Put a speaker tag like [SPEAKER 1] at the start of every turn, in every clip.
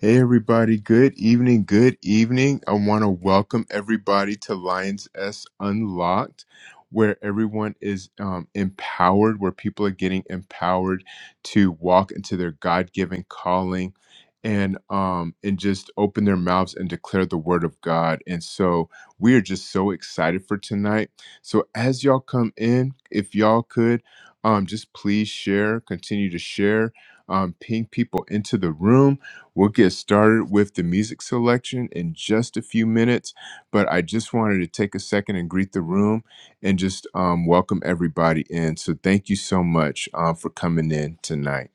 [SPEAKER 1] Hey, everybody. Good evening. Good evening. I want to welcome everybody to Lions S Unlocked, where everyone is um, empowered, where people are getting empowered to walk into their God given calling and um and just open their mouths and declare the word of God. And so we are just so excited for tonight. So as y'all come in, if y'all could um just please share, continue to share, um ping people into the room We'll get started with the music selection in just a few minutes, but I just wanted to take a second and greet the room and just um, welcome everybody in. So, thank you so much um, for coming in tonight.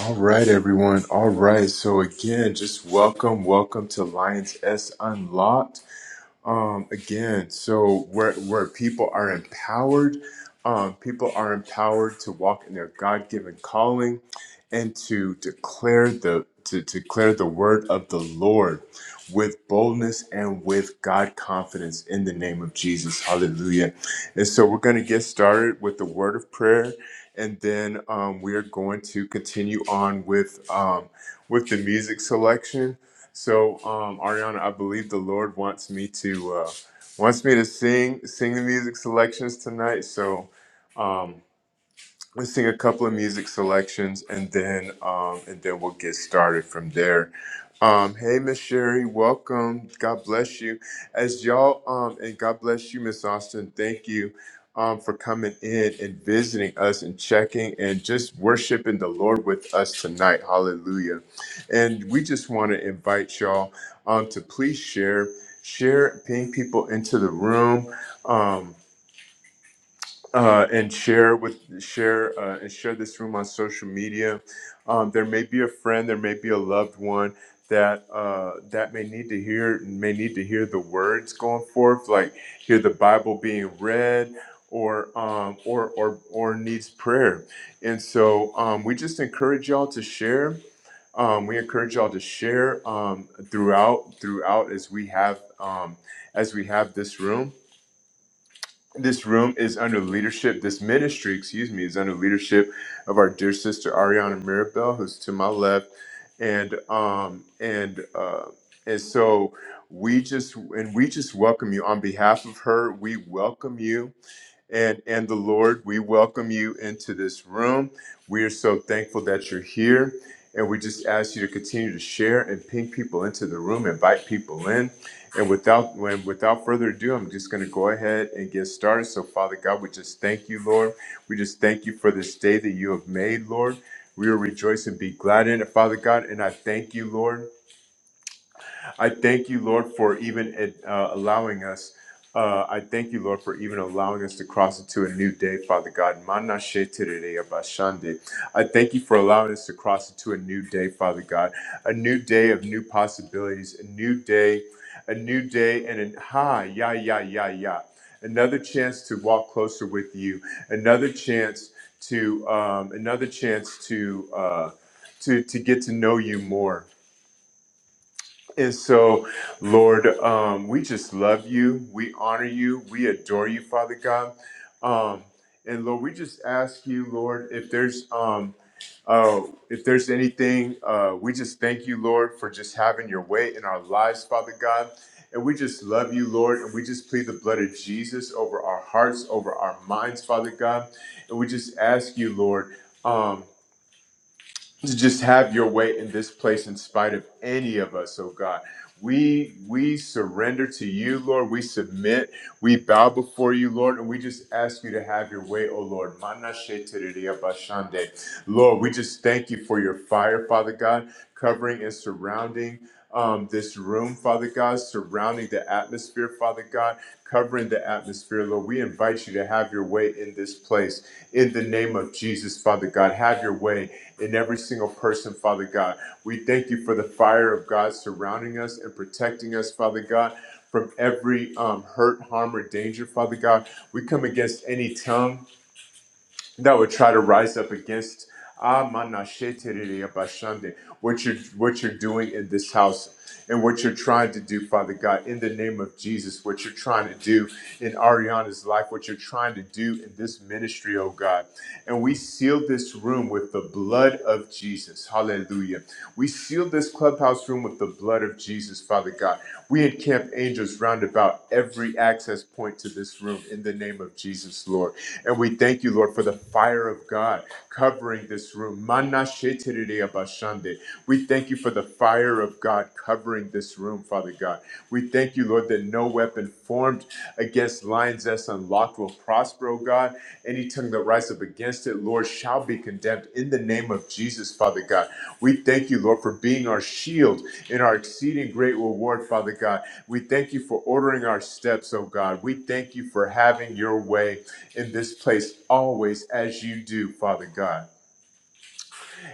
[SPEAKER 1] All right, everyone. All right. So, again, just welcome, welcome to Lions S Unlocked. um, again, so where where people are empowered, um, people are empowered to walk in their God given calling, and to declare the to declare the word of the Lord with boldness and with God confidence in the name of Jesus. Hallelujah! And so we're going to get started with the word of prayer, and then um, we are going to continue on with um, with the music selection so, um, Ariana, I believe the Lord wants me to uh, wants me to sing sing the music selections tonight. So, um, Let's sing a couple of music selections, and then um, and then we'll get started from there. Um, hey, Miss Sherry, welcome. God bless you. As y'all um, and God bless you, Miss Austin. Thank you um, for coming in and visiting us and checking and just worshiping the Lord with us tonight. Hallelujah. And we just want to invite y'all um, to please share, share, ping people into the room. Um, uh, and share with share uh, and share this room on social media. Um, there may be a friend, there may be a loved one that uh, that may need to hear may need to hear the words going forth, like hear the Bible being read. Or, um, or or or needs prayer, and so um, we just encourage y'all to share. Um, we encourage y'all to share um, throughout throughout as we have um, as we have this room this room is under leadership, this ministry, excuse me, is under leadership of our dear sister Ariana Mirabel, who's to my left, and um and uh and so we just and we just welcome you on behalf of her. We welcome you and and the Lord. We welcome you into this room. We are so thankful that you're here, and we just ask you to continue to share and ping people into the room, invite people in. And without when without further ado, I'm just going to go ahead and get started. So, Father God, we just thank you, Lord. We just thank you for this day that you have made, Lord. We will rejoice and be glad in it, Father God. And I thank you, Lord. I thank you, Lord, for even uh, allowing us. Uh, I thank you, Lord, for even allowing us to cross into a new day, Father God. Mana she terere abashande. I thank you for allowing us to cross into a new day, Father God. A new day of new possibilities, a new day, a new day, and an ha, ya, ya, ya, ya. Another chance to walk closer with you. Another chance to, um, another chance to, uh, to, to get to know you more and so, Lord, um, we just love you. We honor you. We adore you, Father God. Um, and Lord, we just ask you, Lord, if there's um, uh, if there's anything, uh, we just thank you, Lord, for just having your way in our lives, Father God. And we just love you, Lord, and we just plead the blood of Jesus over our hearts, over our minds, Father God. And we just ask you, Lord. um, to just have your way in this place in spite of any of us oh god we we surrender to you lord we submit we bow before you lord and we just ask you to have your way oh lord Manashe tereria bashande. lord we just thank you for your fire father god covering and surrounding um, this room, Father God, surrounding the atmosphere, Father God covering the atmosphere, Lord. We invite you to have your way in this place. In the name of Jesus, Father God, have your way in every single person, Father God. We thank you for the fire of God surrounding us and protecting us, Father God, from every um, hurt, harm, or danger, Father God. We come against any tongue that would try to rise up against ah, mana abashande, what you're what you're doing in this house and what you're trying to do, Father God, in the name of Jesus, what you're trying to do in Ariana's life, what you're trying to do in this ministry, oh God. And we seal this room with the blood of Jesus. Hallelujah. We seal this club clubhouse room with the blood of Jesus, Father God. We encamp angels round about every access point to this room in the name of Jesus, Lord. And we thank you, Lord, for the fire of God covering this room. Mana shetiriri abashande. We thank you for the fire of God covering this room, Father God. We thank you, Lord, that no weapon formed against lines that's unlocked will prosper, O God. Any tongue that rises up against it, Lord, shall be condemned in the name of Jesus, Father God. We thank you, Lord, for being our shield and our exceeding great reward, Father God. We thank you for ordering our steps, O God. We thank you for having your way in this place always as you do, Father God.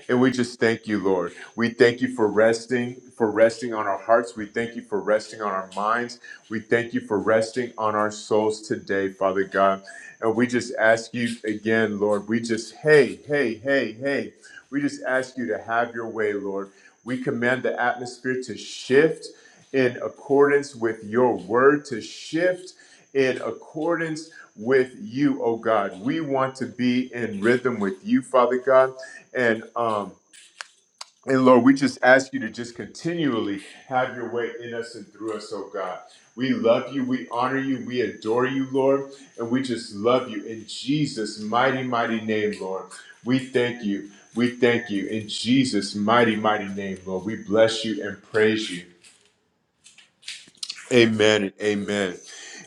[SPEAKER 1] And we just thank you, Lord. We thank you for resting, for resting on our hearts. We thank you for resting on our minds. We thank you for resting on our souls today, Father God. And we just ask you again, Lord, we just, hey, hey, hey, hey. We just ask you to have your way, Lord. We command the atmosphere to shift in accordance with your word, to shift in accordance with you, oh God. We want to be in rhythm with you, Father God. And um and Lord, we just ask you to just continually have your way in us and through us, oh God. We love you, we honor you, we adore you, Lord, and we just love you in Jesus' mighty, mighty name, Lord. We thank you. We thank you in Jesus' mighty, mighty name, Lord. We bless you and praise you. Amen and amen.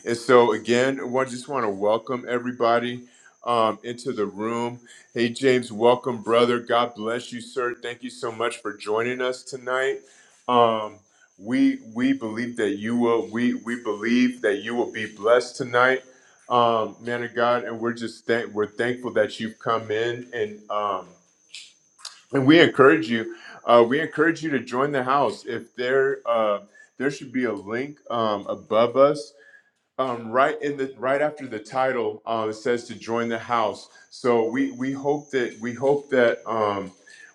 [SPEAKER 1] And so again, I just want to welcome everybody um, into the room. Hey James, welcome, brother. God bless you, sir. Thank you so much for joining us tonight. Um, we we believe that you will. We we believe that you will be blessed tonight, um, man of God. And we're just thank we're thankful that you've come in and. Um, and we encourage you uh, we encourage you to join the house if there uh, there should be a link um, above us um, right in the right after the title uh, it says to join the house so we we hope that we hope that um,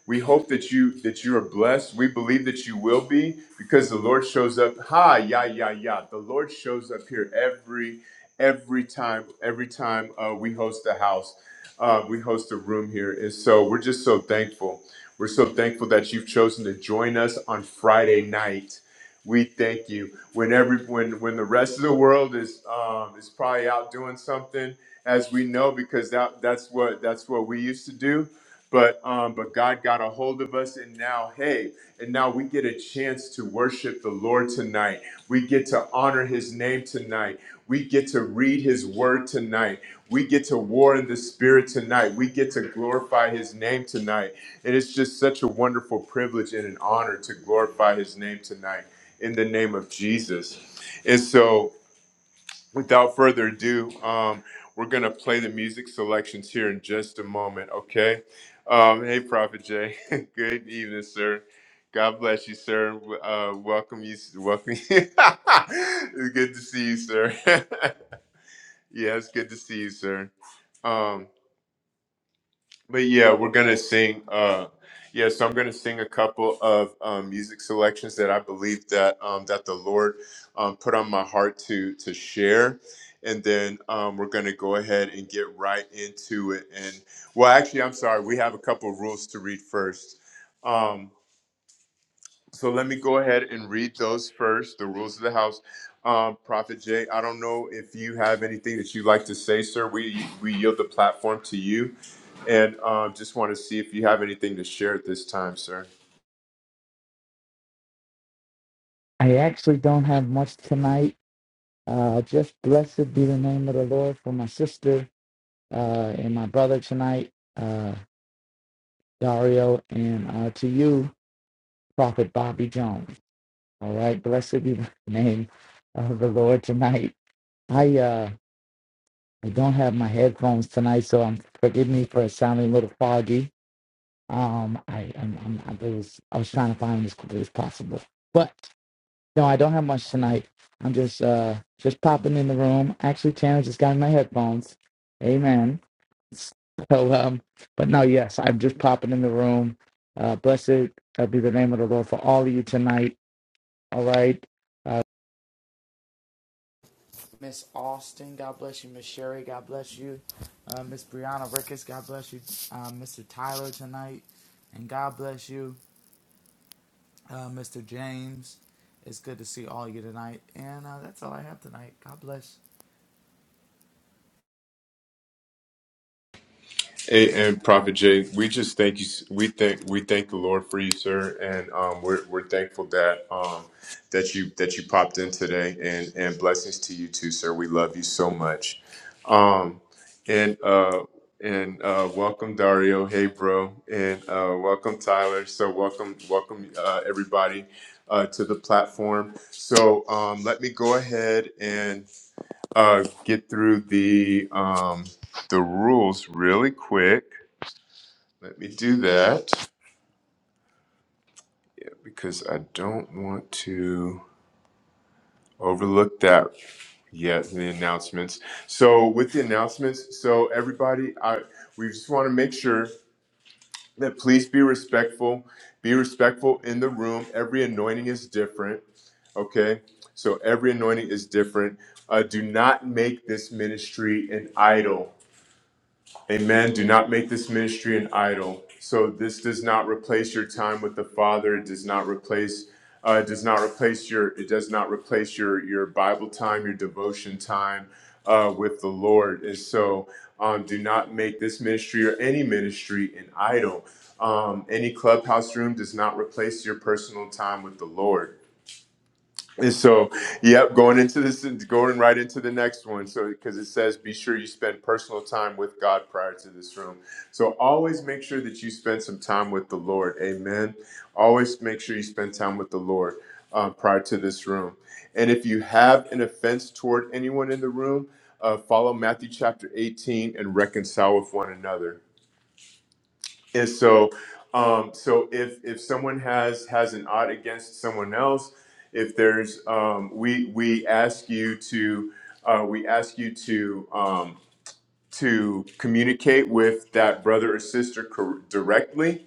[SPEAKER 1] we hope that you that you are blessed we believe that you will be because the lord shows up ha yeah yeah yeah the lord shows up here every every time every time uh, we host the house uh, we host a room here and so we're just so thankful we're so thankful that you've chosen to join us on friday night we thank you. When every when when the rest of the world is um, is probably out doing something, as we know, because that that's what that's what we used to do. But um, but God got a hold of us, and now hey, and now we get a chance to worship the Lord tonight. We get to honor his name tonight. We get to read his word tonight. We get to war in the spirit tonight. We get to glorify his name tonight. And it's just such a wonderful privilege and an honor to glorify his name tonight in the name of Jesus. And so, Without further ado, um, we're going to play the music selections here in just a moment, okay? Um, hey, Prophet Jay. Good evening, sir. God bless you, sir. W- Uh, welcome you. Welcome you. it's good to see you, sir. yeah, it's good to see you, sir. Um, but yeah, we're gonna sing. Uh, yeah, so I'm gonna sing a couple of um, music selections that I believe that um, that the Lord um, put on my heart to to share, and then um, we're gonna go ahead and get right into it. And well, actually, I'm sorry, we have a couple rules to read first. Um, so let me go ahead and read those first, the rules of the house. Um, Prophet Jay, I don't know if you have anything that you'd like to say, sir. We we yield the platform to you, and um, just want to see if you have anything to share at this time, sir.
[SPEAKER 2] I actually don't have much tonight. Uh, just blessed be the name of the Lord for my sister uh, and my brother tonight, uh, Dario, and uh, to you, Prophet Bobby Jones. All right, blessed be the name of the Lord tonight. I uh, I don't have my headphones tonight, so um forgive me for sounding a little foggy. Um, I I'm, I'm, I was I was trying to find them as quickly as possible, but. No, I don't have much tonight. I'm just uh just popping in the room. Actually, Tanner just got in my headphones. Amen. So um, but no, yes, I'm just popping in the room. Uh, blessed uh, be the name of the Lord for all of you tonight. All right. Uh, Sting, God bless you, Miss Sherry. God bless you, uh, Miss Brianna Ricketts. God bless you, uh, Mr. Tyler tonight, and God bless you, uh, Mr. James. It's good to see all of you tonight, and uh, that's all I have tonight. God bless.
[SPEAKER 1] Hey, and Prophet Jay, we just thank you. We thank we thank the Lord for you, sir, and um, we're we're thankful that um that you that you popped in today, and and blessings to you too, sir. We love you so much, um, and uh and uh welcome Dario, hey bro, and uh welcome Tyler. So welcome welcome uh, everybody uh to the platform. So um, let me go ahead and uh get through the um the rules really quick. Let me do that because I don't want to overlook that yet in the announcements. So with the announcements, so everybody, I we just want to make sure that please be respectful. Be respectful in the room. Every anointing is different. Okay? So every anointing is different. Uh, do not make this ministry an idol Amen. Do not make this ministry an idol. So this does not replace your time with the Father. It does not replace. Uh, it does not replace your. It does not replace your your Bible time, your devotion time uh, with the Lord. And so, um, do not make this ministry or any ministry an idol. Um, any clubhouse room does not replace your personal time with the Lord. And so, yep, going into this, going right into the next one. So, because it says, be sure you spend personal time with God prior to this room. So, always make sure that you spend some time with the Lord. Amen. Always make sure you spend time with the Lord um, prior to this room. And if you have an offense toward anyone in the room, uh, follow Matthew chapter 18 and reconcile with one another. And so, um, so if if someone has has an odd against someone else, if there's um, we we ask you to uh, we ask you to um, to communicate with that brother or sister cor- directly.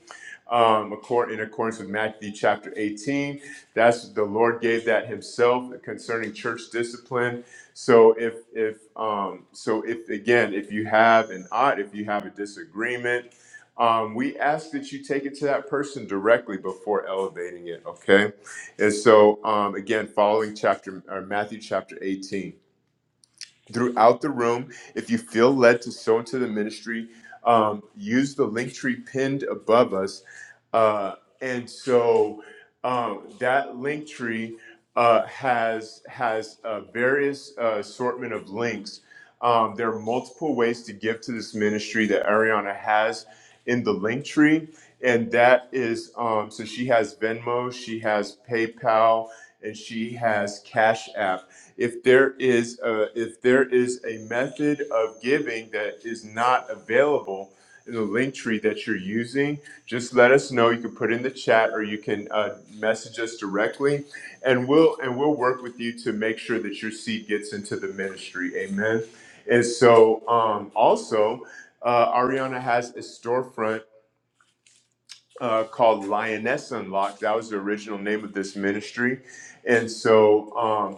[SPEAKER 1] Um, according, in accordance with Matthew chapter 18, that's the Lord gave that Himself concerning church discipline. So if if um, so if again if you have an odd if you have a disagreement, um, we ask that you take it to that person directly before elevating it. Okay, and so um, again, following chapter or Matthew chapter 18 throughout the room. If you feel led to sow into the ministry, um, use the link tree pinned above us. Uh, and so um, that link tree uh, has has a various uh, assortment of links. Um, there are multiple ways to give to this ministry that Ariana has in the link tree, and that is um, so she has Venmo, she has PayPal, and she has Cash App. If there is a, if there is a method of giving that is not available the link tree that you're using, just let us know. You can put in the chat or you can uh, message us directly, and we'll and we'll work with you to make sure that your seed gets into the ministry. Amen. And so, um, also, uh, Ariana has a storefront uh, called Lioness Unlocked. That was the original name of this ministry, and so. Um,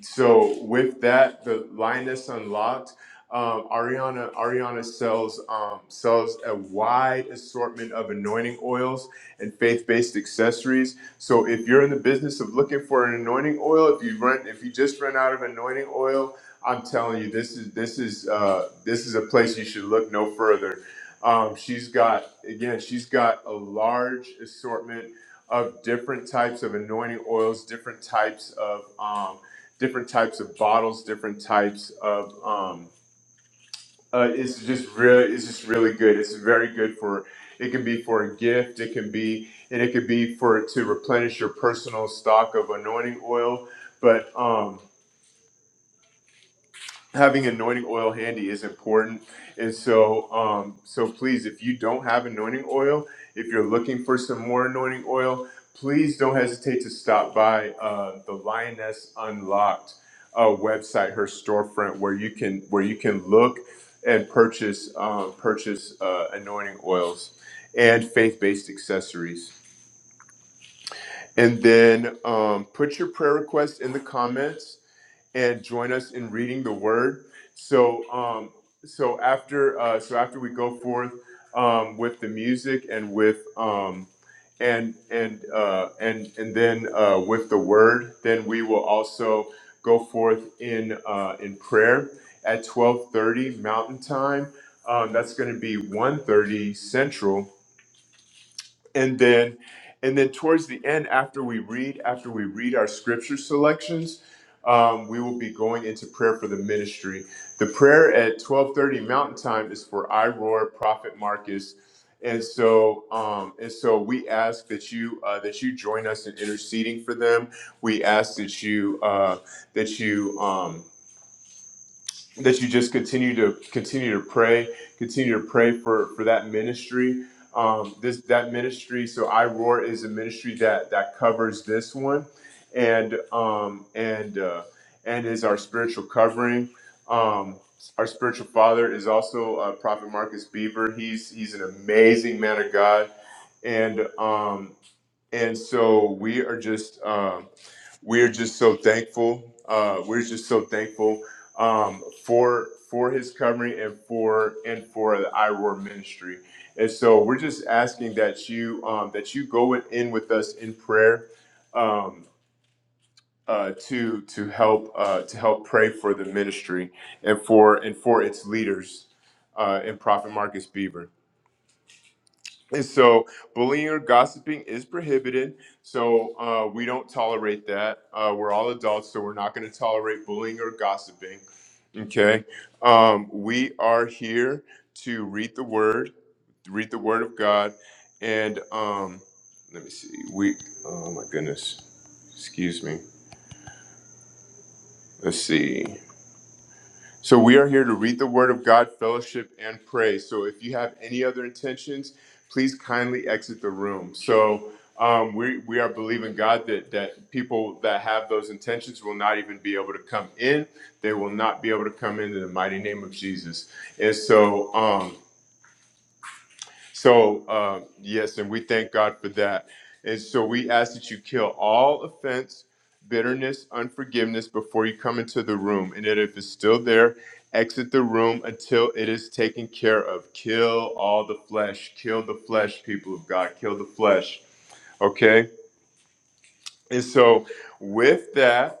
[SPEAKER 1] so with that, the lioness unlocked. Um, Ariana Ariana sells um, sells a wide assortment of anointing oils and faith based accessories. So if you're in the business of looking for an anointing oil, if you run if you just run out of anointing oil, I'm telling you this is this is uh, this is a place you should look no further. Um, she's got again she's got a large assortment of different types of anointing oils, different types of um, different types of bottles, different types of um uh, it's just really it's just really good. It's very good for it can be for a gift, it can be and it could be for to replenish your personal stock of anointing oil. But um having anointing oil handy is important and so um so please if you don't have anointing oil if you're looking for some more anointing oil please don't hesitate to stop by uh, the lioness unlocked uh, website her storefront where you can where you can look and purchase um, purchase uh, anointing oils and faith-based accessories and then um, put your prayer request in the comments and join us in reading the word. So, um, so after, uh, so after we go forth um, with the music and with um, and and uh, and and then uh, with the word, then we will also go forth in uh, in prayer at twelve thirty Mountain Time. Um, that's going to be one thirty Central and then and then towards the end after we read after we read our scripture selections um, we will be going into prayer for the ministry the prayer at 12.30 mountain time is for i roar prophet marcus and so um, and so we ask that you uh, that you join us in interceding for them we ask that you uh, that you Um, that you just continue to continue to pray, continue to pray for for that ministry. Um, this that ministry. So I roar is a ministry that that covers this one, and um, and uh, and is our spiritual covering. Um, our spiritual father is also uh, Prophet Marcus Beaver. He's he's an amazing man of God, and um, and so we are just um, we're just so thankful uh, we're just so thankful um, for for his covering and for and for the iroar ministry and so we're just asking that you um, that you go in with us in prayer um, uh, to to help uh, to help pray for the ministry and for and for its leaders uh, and prophet marcus beaver and so bullying or gossiping is prohibited. So uh, we don't tolerate that. Uh, we're all adults, so we're not going to tolerate bullying or gossiping. Okay. Um, we are here to read the word, read the word of God. And um, let me see. We, oh my goodness. Excuse me. Let's see. So we are here to read the Word of God, fellowship, and pray. So if you have any other intentions, please kindly exit the room. So um, we we are believing God that that people that have those intentions will not even be able to come in. They will not be able to come in in the mighty name of Jesus. And so. Um, so, um, yes, and we thank God for that. And so we ask that you kill all offense, bitterness, unforgiveness before you come into the room. And that if it's still there, exit the room until it is taken care of. Kill all the flesh. Kill the flesh, people of God. Kill the flesh. Okay? And so, with that,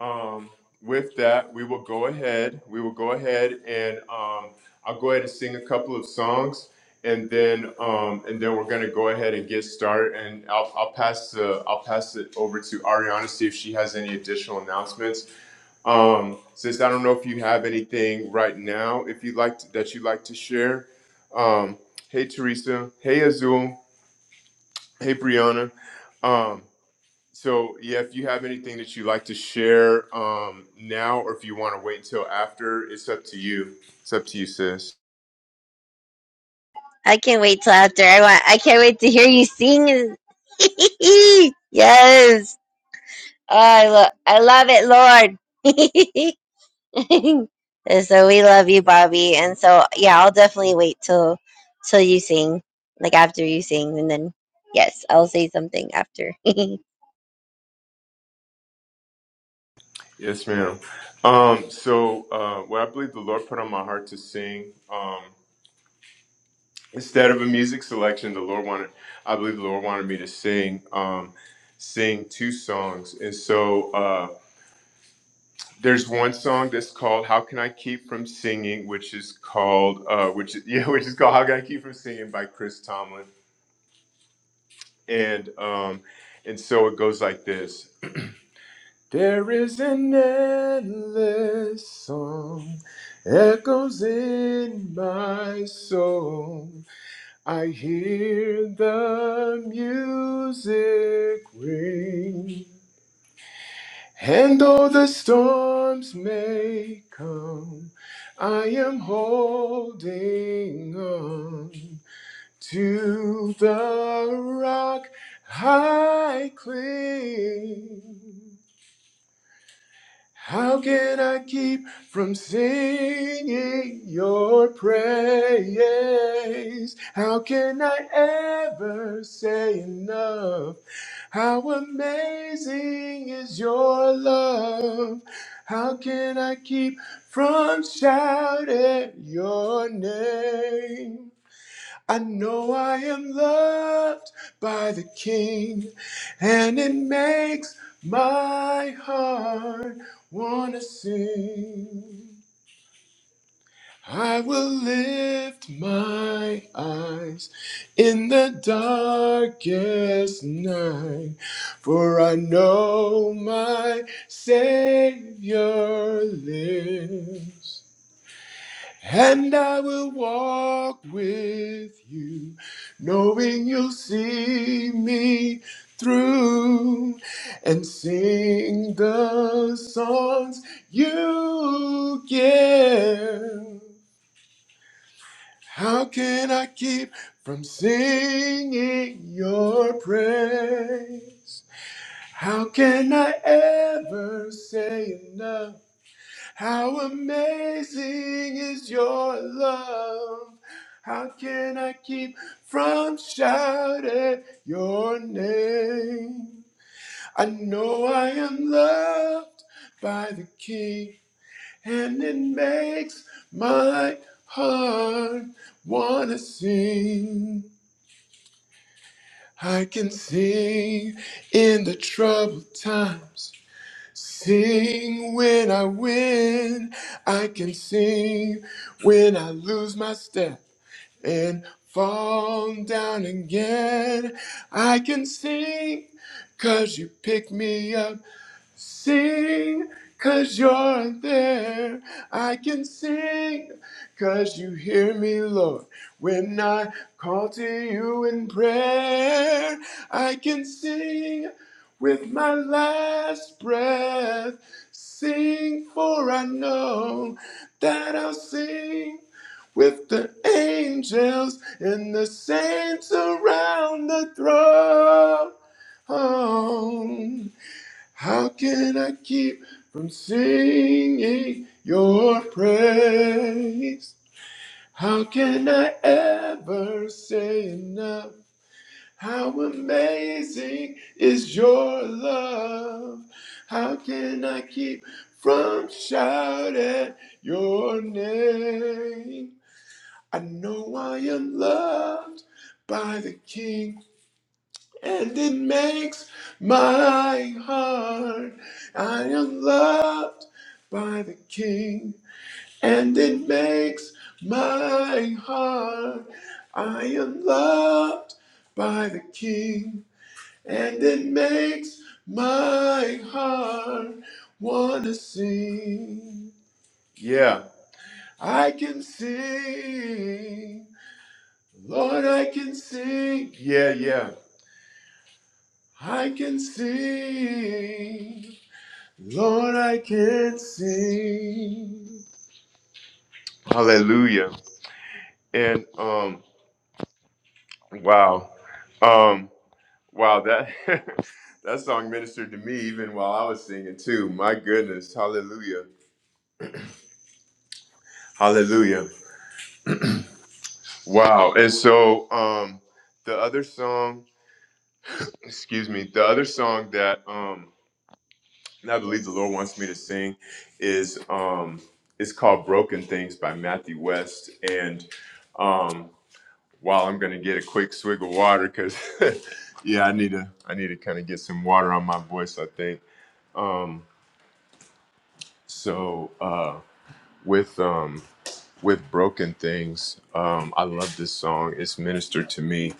[SPEAKER 1] um, with that, we will go ahead. We will go ahead and um, I'll go ahead and sing a couple of songs, and then um, and then we're gonna go ahead and get started. And I'll, I'll pass the I'll pass it over to Ariana to see if she has any additional announcements. Um, sis, I don't know if you have anything right now if you like to, that you'd like to share. Um, hey Teresa. Hey Azul. Hey Brianna. Um, so yeah, if you have anything that you'd like to share um, now, or if you want to wait until after, it's up to you. It's up to you, sis.
[SPEAKER 3] I can't wait till after. I want. I can't wait to hear you sing. yes. Oh, I love. I love it, Lord. and so we love you, Bobby. And so yeah, I'll definitely wait till till you sing, like after you sing, and then yes, I'll say something after.
[SPEAKER 1] Yes, ma'am. Um, so uh, what I believe the Lord put on my heart to sing um, instead of a music selection, the Lord wanted. I believe the Lord wanted me to sing um, sing two songs, and so uh, there's one song that's called "How Can I Keep from Singing," which is called uh, which yeah, which is called "How Can I Keep from Singing" by Chris Tomlin and um, and so it goes like this. There is an endless song echoes in my soul. I hear the music ring. And though the storms may come, I am holding on to the rock I cling. How can I keep from singing your praise? How can I ever say enough? How amazing is your love? How can I keep from shouting your name? I know I am loved by the King, and it makes my heart wanna sing. I will lift my eyes in the darkest night, for I know my Savior lives. And I will walk with you, knowing you'll see me through and sing the songs you give. How can I keep from singing your praise? How can I ever say enough? How amazing is your love? How can I keep from shouting your name? I know I am loved by the King, and it makes my heart wanna sing. I can sing in the troubled times. Sing when I win, I can sing when I lose my step and fall down again. I can sing 'cause you pick me up Sing, cause you're there. I can sing, cause you hear me, Lord. When I call to you in prayer, I can sing with my last breath. Sing, for I know that I'll sing with the angels and the saints around the throne. How can I keep from singing your praise? How can I ever say enough? How amazing is your love? How can I keep from shouting your name? I know I am loved by the King and it makes my heart. I am loved by the King, and it makes my heart. I am loved by the King, and it makes my heart wanna sing. Yeah. I can sing, Lord, I can sing. Yeah, yeah. I can sing. Lord, I can sing. Hallelujah. And um wow. Um wow, that that song ministered to me even while I was singing too. My goodness. Hallelujah. Hallelujah. Wow. And so um the other song, excuse me, the other song that um and I believe the Lord wants me to sing is um it's called Broken Things by Matthew West. And um while I'm gonna get a quick swig of water because yeah, I need to I need to kind of get some water on my voice, I think. Um so uh with um with Broken Things, um I love this song. It's ministered to me.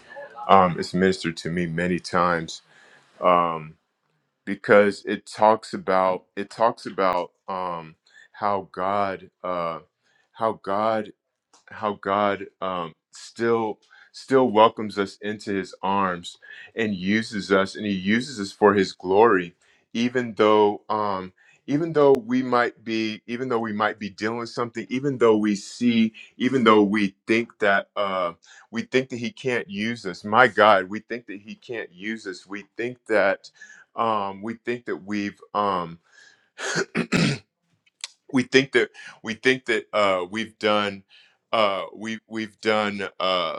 [SPEAKER 1] Um it's ministered to me many times. Um because it talks about it talks about um, how God uh, how God how God um, still still welcomes us into His arms and uses us, and He uses us for His glory, even though um, even though we might be even though we might be dealing with something, even though we see, even though we think that uh, we think that He can't use us. My God, we think that He can't use us. We think that um, we think that we've um, we think that we think that uh, we've done uh, we we've done. Uh,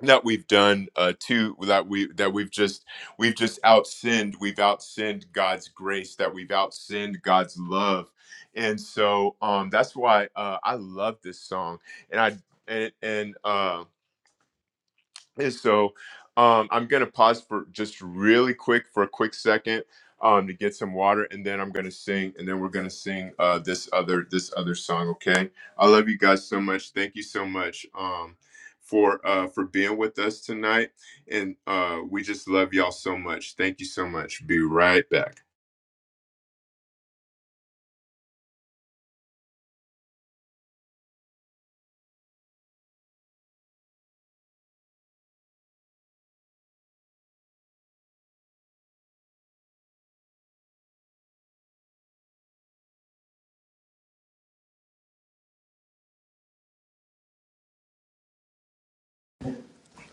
[SPEAKER 1] that we've done uh to that we that we've just we've just outsinned we've outsinned god's grace that we've outsinned god's love and so um that's why uh i love this song and i and and um and so um, I'm going to pause for just really quick for a quick second um, to get some water, and then I'm going to sing, and then we're going to sing uh, this other this other song. Okay, I love you guys so much. Thank you so much um, for uh, for being with us tonight, and uh, we just love y'all so much. Thank you so much. Be right back.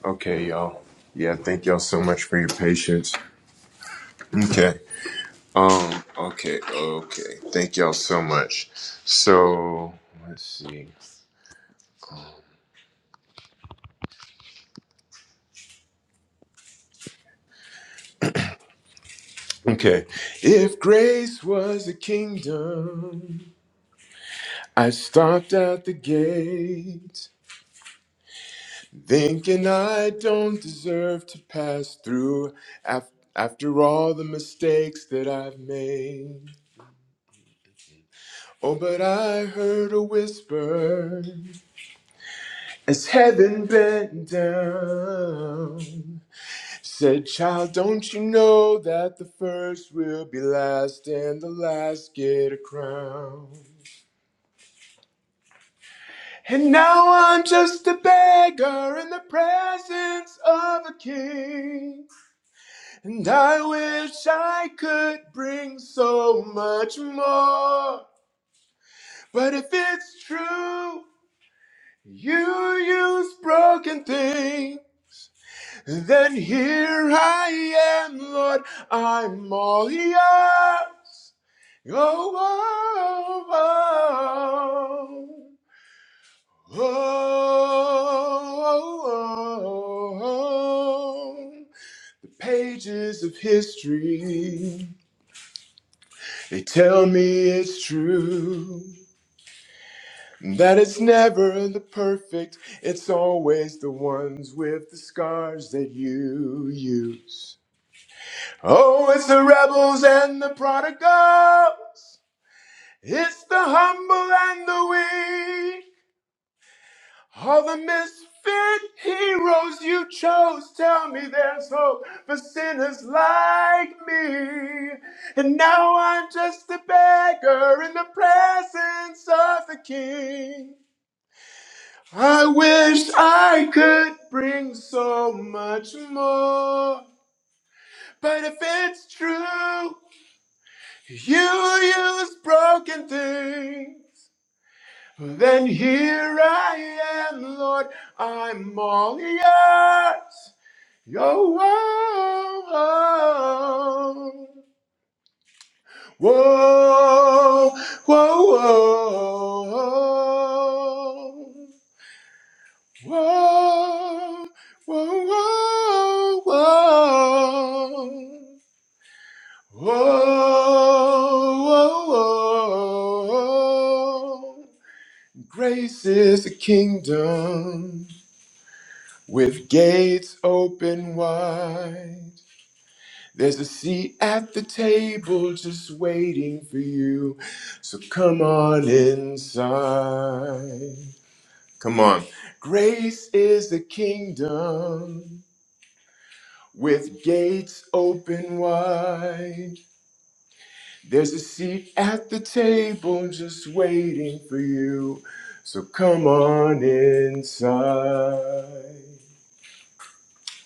[SPEAKER 1] Okay, y'all. Yeah, thank y'all so much for your patience. Okay. Um. Okay. Okay. Thank y'all so much. So let's see. Um, Okay. If grace was a kingdom, I stopped at the gate, thinking I don't deserve to pass through af- after all the mistakes that I've made. Oh, but I heard a whisper as heaven bent down. Said, child, don't you know that the first will be last and the last get a crown? And now I'm just a beggar in the presence of a king. And I wish I could bring so much more. But if it's true, you use broken things, then here I am, Lord, I'm all yours. oh, oh, oh, oh. oh, oh. The pages of history, they tell me it's true. That it's never the perfect, it's always the ones with the scars that you use. Oh, it's the rebels and the prodigals, it's the humble and the weak. All the misfit heroes you chose tell me there's hope for sinners like me. And now I'm just a beggar in the presence of the King. I wish I could bring so much more. But if it's true, you use broken things. Then here I am, Lord, I'm all yours. Yo, whoa, whoa, whoa, whoa, whoa, whoa, whoa. Whoa, whoa, whoa. Grace is a kingdom with gates open wide. There's a seat at the table just waiting for you. So come on inside. Come on. Grace is the kingdom with gates open wide. There's a seat at the table just waiting for you. So come on inside.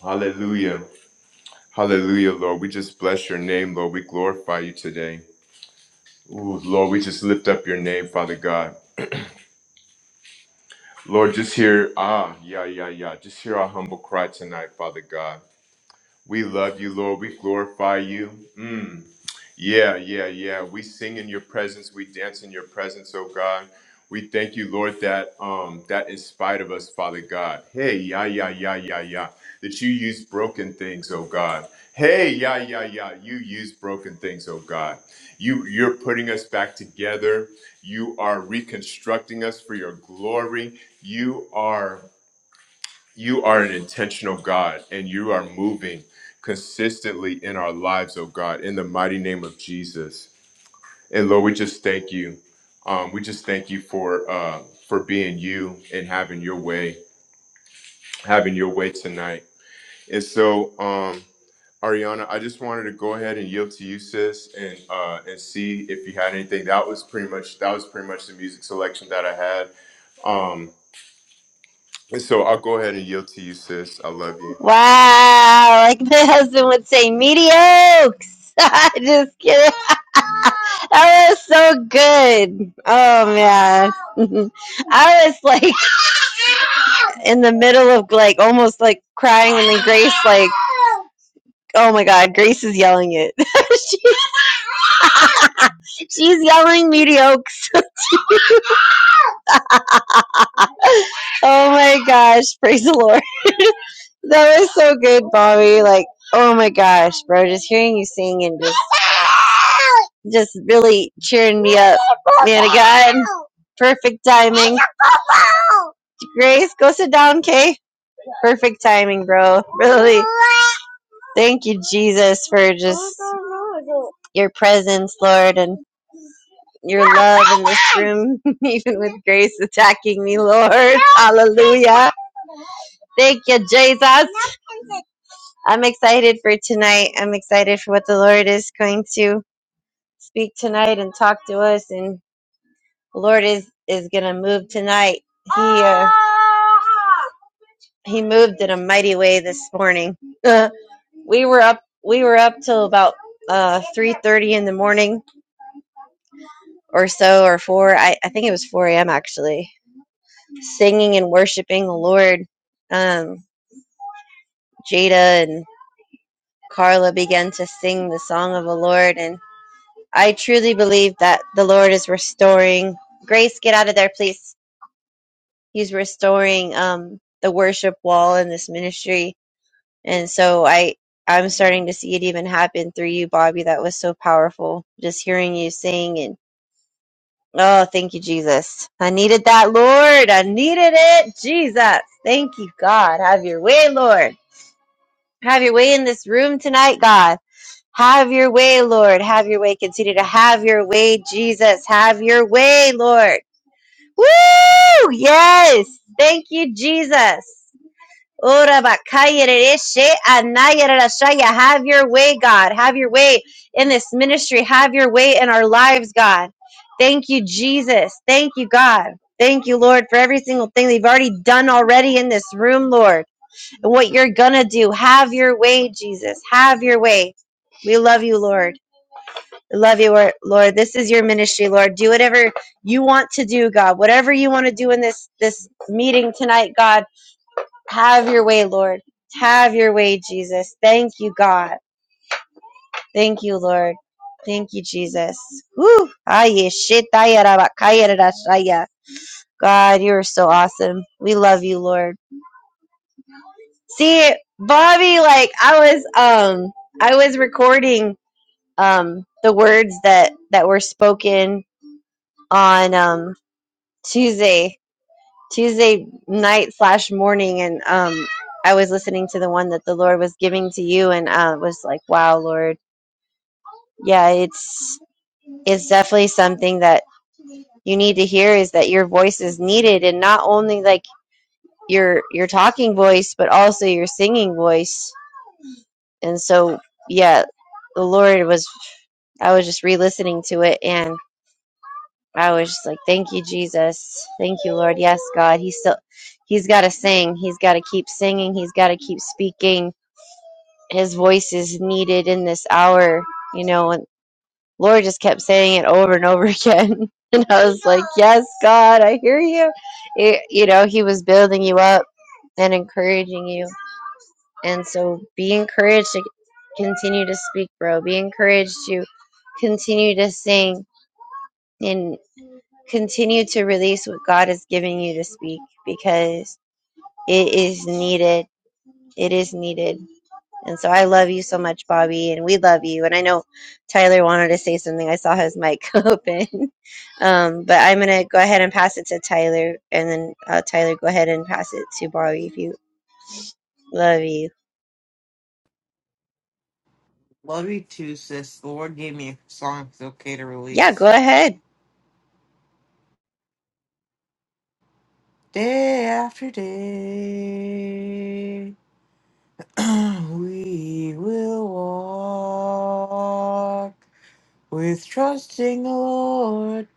[SPEAKER 1] Hallelujah. Hallelujah, Lord. We just bless your name, Lord. We glorify you today. Ooh, Lord, we just lift up your name, Father God. Lord, just hear, ah, yeah, yeah, yeah. Just hear our humble cry tonight, Father God. We love you, Lord. We glorify you. Mm. Yeah, yeah, yeah. We sing in your presence. We dance in your presence, oh God. We thank you, Lord, that um that in spite of us, Father God. Hey, yeah, yeah, yeah, yeah, yeah. That you use broken things, oh God. Hey, yeah, yeah, yeah. You use broken things, oh God. You you're putting us back together. You are reconstructing us for your glory. You are you are an intentional God and you are moving consistently in our lives, oh God, in the mighty name of Jesus. And Lord, we just thank you. Um, we just thank you for uh, for being you and having your way, having your way tonight. And so, um, Ariana, I just wanted to go ahead and yield to you, sis, and uh, and see if you had anything. That was pretty much that was pretty much the music selection that I had. Um, and so I'll go ahead and yield to you, sis. I love you.
[SPEAKER 3] Wow, like my husband would say, mediocres. Just kidding. that was so good. Oh man, I was like in the middle of like almost like crying, and then Grace like, oh my God, Grace is yelling it. she, she's yelling mediocres. Oh my gosh, praise the Lord. That was so good, Bobby. Like, oh my gosh, bro, just hearing you sing and just just really cheering me up. Man of God. Perfect timing. Grace, go sit down, Kay. Perfect timing, bro. Really. Thank you, Jesus, for just your presence, Lord, and your love in this room, even with Grace attacking me, Lord. Hallelujah. Thank you, Jesus. I'm excited for tonight. I'm excited for what the Lord is going to speak tonight and talk to us. And the Lord is is going to move tonight. He uh, he moved in a mighty way this morning. we were up we were up till about uh, three thirty in the morning or so, or four. I, I think it was four a.m. actually, singing and worshiping the Lord. Um, Jada and Carla began to sing the song of the Lord, and. I truly believe that the Lord is restoring. Grace, get out of there, please. He's restoring um, the worship wall in this ministry, and so I I'm starting to see it even happen through you, Bobby. That was so powerful. Just hearing you sing and oh, thank you, Jesus. I needed that, Lord. I needed it, Jesus. Thank you, God. Have your way, Lord. Have your way in this room tonight, God. Have your way, Lord. Have your way. Continue to have your way, Jesus. Have your way, Lord. Woo! Yes. Thank you, Jesus. Ora bakaya rereshe anaya rerashaya. Have your way, God. Have your way in this ministry. Have your way in our lives, God. Thank you, Jesus. Thank you, God. Thank you, Lord, for every single thing they've already done already in this room, Lord, and what you're going to do. Have your way, Jesus. Have your way. We love you, Lord. Love you, Lord. This is your ministry, Lord. Do whatever you want to do, God. Whatever you want to do in this this meeting tonight, God. Have your way, Lord. Have your way, Jesus. Thank you, God. Thank you, Lord. Thank you, Jesus. Woo. Aye, shitaya raba, kaya rara shaya. God, you are so awesome. We love you, Lord. See, Bobby, like I was um I was recording um the words that that were spoken on um Tuesday Tuesday night slash morning, and um, I was listening to the one that the Lord was giving to you, and uh, was like, "Wow, Lord, yeah, it's it's definitely something that you need to hear is that your voice is needed, and not only like your your talking voice, but also your singing voice." And so, yeah, the Lord was. I was just re-listening to it, and. I was just like, thank you, Jesus. Thank you, Lord. Yes, God. He's still, he's got to sing. He's got to keep singing. He's got to keep speaking. His voice is needed in this hour, you know. And Lord just kept saying it over and over again. And I was like, yes, God, I hear you. It, you know, he was building you up and encouraging you. And so be encouraged to continue to speak, bro. Be encouraged to continue to sing. and. Continue to release what God is giving you to speak because it is needed. It is needed. And so I love you so much, Bobby, and we love you. And I know Tyler wanted to say something. I saw his mic open. Um, but I'm going to go ahead and pass it to Tyler. And then, uh, Tyler, go ahead and pass it to Bobby if you love you.
[SPEAKER 4] Love you too, sis. The Lord gave me a song it's okay to
[SPEAKER 3] Yeah, go
[SPEAKER 4] release.
[SPEAKER 3] ahead.
[SPEAKER 4] Day after day, we will walk with trusting the Lord,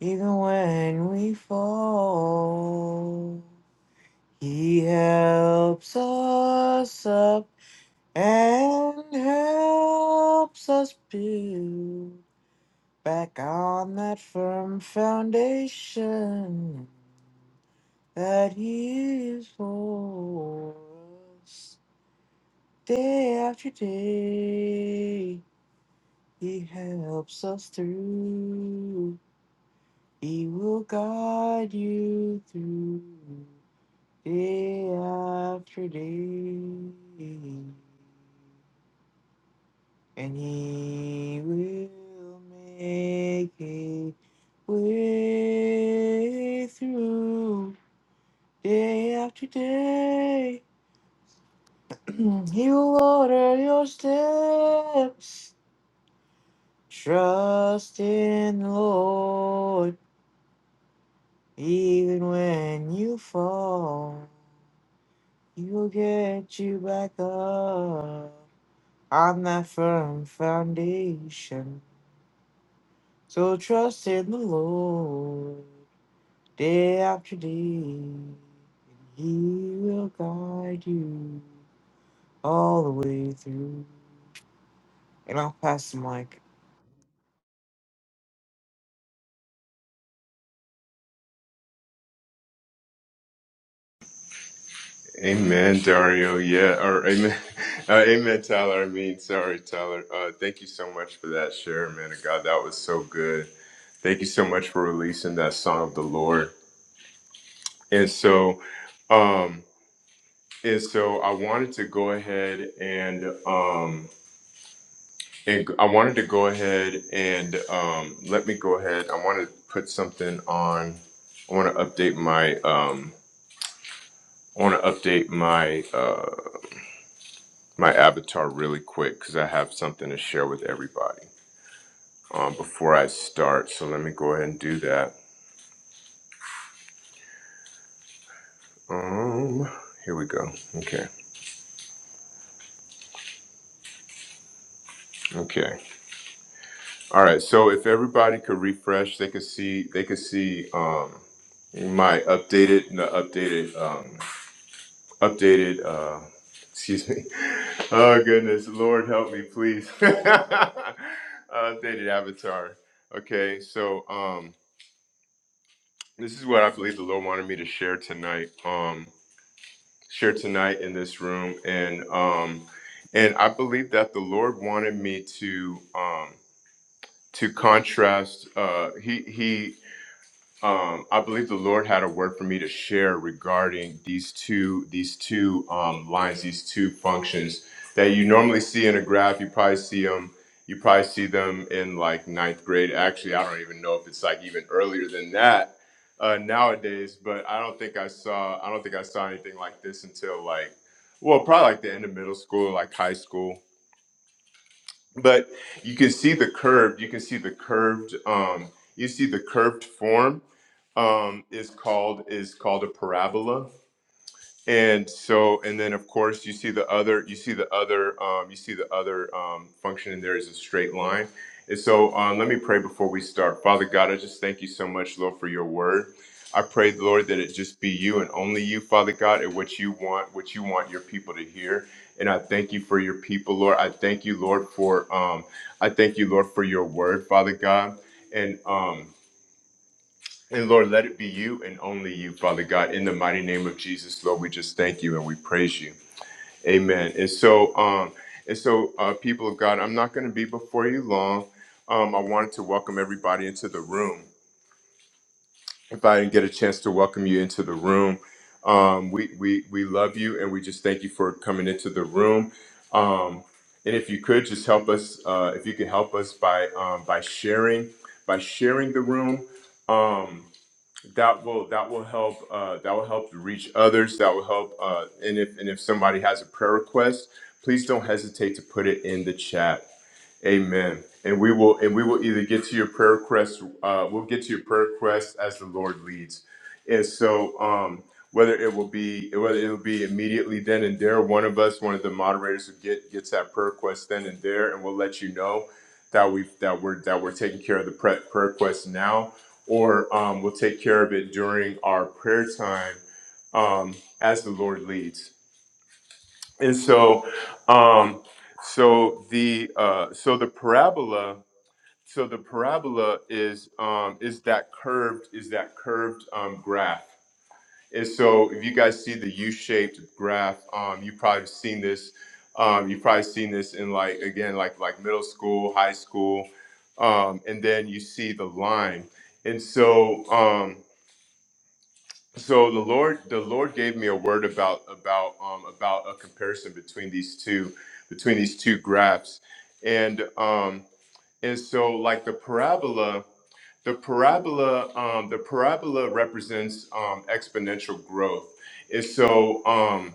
[SPEAKER 4] even when we fall. He helps us up and helps us build. Back on that firm foundation that He is for us. Day after day, He helps us through. He will guide you through day after day. and he will make a way through day after day. he will order your steps. Trust in the Lord, even when you fall, he will get you back up on that firm foundation. So trust in the Lord. Day after day, and He will guide you all the way through. And I'll pass the mic.
[SPEAKER 1] Amen, Dario. Yeah, or amen, uh, amen, Tyler. I mean, sorry, Tyler. Uh, thank you so much for that share, man of God. That was so good. Thank you so much for releasing that song of the Lord. And so, um, and so I wanted to go ahead and um, and I wanted to go ahead and um, let me go ahead. I want to put something on. I want to update my um, I want to update my uh, my avatar really quick because I have something to share with everybody um, before I start. So let me go ahead and do that. Um, here we go. Okay. Okay. All right. So if everybody could refresh, they could see they could see um, my updated the updated um, updated. Uh, excuse me. Oh goodness, Lord help me, please. updated avatar. Okay. So. Um, This is what I believe the Lord wanted me to share tonight. Um, share tonight in this room, and um, and I believe that the Lord wanted me to um to contrast. Uh, he he um, I believe the Lord had a word for me to share regarding these two these two um, lines, these two functions that you normally see in a graph. You probably see them. You probably see them in like ninth grade. Actually, I don't even know if it's like even earlier than that uh, nowadays. But I don't think I saw I don't think I saw anything like this until like well, probably like the end of middle school, like high school but you can see the curved you can see the curved um, you see the curved form um, is called is called a parabola and so and then of course you see the other you see the other um, you see the other um, function in there is a straight line and so um, let me pray before we start father god i just thank you so much lord for your word i pray lord that it just be you and only you father god and what you want what you want your people to hear and i thank you for your people lord i thank you lord for um, i thank you lord for your word father god and um, and Lord, let it be you and only you, Father God. In the mighty name of Jesus, Lord, we just thank you and we praise you. Amen. And so, um, and so, uh, people of God, I'm not going to be before you long. Um, I wanted to welcome everybody into the room. If I didn't get a chance to welcome you into the room, um, we we we love you and we just thank you for coming into the room. Um, and if you could just help us, uh, if you could help us by um, by sharing by sharing the room. Um, that will that will help uh, that will help to reach others that will help uh, and if and if somebody has a prayer request please don't hesitate to put it in the chat Amen. And we will and we will either get to your prayer requests, uh, we'll get to your prayer requests as the Lord leads. And so um whether it will be whether it will be immediately then and there, one of us, one of the moderators who get gets that prayer request then and there, and we'll let you know that we that we're that we're taking care of the pre- prayer request now, or um, we'll take care of it during our prayer time um, as the Lord leads and so um so the uh so the parabola so the parabola is um is that curved is that curved um graph and so if you guys see the u-shaped graph um you've probably seen this um you've probably seen this in like again like like middle school high school um and then you see the line and so um, so the lord the lord gave me a word about about um about a comparison between these two between these two graphs and um and so like the parabola the parabola um the parabola represents um exponential growth and so um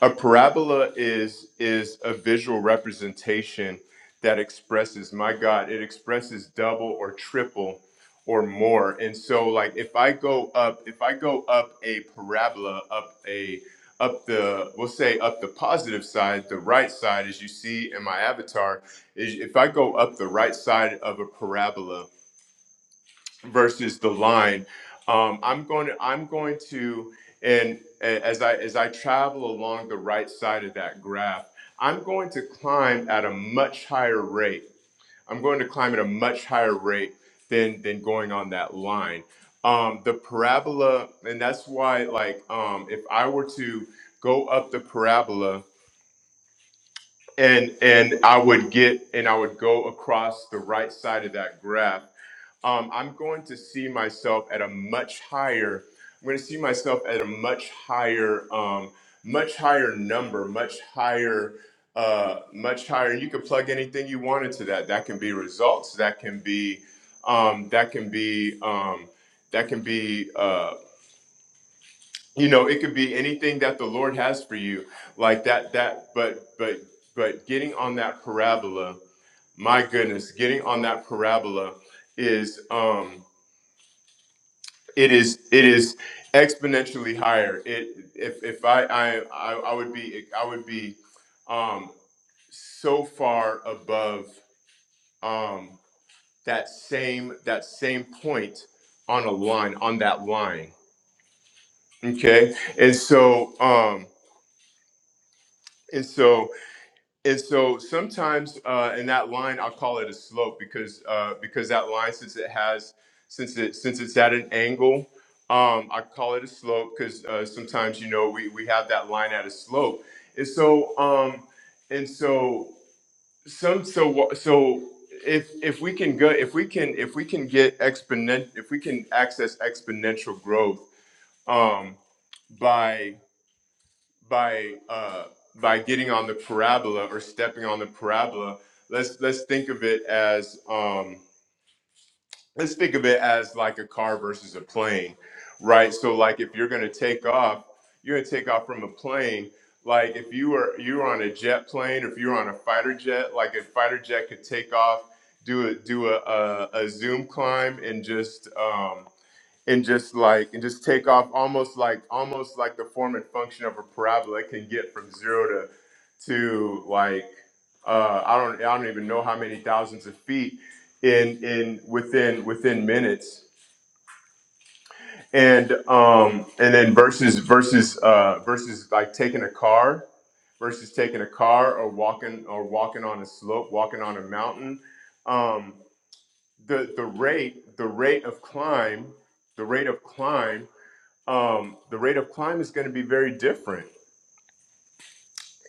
[SPEAKER 1] a parabola is is a visual representation that expresses my God, it expresses double or triple or more. And so like if I go up, if I go up a parabola, up a up the we'll say up the positive side, the right side as you see in my avatar, is if I go up the right side of a parabola, versus the line. Um, I'm going to I'm going to and a- as I as I travel along the right side of that graph, I'm going to climb at a much higher rate. I'm going to climb at a much higher rate than than going on that line. Um, the parabola, and that's why like um, if I were to go up the parabola and and I would get and I would go across the right side of that graph um, I'm going to see myself at a much higher. I'm going to see myself at a much higher, um, much higher number, much higher, uh, much higher. And you can plug anything you want into that. That can be results. That can be, um, that can be, um, that can be. Uh, you know, it could be anything that the Lord has for you, like that. That, but, but, but getting on that parabola. My goodness, getting on that parabola is. Um, It is it is exponentially higher. It if if I I I, I would be I would be um so far above um that same that same point on a line on that line. Okay? And so um and so And so sometimes uh, in that line, I'll call it a slope because uh, because that line, since it has since it since it's at an angle, um, I call it a slope because uh, sometimes you know we we have that line at a slope. And so um, and so some so wha- so if if we can go if we can if we can get exponent if we can access exponential growth um, by by uh, by getting on the parabola or stepping on the parabola, let's let's think of it as um, let's think of it as like a car versus a plane, right? So like if you're gonna take off, you're gonna take off from a plane. Like if you were you were on a jet plane, or if you were on a fighter jet, like a fighter jet could take off, do a do a a, a zoom climb, and just um, and just like and just take off almost like almost like the form and function of a parabola it can get from zero to to like uh i don't i don't even know how many thousands of feet in in within within minutes and um and then versus versus uh versus like taking a car versus taking a car or walking or walking on a slope walking on a mountain um the the rate the rate of climb the rate of climb um, the rate of climb is going to be very different.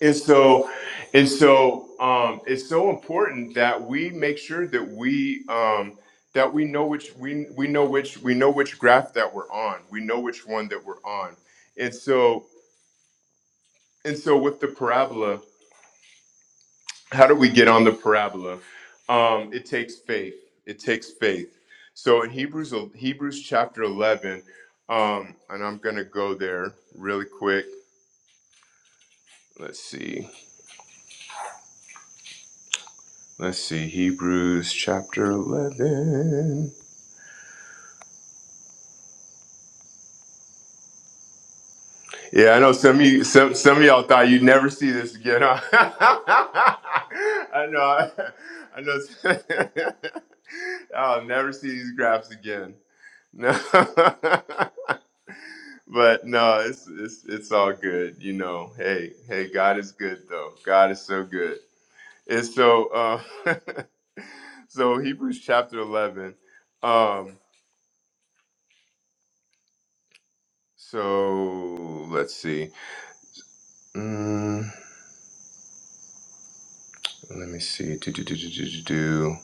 [SPEAKER 1] And so, and so, um, it's so important that we make sure that we um, that we know which we we know which we know which graph that we're on. We know which one that we're on. And so, and so, with the parabola, how do we get on the parabola? Um, it takes faith. It takes faith. So in Hebrews Hebrews chapter eleven, um, and I'm going to go there really quick. Let's see. Let's see, Hebrews chapter eleven. Yeah, I know some of you, some some of y'all thought you'd never see this again. Huh? I know, I, I know. I'll never see these graphs again. No, but no, it's it's it's all good. You know, hey hey, God is good though. God is so good. And so uh, so Hebrews chapter eleven. Um, so let's see. Mm, Let me see. Do, do, do, do, do, do, do.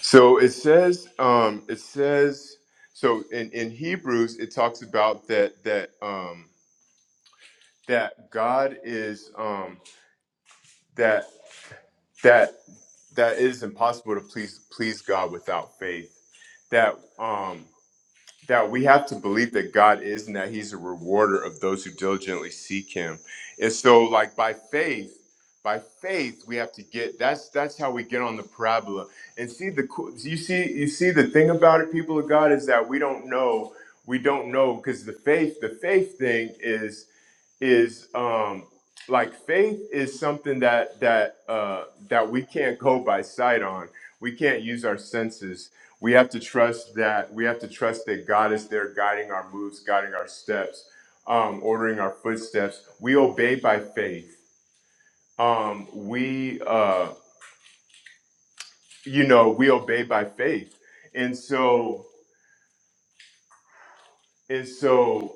[SPEAKER 1] So it says, um, it says, so in, in Hebrews, it talks about that, that, um, that God is, um, that, that, that it is impossible to please, please God without faith. That, um, that we have to believe that God is and that He's a rewarder of those who diligently seek Him. And so, like by faith, by faith, we have to get that's that's how we get on the parabola and see the cool- you see you see the thing about it, people of God, is that we don't know we don't know because the faith the faith thing is is um like faith is something that that uh that we can't go by sight on we can't use our senses we have to trust that we have to trust that god is there guiding our moves guiding our steps um ordering our footsteps we obey by faith um we uh you know we obey by faith and so And so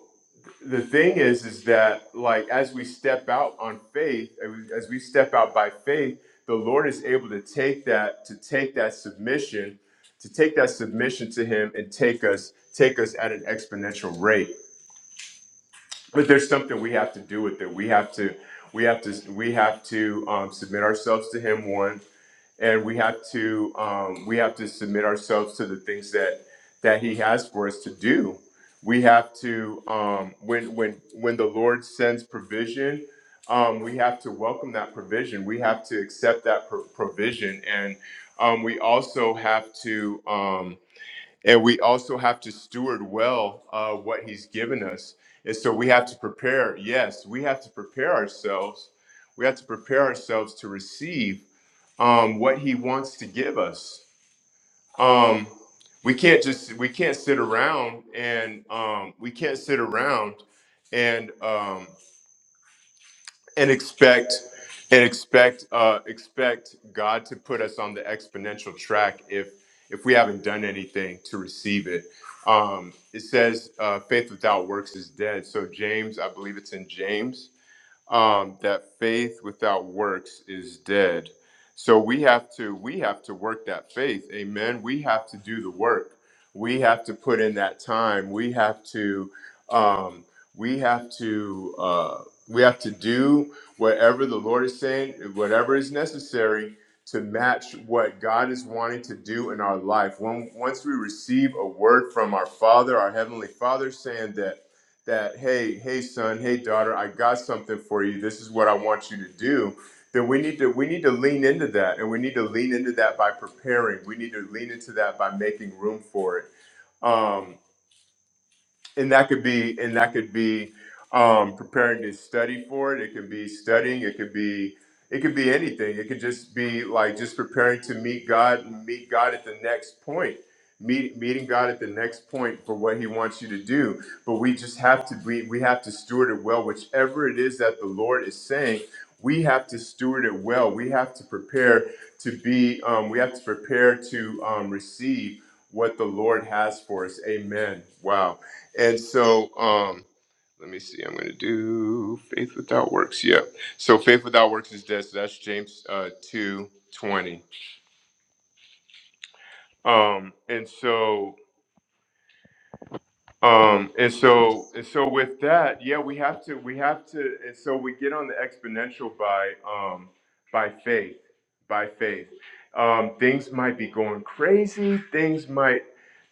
[SPEAKER 1] the thing is, is that like as we step out on faith, as we as we step out by faith, the Lord is able to take that, to take that submission, to take that submission to Him and take us, take us at an exponential rate. But there's something we have to do with it. We have to, we have to, we have to um, submit ourselves to Him. One and we have to um, we have to submit ourselves to the things that that he has for us to do we have to um, when when when the lord sends provision um, we have to welcome that provision we have to accept that pro- provision and um, we also have to um, and we also have to steward well uh, what he's given us and so we have to prepare yes we have to prepare ourselves we have to prepare ourselves to receive um, what he wants to give us. Um, we can't just we can't sit around and um, we can't sit around and um, and expect and expect uh, expect God to put us on the exponential track if if we haven't done anything to receive it. Um, it says uh, faith without works is dead. So James, I believe it's in James um, that faith without works is dead. So we have to we have to work that faith. Amen. We have to do the work. We have to put in that time. We have to um, we have to uh, we have to do whatever the Lord is saying, whatever is necessary to match what God is wanting to do in our life. When once we receive a word from our Father, our heavenly Father, saying that that hey hey son hey daughter i got something for you this is what i want you to do then we need to we need to lean into that and we need to lean into that by preparing we need to lean into that by making room for it um and that could be and that could be um, preparing to study for it. It could be studying. It could be it could be anything. It could just be like just preparing to meet God, meet God at the next point, meet, meeting God at the next point for what He wants you to do. But we just have to be we have to steward it well. Whichever it is that the Lord is saying, we have to steward it well. We have to prepare to be. Um, we have to prepare to um, receive what the Lord has for us. Amen. Wow. And so, um, let me see. I'm going to do faith without works. Yeah. So faith without works is dead. So that's James uh, two twenty. Um, and so, um, and so, and so with that, yeah, we have to, we have to, and so we get on the exponential by, um, by faith, by faith. Um, things might be going crazy. Things might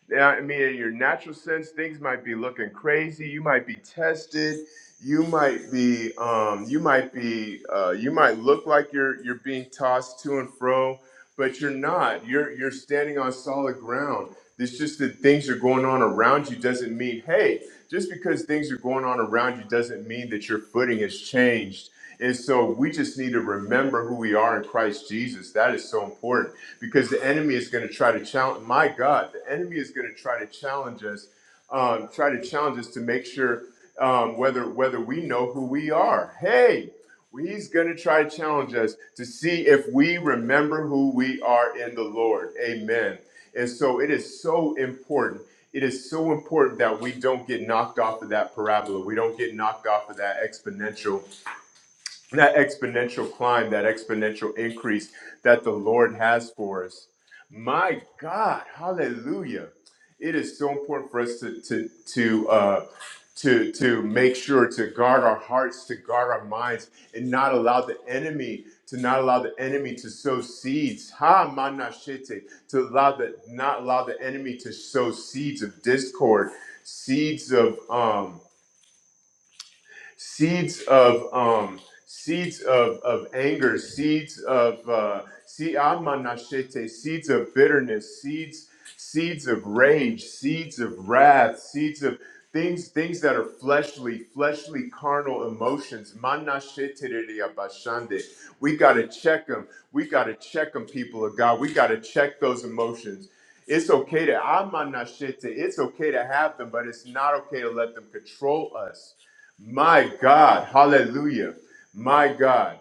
[SPEAKER 1] Yeah, I mean, in your natural sense, things might be looking crazy. You might be tested. You might be, um, you might be, uh, you might look like you're you're being tossed to and fro, but you're not. You're you're standing on solid ground. It's just that things are going on around you doesn't mean, hey, just because things are going on around you doesn't mean that your footing has changed. And so we just need to remember who we are in Christ Jesus. That is so important because the enemy is going to try to challenge. My God, the enemy is going to try to challenge us, um, try to challenge us to make sure um, whether whether we know who we are. Hey, He's going to try to challenge us to see if we remember who we are in the Lord. Amen. And so it is so important. It is so important that we don't get knocked off of that parabola. We don't get knocked off of that exponential that exponential climb, that exponential increase that the Lord has for us. My God, hallelujah. It is so important for us to to to uh to to make sure to guard our hearts, to guard our minds, and not allow the enemy to not allow the enemy to sow seeds. Ha manashete, to allow the not allow the enemy to sow seeds of discord, seeds of um seeds of um, seeds of, of anger, seeds of uh, se- amanashete, seeds of bitterness, seeds seeds of rage, seeds of wrath, seeds of things things that are fleshly, fleshly carnal emotions. Manashetereyabashande. We gotta check them. We gotta check them, people of God. We gotta check those emotions. It's okay to amanashete. It's okay to have them, but it's not okay to let them control us. My God. Hallelujah. My God.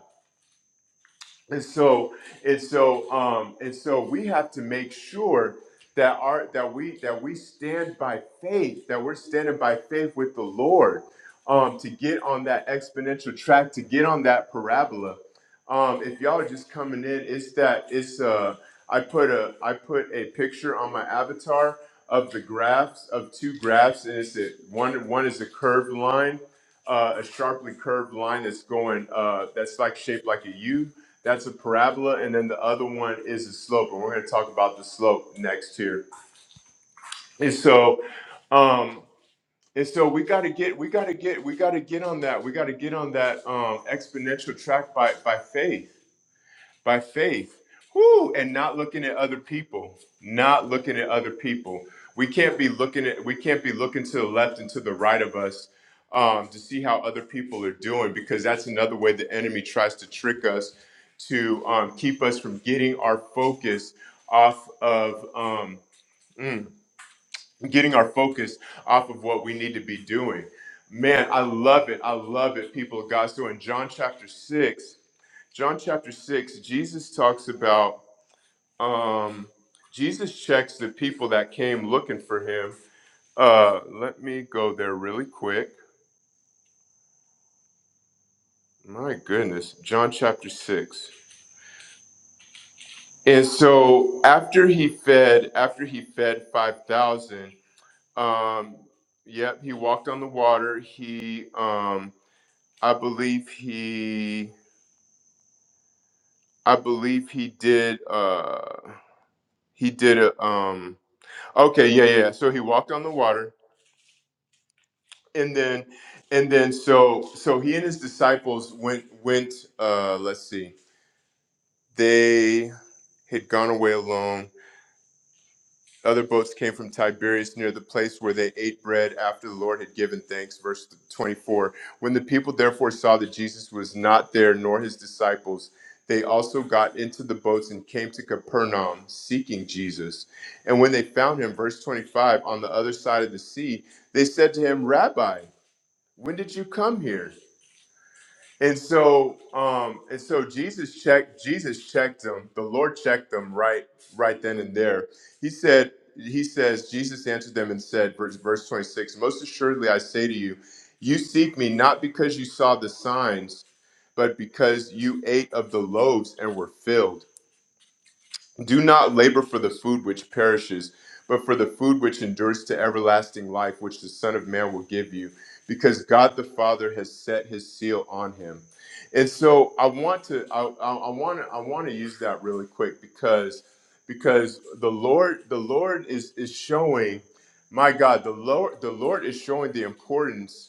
[SPEAKER 1] And so and so um and so we have to make sure that our that we that we stand by faith, that we're standing by faith with the Lord um to get on that exponential track, to get on that parabola. Um if y'all are just coming in, it's that it's uh I put a I put a picture on my avatar of the graphs of two graphs and it's a, one one is a curved line, uh, a sharply curved line that's going uh that's like shaped like a U that's a parabola, and then the other one is a slope, and we're going to talk about the slope next here. And so, um, and so we got to get, we got to get, we got to get on that. We got to get on that um, exponential track by by faith by faith. Woo! And not looking at other people, not looking at other people. We can't be looking at, we can't be looking to the left and to the right of us um, to see how other people are doing because that's another way the enemy tries to trick us to um, keep us from getting our focus off of um, mm, getting our focus off of what we need to be doing. Man, I love it. I love it, people of God. So in John chapter 6, John chapter 6, Jesus talks about um Jesus checks the people that came looking for him. Uh let me go there really quick. My goodness, John chapter 6. And so after he fed, after he fed 5,000, um yep, he walked on the water. He um I believe he I believe he did uh he did a um okay, yeah, yeah. yeah. So he walked on the water and then and then so so he and his disciples went went uh let's see they had gone away alone other boats came from tiberias near the place where they ate bread after the lord had given thanks verse 24 when the people therefore saw that jesus was not there nor his disciples they also got into the boats and came to capernaum seeking jesus and when they found him verse 25 on the other side of the sea they said to him rabbi when did you come here and so um and so jesus checked jesus checked them the lord checked them right right then and there he said he says jesus answered them and said verse, verse 26 most assuredly i say to you you seek me not because you saw the signs but because you ate of the loaves and were filled do not labor for the food which perishes, but for the food which endures to everlasting life, which the Son of Man will give you, because God the Father has set His seal on him. And so I want to, I, I I want to, I want to use that really quick because, because the Lord, the Lord is is showing, my God, the Lord, the Lord is showing the importance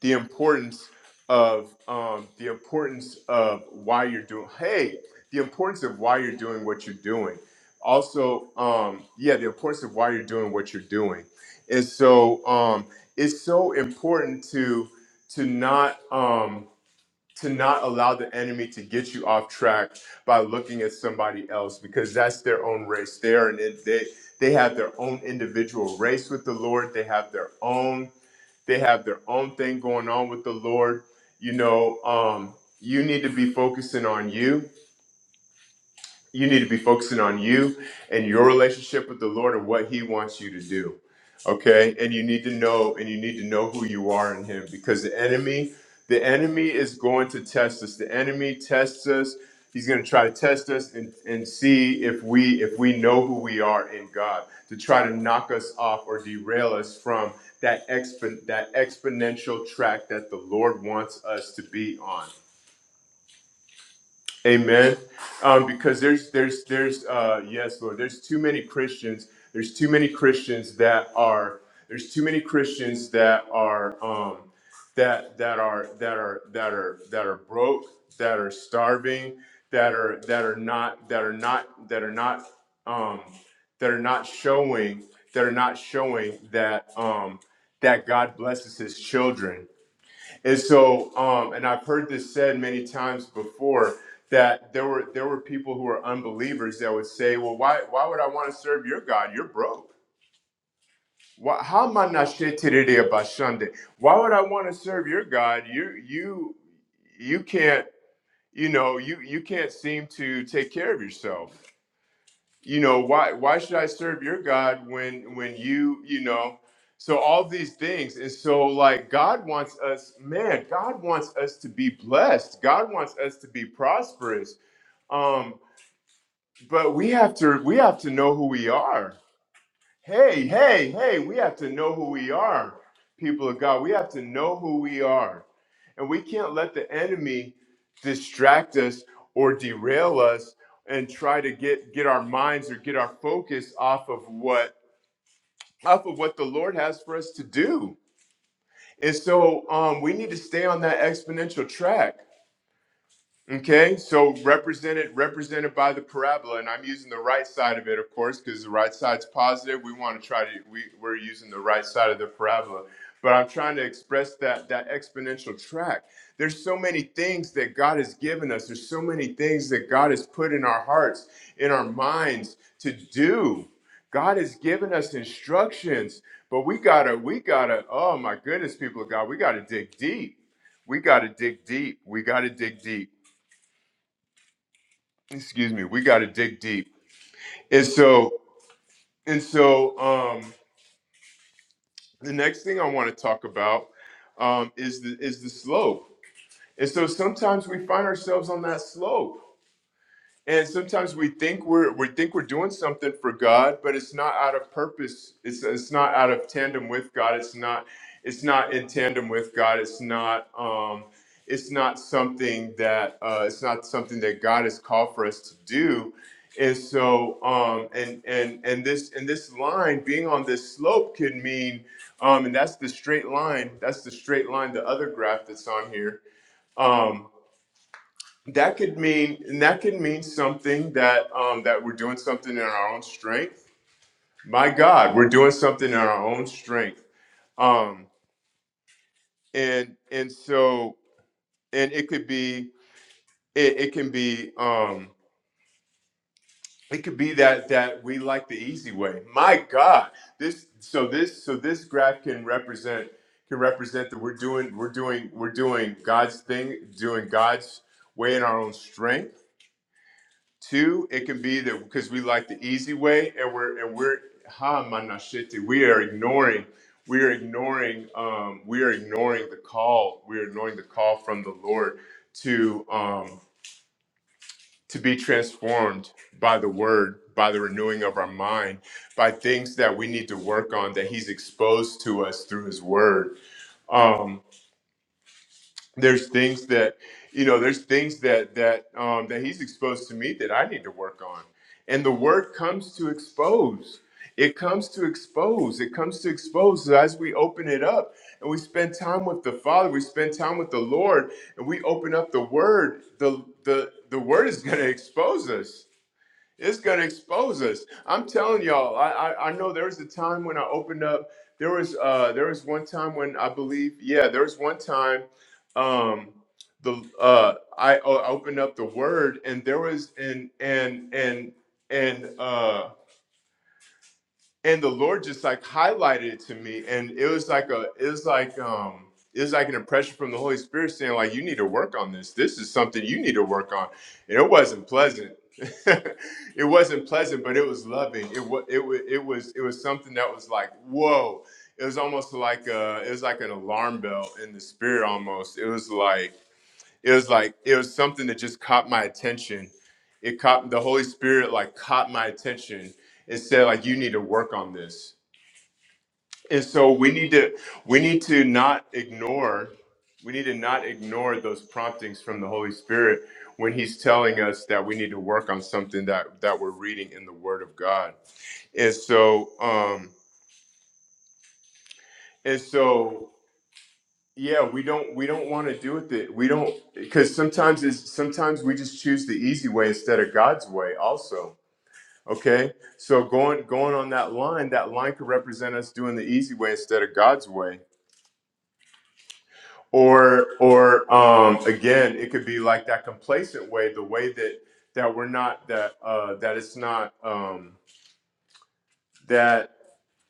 [SPEAKER 1] the importance of um, the importance of why you're doing hey the importance of why you're doing what you're doing also um, yeah the importance of why you're doing what you're doing and so um, it's so important to to not um, to not allow the enemy to get you off track by looking at somebody else because that's their own race there and it, they they have their own individual race with the lord they have their own they have their own thing going on with the Lord. You know, um, you need to be focusing on you you need to be focusing on you and your relationship with the Lord and what He wants you to do. Okay, and you need to know, and you need to know who you are in Him because the enemy, the enemy is going to test us. The enemy tests us. He's going to try to test us and, and see if we if we know who we are in God to try to knock us off or derail us from that expo- that exponential track that the Lord wants us to be on. Amen. Um, because there's there's there's uh, yes, Lord. There's too many Christians. There's too many Christians that are there's too many Christians that are um, that that are that are that are that are broke, that are starving, that are that are not that are not that are not um, that are not showing that are not showing that um, that God blesses His children and so, um, and I've heard this said many times before that there were there were people who were unbelievers that would say, "Well, why why would I want to serve your God? You're broke. Why, how am I not shit today about Sunday? Why would I want to serve your God? You you you can't you know you you can't seem to take care of yourself you know why why should i serve your god when when you you know so all these things and so like god wants us man god wants us to be blessed god wants us to be prosperous um but we have to we have to know who we are Hey, hey, hey, we have to know who we are, people of God. We have to know who we are. And we can't let the enemy distract us or derail us and try to get, get our minds or get our focus off of what off of what the Lord has for us to do. And so um, we need to stay on that exponential track. Okay, so represented represented by the parabola, and I'm using the right side of it, of course, because the right side's positive. We want to try to we, we're using the right side of the parabola, but I'm trying to express that that exponential track. There's so many things that God has given us. There's so many things that God has put in our hearts, in our minds to do. God has given us instructions, but we gotta we gotta oh my goodness, people of God, we gotta dig deep. We gotta dig deep. We gotta dig deep excuse me we got to dig deep and so and so um the next thing i want to talk about um is the is the slope and so sometimes we find ourselves on that slope And sometimes we think we're we think we're doing something for God, but it's not out of purpose. It's it's not out of tandem with God. It's not it's not in tandem with God. It's not um it's not something that uh, it's not something that God has called for us to do. And so um and and and this and this line being on this slope could mean um and that's the straight line. That's the straight line. The other graph that's on here. Um, that could mean and that could mean something that um, that we're doing something in our own strength my god we're doing something in our own strength um, and and so and it could be it, it can be um, it could be that that we like the easy way my god this so this so this graph can represent can represent that we're doing we're doing we're doing god's thing doing god's way in our own strength Two, it can be that because we like the easy way, and we're and we're ha manashiti. We are ignoring. We are ignoring. Um, we are ignoring the call. We are ignoring the call from the Lord to um, to be transformed by the Word, by the renewing of our mind, by things that we need to work on that He's exposed to us through His Word. Um, there's things that you know there's things that that um, that he's exposed to me that i need to work on and the word comes to expose it comes to expose it comes to expose So as we open it up and we spend time with the father we spend time with the lord and we open up the word the the the word is going to expose us it's gonna expose us. I'm telling y'all. I, I I know there was a time when I opened up. There was uh there was one time when I believe yeah there was one time, um the uh I, I opened up the word and there was and and and and uh and the Lord just like highlighted it to me, and it was like a, it was like um, it was like an impression from the Holy Spirit saying like, you need to work on this. This is something you need to work on. And it wasn't pleasant. it wasn't pleasant, but it was loving. It was, it was, it was, it was something that was like, whoa. It was almost like a, it was like an alarm bell in the spirit almost. It was like it was like it was something that just caught my attention it caught the holy spirit like caught my attention and said like you need to work on this and so we need to we need to not ignore we need to not ignore those promptings from the holy spirit when he's telling us that we need to work on something that that we're reading in the word of god and so um and so yeah we don't we don't want to do it that we don't because sometimes is sometimes we just choose the easy way instead of god's way also okay so going going on that line that line could represent us doing the easy way instead of god's way or or um again it could be like that complacent way the way that that we're not that uh that it's not um that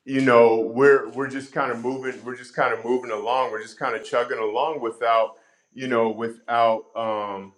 [SPEAKER 1] you know we're we're just kind of moving we're just kind of moving along we're just kind of chugging along without you know without um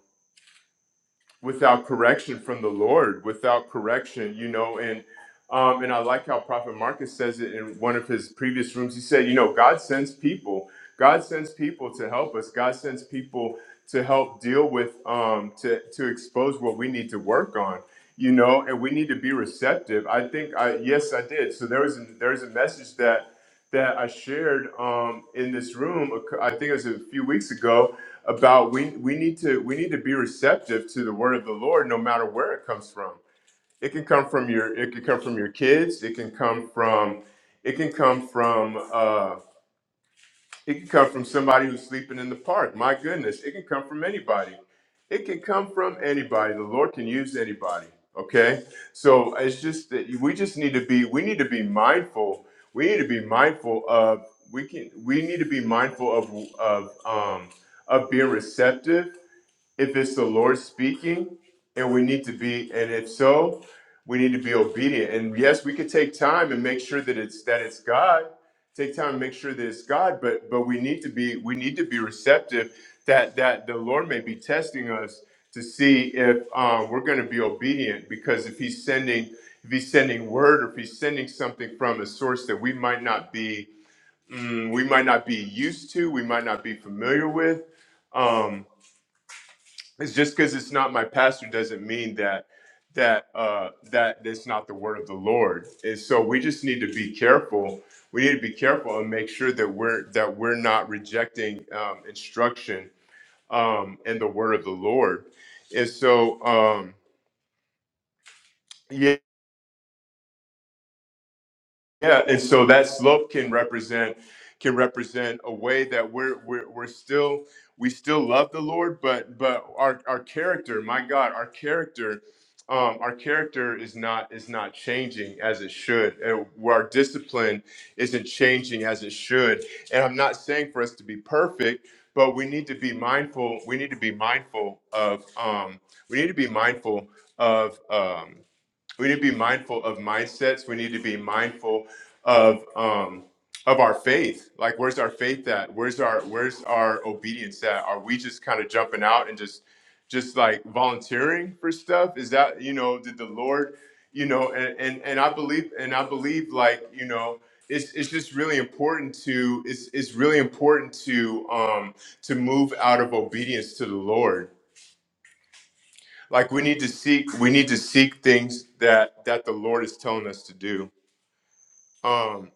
[SPEAKER 1] without correction from the Lord, without correction, you know, and um, and I like how Prophet Marcus says it in one of his previous rooms. He said, you know, God sends people. God sends people to help us. God sends people to help deal with, um, to to expose what we need to work on, you know, and we need to be receptive. I think I yes, I did. So there was a, there was a message that that I shared um, in this room. a cou- I think it was a few weeks ago about we we need to we need to be receptive to the word of the Lord, no matter where it comes from. It can come from your it can come from your kids. It can come from it can come from. uh, it can come from somebody who's sleeping in the park. My goodness, it can come from anybody. It can come from anybody. The Lord can use anybody. Okay, so it's just that we just need to be. We need to be mindful. We need to be mindful of. We can. We need to be mindful of of um, of being receptive if it's the Lord speaking, and we need to be, and if so, we need to be obedient. And yes, we could take time and make sure that it's that it's God. Take time and make sure that it's God, but but we need to be we need to be receptive that that the Lord may be testing us to see if um, we're going to be obedient. Because if He's sending if He's sending word or if He's sending something from a source that we might not be mm, we might not be used to, we might not be familiar with. Um, it's just because it's not my pastor doesn't mean that that uh that it's not the word of the lord and so we just need to be careful we need to be careful and make sure that we're that we're not rejecting um, instruction um and the word of the lord and so um yeah, Yeah, and so that slope can represent can represent a way that we're we're, we're still we still love the Lord, but but our our character, my God, our character, um, our character is not is not changing as it should. And where our discipline isn't changing as it should. And I'm not saying for us to be perfect, but we need to be mindful. We need to be mindful of um, we need to be mindful of. Um, we need to be mindful of mindsets we need to be mindful of um of our faith like where's our faith at where's our where's our obedience at are we just kind of jumping out and just just like volunteering for stuff is that you know did the lord you know and and, and i believe and i believe like you know it's, it's just really important to it's, it's really important to um to move out of obedience to the lord like we need to seek we need to seek things that that the Lord is telling us to do. Um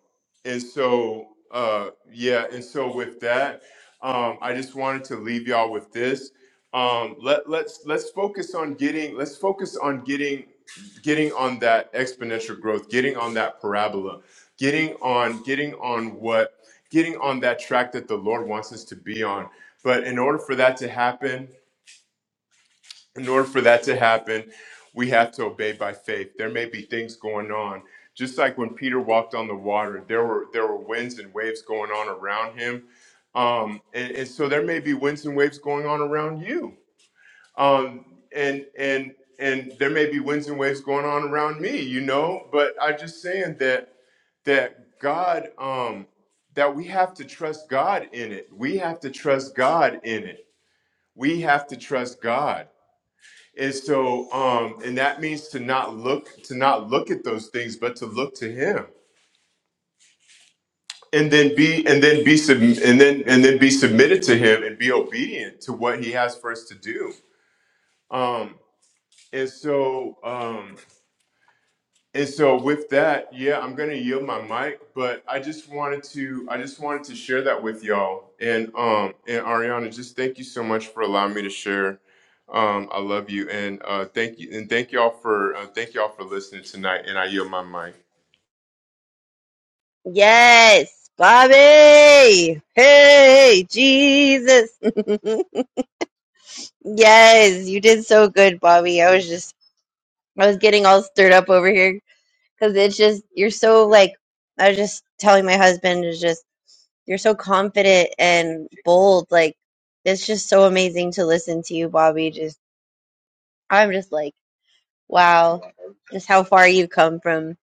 [SPEAKER 1] and so uh yeah, and so with that, um I just wanted to leave y'all with this. Um let let's let's focus on getting let's focus on getting getting on that exponential growth, getting on that parabola, getting on getting on what getting on that track that the Lord wants us to be on. But in order for that to happen, in order for that to happen, we have to obey by faith. There may be things going on. Just like when Peter walked on the water, there were there were winds and waves going on around him. Um, and, and so there may be winds and waves going on around you. Um, and and and there may be winds and waves going on around me, you know, but I just saying that that God um that we have to trust God in it. We have to trust God in it. We have to trust God. And so, um, and that means to not look to not look at those things, but to look to Him, and then be and then be sub- and then and then be submitted to Him and be obedient to what He has for us to do. Um, and so, um, And so with that, yeah, I'm gonna yield my mic, but I just wanted to I just wanted to share that with y'all. And um and Ariana, just thank you so much for allowing me to share. Um, I love you and uh thank you and thank y'all for uh, thank y'all for listening tonight and I yield my mic.
[SPEAKER 3] Yes, Bobby. Hey, Jesus. yes, you did so good, Bobby. I was just I was getting all stirred up over here because it's just you're so like I was just telling my husband is just you're so confident and bold. Like it's just so amazing to listen to you, Bobby. Just I'm just like wow, just how far you've come from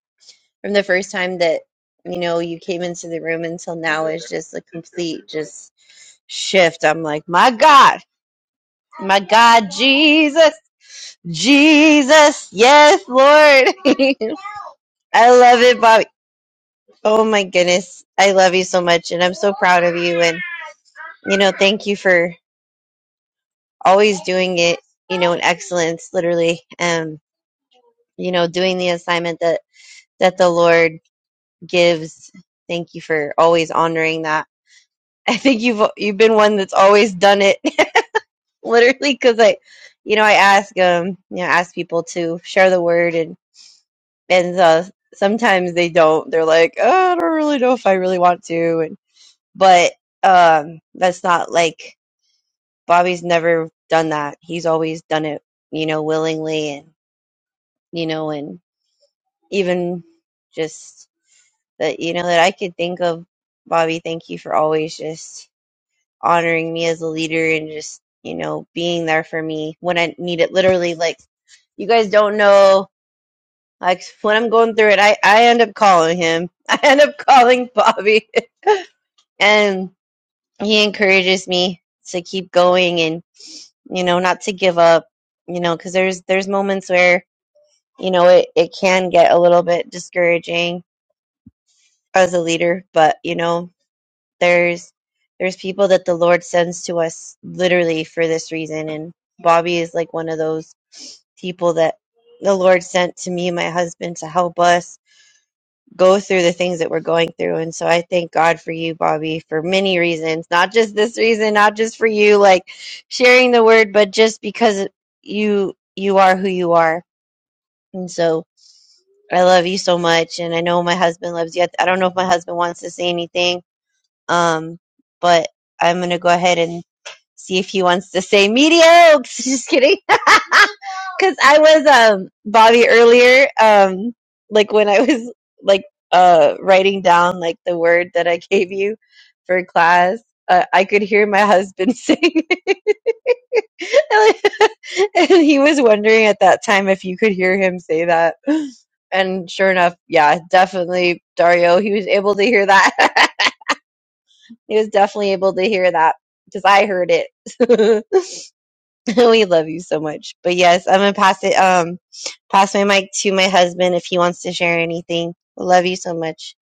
[SPEAKER 3] from the first time that you know you came into the room until now is just a complete just shift. I'm like my God, my God, Jesus, Jesus, yes, Lord. I love it, Bobby. Oh my goodness. I love you so much and I'm so proud of you and you know, thank you for always doing it, you know, in excellence literally. Um, you know, doing the assignment that that the Lord gives. Thank you for always honoring that. I think you've you've been one that's always done it literally cuz I you know, I ask um, you know, ask people to share the word and and uh, sometimes they don't. They're like, "Oh, I don't really know if I really want to." And but um that's not like Bobby's never done that. He's always done it, you know, willingly and, you know, and even just that, you know, that I could think of, Bobby, thank you for always just honoring me as a leader and just, you know, being there for me when I need it. Literally, like, you guys don't know, like, when I'm going through it, I, I end up calling him. I end up calling Bobby and he encourages me to keep going and, you know, not to give up, you know, because there's, there's moments where you know, it, it can get a little bit discouraging as a leader, but you know, there's there's people that the Lord sends to us literally for this reason and Bobby is like one of those people that the Lord sent to me and my husband to help us go through the things that we're going through. And so I thank God for you, Bobby, for many reasons, not just this reason, not just for you like sharing the word, but just because you you are who you are. And so I love you so much, and I know my husband loves you. I don't know if my husband wants to say anything, um, but I'm gonna go ahead and see if he wants to say mediocre. Just kidding, because I was um Bobby earlier, um, like when I was like uh writing down like the word that I gave you for class, uh, I could hear my husband say. and he was wondering at that time if you could hear him say that. And sure enough, yeah, definitely Dario, he was able to hear that. he was definitely able to hear that because I heard it. we love you so much. But yes, I'm gonna pass it um pass my mic to my husband if he wants to share anything. Love you so much.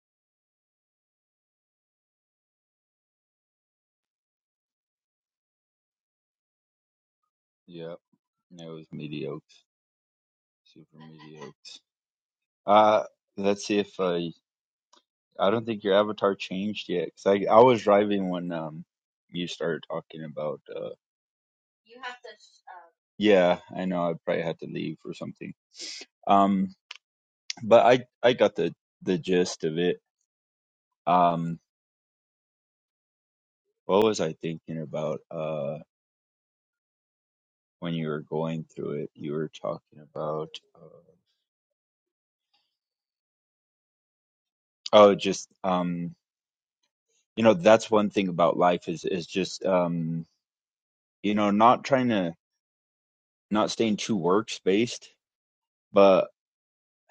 [SPEAKER 5] Yep, it was mediocre, super mediocre. Uh, let's see if uh, I don't think your avatar changed yet. Cause I I was driving when um you started talking about uh yeah I know I probably had to leave or something um but I I got the the gist of it um what was I thinking about uh when you were going through it you were talking about uh, oh just um you know that's one thing about life is is just um you know not trying to not staying too work spaced, but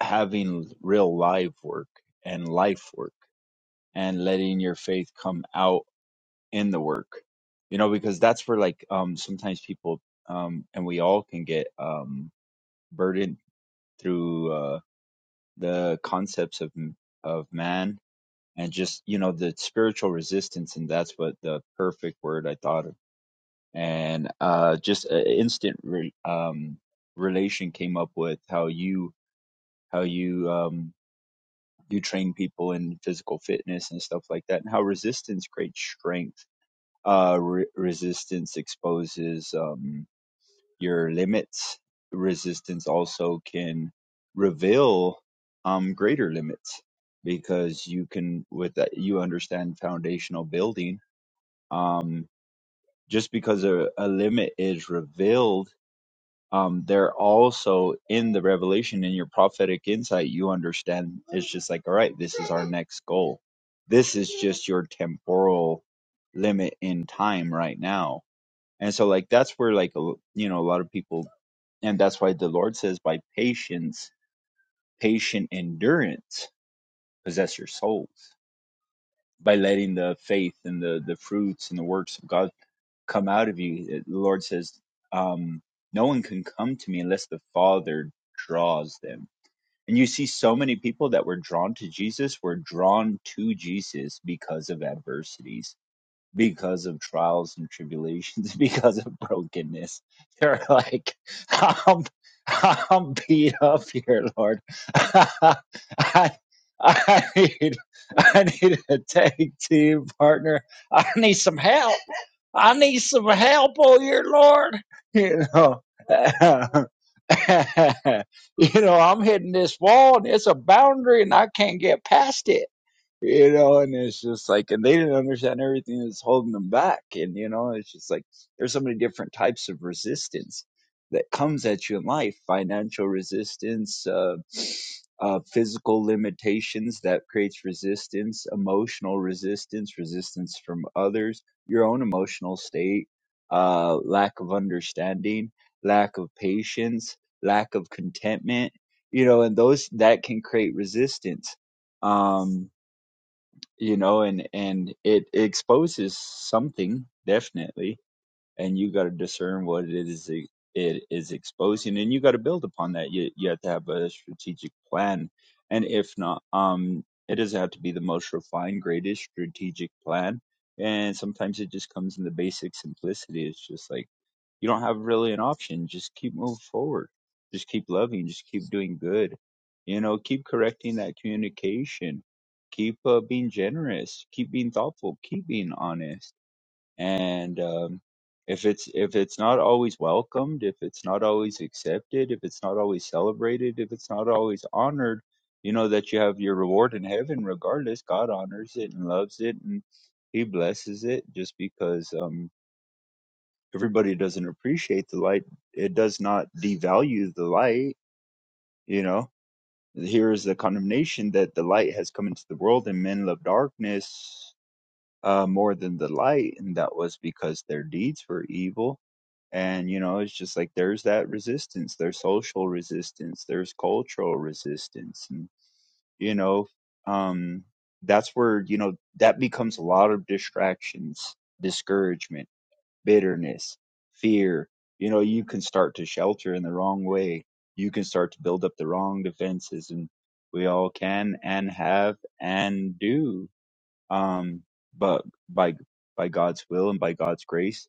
[SPEAKER 5] having real live work and life work and letting your faith come out in the work. You know, because that's where like um sometimes people um and we all can get um burdened through uh the concepts of m- of man and just you know the spiritual resistance and that's what the perfect word I thought of and uh just an instant re- um relation came up with how you how you um, you train people in physical fitness and stuff like that, and how resistance creates strength. Uh, re- resistance exposes um, your limits. Resistance also can reveal um, greater limits because you can with that you understand foundational building. Um, just because a, a limit is revealed um, they're also in the revelation in your prophetic insight you understand it's just like all right this is our next goal this is just your temporal limit in time right now and so like that's where like a l- you know a lot of people and that's why the lord says by patience patient endurance possess your souls by letting the faith and the the fruits and the works of god come out of you. It- The Lord says, um, No one can come to me unless the Father draws them. And you see, so many people that were drawn to Jesus were drawn to Jesus because of adversities, because of trials and tribulations, because of brokenness. They're like, I'm, I'm beat up here, Lord. I, I need, I need a tag team partner. I need some help. I need some help, oh your Lord. You know, you know, I'm hitting this wall and it's a boundary and I can't get past it you know, and it's just like, and they didn't understand everything that's holding them back. And, you know, it's just like, there's so many different types of resistance that comes at you in life financial resistance, uh, uh, physical limitations that creates resistance, emotional resistance, resistance from others, your own emotional state, uh, lack of understanding, lack of patience, lack of contentment, you know, and those that can create resistance. Um, you know and and it exposes something definitely and you got to discern what it is e- it is exposing and you got to build upon that you, you have to have a strategic plan and if not um it doesn't have to be the most refined greatest strategic plan and sometimes it just comes in the basic simplicity it's just like you don't have really an option. Just keep moving forward. Just keep loving. Just keep doing good. You know, keep correcting that communication. Keep uh, being generous. Keep being thoughtful. Keep being honest. And um, if it's if it's not always welcomed, if it's not always accepted, if it's not always celebrated, if it's not always honored, you know that you have your reward in heaven. Regardless, God honors it and loves it, and He blesses it just because. um, everybody doesn't appreciate the light it does not devalue the light you know here is the condemnation that the light has come into the world and men love darkness uh, more than the light and that was because their deeds were evil and you know it's just like there's that resistance there's social resistance there's cultural resistance and you know um that's where you know that becomes a lot of distractions discouragement bitterness, fear. You know, you can start to shelter in the wrong way. You can start to build up the wrong defenses, and we all can and have and do. Um, but by by God's will and by God's grace,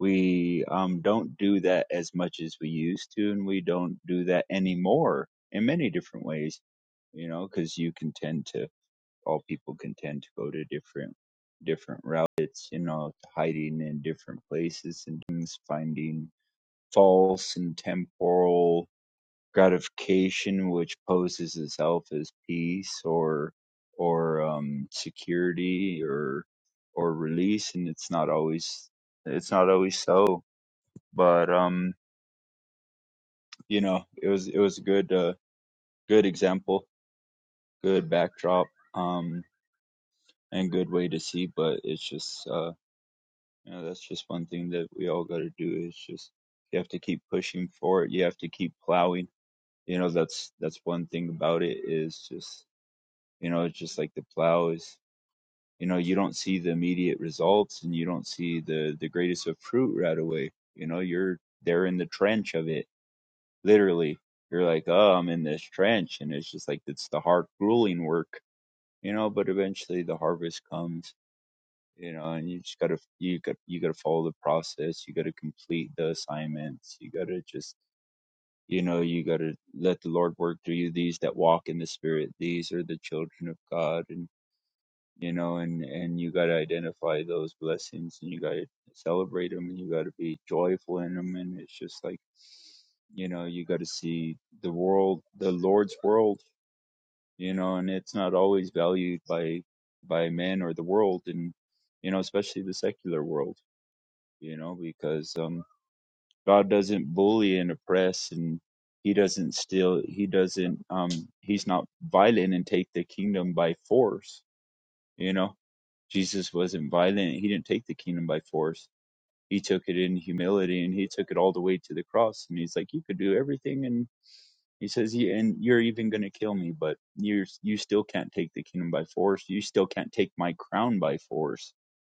[SPEAKER 5] we um, don't do that as much as we used to, and we don't do that anymore in many different ways. You know, because you can tend to all people can tend to go to different different routes you know hiding in different places and things finding false and temporal gratification which poses itself as peace or or um security or or release and it's not always it's not always so but um you know it was it was a good uh good example good backdrop um and good way to see but it's just uh You know, that's just one thing that we all got to do is just you have to keep pushing for it. You have to keep plowing. You know, that's that's one thing about it is just you know, it's just like the plow is. You know, you don't see the immediate results, and you don't see the the greatest of fruit right away. You know, you're there in the trench of it, literally. You're like, oh, I'm in this trench, and it's just like it's the hard, grueling work. You know, but eventually the harvest comes you know and you just gotta you got you gotta follow the process you gotta complete the assignments you gotta just you know you gotta let the lord work through you these that walk in the spirit these are the children of god and you know and and you gotta identify those blessings and you gotta celebrate them and you gotta be joyful in them and it's just like you know you gotta see the world the lord's world you know and it's not always valued by by men or the world and you know especially the secular world you know, because um, God doesn't bully and oppress, and He doesn't steal. He doesn't. Um, he's not violent and take the kingdom by force. You know, Jesus wasn't violent. He didn't take the kingdom by force. He took it in humility, and he took it all the way to the cross. And he's like, "You could do everything he says, "Ye- "And you're even going to kill me, but you you still can't take the kingdom by force. You still can't take my crown by force.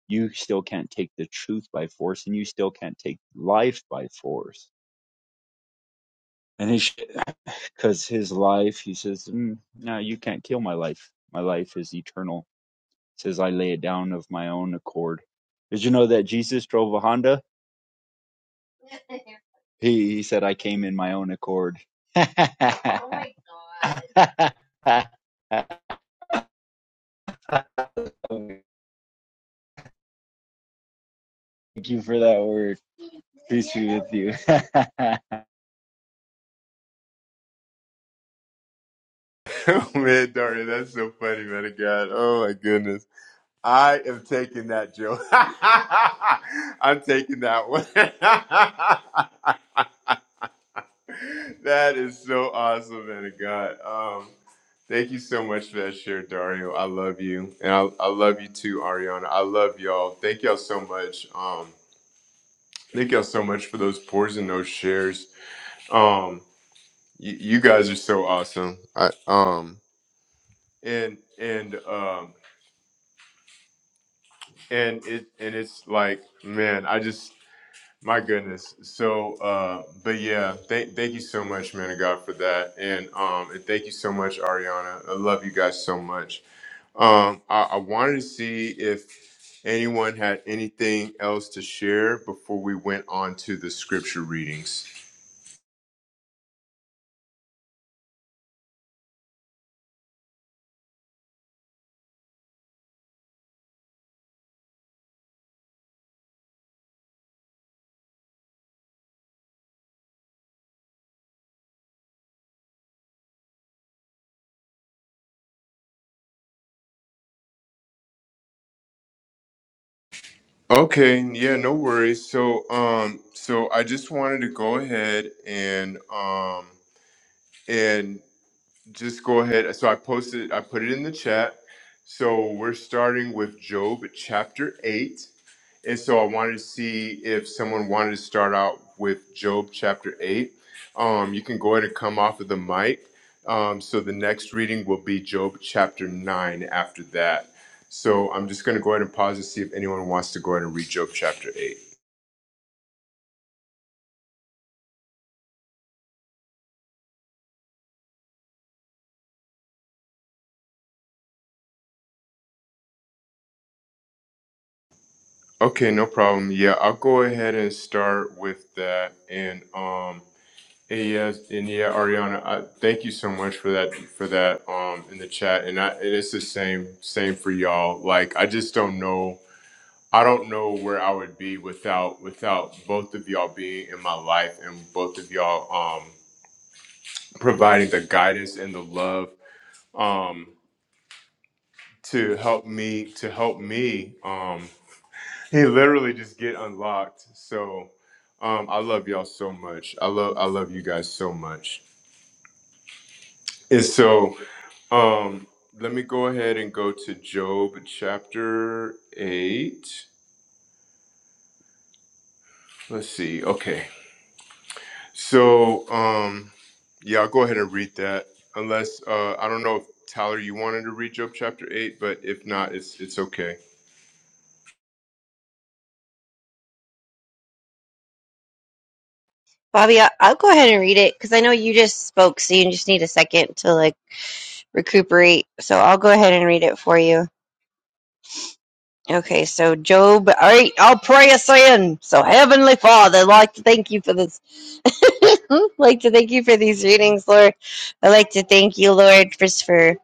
[SPEAKER 5] You still can't take the truth by force, and you still can't take life by force." And he, because his life, he says, mm, "No, you can't kill my life. My life is eternal." He says, "I lay it down of my own accord." Did you know that Jesus drove a Honda? He, he said, "I came in my own accord." Oh my God. Thank you for that word. Peace be with you.
[SPEAKER 1] oh man, Daria, that's so funny, man of God. Oh my goodness. I am taking that, Joe. I'm taking that one. that is so awesome, man of God. Um, thank you so much for that share, Dario. I love you, and I, I love you too, Ariana. I love y'all. Thank y'all so much. Um, thank y'all so much for those pours and those shares. Um, you, you guys are so awesome. I um and and um and it and it's like man, I just My goodness. So, uh, but yeah, thank thank you so much, man of God, for that, and um, and thank you so much, Ariana. I love you guys so much. Um, I, I wanted to see if anyone had anything else to share before we went on to the scripture readings. Okay, yeah, no worries. So, um, so I just wanted to go ahead and um, and just go ahead. So I posted, I put it in the chat. So we're starting with Job chapter 8. And so I wanted to see if someone wanted to start out with Job chapter 8. Um, you can go ahead and come off of the mic. Um, so the next reading will be Job chapter 9 after that. So I'm just going to go ahead and pause to see if anyone wants to go ahead and read Job chapter 8. Okay, no problem. Yeah, I'll go ahead and start with that. And, um, Hey, yes, and yeah, Ariana, I, thank you so much for that for that um in the chat, and I and it's the same same for y'all. Like I just don't know, I don't know where I would be without without both of y'all being in my life and both of y'all um providing the guidance and the love um to help me to help me um he literally just get unlocked. So um I love y'all so much. I love I love you guys so much, and so. Um, let me go ahead and go to Job chapter 8. Let's see. Okay. So, um, yeah, I'll go ahead and read that. Unless uh I don't know if Tyler you wanted to read Job chapter 8, but if not, it's it's okay.
[SPEAKER 3] Bobby, I- I'll go ahead and read it because I know you just spoke, so you just need a second to like recuperate. So I'll go ahead and read it for you. Okay, so Job, all right, I'll pray us in. So, Heavenly Father, I'd like to thank you for this like to thank you for these readings, Lord. I like to thank you, Lord, just for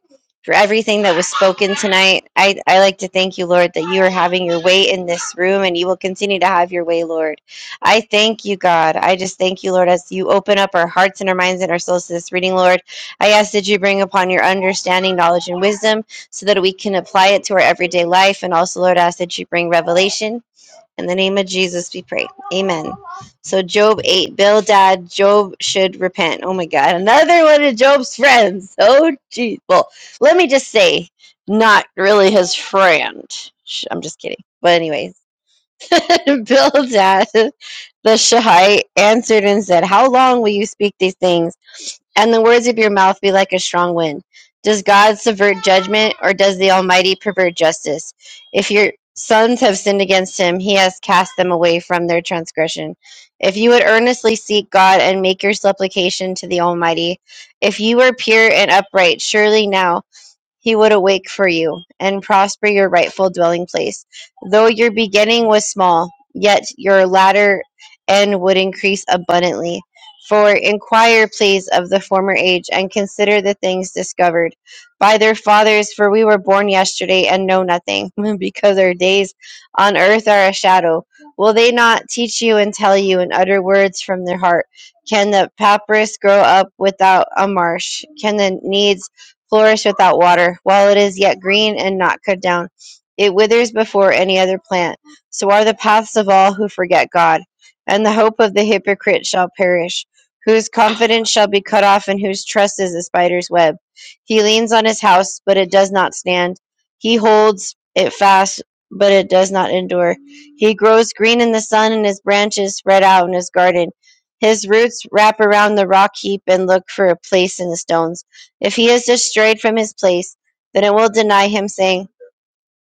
[SPEAKER 3] for everything that was spoken tonight. I, I like to thank you, Lord, that you are having your way in this room and you will continue to have your way, Lord. I thank you, God. I just thank you, Lord, as you open up our hearts and our minds and our souls to this reading, Lord. I ask that you bring upon your understanding, knowledge, and wisdom so that we can apply it to our everyday life. And also, Lord, I ask that you bring revelation in the name of Jesus, we pray. Amen. So, Job 8, Bildad, Job should repent. Oh my God. Another one of Job's friends. Oh, geez. Well, let me just say, not really his friend. I'm just kidding. But, anyways, Bildad, the Shahite, answered and said, How long will you speak these things? And the words of your mouth be like a strong wind. Does God subvert judgment, or does the Almighty pervert justice? If your sons have sinned against him, he has cast them away from their transgression. If you would earnestly seek God and make your supplication to the Almighty, if you were pure and upright, surely now he would awake for you, and prosper your rightful dwelling place. Though your beginning was small, yet your latter end would increase abundantly. For inquire, please, of the former age, and consider the things discovered by their fathers, for we were born yesterday and know nothing, because our days on earth are a shadow. Will they not teach you and tell you and utter words from their heart? Can the papyrus grow up without a marsh? Can the needs flourish without water. While it is yet green and not cut down, it withers before any other plant. So are the paths of all who forget God, and the hope of the hypocrite shall perish, whose confidence shall be cut off, and whose trust is a spider's web. He leans on his house, but it does not stand. He holds it fast, but it does not endure. He grows green in the sun, and his branches spread out in his garden. His roots wrap around the rock heap and look for a place in the stones. If he is destroyed from his place, then it will deny him, saying,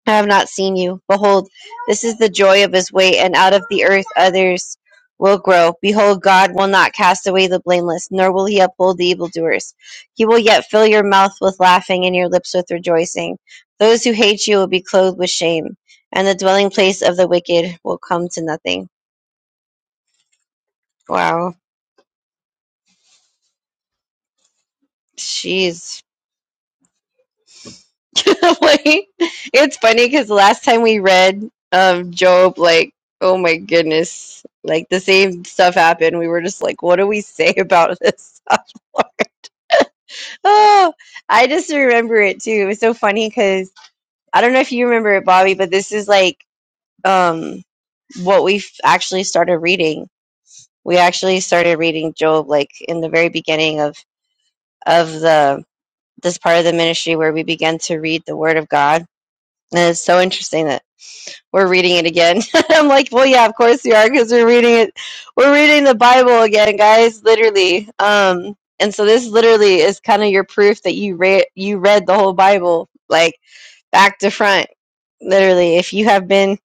[SPEAKER 3] I have not seen you. Behold, this is the joy of his weight, and out of the earth others will grow. Behold, God will not cast away the blameless, nor will he uphold the evildoers. He will yet fill your mouth with laughing and your lips with rejoicing. Those who hate you will be clothed with shame, and the dwelling place of the wicked will come to nothing. Wow. Jeez. like it's funny because last time we read of Job, like oh my goodness, like the same stuff happened. We were just like, what do we say about this stuff? Lord? oh, I just remember it too. It was so funny because I don't know if you remember it, Bobby, but this is like um what we have actually started reading. We actually started reading Job like in the very beginning of of the this part of the ministry where we began to read the Word of God. And it's so interesting that. we're reading it again. I'm like, well, yeah, of course you are, because we're reading it. We're reading the Bible again, guys, literally. Um, and so this literally is kind of your proof that you read you read the whole Bible, like back to front, literally. If you have been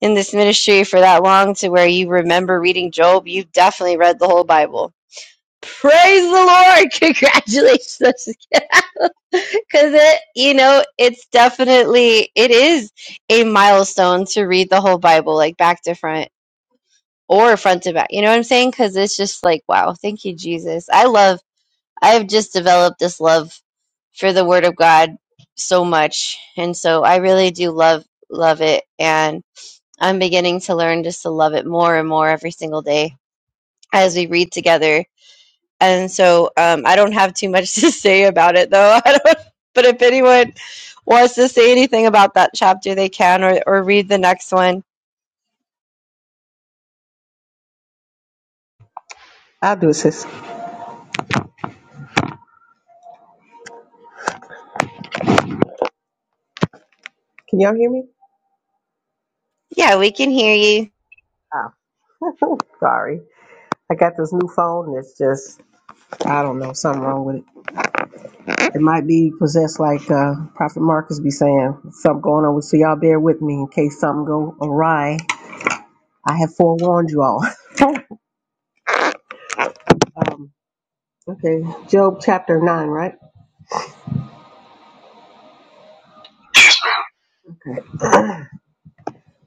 [SPEAKER 3] in this ministry for that long to where you remember reading Job, you've definitely read the whole Bible. Praise the Lord! Congratulations. Because it, you know, it's definitely, it is a milestone to read the whole Bible, like back to front or front to back. You know what I'm saying? Because it's just like, wow, thank you, Jesus. I love, I've just developed this love for the Word of God so much. And so I really do love, love it. And I'm beginning to learn just to love it more and more every single day as we read together. And so um, I don't have too much to say about it, though. I don't, but if anyone, wants to say anything about that chapter, they can, or, or read the next one.
[SPEAKER 6] I'll do it, sis. Can y'all hear me?
[SPEAKER 3] Yeah, we can hear you.
[SPEAKER 6] Oh, sorry. I got this new phone. It's just, I don't know, something wrong with it. It might be possessed like uh, Prophet Marcus be saying, something going on. with- So y'all bear with me in case something go awry. I have forewarned you all. Um, okay, Job chapter 9, right? Okay.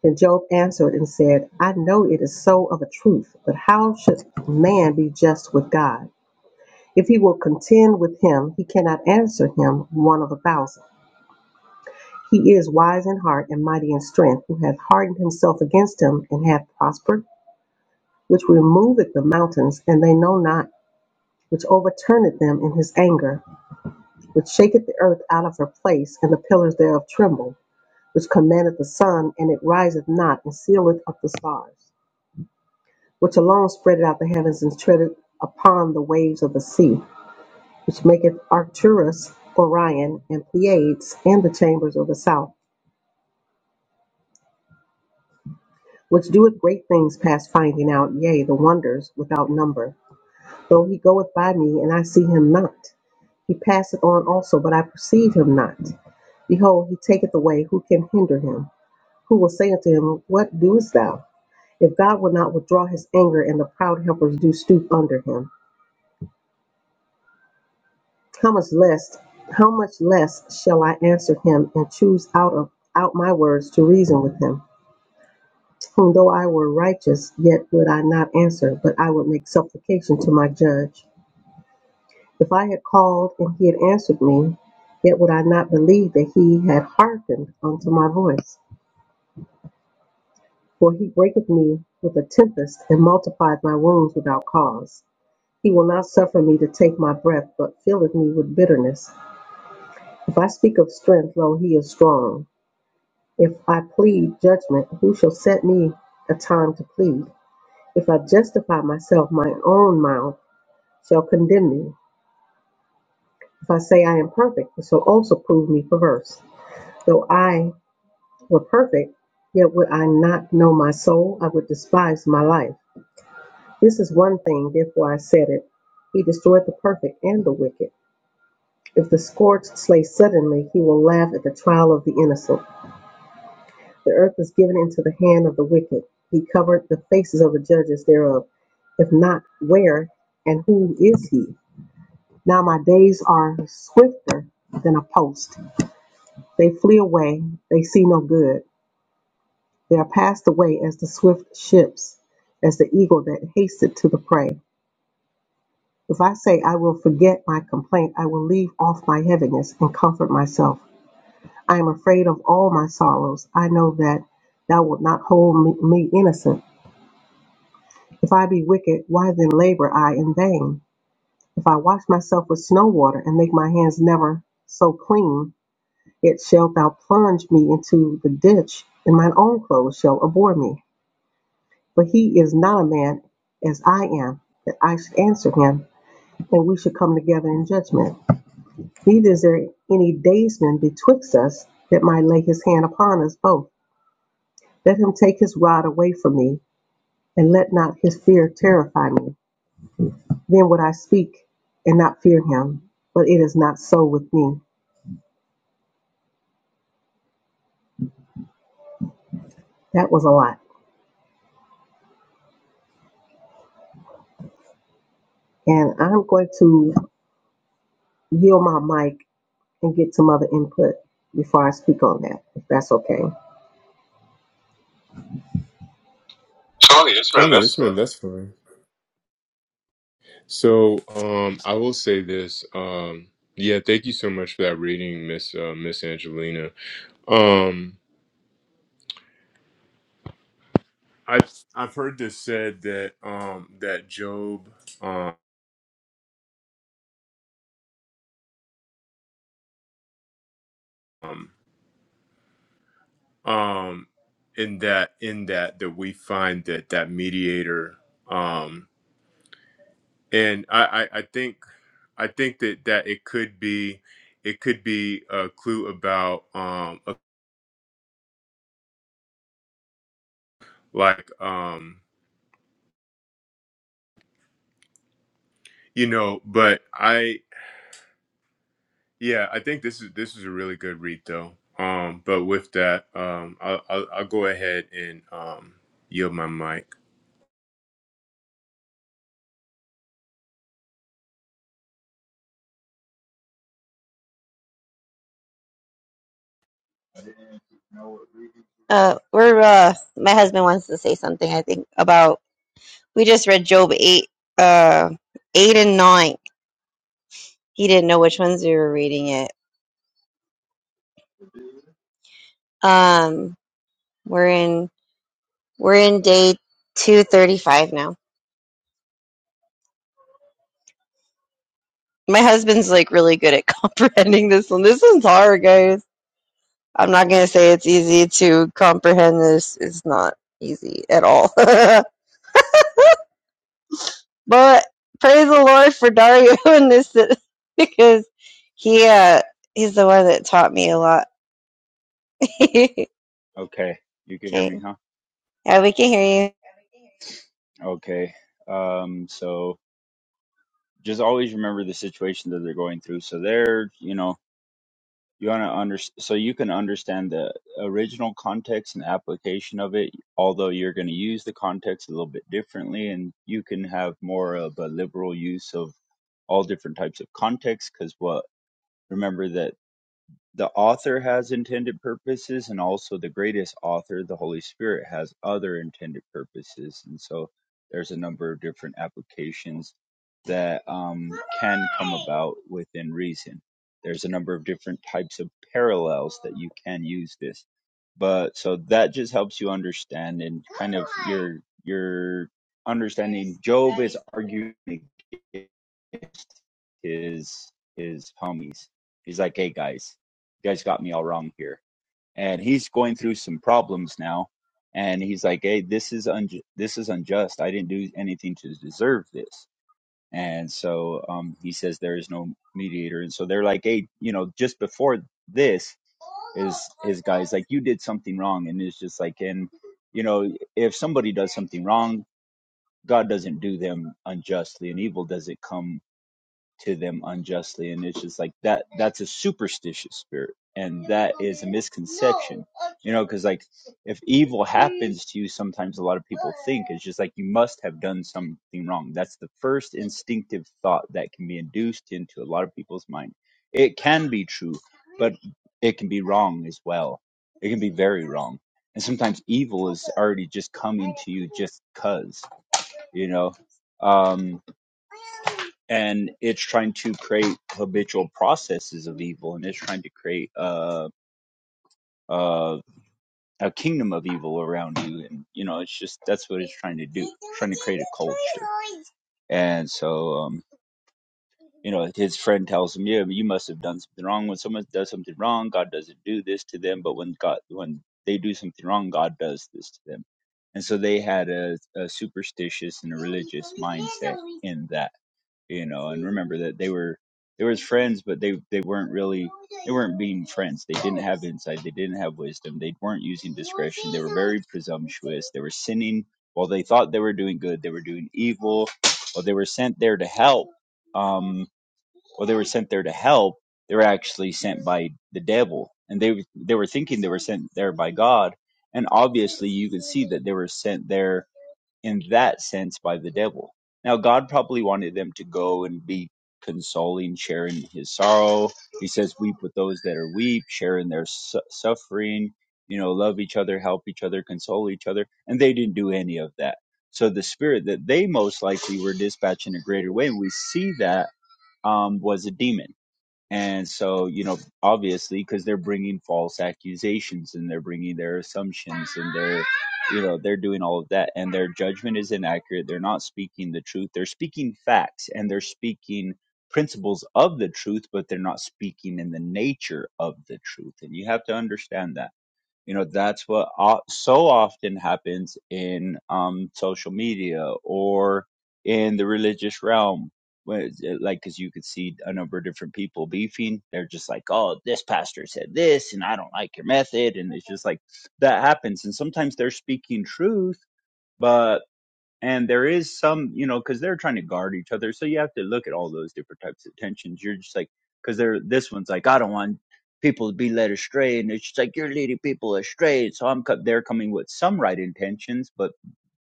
[SPEAKER 6] And Job answered and said, I know it is so of a truth, but how should man be just with God? If he will contend with him, he cannot answer him one of a thousand. He is wise in heart and mighty in strength, who hath hardened himself against him and hath prospered, which removeth the mountains, and they know not, which overturneth them in his anger, which shaketh the earth out of her place, and the pillars thereof tremble, which commandeth the sun, and it riseth not, and sealeth up the stars, which alone spreadeth out the heavens and treadeth upon the waves of the sea, which maketh Arcturus, Orion, and Pleiades, and the chambers of the south which doeth great things past finding out, yea, the wonders without number. Though he goeth by me, and I see him not, he passeth on also, but I perceive him not. Behold, he taketh away, who can hinder him? Who will say unto him, What doest thou? If God will not withdraw his anger, and the proud helpers do stoop under him, how much less, how much less shall I answer him, and choose out of out my words to reason with him? whom though I were righteous, yet would I not answer, but I would make supplication to my judge. If I had called and he had answered me, yet would I not believe that he had hearkened unto my voice. For he breaketh me with a tempest and multiplied my wounds without cause. He will not suffer me to take my breath, but filleth me with bitterness. If I speak of strength, lo, he is strong. If I plead judgment, who shall set me a time to plead? If I justify myself, my own mouth, shall condemn me. If I say I am perfect, it shall also prove me perverse. Though I were perfect, yet would I not know my soul, I would despise my life. This is one thing, therefore I said it. He destroyed the perfect and the wicked. If the scourged slay suddenly, he will laugh at the trial of the innocent. The earth is given into the hand of the wicked. He covered the faces of the judges thereof. If not, where and who is he? Now my days are swifter than a post. They flee away, they see no good. They are passed away as the swift ships, as the eagle that hasteth to the prey. If I say I will forget my complaint, I will leave off my heaviness and comfort myself. I am afraid of all my sorrows. I know that thou wilt not hold me, innocent. If I be wicked, why then labor I in vain? If I wash myself with snow water and make my hands never so clean, yet shalt thou plunge me into the ditch, and mine own clothes shall abhor me. But he is not a man as I am, that I should answer him, and we should come together in judgment. Neither is there any daysman betwixt us that might lay his hand upon us both. Let him take his rod away from me, and let not his fear terrify me. Then would I speak and not fear him, but it is not so with me. That was a lot. And I'm going to yield my mic and get some other input before I speak on that, if that's okay. Tony, it's been
[SPEAKER 1] Oh,
[SPEAKER 6] this
[SPEAKER 1] yes,
[SPEAKER 6] way.
[SPEAKER 1] ma'am. That's fine. So, um, I will say this. Um, yeah, thank you so much for that reading, Miss uh, Miss Angelina. Um, I've I've heard this said that um that Job. um um in that in that that we find that that mediator um and I, I i think i think that that it could be it could be a clue about um a- like um you know but i yeah i think this is this is a really good read though um but with that um i'll i'll, I'll go ahead and um yield my mic
[SPEAKER 3] Uh, we're uh, my husband wants to say something. I think about we just read Job eight, uh, eight and nine. He didn't know which ones we were reading it. Um, we're in we're in day two thirty five now. My husband's like really good at comprehending this one. This one's hard, guys. I'm not gonna say it's easy to comprehend this. It's not easy at all. But praise the Lord for Dario in this si-, because he uh he's the one that taught me a lot. okay.
[SPEAKER 5] okay, you can hear me,
[SPEAKER 3] Yeah,
[SPEAKER 5] huh?
[SPEAKER 3] we can hear you.
[SPEAKER 5] Okay. Um, so just always remember the situation that they're going through. So they're, you know, you want to under so you can understand the original context and application of it, although you're going to use the context a little bit differently, and you can have more of a liberal use of all different types of context. Because what remember that The author has intended purposes, and also the greatest author, the Holy Spirit, has other intended purposes. And so there's a number of different applications that um, can come about within reason. There's a number of different types of parallels that you can use this. But so that just helps you understand and kind of your your understanding. Job is arguing against his his homies. He's like, hey guys, you guys got me all wrong here. And he's going through some problems now. And he's like, hey, this is unju- this is unjust. I didn't do anything to deserve this. And so um, he says there is no mediator. And so they're like, hey, you know, just before this, is his guys like, you did something wrong. And it's just like, and you know, if somebody does something wrong, God doesn't do them unjustly, and evil doesn't come to them unjustly and it's just like that that's a superstitious spirit and that is a misconception you know because like if evil happens to you sometimes a lot of people think it's just like you must have done something wrong that's the first instinctive thought that can be induced into a lot of people's mind it can be true but it can be wrong as well it can be very wrong and sometimes evil is already just coming to you just cuz you know Um and it's trying to create habitual processes of evil and it's trying to create a a, a kingdom of evil around you and you know it's just that's what it's trying to do trying to create a culture and so um you know his friend tells him yeah you must have done something wrong when someone does something wrong god doesn't do this to them but when god when they do something wrong god does this to them and so they had a, a superstitious and a religious mindset in that you know and remember that they were they were his friends but they they weren't really they weren't being friends they didn't have insight they didn't have wisdom they weren't using discretion they were very presumptuous they were sinning while they thought they were doing good they were doing evil while they were sent there to help um well they were sent there to help they were actually sent by the devil and they they were thinking they were sent there by god and obviously you could see that they were sent there in that sense by the devil. Now, God probably wanted them to go and be consoling, sharing his sorrow. He says, Weep with those that are weep, share in their su- suffering, you know, love each other, help each other, console each other. And they didn't do any of that. So the spirit that they most likely were dispatching a greater way, and we see that um, was a demon. And so, you know, obviously, because they're bringing false accusations and they're bringing their assumptions and they're, you know, they're doing all of that and their judgment is inaccurate. They're not speaking the truth. They're speaking facts and they're speaking principles of the truth, but they're not speaking in the nature of the truth. And you have to understand that you know that's what o- so often happens in um social media or in the religious realm where it's, uh, like because you could see a number of different people beefing they're just like oh this pastor said this and i don't like your method and it's just like that happens and sometimes they're speaking truth but and there is some you know because they're trying to guard each other so you have to look at all those different types of tensions you're just like because they're this one's like i don't want people to be led astray and it's just like you're leading people astray so i'm co- they're coming with some right intentions but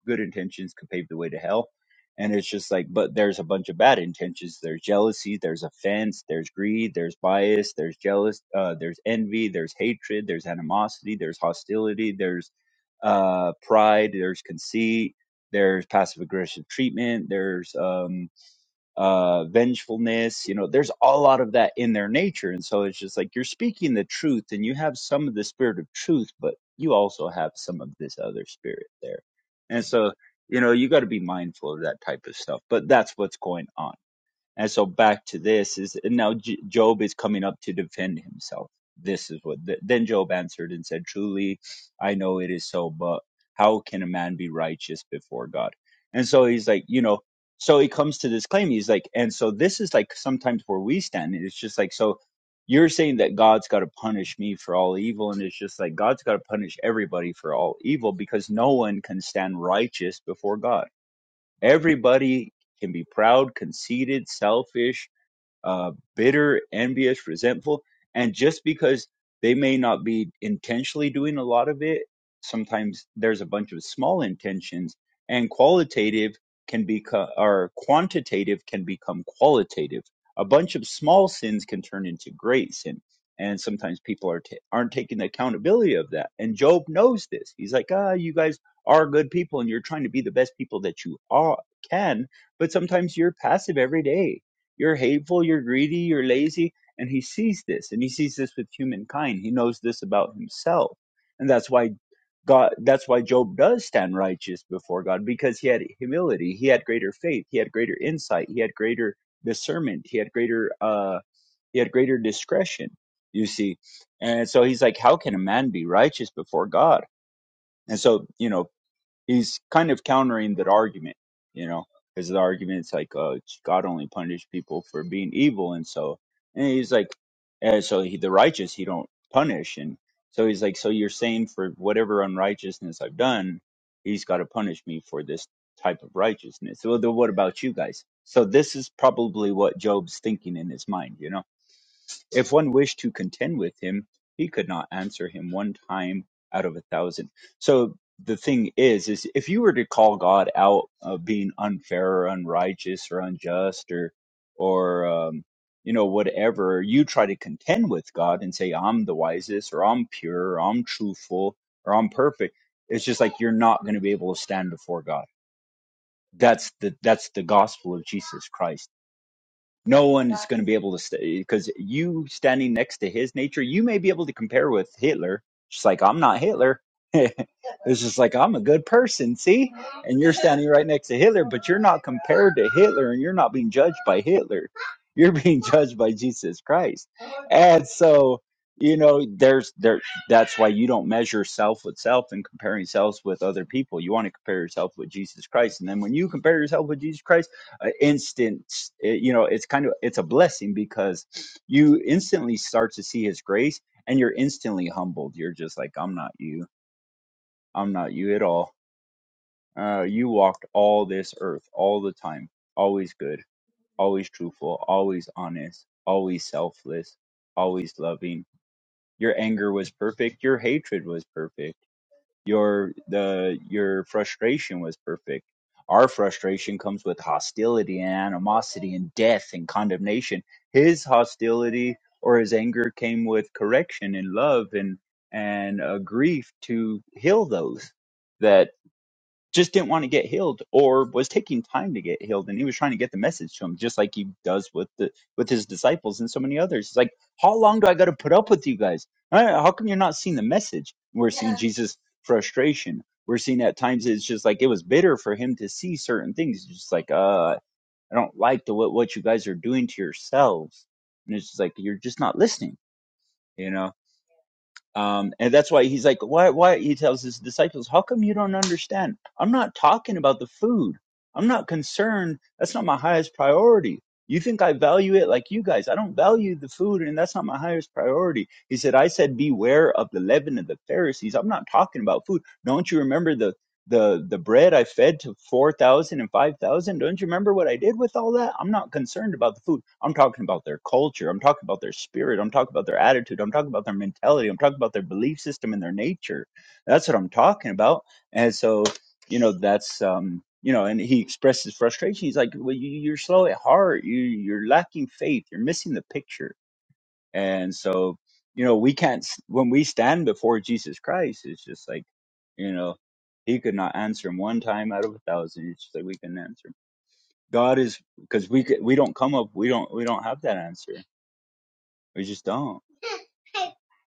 [SPEAKER 5] good intentions could pave the way to hell and it's just like but there's a bunch of bad intentions there's jealousy there's offense there's greed there's bias there's jealous uh, there's envy there's hatred there's animosity there's hostility there's uh, pride, there's conceit, there's passive aggressive treatment, there's um, uh, vengefulness. You know, there's a lot of that in their nature. And so it's just like you're speaking the truth and you have some of the spirit of truth, but you also have some of this other spirit there. And so, you know, you got to be mindful of that type of stuff, but that's what's going on. And so back to this is and now J- Job is coming up to defend himself. This is what th- then Job answered and said, "Truly, I know it is so, but how can a man be righteous before God?" And so he's like, you know, so he comes to this claim. He's like, and so this is like sometimes where we stand. It's just like so. You're saying that God's got to punish me for all evil, and it's just like God's got to punish everybody for all evil because no one can stand righteous before God Everybody can be proud, conceited, selfish, uh, bitter, envious, resentful. And just because they may not be intentionally doing a lot of it, sometimes there's a bunch of small intentions, and qualitative can become, or quantitative can become qualitative. A bunch of small sins can turn into great sin. And sometimes people are ta aren't taking the accountability of that. And Job knows this. He's like, ah, you guys are good people, and you're trying to be the best people that you are can, but sometimes you're passive every day you're hateful, you're greedy, you're lazy. And he sees this and he sees this with humankind. He knows this about himself. And that's why God, that's why Job does stand righteous before God because he had humility. He had greater faith. He had greater insight. He had greater discernment. He had greater, uh, he had greater discretion, you see. And so he's like, how can a man be righteous before God? And so, you know, he's kind of countering that argument, you know, because the argument's like, uh, God only punished people for being evil, and so, and he's like, and so he, the righteous he don't punish, and so he's like, so you're saying for whatever unrighteousness I've done, he's got to punish me for this type of righteousness. Well, then what about you guys? So this is probably what Job's thinking in his mind, you know if one wished to contend with him, he could not answer him one time out of a thousand. So the thing is, is if you were to call God out of being unfair or unrighteous or unjust or, or um, you know whatever, you try to contend with God and say I'm the wisest or I'm pure or I'm truthful or I'm perfect. It's just like you're not going to be able to stand before God. That's the that's the gospel of Jesus Christ no one is going to be able to stay because you standing next to his nature, you may be able to compare with Hitler. Just like I'm not Hitler, it's just like I'm a good person, see? And you're standing right next to Hitler, but you're not compared to Hitler and you're not being judged by Hitler. You're being judged by Jesus Christ. And so, you know, there's there that's why you don't measure self with self and comparing selves with other people. You want to compare yourself with Jesus Christ. And then when you compare yourself with Jesus Christ, uh, instant, it, you know, it's kind of it's a blessing because you instantly start to see his grace and you're instantly humbled. You're just like, I'm not you I'm not you at all. Uh, you walked all this earth all the time, always good, always truthful, always honest, always selfless, always loving. Your anger was perfect. Your hatred was perfect. Your the your frustration was perfect. Our frustration comes with hostility and animosity and death and condemnation. His hostility or his anger came with correction and love and and a grief to heal those just didn't want to get healed or was taking time to get healed and he was trying to get the message to him just like he does with the with his disciples and so many others it's like how long do i got to put up with you guys Uh, how come you're not seeing the message we're seeing Yeah. jesus frustration we're seeing at times it's just like it was bitter for him to see certain things It's just like uh i don't like the what, what you guys are doing to yourselves and it's just like you're just not listening you know um, and that's why he's like, why, why? He tells his disciples, how come you don't understand? I'm not talking about the food. I'm not concerned. That's not my highest priority. You think I value it like you guys. I don't value the food, and that's not my highest priority. He said, I said, beware of the leaven of the Pharisees. I'm not talking about food. Don't you remember the the the bread I fed to four thousand and five thousand. Don't you remember what I did with all that? I'm not concerned about the food. I'm talking about their culture. I'm talking about their spirit. I'm talking about their attitude. I'm talking about their mentality. I'm talking about their belief system and their nature. That's what I'm talking about. And so, you know, that's um, you know, and he expresses frustration. He's like, "Well, you, you're slow at heart. You you're lacking faith. You're missing the picture." And so, you know, we can't, when we stand before Jesus Christ, it's just like, you know, he could not answer him one time out of a thousand. It's just like we can answer him. God is, because we, could- we don't come up, we don't, we don't have that answer. We just don't,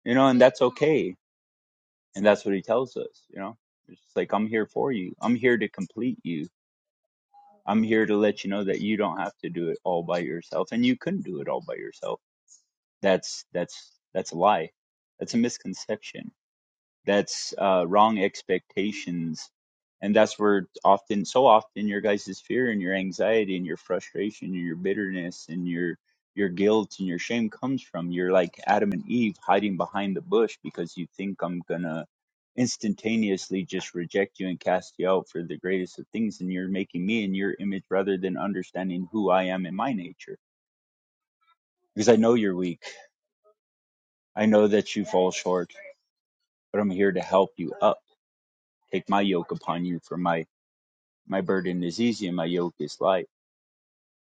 [SPEAKER 5] you know, and that's okay. And that's what he tells us, you know, it's just like, I'm here for you. I'm here to complete you. I'm here to let you know that you don't have to do it all by yourself and you couldn't do it all by yourself. That's, that's, that's a lie. That's a misconception that's uh, wrong expectations and that's where often so often your guys' fear and your anxiety and your frustration and your bitterness and your your guilt and your shame comes from you're like adam and eve hiding behind the bush because you think i'm gonna instantaneously just reject you and cast you out for the greatest of things and you're making me in your image rather than understanding who i am in my nature because i know you're weak i know that you fall short but i'm here to help you up take my yoke upon you for my My burden is easy and my yoke is light.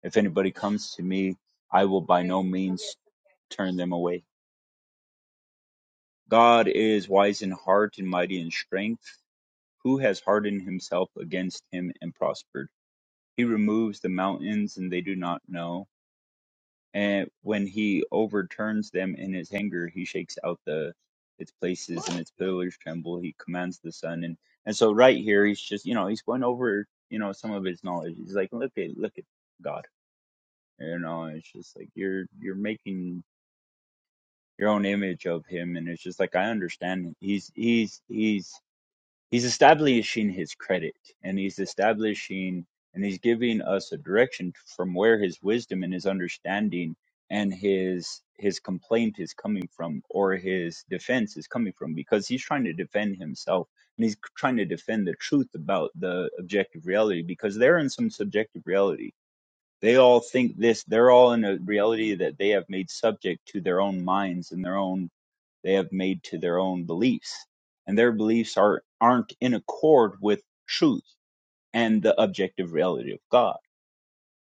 [SPEAKER 5] If anybody comes to me, I will by no means turn them away. God is wise in heart and mighty in strength. Who has hardened himself against him and prospered? He removes the mountains and they do not know. And when he overturns them in his anger, he shakes out the its places and its pillars tremble. He commands the sun and and so right here he's just you know he's going over you know some of his knowledge. He's like look at look at God You know, it's just like you're you're making your own image of him, and it's just like I understand he's he's he's he's establishing his credit, and he's establishing and he's giving us a direction from where his wisdom and his understanding and his his complaint is coming from or his defense is coming from because he's trying to defend himself and he's trying to defend the truth about the objective reality because they're in some subjective reality they all think this, they're all in a reality that they have made subject to their own minds and their own, they have made to their own beliefs. And their beliefs are, aren't in accord with truth and the objective reality of God.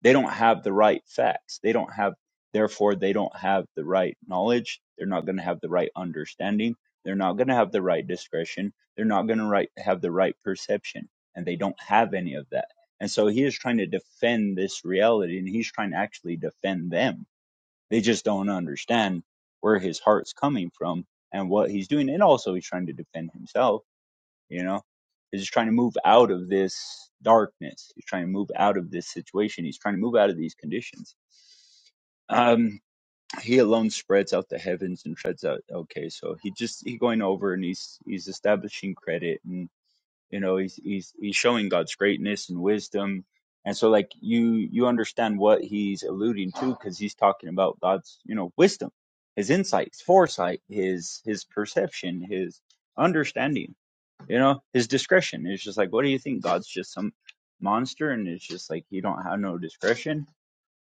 [SPEAKER 5] They don't have the right facts. They don't have, therefore, they don't have the right knowledge. They're not going to have the right understanding. They're not going to have the right discretion. They're not going to right, have the right perception. And they don't have any of that. And so he is trying to defend this reality and he's trying to actually defend them. They just don't understand where his heart's coming from and what he's doing. And also, he's trying to defend himself you know he's just trying to move out of this darkness he's trying to move out of this situation he's trying to move out of these conditions um he alone spreads out the heavens and treads out okay so he just he going over and he's he's establishing credit and you know he's he's he's showing god's greatness and wisdom and so like you you understand what he's alluding to because he's talking about god's you know wisdom his insights foresight his his perception his understanding you know his discretion it's just like what do you think god's just some monster and it's just like you don't have no discretion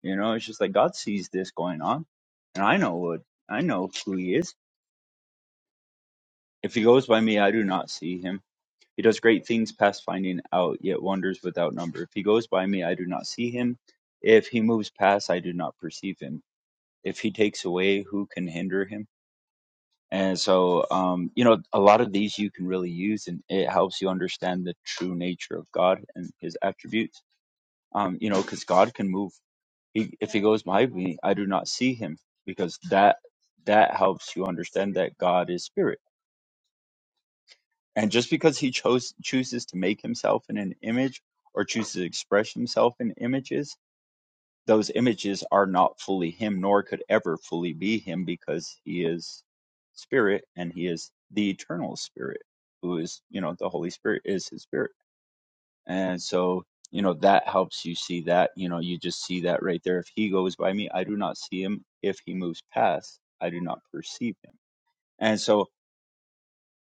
[SPEAKER 5] you know it's just like god sees this going on and i know what i know who he is if he goes by me i do not see him he does great things past finding out yet wonders without number if he goes by me i do not see him if he moves past i do not perceive him if he takes away who can hinder him And so, um, you know, a lot of these you can really use, and it helps you understand the true nature of God and His attributes. Um, you know, because God can move. He, if He goes behind me, I do not see Him, because that that helps you understand that God is spirit. And just because He chose chooses to make Himself in an image or chooses to express Himself in images those images are not fully him nor could ever fully be him because he is spirit and he is the eternal spirit who is you know the holy spirit is his spirit and so you know that helps you see that you know you just see that right there if he goes by me i do not see him if he moves past i do not perceive him and so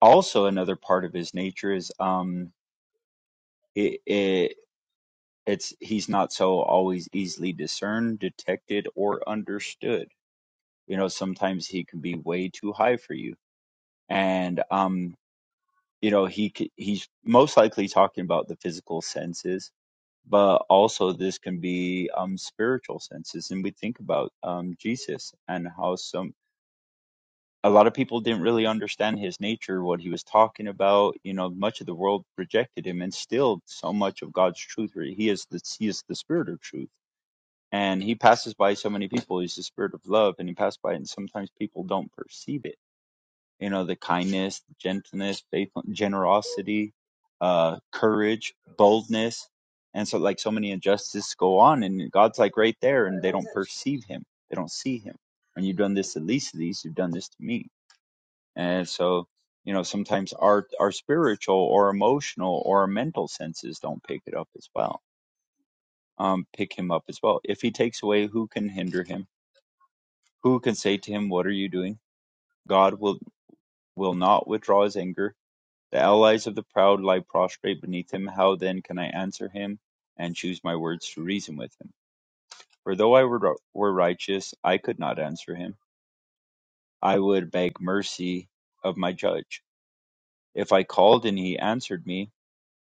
[SPEAKER 5] also another part of his nature is um it, it it's he's not so always easily discerned detected or understood you know sometimes he can be way too high for you and um you know he c- he's most likely talking about the physical senses but also this can be um spiritual senses and we think about um Jesus and how some a lot of people didn't really understand his nature what he was talking about you know much of the world rejected him and still so much of God's truth right? he is the he is the spirit of truth and he passes by so many people he's the spirit of love and he passed by and sometimes people don't perceive it you know, the kindness, gentleness, faithful, generosity, uh, courage, boldness. And so like so many injustices go on and God's like right there and they don't perceive him. They don't see him. And you've done this to least of these, you've done this to me. And so, you know, sometimes our our spiritual or emotional or our mental senses don't pick it up as well. Um, pick him up as well. If he takes away, who can hinder him? Who can say to him, What are you doing? God will will not withdraw his anger The allies of the proud lie prostrate beneath him. How then can I answer him and choose my words to reason with him? For though I were, were righteous, I could not answer him. I would beg mercy of my judge. If I called and he answered me,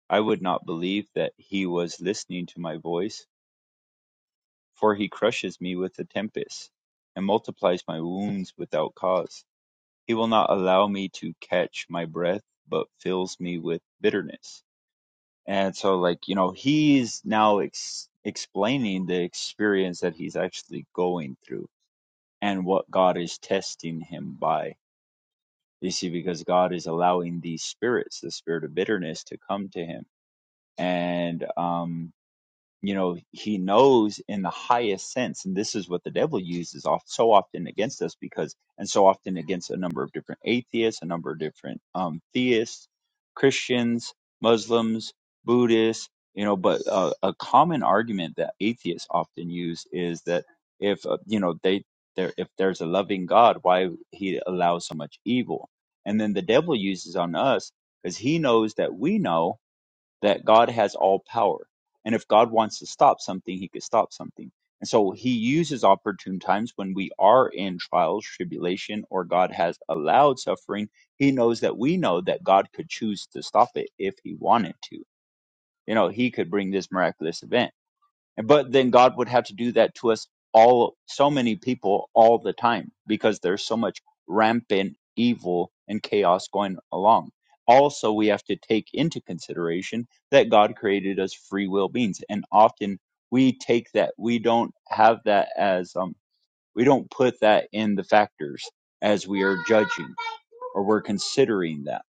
[SPEAKER 5] I would not believe that he was listening to my voice, for he crushes me with a tempest and multiplies my wounds without cause. He will not allow me to catch my breath, but fills me with bitterness. And so, like, you know, he's now ex- explaining the experience that he's actually going through and what God is testing him by. You see, because God is allowing these spirits, the spirit of bitterness, to come to him. And, um, you know he knows in the highest sense and this is what the devil uses off so often against us because and so often against a number of different atheists a number of different um theists christians muslims buddhists you know but uh, a common argument that atheists often use is that if uh, you know they there if there's a loving god why he allows so much evil and then the devil uses on us because he knows that we know that God has all power. And if God wants to stop something, he could stop something. And so he uses opportune times when we are in trials, tribulation, or God has allowed suffering. He knows that we know that God could choose to stop it if he wanted to. You know, he could bring this miraculous event but then God would have to do that to us all, so many people all the time, because there's so much rampant evil and chaos going along. Also, we have to take into consideration that God created us free will beings, and often we take that we don't have that as um we don't put that in the factors as we are judging or we're considering that,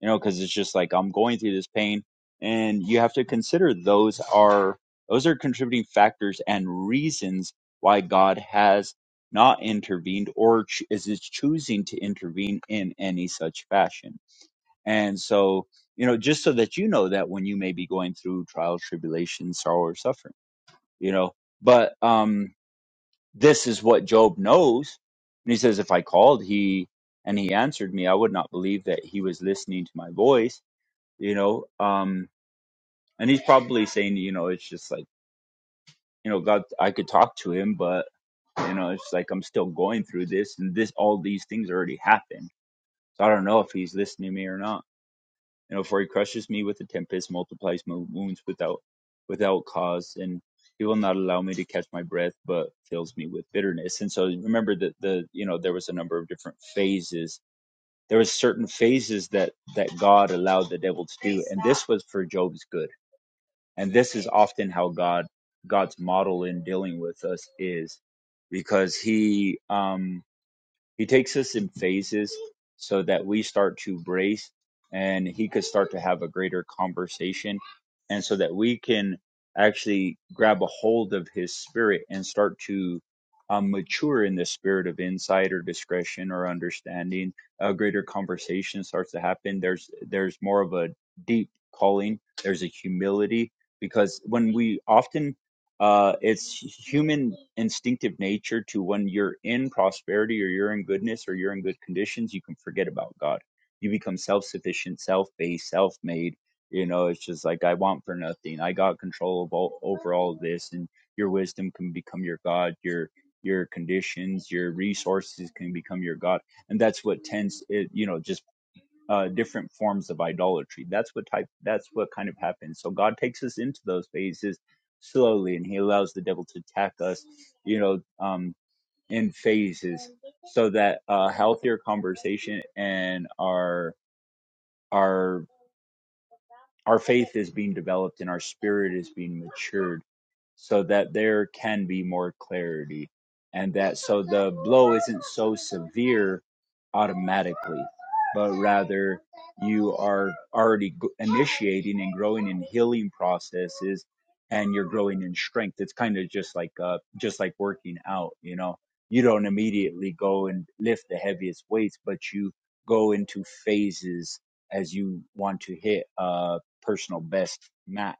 [SPEAKER 5] you know, because it's just like I'm going through this pain, and you have to consider those are those are contributing factors and reasons why God has not intervened or ch- is is choosing to intervene in any such fashion. And so, you know, just so that you know that when you may be going through trials, tribulations, sorrow, or suffering, you know, but um this is what Job knows. And he says, If I called he and he answered me, I would not believe that he was listening to my voice, you know. Um, and he's probably saying, you know, it's just like, you know, God, I could talk to him, but, you know, it's like I'm still going through this and this, all these things already happened. So I don't know if he's listening to me or not. you know, for he crushes me with a tempest, multiplies my wounds without without cause, and he will not allow me to catch my breath, but fills me with bitterness. And so remember that the you know there was a number of different phases. There was certain phases that that God allowed the devil to do, and this was for Job's good. And this is often how God God's model in dealing with us is, because he um he takes us in phases so that we start to brace and he could start to have a greater conversation and so that we can actually grab a hold of his spirit and start to um, mature in the spirit of insight or discretion or understanding a greater conversation starts to happen there's there's more of a deep calling there's a humility because when we often uh, it's human instinctive nature to when you're in prosperity or you're in goodness or you're in good conditions, you can forget about God. You become self sufficient, self based, self made. You know, it's just like, I want for nothing. I got control of all, over all of this. And your wisdom can become your God. Your, your conditions, your resources can become your God. And that's what tends, it, you know, just uh, different forms of idolatry. That's what type. That's what kind of happens. So God takes us into those phases slowly, and He allows the devil to attack us, you know, um, in phases, so that a healthier conversation and our our our faith is being developed and our spirit is being matured so that there can be more clarity and that so the blow isn't so severe automatically but rather you are already g- initiating and growing in healing processes and you're growing in strength it's kind of just like uh just like working out you know you don't immediately go and lift the heaviest weights but you go into phases as you want to hit uh personal best max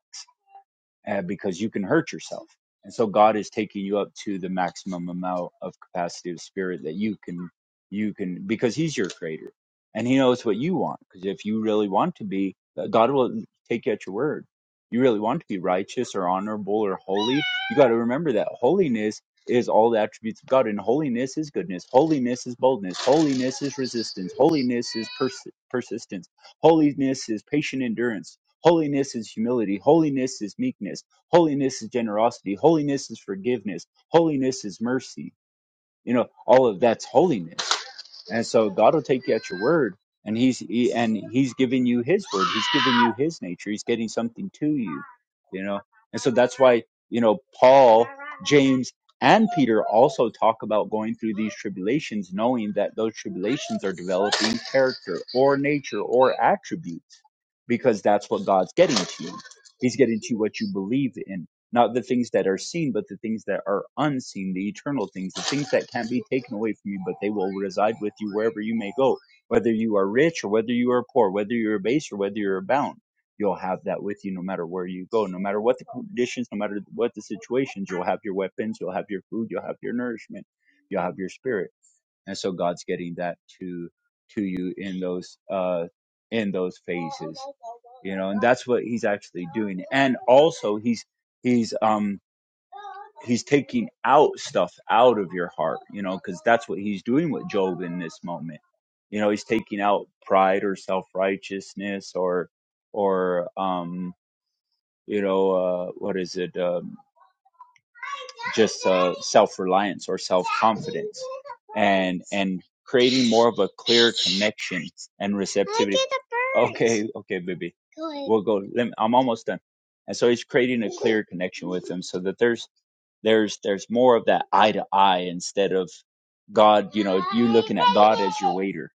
[SPEAKER 5] uh, because you can hurt yourself. And so God is taking you up to the maximum amount of capacity of spirit that you can, you can, because He's your creator and He knows what you want. Because if you really want to be, uh, God will take you at your word. You really want to be righteous or honorable or holy. You got to remember that holiness is all the attributes of God, and holiness is goodness. Holiness is boldness. Holiness is resistance. Holiness is pers- persistence. Holiness is patient endurance Holiness is humility. Holiness is meekness. Holiness is generosity. Holiness is forgiveness. Holiness is mercy. You know, all of that's holiness and so God will take you at your word, and He's he, and He's giving you His word. He's giving you His nature. He's getting something to you, you know. And so that's why you know Paul, James, and Peter also talk about going through these tribulations, knowing that those tribulations are developing character or nature or attributes, because that's what God's getting to you. He's getting to what you believe in not the things that are seen, but the things that are unseen, the eternal things, the things that can't be taken away from you, but they will reside with you wherever you may go, whether you are rich or whether you are poor, whether you're base or whether you're abound. You'll have that with you no matter where you go, no matter what the conditions, no matter what the situations. You'll have your weapons, you'll have your food, you'll have your nourishment, you'll have your spirit and so God's getting that to to you in those uh in those phases you know and that's what he's actually doing and also he's he's um he's taking out stuff out of your heart you know because that's what he's doing with job in this moment you know he's taking out pride or self-righteousness or or um you know uh what is it uh, just uh, self-reliance or self-confidence and and creating more of a clear connection and receptivity okay okay baby we'll go let me, i'm almost done and so he's creating a clear connection with them so that there's there's there's more of that eye to eye instead of God, you know, you looking at God as your waiter.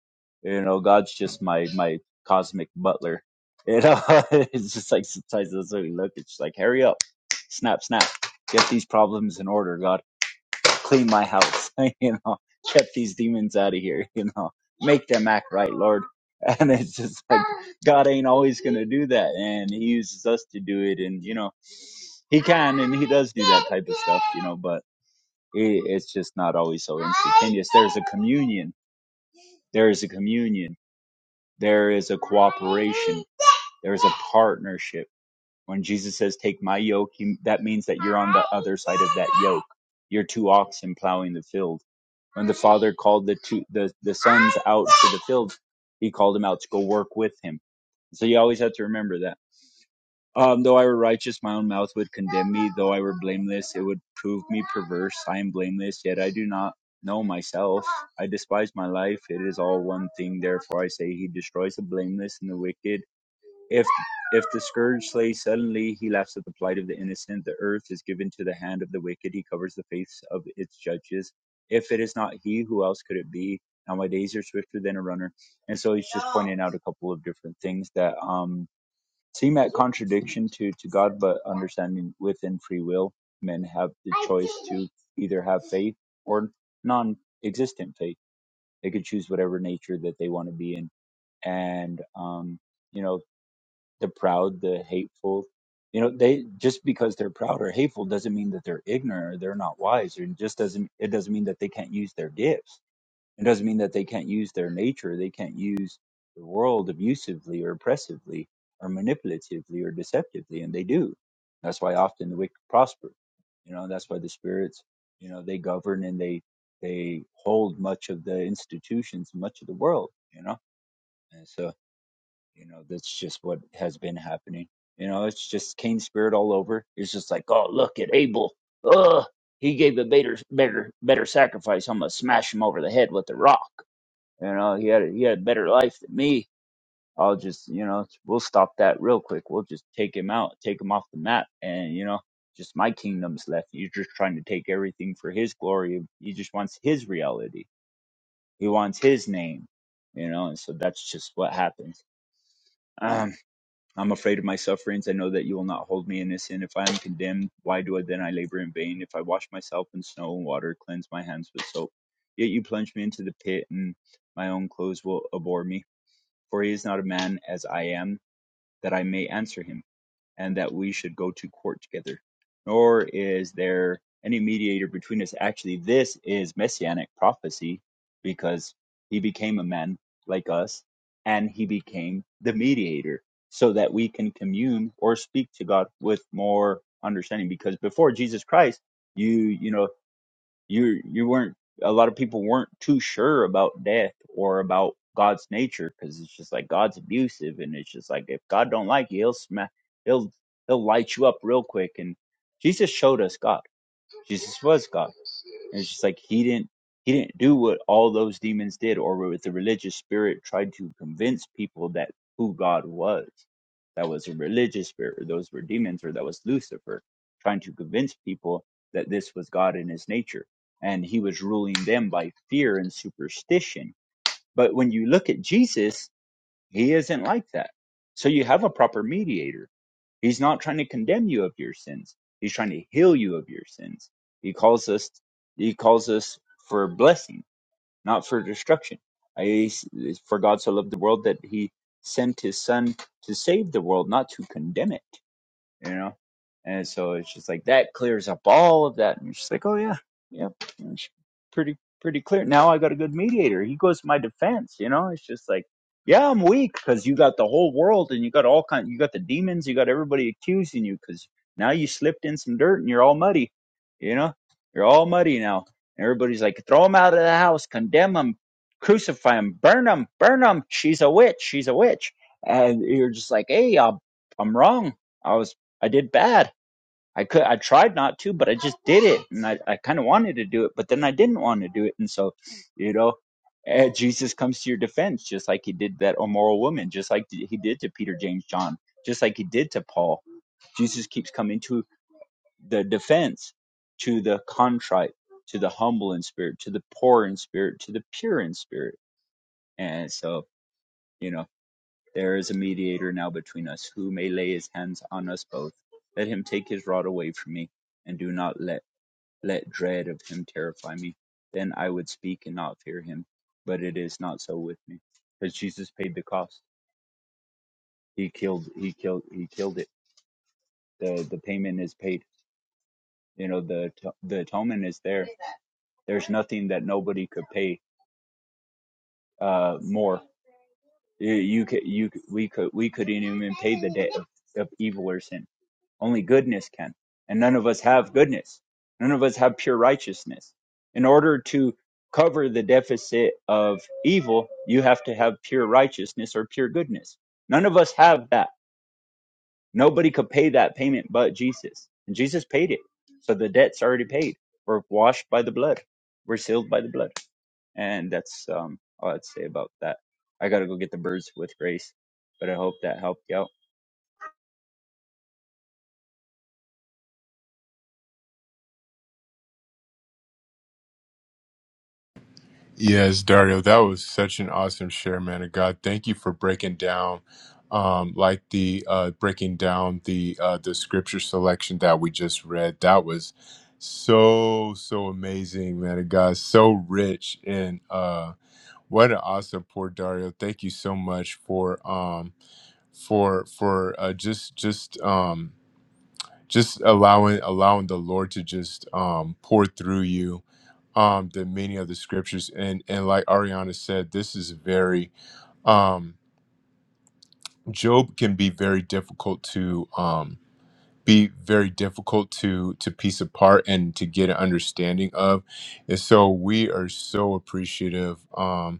[SPEAKER 5] You know, God's just my my cosmic butler. You know, it's just like sometimes that's what we look. It's just like hurry up, snap, snap, get these problems in order. God, clean my house. you know, get these demons out of here. You know, make them act right, Lord. And it's just like God ain't always gonna do that, and He uses us to do it. And you know, He can and He does do that type of stuff. You know, but it, it's just not always so instantaneous. There's a communion. There is a communion. There is a cooperation. There is a partnership. When Jesus says, Take my yoke, you, that means that you're on the other side of that yoke. You're two oxen plowing the field. When the father called the two the, the sons out to the field, he called them out to go work with him. So you always have to remember that Um, though I were righteous, my own mouth would condemn me. Though I were blameless, it would prove me perverse. I am blameless, yet I do not know myself. I despise my life. It is all one thing. Therefore, I say, He destroys the blameless and the wicked. If if the scourge slays suddenly, He laughs at the plight of the innocent. The earth is given to the hand of the wicked. He covers the face of its judges. If it is not He, who else could it be? Now my days are swifter than a runner. And so he's just pointing out a couple of different things that um seem at contradiction to, to God, but understanding within free will, men have the choice to either have faith or non existent faith. They could choose whatever nature that they want to be in. And, um, you know, the proud, the hateful, you know, they just because they're proud or hateful doesn't mean that they're ignorant or they're not wise, or just doesn't, it doesn't mean that they can't use their gifts it doesn't mean that they can't use their nature, they can't use the world abusively or oppressively or manipulatively or deceptively, and they do. That's why often the wicked prosper. You know, that's why the spirits, you know, they govern and they they hold much of the institutions, much of the world, you know. And so, you know, that's just what has been happening. You know, it's just Cain spirit all over. It's just like, oh look at Abel. Ugh, he gave a better better better sacrifice. I'm gonna smash him over the head with the rock you know, he had a, he had a better life than me. I'll just, you know, we'll stop that real quick. We'll just take him out, take him off the map, and you know, just my kingdom's left. You're just trying to take everything for his glory. He just wants his reality. He wants his name. You know, and so that's just what happens. Um, I'm afraid of my sufferings. I know that you will not hold me innocent. If I am condemned, why do I then I labor in vain? If I wash myself in snow and water, cleanse my hands with soap, yet you plunge me into the pit, and my own clothes will abhor me for he is not a man as I am, that I may answer him, and that we should go to court together. Nor is there any mediator between us. Actually, this is messianic prophecy, because he became a man like us, and he became the mediator, so that we can commune or speak to God with more understanding. Because before Jesus Christ, you you know you you weren't a lot of people weren't too sure about death or about God's nature because it's just like God's abusive and it's just like if God don't like you, he'll smack he'll he'll light you up real quick and Jesus showed us God. Jesus was God. And it's just like he didn't he didn't do what all those demons did or what the religious spirit tried to convince people that who God was. That was a religious spirit, or those were demons, or that was Lucifer trying to convince people that this was God in his nature. And he was ruling them by fear and superstition. But when you look at Jesus, he isn't like that. So you have a proper mediator He's not trying to condemn you of your sins. He's trying to heal you of your sins. He calls us he calls us for blessing, not for destruction. I, for God so loved the world that he sent his son to save the world, not to condemn it you know? And so it's just like that clears up all of that. And she's like, oh, yeah, yep. And it's pretty, pretty clear. Now I got a good mediator. He goes to my defense, you know? It's just like, yeah, I'm weak because you got the whole world and you got all kind, you got the demons, you got everybody accusing you because now you slipped in some dirt and you're all muddy, you know? You're all muddy now. And everybody's like, throw him out of the house, condemn him, crucify him, burn him, burn him. She's a witch. She's a witch. And you're just like, hey, I'm I'm wrong. I was. I did bad. I could I tried not to, but I just did it, and I, I kind of wanted to do it, but then I didn't want to do it, and so, you know, eh, Jesus comes to your defense, just like he did that immoral woman, just like he did to Peter, James, John, just like he did to Paul. Jesus keeps coming to the defense, to the contrite, to the humble in spirit, to the poor in spirit, to the pure in spirit, and so. you know. There is a mediator now between us, who may lay his hands on us both. Let him take his rod away from me, and do not let let dread of him terrify me. Then I would speak and not fear him. But it is not so with me, because Jesus paid the cost. He killed. He killed. He killed it. the The payment is paid. You know the at- the atonement is there. There's nothing that nobody could pay uh, more. You, you could. You c- we could. We couldn't even pay the debt of, of evil or sin Only goodness can. And none of us have goodness. None of us have pure righteousness. In order to cover the deficit of evil, you have to have pure righteousness or pure goodness. None of us have that. Nobody could pay that payment but Jesus. And Jesus paid it. So the debt's already paid. We're washed by the blood. We're sealed by the blood. And that's um, all I'd say about that. I got to go get the birds with grace, but I hope that helped you out.
[SPEAKER 1] Yes, Dario, that was such an awesome share, man of God. Thank you for breaking down, um, like the uh, breaking down the uh, the scripture selection that we just read. That was so so amazing, man of God. So rich and uh, what an awesome pour, Dario. Thank you so much for um, for for uh, just just um, just allowing allowing the lord to just um pour through you um the meaning of the scriptures and and like ariana said this is very um job can be very difficult to um be very difficult to to piece apart and to get an understanding of and so we are so appreciative um,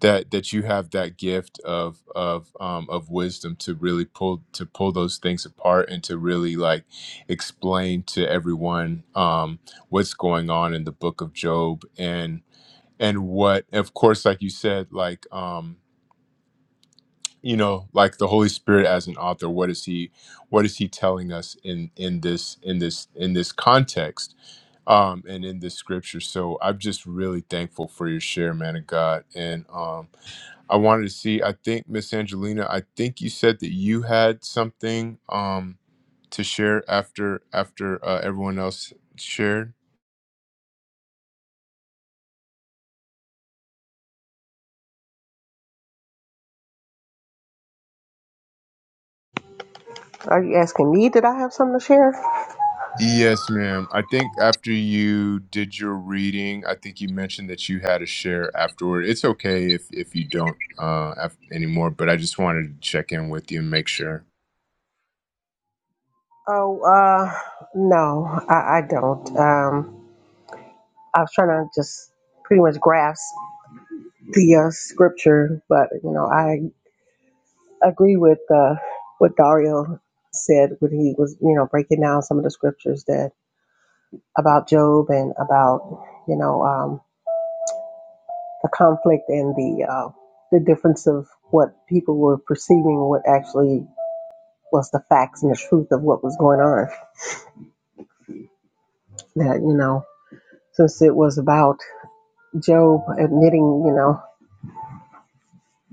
[SPEAKER 1] that that you have that gift of of um, of wisdom to really pull to pull those things apart and to really like explain to everyone um, what's going on in the book of Job and and what of course like you said like um, you know like the Holy Spirit as an author what is he what is he telling us in in this in this in this context um, and in this scripture so I'm just really thankful for your share man of God and um, I wanted to see. I think Miss Angelina. I think you said that you had something um to share after after uh, everyone else shared.
[SPEAKER 6] Are you asking me? Did I have something to share?
[SPEAKER 1] Yes, ma'am. I think after you did your reading, I think you mentioned that you had a share afterward. It's okay if if you don't uh af- anymore, but I just wanted to check in with you and make sure.
[SPEAKER 6] Oh, uh, no, I, I don't. Um, I was trying to just pretty much grasp the uh, scripture, but you know, I agree with uh, what Dario said when he was, you know, breaking down some of the scriptures that about Job and about, you know, um, the conflict and the uh, the difference of what people were perceiving, what actually was the facts and the truth of what was going on. That you know. since it was about Job admitting, you know,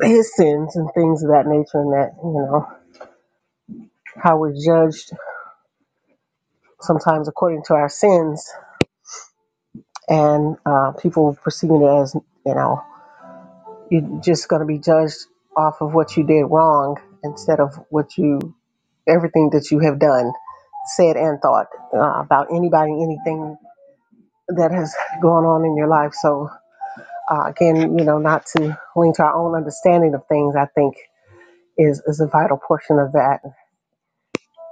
[SPEAKER 6] his sins and things of that nature, and that, you know, how we're judged sometimes according to our sins, and uh, people perceiving it as, you know, you're just going to be judged off of what you did wrong instead of what you, everything that you have done, said, and thought uh, about anybody, anything that has gone on in your life. So, uh, again, you know, not to lean to our own understanding of things, I think is, is a vital portion of that.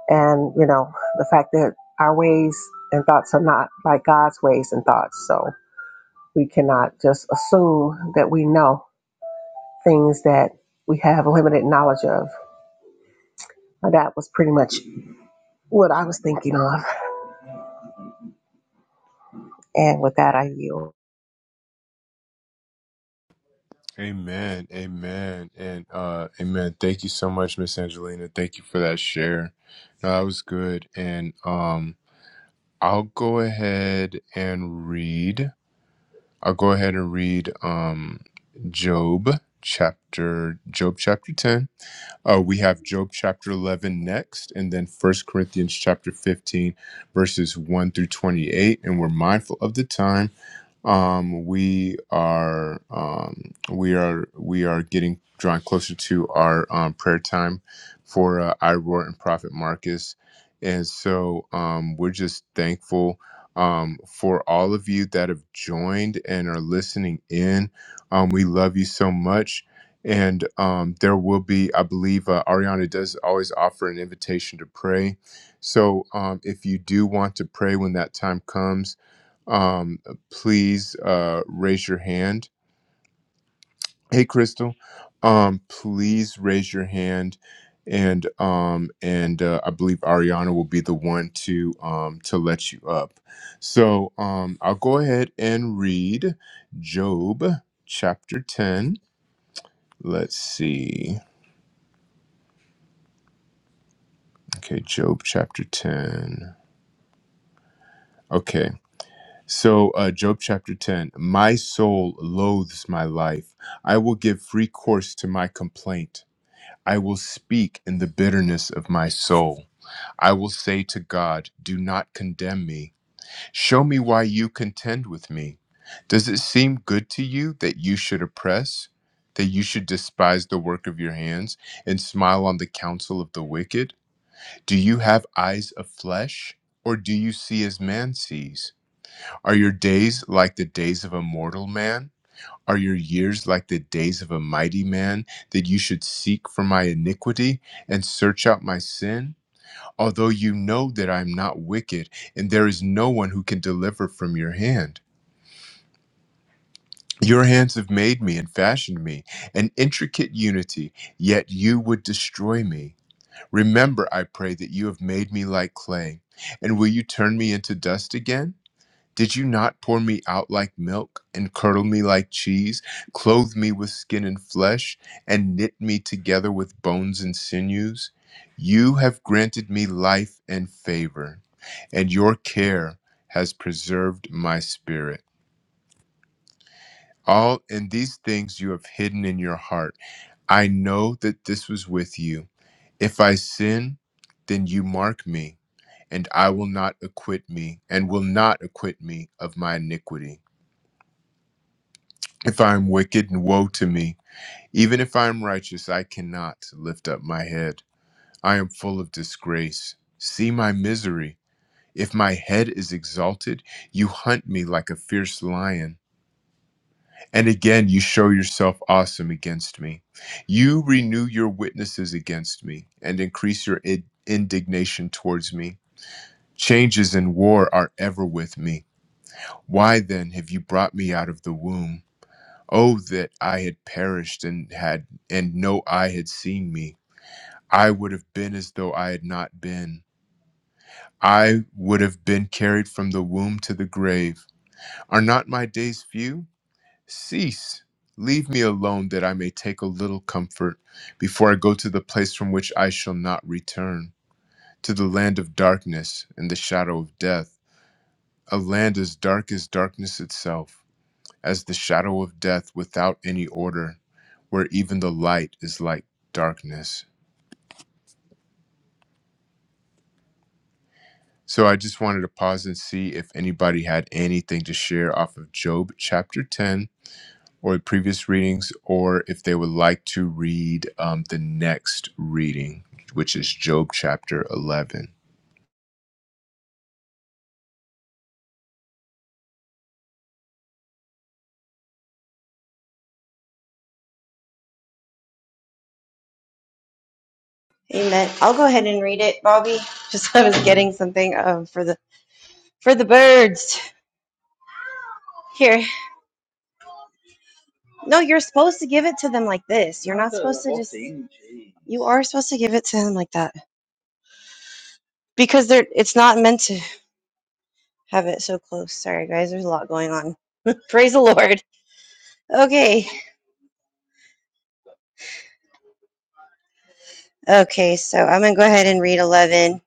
[SPEAKER 6] And, you know, the fact that our ways and thoughts are not like God's ways and thoughts. So we cannot just assume that we know things that we have limited knowledge of. And That was pretty much what I was thinking of. And with that, I yield.
[SPEAKER 1] Amen. Amen. And uh amen. Thank you so much, Miss Angelina. Thank you for that share. No, that was good. And um I'll go ahead and read. I'll go ahead and read um, Job chapter Job chapter 10. Uh, we have Job chapter 11 next and then First Corinthians chapter 15 verses 1 through 28 and we're mindful of the time um, we are um, we are we are getting drawn closer to our um, prayer time for uh, Iroar and Prophet Marcus, and so um, we're just thankful um, for all of you that have joined and are listening in. Um, we love you so much. And um, there will be, I believe, uh, Ariana does always offer an invitation to pray. So um, if you do want to pray when that time comes, um, please uh, raise your hand. Hey, Crystal, um, please raise your hand, and um, and uh, I believe Ariana will be the one to um, to let you up. So um, I'll go ahead and read Job chapter ten. Let's see. Okay, Job chapter ten. Okay. So, uh, Job chapter 10 My soul loathes my life. I will give free course to my complaint. I will speak in the bitterness of my soul. I will say to God, Do not condemn me. Show me why you contend with me. Does it seem good to you that you should oppress, that you should despise the work of your hands, and smile on the counsel of the wicked? Do you have eyes of flesh, or do you see as man sees? Are your days like the days of a mortal man? Are your years like the days of a mighty man, that you should seek for my iniquity and search out my sin? Although you know that I am not wicked, and there is no one who can deliver from your hand. Your hands have made me and fashioned me, an intricate unity, yet you would destroy me. Remember, I pray, that you have made me like clay, and will you turn me into dust again? Did you not pour me out like milk, and curdle me like cheese, clothe me with skin and flesh, and knit me together with bones and sinews? You have granted me life and favor, and your care has preserved my spirit. All in these things you have hidden in your heart. I know that this was with you. If I sin, then you mark me, and I will not acquit me, and will not acquit me of my iniquity. If I am wicked, and woe to me. Even if I am righteous, I cannot lift up my head. I am full of disgrace. See my misery. If my head is exalted, you hunt me like a fierce lion. And again, you show yourself awesome against me. You renew your witnesses against me and increase your in- indignation towards me. Changes in war are ever with me. Why then have you brought me out of the womb? Oh, that I had perished and had, and no eye had seen me. I would have been as though I had not been. I would have been carried from the womb to the grave. Are not my days few? Cease. Leave me alone that I may take a little comfort before I go to the place from which I shall not return, to the land of darkness and the shadow of death, a land as dark as darkness itself. as the shadow of death without any order, where even the light is like darkness. So I just wanted to pause and see if anybody had anything to share off of Job chapter 10 or previous readings, or if they would like to read um, the next reading, which is Job chapter 11.
[SPEAKER 3] Amen. I'll go ahead and read it, Bobby. Just I was getting something um for the for the birds. Here. No, you're supposed to give it to them like this. You're not supposed to just You are supposed to give it to them like that. Because they're it's not meant to have it so close. Sorry guys, there's a lot going on. Praise the Lord. Okay. Okay, so I'm going to go ahead and read 11.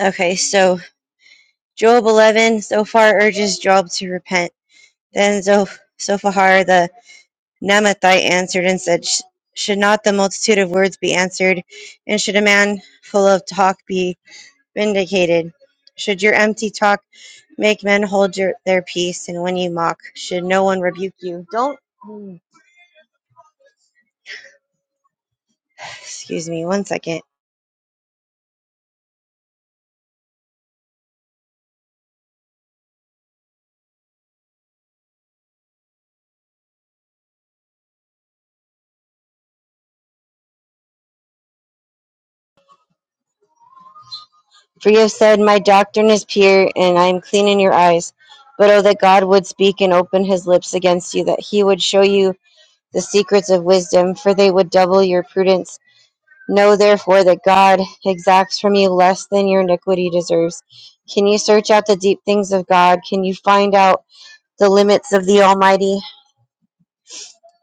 [SPEAKER 3] Okay, so Job 11, Zophar urges Job to repent. Then Zoph- Zophar the Namathite answered and said, Should not the multitude of words be answered, and should a man full of talk be vindicated? Should your empty talk make men hold your, their peace, and when you mock, should no one rebuke you? Don't, hmm, excuse me, one second. For you have said, My doctrine is pure, and I am clean in your eyes. But oh, that God would speak and open his lips against you, that he would show you the secrets of wisdom, for they would double your prudence. Know therefore that God exacts from you less than your iniquity deserves. Can you search out the deep things of God? Can you find out the limits of the Almighty?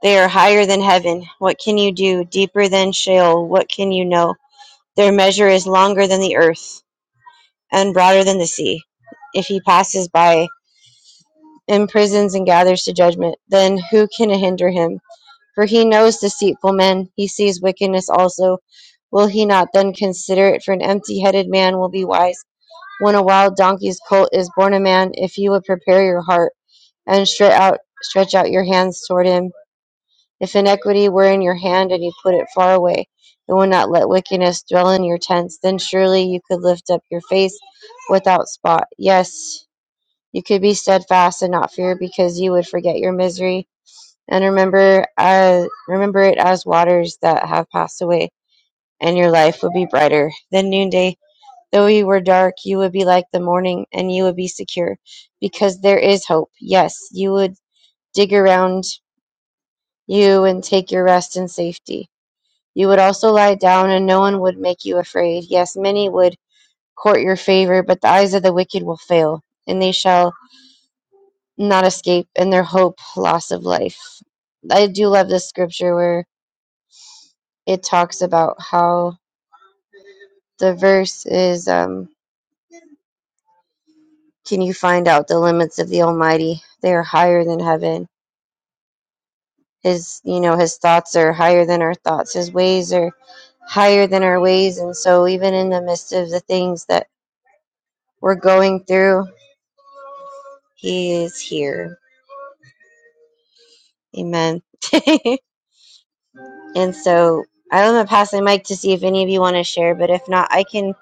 [SPEAKER 3] They are higher than heaven. What can you do? Deeper than Sheol. What can you know? Their measure is longer than the earth. and broader than the sea. If he passes by, imprisons and gathers to judgment, then who can hinder him? For he knows deceitful men, he sees wickedness also. Will he not then consider it? For an empty headed man will be wise. When a wild donkey's colt is born a man, if you would prepare your heart and stretch out, stretch out your hands toward him, if iniquity were in your hand and you put it far away, and would not let wickedness dwell in your tents, then surely you could lift up your face without spot. Yes, You could be steadfast and not fear because you would forget your misery and remember as, remember it as waters that have passed away and your life would be brighter than noonday. Though you were dark, you would be like the morning and you would be secure because there is hope. Yes, you would dig around you and take your rest in safety. You would also lie down and no one would make you afraid. Yes, many would court your favor, but the eyes of the wicked will fail and they shall not escape, and their hope, loss of life. I do love this scripture where it talks about how the verse is um, Can you find out the limits of the Almighty? They are higher than heaven. His, you know, his thoughts are higher than our thoughts. His ways are higher than our ways. And so, even in the midst of the things that we're going through, He is here. Amen. and so, I'm gonna pass the mic to see if any of you want to share. But if not, I can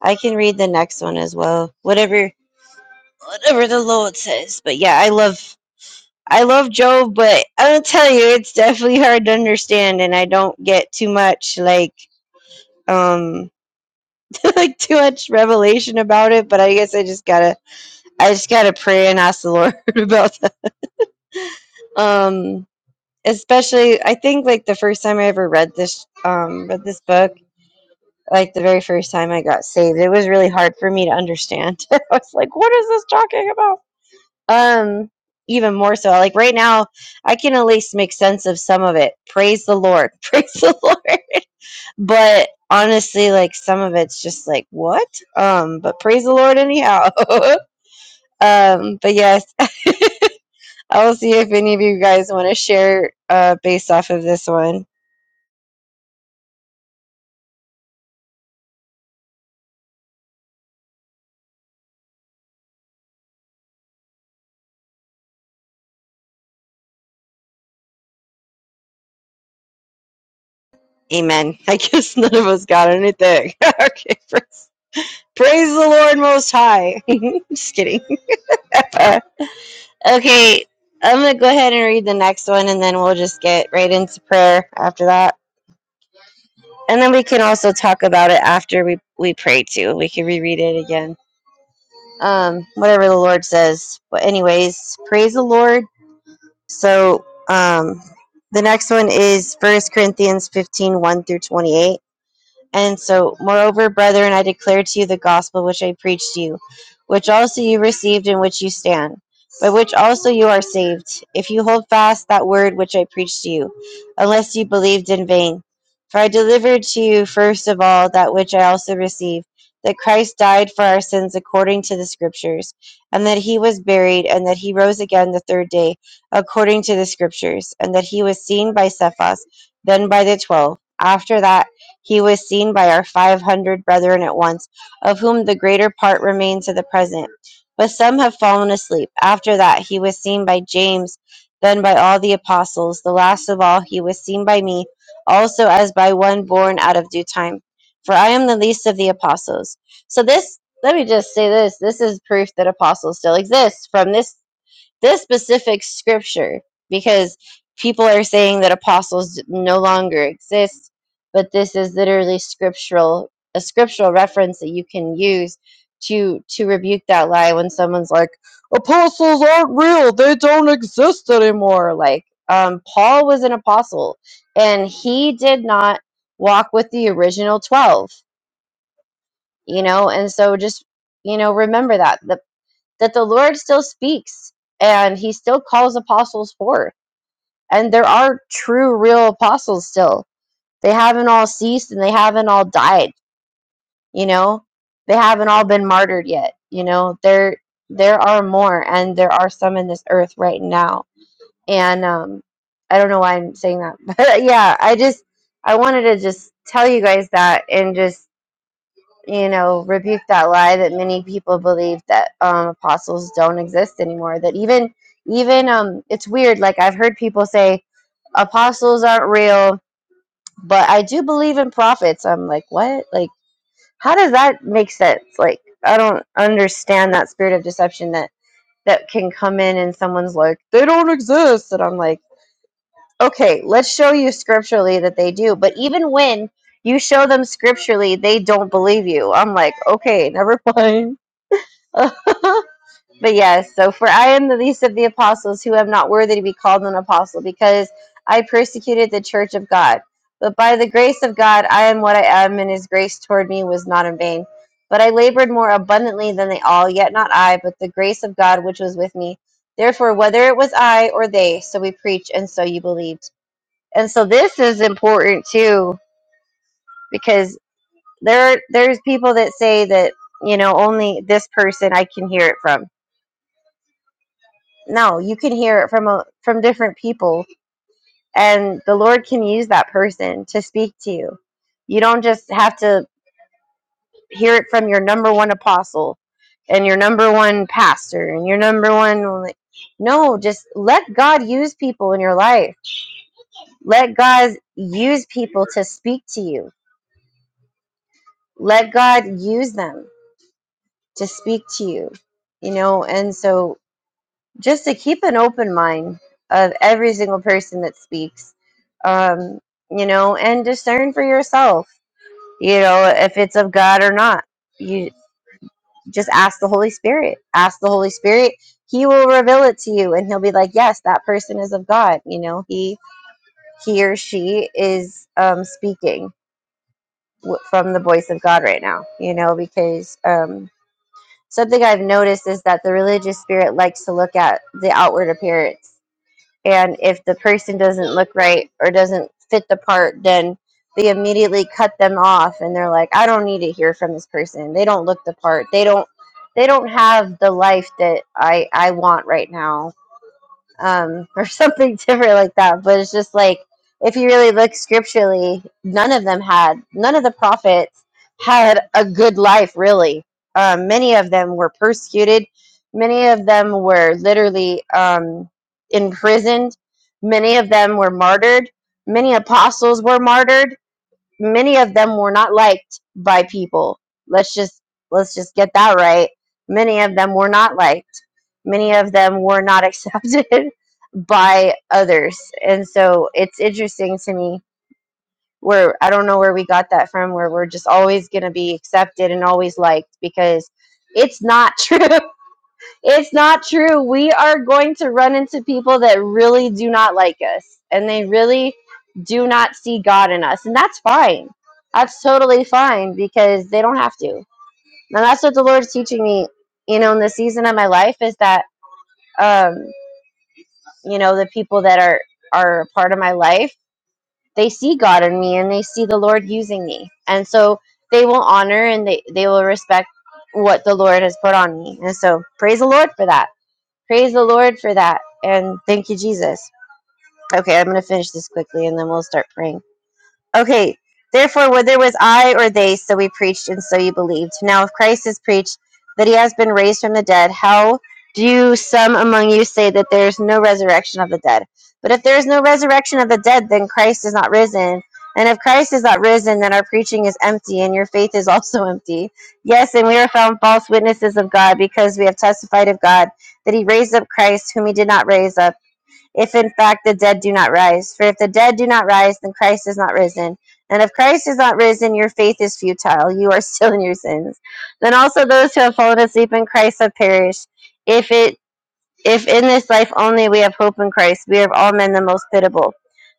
[SPEAKER 3] I can read the next one as well. Whatever whatever the Lord says. But yeah, I love I love Job, but I'll tell you it's definitely hard to understand and I don't get too much like um like too much revelation about it, but I guess I just gotta I just gotta pray and ask the Lord about that. Um especially I think like the first time I ever read this um read this book like the very first time I got saved, it was really hard for me to understand. I was like, what is this talking about? um even more so like right now i can at least make sense of some of it praise the lord praise the lord but honestly like some of it's just like what um but praise the lord anyhow um but yes i'll see if any of you guys want to share uh based off of this one amen i guess none of us got anything okay praise, praise the lord most high just kidding Okay, I'm going to go ahead and read the next one and then we'll just get right into prayer after that. And then we can also talk about it after we, we pray too. We can reread it again. Um, whatever the Lord says. But, anyways, praise the Lord. So, um, the next one is First Corinthians fifteen one through 28. And so, moreover, brethren, I declare to you the gospel which I preached to you, which also you received, in which you stand, by which also you are saved, if you hold fast that word which I preached to you, unless you believed in vain. For I delivered to you first of all that which I also received, that Christ died for our sins according to the Scriptures, and that he was buried, and that he rose again the third day according to the Scriptures, and that he was seen by Cephas, then by the twelve. After that, he was seen by our five hundred brethren at once, of whom the greater part remain to the present. But some have fallen asleep. After that, he was seen by James, then by all the apostles. The last of all, he was seen by me, also as by one born out of due time. For I am the least of the apostles. So this, let me just say this this is proof that apostles still exist from this this specific scripture because people are saying that apostles no longer exist but this is literally scriptural a scriptural reference that you can use to to rebuke that lie when someone's like apostles aren't real they don't exist anymore like um, paul was an apostle and he did not walk with the original 12 you know and so just you know remember that that the Lord still speaks and he still calls apostles forth. And there are true, real apostles still. They haven't all ceased and they haven't all died, you know? They haven't all been martyred yet, you know? There there are more and there are some in this earth right now. And um I don't know why I'm saying that. But yeah, I just I wanted to just tell you guys that and just you know, rebuke that lie that many people believe that um, apostles don't exist anymore. That even, even, um, it's weird. Like I've heard people say apostles aren't real, but I do believe in prophets. I'm like, what? Like, how does that make sense? Like, I don't understand that spirit of deception that that can come in and someone's like, they don't exist, and I'm like, okay, let's show you scripturally that they do. But even when you show them scripturally, they don't believe you. I'm like, okay, never mind but yes, so for I am the least of the apostles who am not worthy to be called an apostle because I persecuted the church of God. But by the grace of God, I am what I am, and his grace toward me was not in vain. But I labored more abundantly than they all, yet not I, but the grace of God which was with me. Therefore, whether it was I or they, so we preach, and so you believed. And so this is important too, because there there's people that say that you know only this person I can hear it from No, you can hear it from a, from different people, and the Lord can use that person to speak to you. You don't just have to hear it from your number one apostle and your number one pastor and your number one. like- No, just let God use people in your life. Let God use people to speak to you. Let God use them to speak to you. You know, and so just to keep an open mind of every single person that speaks, um, you know, and discern for yourself, you know, if it's of God or not. You just ask the Holy Spirit. Ask the Holy Spirit. He will reveal it to you, and he'll be like, "Yes, that person is of God." You know, he he or she is um, speaking w- from the voice of God right now. You know, because um, something I've noticed is that the religious spirit likes to look at the outward appearance And if the person doesn't look right or doesn't fit the part, then they immediately cut them off and they're like, I don't need to hear from this person. They don't look the part. They don't they don't have the life that I I want right now um, or something different like that. But it's just like if you really look scripturally, none of them had none of the prophets had a good life. Really, um, many of them were persecuted. Many of them were literally um, imprisoned. Many of them were martyred. Many apostles were martyred many of them were not liked by people. Let's just let's just get that right. Many of them were not liked. Many of them were not accepted by others. And so it's interesting to me where I don't know where we got that from where we're just always going to be accepted and always liked because it's not true. It's not true. We are going to run into people that really do not like us and they really do not see God in us. And that's fine. That's totally fine because they don't have to. And that's what the Lord's teaching me, you know, in the season of my life is that um, you know, the people that are are a part of my life, they see God in me and they see the Lord using me. And so they will honor and they, they will respect what the Lord has put on me. And so praise the Lord for that Praise the Lord for that. And thank you, Jesus. Okay, I'm going to finish this quickly and then we'll start praying. Okay, therefore, whether it was I or they, so we preached, and so you believed. Now, if Christ is preached that he has been raised from the dead, how do some among you say that there is no resurrection of the dead? But if there is no resurrection of the dead, then Christ is not risen. And if Christ is not risen, then our preaching is empty, and your faith is also empty. Yes, and we are found false witnesses of God, because we have testified of God that he raised up Christ, whom he did not raise up if in fact the dead do not rise. For if the dead do not rise, then Christ is not risen. And if Christ is not risen, your faith is futile. You are still in your sins. Then also those who have fallen asleep in Christ have perished. If it if in this life only we have hope in Christ, we are of all men the most pitiable.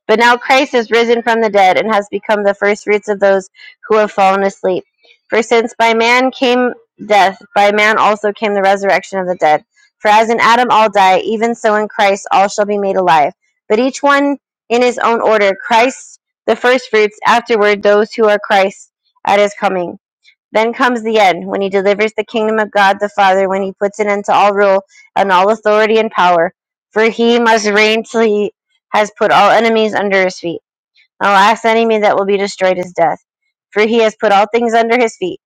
[SPEAKER 3] But now Christ is risen from the dead and has become the first fruits of those who have fallen asleep. For since by man came death, by man also came the resurrection of the dead. For as in Adam all die, even so in Christ all shall be made alive. But each one in his own order Christ the first fruits, afterward those who are Christ at his coming. Then comes the end, when he delivers the kingdom of God the Father, when he puts an end to all rule and all authority and power. For he must reign till he has put all enemies under his feet. The last enemy that will be destroyed is death. For he has put all things under his feet.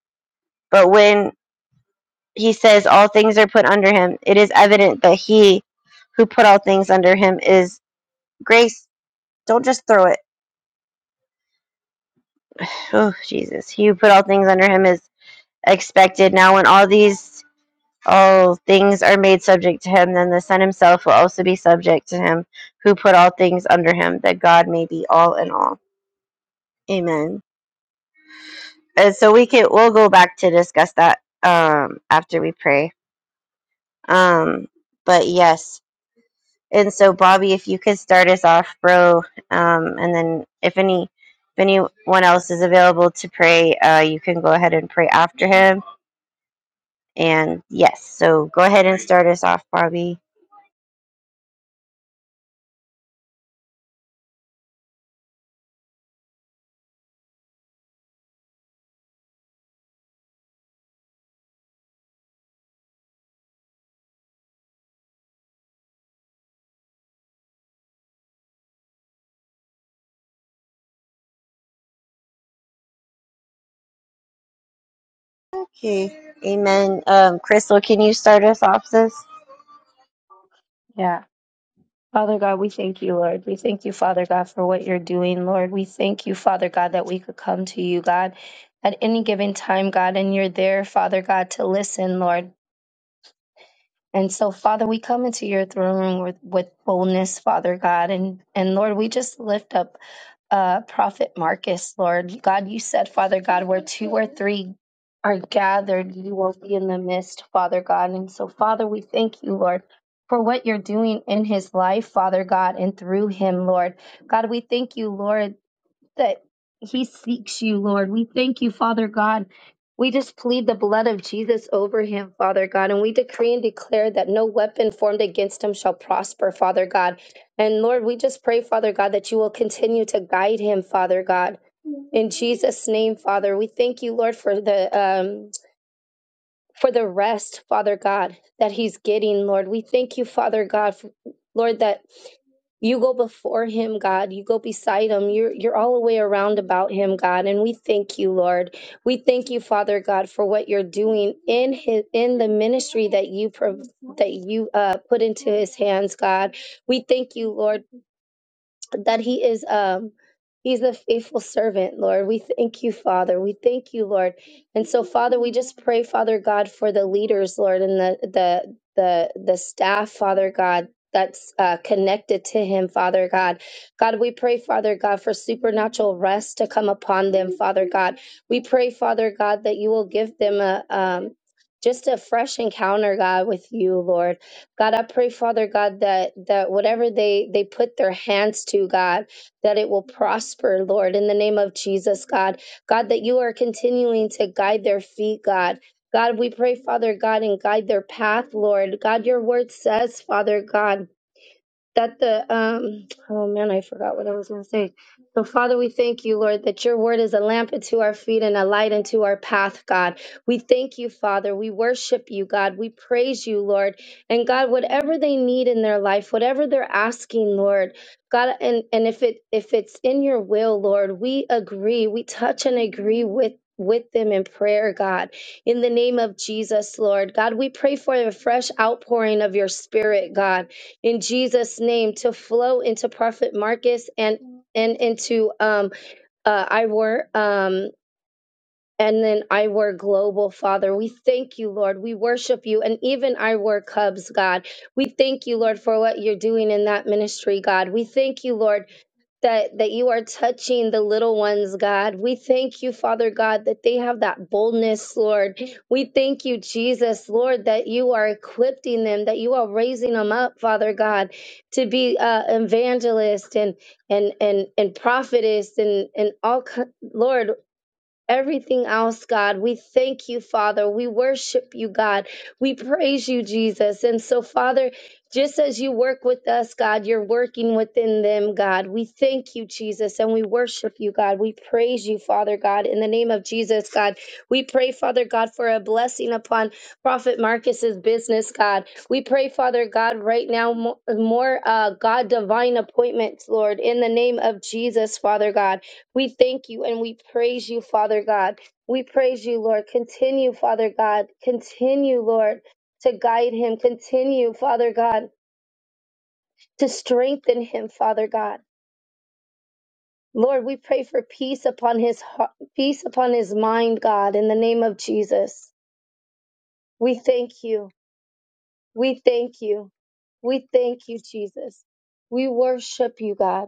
[SPEAKER 3] But when he says all things are put under him, it is evident that he who put all things under him is grace. Don't just throw it. Oh, Jesus. He who put all things under him is expected. Now, when all these all things are made subject to him, then the Son himself will also be subject to him who put all things under him, that God may be all in all. Amen. And so we can we'll go back to discuss that um after we pray. Um but yes. And so Bobby, if you could start us off, bro, um, and then if any if anyone else is available to pray, uh, you can go ahead and pray after him. And yes, so go ahead and start us off, Bobby. Okay. Amen. Um, Crystal, can you start us off this?
[SPEAKER 7] Yeah. Father God, we thank you, Lord. We thank you, Father God, for what you're doing, Lord. We thank you, Father God, that we could come to you, God, at any given time, God, and you're there, Father God, to listen, Lord. And so, Father, we come into your throne room with, with boldness, Father God. And, and Lord, we just lift up uh, Prophet Marcus, Lord. God, you said, Father God, where two or three are gathered, you will be in the midst, Father God. And so, Father, we thank you, Lord. For what you're doing in his life, Father God, and through him, Lord. God, we thank you, Lord, that he seeks you, Lord. We thank you, Father God. We just plead the blood of Jesus over him, Father God, and we decree and declare that no weapon formed against him shall prosper, Father God. And Lord, we just pray, Father God, that you will continue to guide him, Father God. In Jesus' name, Father, we thank you, Lord, for the um, for the rest, Father God, that he's getting, Lord. We thank you, Father God, for, Lord, that you go before him, God. You go beside him. You're you're all the way around about him, God. And we thank you, Lord. We thank you, Father God, for what you're doing in his in the ministry that you prov- that you uh, put into his hands, God. We thank you, Lord that he is um he's a faithful servant lord we thank you father we thank you lord and so father we just pray father god for the leaders lord and the the the the staff father god that's uh, connected to him, Father God. God, we pray, Father God, for supernatural rest to come upon them, Father God. We pray, Father God, that you will give them a um, just a fresh encounter, God, with you, Lord. God, I pray, Father God, that that whatever they they put their hands to, God, that it will prosper, Lord, in the name of Jesus, God. God, that you are continuing to guide their feet, God. God, we pray, Father God, and guide their path, Lord. God, your word says, Father God that the um oh man i forgot what i was going to say so father we thank you lord that your word is a lamp unto our feet and a light unto our path god we thank you father we worship you god we praise you lord and god whatever they need in their life whatever they're asking lord god and and if it if it's in your will lord we agree we touch and agree with with them in prayer, God. In the name of Jesus, Lord. God, we pray for a fresh outpouring of your spirit, God in Jesus' name to flow into Prophet Marcus and and into um uh I were um and then I were global father. We thank you, Lord. We worship you. And even I were cubs, God. We thank you, Lord, for what you're doing in that ministry, God. We thank you, Lord, that that you are touching the little ones god we thank you father god that they have that boldness lord we thank you jesus lord that you are equipping them that you are raising them up father god to be uh, evangelist and and and and prophetess and and all ki- lord everything else, God. We thank you, Father. We worship you, God. We praise you, Jesus. And so, Father, just as you work with us, God, you're working within them, God. We thank you, Jesus, and we worship you, God. We praise you, Father God. In the name of Jesus, God, we pray, Father God, for a blessing upon Prophet Marcus's business, God. We pray, Father God, right now, mo- more, uh, God, divine appointments, Lord, in the name of Jesus, Father God. We thank you and we praise you, Father God. We praise you, Lord. Continue, Father God. Continue, Lord, to guide him. Continue, Father God, to strengthen him, Father God. Lord, we pray for peace upon his heart, peace upon his mind, God, in the name of Jesus. We thank you. We thank you. We thank you, Jesus. We worship you, God.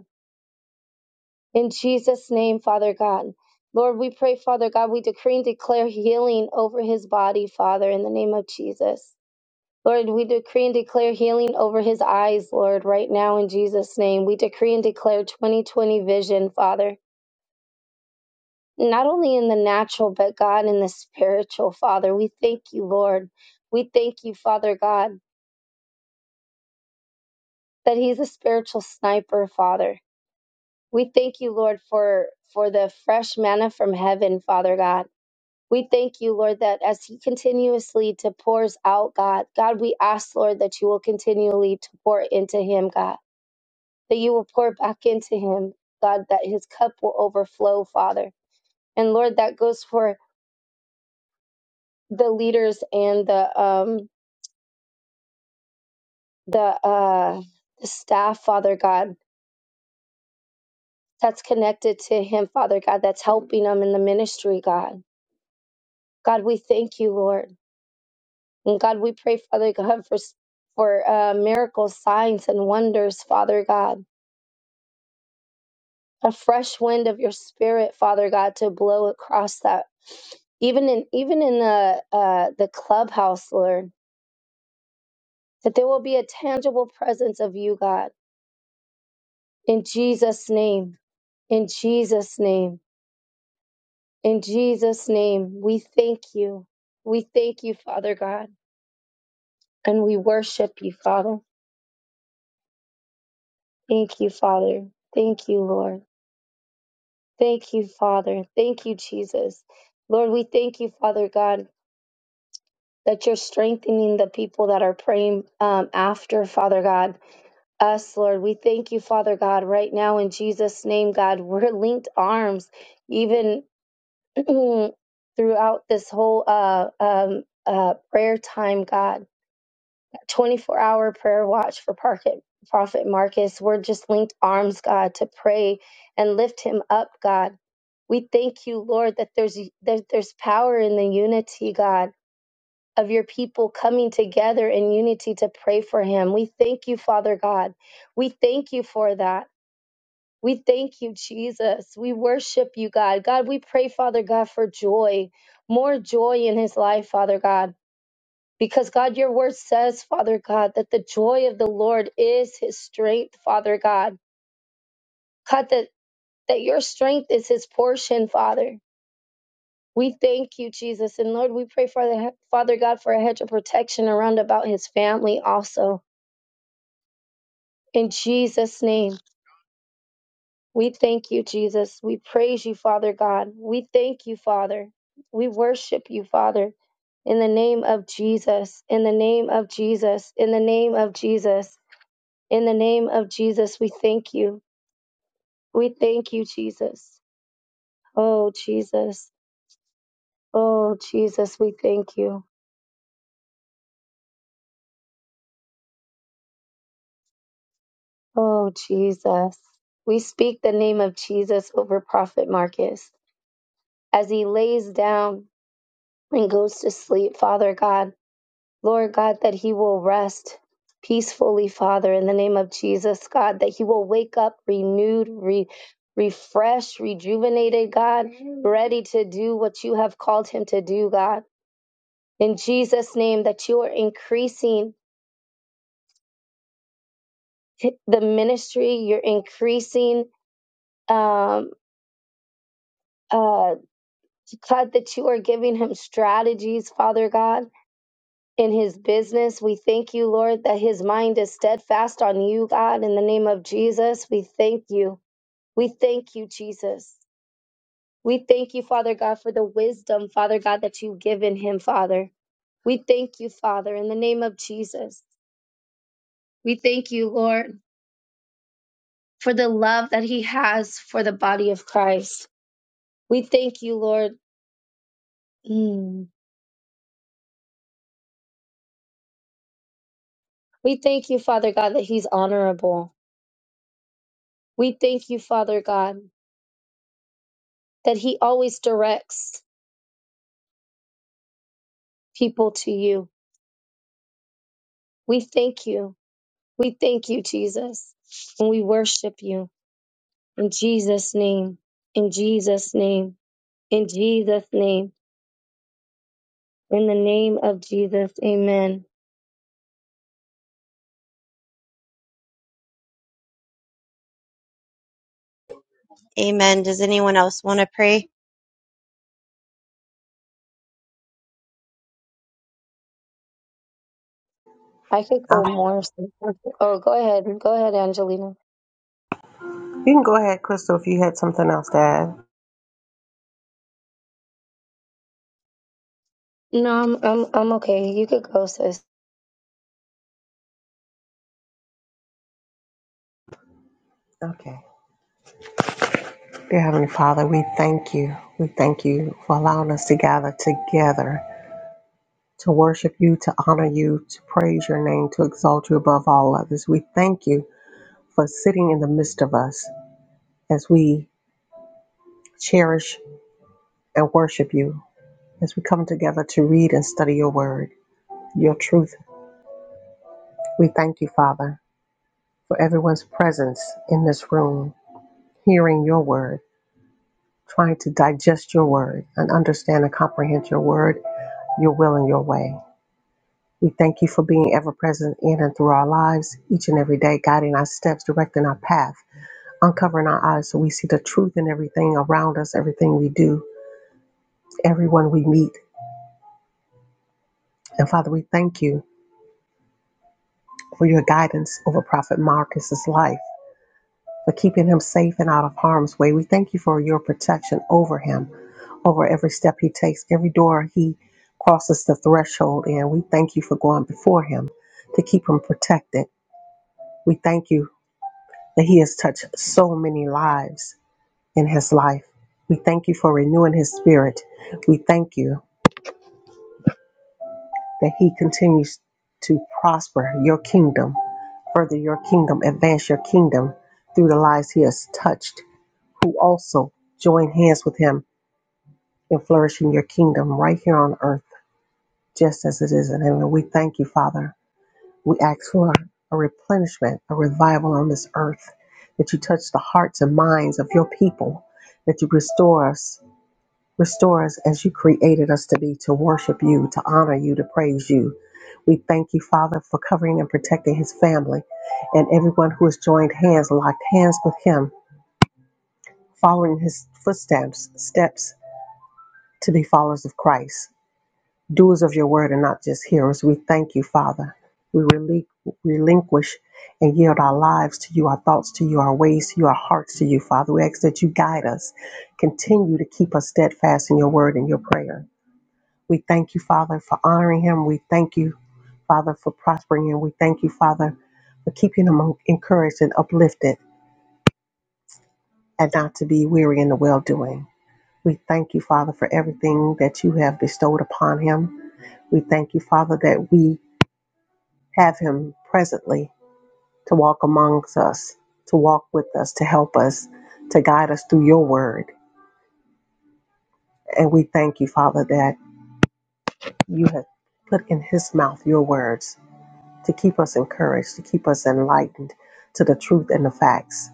[SPEAKER 7] In Jesus' name, Father God. Lord, we pray, Father God, we decree and declare healing over his body, Father, in the name of Jesus. Lord, we decree and declare healing over his eyes, Lord, right now in Jesus' name. We decree and declare 2020 vision, Father, not only in the natural, but God in the spiritual, Father. We thank you, Lord. We thank you, Father God, that he's a spiritual sniper, Father. We thank you, Lord, for, for the fresh manna from heaven, Father God. We thank you, Lord, that as He continuously to pours out, God, God, we ask, Lord, that you will continually to pour into Him, God, that you will pour back into Him, God, that His cup will overflow, Father. And Lord, that goes for the leaders and the um the uh the staff, Father God, that's connected to Him, Father God, that's helping them in the ministry, God. God, we thank you, Lord. And God, we pray, Father God, for for uh, miracles, signs, and wonders, Father God. A fresh wind of your Spirit, Father God, to blow across that, even in even in the uh, the clubhouse, Lord, that there will be a tangible presence of you, God, in Jesus' name, in Jesus' name, in Jesus' name. We thank you, we thank you, Father God, and we worship you, Father. Thank you, Father. Thank you, Lord. Thank you, Father. Thank you, Jesus. Lord, we thank you, Father God, that you're strengthening the people that are praying um, after, Father God. Us, Lord, we thank you, Father God, right now in Jesus' name, God. We're linked arms, even throughout this whole uh, um, uh, prayer time, God. 24 hour prayer watch for Prophet Marcus. We're just linked arms, God, to pray and lift him up, God. We thank you, Lord, that there's that there's power in the unity, God, of your people coming together in unity to pray for him. We thank you, Father God. We thank you for that. We thank you, Jesus. We worship you, God. God, we pray, Father God, for joy, more joy in his life, Father God. Because God, your word says, Father God, that the joy of the Lord is his strength, Father God. God, that, that your strength is his portion, Father. We thank you, Jesus. And Lord, we pray for the Father God for a hedge of protection around about his family also. In Jesus' name, we thank you, Jesus. We praise you, Father God. We thank you, Father. We worship you, Father. In the name of Jesus, in the name of Jesus, in the name of Jesus. In the name of Jesus, we thank you. We thank you, Jesus. Oh, Jesus. Oh, Jesus, we thank you. Oh, Jesus. We speak the name of Jesus over Prophet Marcus as he lays down and goes to sleep, Father God. Lord God, that he will rest peacefully, Father, in the name of Jesus, God, that he will wake up renewed, re- refreshed, rejuvenated, God, ready to do what you have called him to do, God. in Jesus' name that you are increasing the ministry, you're increasing, um, uh, God, that you are giving him strategies, Father God, in his business. We thank you, Lord, that his mind is steadfast on you, God, in the name of Jesus. We thank you. We thank you, Jesus. We thank you, Father God, for the wisdom, Father God, that you've given him, Father. We thank you, Father, in the name of Jesus. We thank you, Lord. for the love that he has for the body of Christ. We thank you, Lord. Mm. We thank you, Father God, that he's honorable. We thank you, Father God, that he always directs people to you. We thank you. We thank you, Jesus. And we worship you in Jesus' name, in Jesus' name, in Jesus' name, in the name of Jesus. Amen.
[SPEAKER 3] Amen. Does anyone else want to pray?
[SPEAKER 7] I could
[SPEAKER 6] Uh,
[SPEAKER 7] go more. Oh, go ahead. Go ahead, Angelina.
[SPEAKER 6] you can go ahead, Crystal, if you had something else to add.
[SPEAKER 7] No, I'm I'm I'm okay. You could go, sis.
[SPEAKER 6] Okay. Dear Heavenly Father, we thank you. We thank you for allowing us to gather together to worship you, to honor you, to praise your name, to exalt you above all others. We thank you for sitting in the midst of us as we cherish and worship you, as we come together to read and study your word, your truth. We thank you, Father, for everyone's presence in this room, hearing your word, trying to digest your word and understand and comprehend your word, your will, and your way. We thank you for being ever present in and through our lives each and every day, guiding our steps, directing our path uncovering our eyes so we see the truth in everything around us, everything we do, everyone we meet. And Father, we thank you for your guidance over Prophet Marcus's life, for keeping him safe and out of harm's way. We thank you for your protection over him, over every step he takes, every door he crosses the threshold in. We thank you for going before him to keep him protected. We thank you that he has touched so many lives in his life. We thank you for renewing his spirit. We thank you that He continues to prosper your kingdom, further your kingdom, advance your kingdom through the lives He has touched, who also join hands with Him in flourishing your kingdom right here on earth, just as it is in heaven. We thank you, Father. We ask for a replenishment, a revival on this earth, that you touch the hearts and minds of your people, that you restore us Restore us as you created us to be, to worship you, to honor you, to praise you. We thank you, Father, for covering and protecting his family and everyone who has joined hands, locked hands with him, following his footsteps, steps to be followers of Christ, doers of your word and not just hearers. We thank you, Father. We relin- relinquish and yield our lives to you, our thoughts to you, our ways to you, our hearts to you, Father. We ask that you guide us. Continue to keep us steadfast in your word and your prayer. We thank you, Father, for honoring him. We thank you, Father, for prospering him. We thank you, Father, for keeping him encouraged and uplifted and not to be weary in the well doing. We thank you, Father, for everything that you have bestowed upon him. We thank you, Father, that we have him presently to walk amongst us, to walk with us, to help us, to guide us through your word. And we thank you, Father, that you have put in his mouth your words to keep us encouraged, to keep us enlightened to the truth and the facts.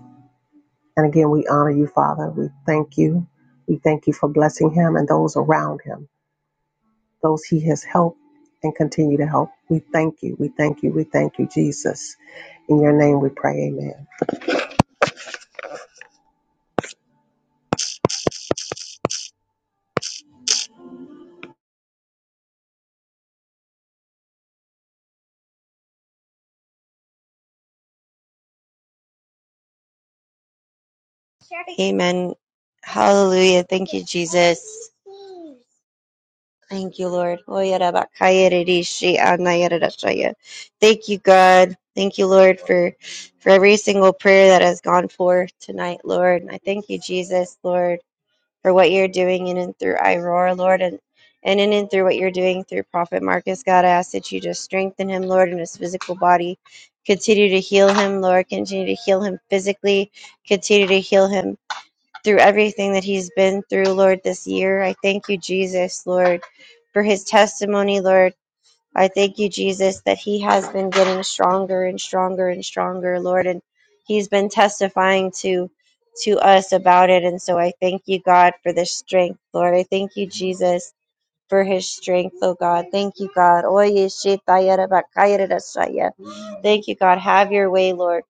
[SPEAKER 6] And again, we honor you, Father. We thank you. We thank you for blessing him and those around him, those he has helped and continue to help. We thank you. We thank you. We thank you, Jesus. In your name we pray, amen.
[SPEAKER 3] Amen. Hallelujah. Thank you, Jesus. Thank you, Lord. Thank you, God. Thank you, Lord, for for every single prayer that has gone forth tonight, Lord. And I thank you, Jesus, Lord. for what you're doing in and through Iroar, Lord, and, and in and through what you're doing through Prophet Marcus. God, I ask that you just strengthen him, Lord, in his physical body. Continue to heal him, Lord. Continue to heal him physically. Continue to heal him through everything that he's been through, Lord, this year. I thank you, Jesus, Lord, for his testimony, Lord. I thank you, Jesus, that he has been getting stronger and stronger and stronger, Lord, and he's been testifying to to us about it. And so I thank you, God, for this strength, Lord. I thank you, Jesus, for his strength, oh God. Thank you, God. Oye, shetaya rabakaya rarashaya. Thank you, God. Have your way, Lord.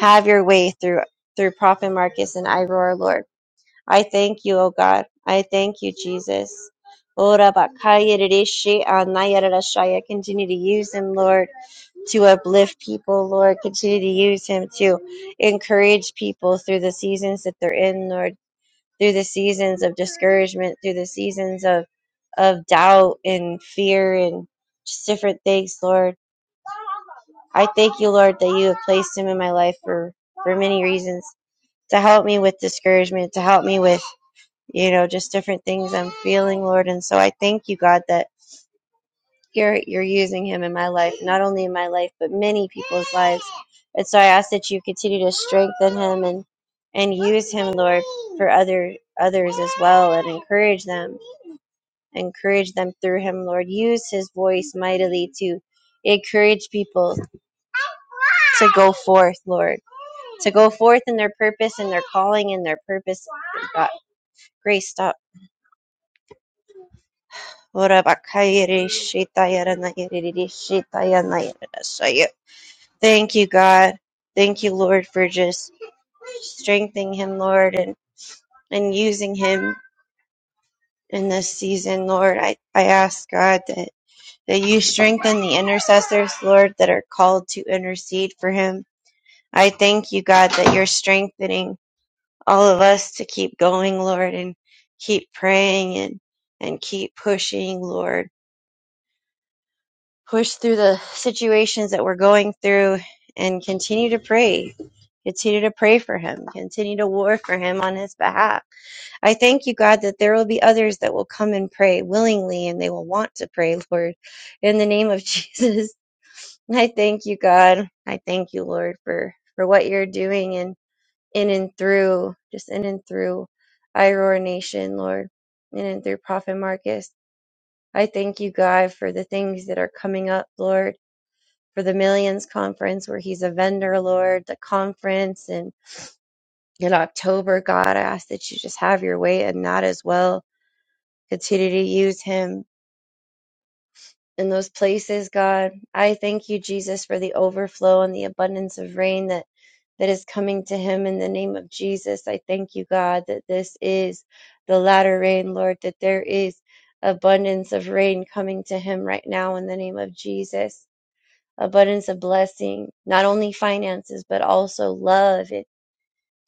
[SPEAKER 3] Have your way through through Prophet Marcus and Iroar, Lord. I thank you, O God. I thank you, Jesus. Ora bakaya rishi anaya rarashaya. Continue to use him, Lord, to uplift people, Lord. Continue to use him to encourage people through the seasons that they're in, Lord, through the seasons of discouragement, through the seasons of, of doubt and fear and just different things, Lord. I thank you, Lord, that you have placed him in my life for, for many reasons to help me with discouragement, to help me with you know, just different things I'm feeling, Lord. And so I thank you, God, that you're you're using him in my life, not only in my life, but many people's lives. And so I ask that you continue to strengthen him and and use him, Lord, for other others as well and encourage them. Encourage them through him, Lord. Use his voice mightily to encourage people to go forth, Lord to go forth in their purpose and their calling and their purpose. God, grace, stop. Thank you, God. Thank you, Lord, for just strengthening him, Lord, and, and using him in this season, Lord. I, I ask, God, that, that you strengthen the intercessors, Lord, that are called to intercede for him. I thank you, God, that you're strengthening all of us to keep going, Lord, and keep praying and, and keep pushing, Lord push through the situations that we're going through and continue to pray. Continue to pray for him. Continue to war for him on his behalf. I thank you, God, that there will be others that will come and pray willingly and they will want to pray, Lord, in the name of Jesus. I thank you, God. I thank you, Lord, for, for what you're doing and in and through, just in and through IROAR Nation, Lord, in and through Prophet Marcus. I thank you, God, for the things that are coming up, Lord for the Millions Conference, where he's a vendor lord, the conference, and in October, God, I ask that you just have your way and not as well. Continue to use him in those places, God. I thank you, Jesus, for the overflow and the abundance of rain that that is coming to him in the name of Jesus. I thank you, God, that this is the latter rain, Lord, that there is abundance of rain coming to him right now in the name of Jesus. abundance of blessing, not only finances, but also love. And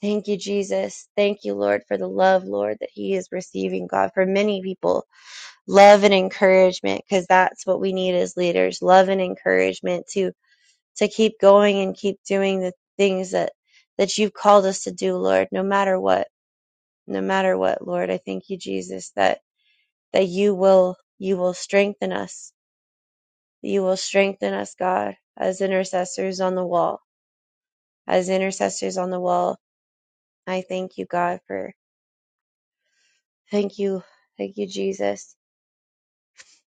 [SPEAKER 3] thank you, Jesus. Thank you, Lord, for the love, Lord, that He is receiving, God, for many people. Love and encouragement, because that's what we need as leaders. Love and encouragement to to keep going and keep doing the things that that you've called us to do, Lord, no matter what. No matter what, Lord. I thank you, Jesus, that that you will you will strengthen us. You will strengthen us, God, as intercessors on the wall as intercessors on the wall. I thank you, God, for thank you, thank you, Jesus.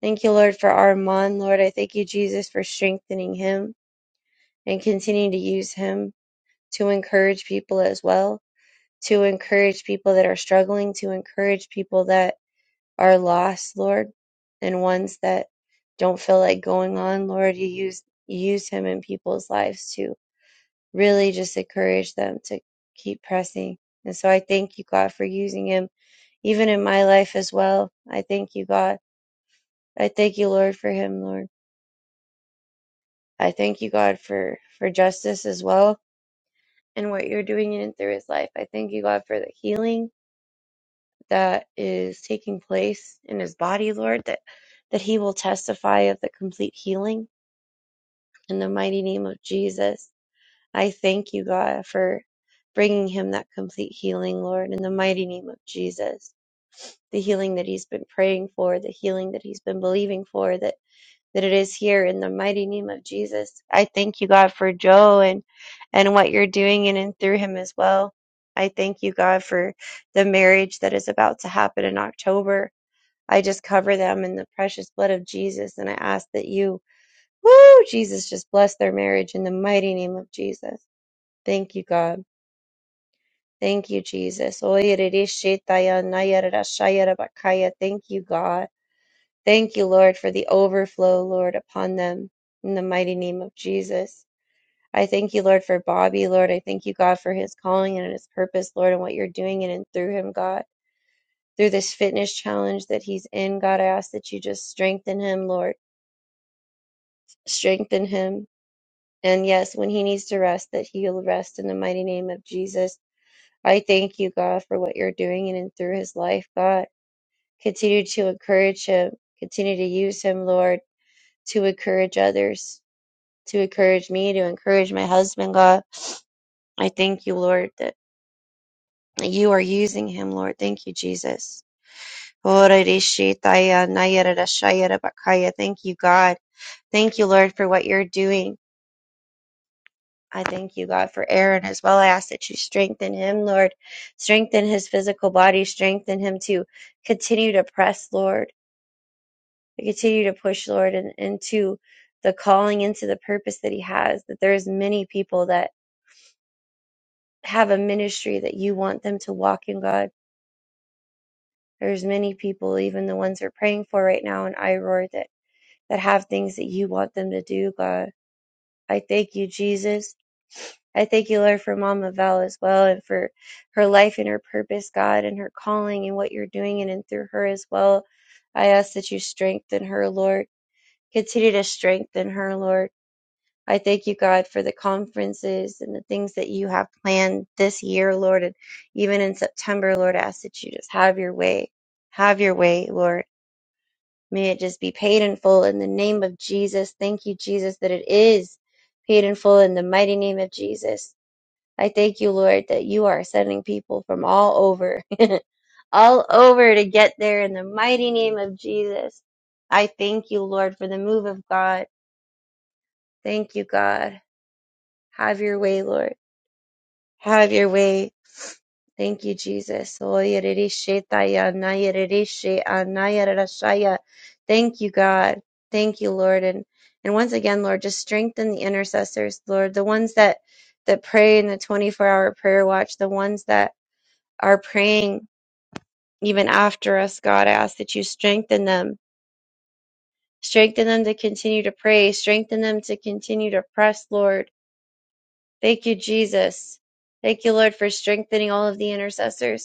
[SPEAKER 3] Thank you, Lord, for Armand, Lord. I thank you, Jesus, for strengthening him and continuing to use him to encourage people as well, to encourage people that are struggling, to encourage people that are lost, Lord, and ones that don't feel like going on, Lord. You use you use him in people's lives to really just encourage them to keep pressing. And so I thank you, God, for using him even in my life as well. I thank you, God. I thank you, Lord, for him, Lord. I thank you, God, for, for justice as well and what you're doing in and through his life. I thank you, God, for the healing that is taking place in his body, Lord, that, that he will testify of the complete healing in the mighty name of Jesus. I thank you, God, for bringing him that complete healing, Lord, in the mighty name of Jesus. The healing that he's been praying for, the healing that he's been believing for, that that it is here in the mighty name of Jesus. I thank you, God, for Joe and and what you're doing in and through him as well. I thank you, God, for the marriage that is about to happen in October. I just cover them in the precious blood of Jesus, and I ask that you, woo, Jesus, just bless their marriage in the mighty name of Jesus. Thank you, God. Thank you, Jesus. Thank you, God. Thank you, Lord, for the overflow, Lord, upon them in the mighty name of Jesus. I thank you, Lord, for Bobby, Lord. I thank you, God, for his calling and his purpose, Lord, and what you're doing in and through him, God. Through this fitness challenge that he's in, God, I ask that you just strengthen him, Lord. Strengthen him. And yes, when he needs to rest, that he'll rest in the mighty name of Jesus. I thank you, God, for what you're doing in and through his life, God. Continue to encourage him. Continue to use him, Lord, to encourage others to encourage me, to encourage my husband, God. I thank you, Lord, that you are using him, Lord. Thank you, Jesus. Thank you, God. Thank you, Lord, for what you're doing. I thank you, God, for Aaron as well. I ask that you strengthen him, Lord. Strengthen his physical body. Strengthen him to continue to press, Lord. To continue to push, Lord, and into the calling, into the purpose that he has. That there is many people that have a ministry that you want them to walk in God. There's many people, even the ones we're praying for right now in IROAR, that, that have things that you want them to do, God. I thank you, Jesus. I thank you, Lord, for Mama Val as well and for her life and her purpose, God, and her calling and what you're doing in and through her as well. I ask that you strengthen her, Lord. Continue to strengthen her, Lord. I thank you, God, for the conferences and the things that you have planned this year, Lord. And even in September, Lord, I ask that you just have your way. Have your way, Lord. May it just be paid in full in the name of Jesus. Thank you, Jesus, that it is paid in full in the mighty name of Jesus. I thank you, Lord, that you are sending people from all over, all over to get there in the mighty name of Jesus. I thank you, Lord, for the move of God. Thank you, God. Have your way, Lord. Have your way. Thank you, Jesus. Oh, yerereshe taya, na yerereshe, ah, na yererashaya. Thank you, God. Thank you, Lord. And and once again, Lord, just strengthen the intercessors, Lord, the ones that that pray in the 24 hour prayer watch, the ones that are praying even after us, God, I ask that you strengthen them. Strengthen them to continue to pray. Strengthen them to continue to press, Lord. Thank you, Jesus. Thank you, Lord, for strengthening all of the intercessors.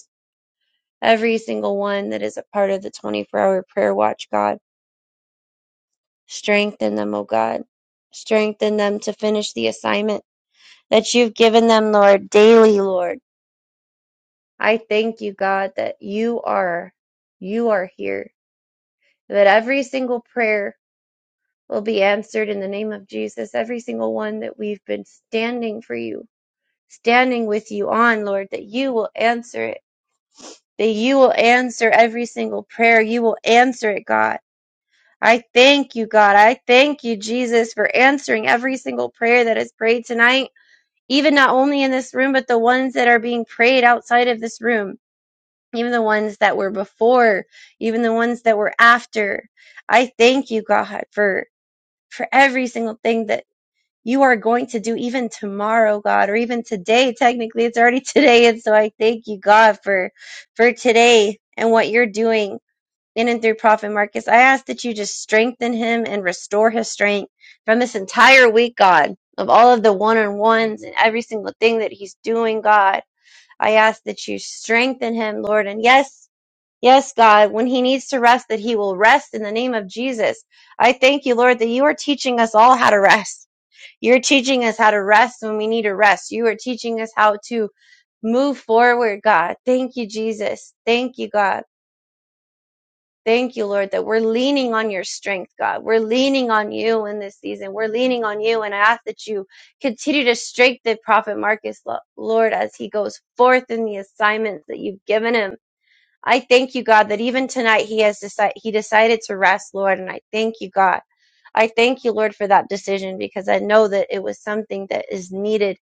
[SPEAKER 3] every single one that is a part of the 24 hour prayer watch, God. Strengthen them, O God. Strengthen them to finish the assignment that you've given them, Lord, daily, Lord. I thank you, God, that you are, you are here, that every single prayer will be answered in the name of Jesus, every single one that we've been standing for you, standing with you on, Lord, that you will answer it, that you will answer every single prayer. You will answer it, God I thank you, God. I thank you, Jesus, for answering every single prayer that is prayed tonight, even not only in this room, but the ones that are being prayed outside of this room, even the ones that were before, even the ones that were after. I thank you, God, for for every single thing that you are going to do even tomorrow, God, or even today. Technically, it's already today, and so I thank you, God, for for today and what you're doing in and through Prophet Marcus. I ask that you just strengthen him and restore his strength from this entire week, God, of all of the one on ones and every single thing that he's doing, God. I ask that you strengthen him, Lord. And yes, yes, God, when he needs to rest, that he will rest in the name of Jesus. I thank you, Lord, that you are teaching us all how to rest. You're teaching us how to rest when we need to rest. You are teaching us how to move forward, God. Thank you, Jesus. Thank you, God. Thank you, Lord, that we're leaning on your strength, God. We're leaning on you in this season. We're leaning on you. And I ask that you continue to strengthen Prophet Marcus, Lord, as he goes forth in the assignments that you've given him. I thank you, God, that even tonight he has decided, he decided to rest, Lord. And I thank you, God. I thank you, Lord, for that decision because I know that it was something that is needed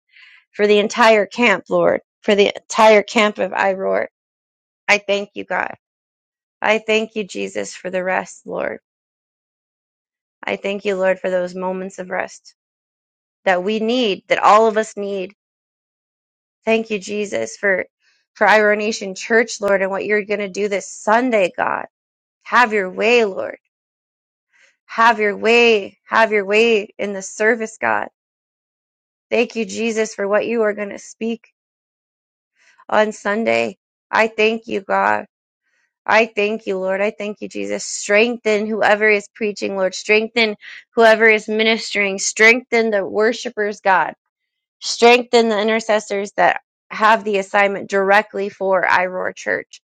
[SPEAKER 3] for the entire camp, Lord, for the entire camp of Iroar. I thank you, God. I thank you, Jesus, for the rest, Lord. I thank you, Lord, for those moments of rest that we need, that all of us need. Thank you, Jesus, for for Iron Nation Church, Lord, and what you're going to do this Sunday, God. Have your way, Lord. Have your way. Have your way in the service, God. Thank you, Jesus, for what you are going to speak on Sunday. I thank you, God. I thank you, Lord. I thank you, Jesus. Strengthen whoever is preaching, Lord. Strengthen whoever is ministering. Strengthen the worshipers, God strengthen the intercessors that have the assignment directly for iroar church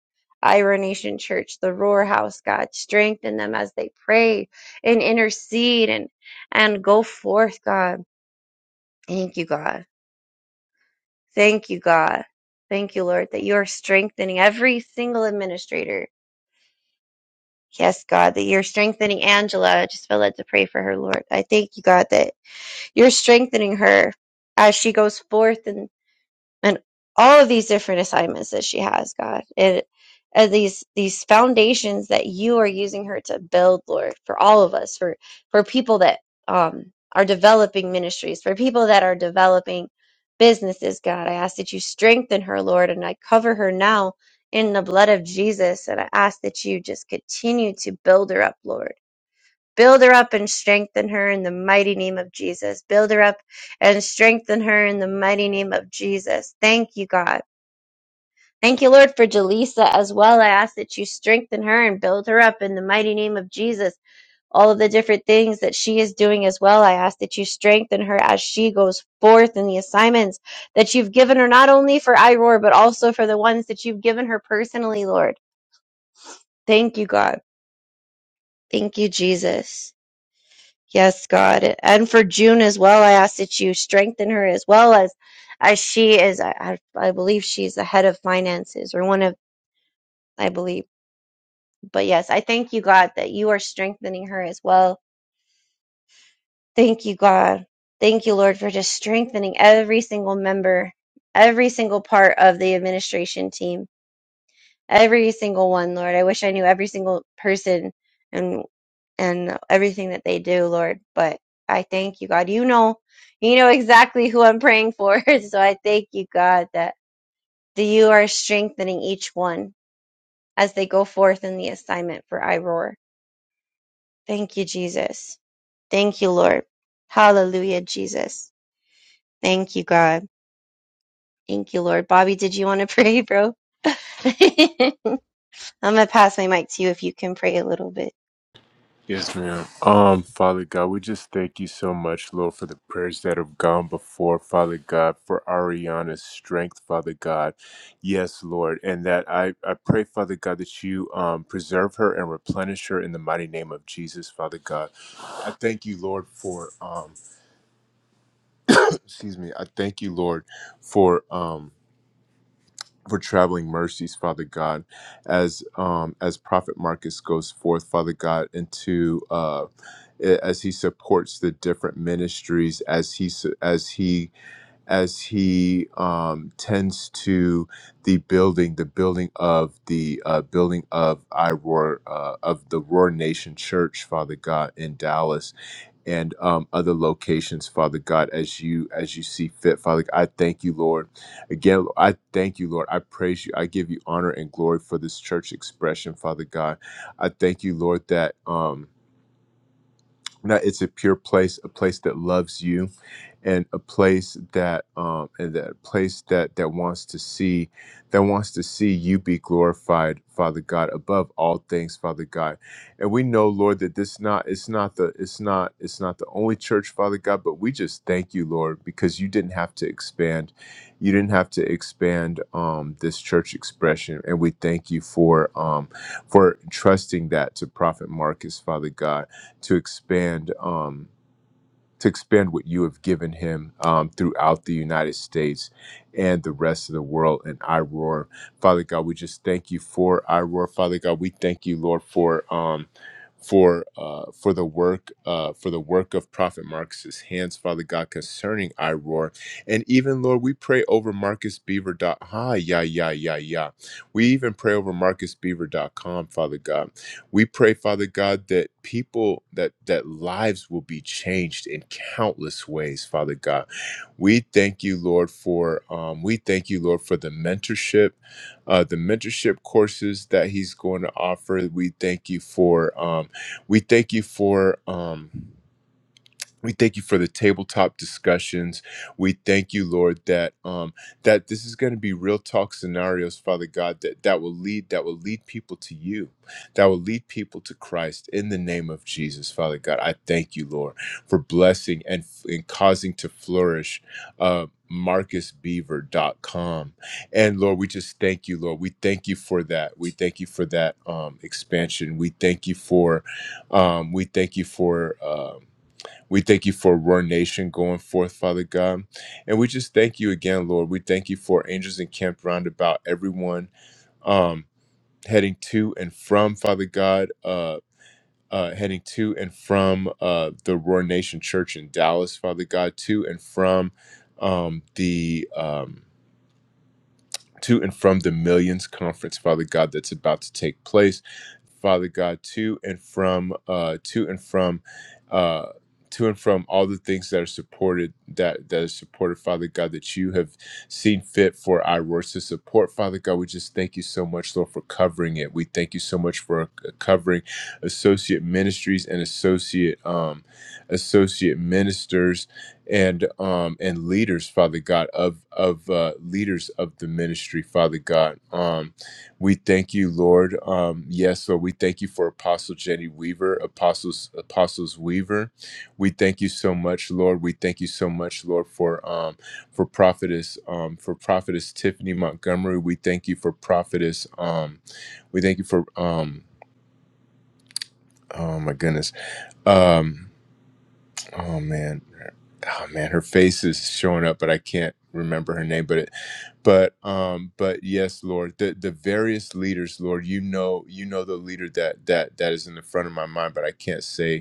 [SPEAKER 3] iroar nation church the roar house god strengthen them as they pray and intercede and and go forth god thank you god thank you god thank you lord that you are strengthening every single administrator Yes, God, that you're strengthening Angela. I just feel led to pray for her, Lord. I thank you, God, that you're strengthening her as she goes forth and all of these different assignments that she has, God, and, and these these foundations that you are using her to build, Lord, for all of us, for for people that um, are developing ministries, for people that are developing businesses, God, I ask that you strengthen her, Lord, and I cover her now in the blood of Jesus, and I ask that you just continue to build her up, Lord Build her up and strengthen her in the mighty name of Jesus. Build her up and strengthen her in the mighty name of Jesus. Thank you, God. Thank you, Lord, for Jaleesa as well. I ask that you strengthen her and build her up in the mighty name of Jesus. All of the different things that she is doing as well, I ask that you strengthen her as she goes forth in the assignments that you've given her, not only for IROAR, but also for the ones that you've given her personally, Lord. Thank you, God. Thank you, Jesus. Yes, God. And for June as well, I ask that you strengthen her as well as as she is I, I I believe she's the head of finances or one of I believe. But yes, I thank you, God, that you are strengthening her as well. Thank you, God. Thank you, Lord, for just strengthening every single member, every single part of the administration team, every single one, Lord. I wish I knew every single person and. and everything that they do, Lord. But I thank you, God. You know, you know exactly who I'm praying for. So I thank you, God, that, that you are strengthening each one as they go forth in the assignment for iRoar. Thank you, Jesus. Thank you, Lord. Hallelujah, Jesus. Thank you, God. Thank you, Lord. Bobby, did you want to pray, bro? I'm gonna pass my mic to you if you can pray a little bit.
[SPEAKER 1] Yes, ma'am. Um, Father God, we just thank you so much, Lord, for the prayers that have gone before, Father God, for Ariana's strength, Father God. Yes, Lord, and that I, I pray, Father God, that you um, preserve her and replenish her in the mighty name of Jesus, Father God. I thank you, Lord, for um, excuse me. I thank you, Lord, for um. for traveling mercies, Father God, as um, as Prophet Marcus goes forth, Father God, into uh, a- as he supports the different ministries, as he su- as he as he um, tends to the building, the building of the uh, building of I Roar uh, of the Roar Nation Church, Father God, in Dallas, and um, other locations, Father God, as you as you see fit, Father. God, I thank you, Lord. Again, I thank you, Lord. I praise you. I give you honor and glory for this church expression, Father God. I thank you, Lord, that. Um, that it's a pure place, a place that loves you, and a place that um and that place that that wants to see that wants to see you be glorified, Father God, above all things, Father God. And we know, Lord, that this not it's not the it's not it's not the only church, Father God, but we just thank you, Lord, because you didn't have to expand. You didn't have to expand um this church expression. And we thank you for um for trusting that to Prophet Marcus, Father God to expand um, to expand what you have given him um, throughout the United States and the rest of the world and I roar. Father God, we just thank you for I roar. Father God, we thank you, Lord, for um, for uh, for the work uh, for the work of Prophet Marcus's hands, Father God, concerning I roar. And even Lord, we pray over Marcus Beaver. dot- Ha, yeah, yeah, yeah, yeah. We even pray over Marcus Beaver dot com, Father God. We pray, Father God, that people that that lives will be changed in countless ways, Father God. We thank you, Lord, for um, we thank you, Lord, for the mentorship, uh, the mentorship courses that He's going to offer. We thank you for um, we thank you for um, we thank you for the tabletop discussions. We thank you, Lord, that um, that this is going to be real talk scenarios, Father God, that that will lead that will lead people to you, that will lead people to Christ in the name of Jesus, Father God. I thank you, Lord, for blessing and, and causing to flourish. Uh, marcus beaver dot com. and lord we just thank you lord we thank you for that we thank you for that um expansion we thank you for um we thank you for um we thank you for Roar Nation going forth, Father God. And we just thank you again, Lord. We thank you for angels encamped round about everyone um, heading to and from, Father God, uh, uh, heading to and from uh, the Roar Nation Church in Dallas, Father God, to and from um, the. Um, to and from the Millions Conference, Father God, that's about to take place. Father God, to and from, uh, to and from, uh, to and from all the things that are supported, that that are supported, Father God, that you have seen fit for our words to support, Father God. We just thank you so much, Lord, for covering it. We thank you so much for uh, covering associate ministries and associate um, associate ministers and um and leaders father god of of uh leaders of the ministry father god um we thank you lord um yes lord we thank you for apostle jenny weaver apostles apostles weaver we thank you so much lord we thank you so much lord for um for prophetess um for prophetess tiffany montgomery we thank you for prophetess um we thank you for um oh my goodness Um, Oh man, oh man, her face is showing up, but I can't remember her name. But it, but um, but yes, Lord, the the various leaders, Lord, you know, you know the leader that that that is in the front of my mind, but I can't say.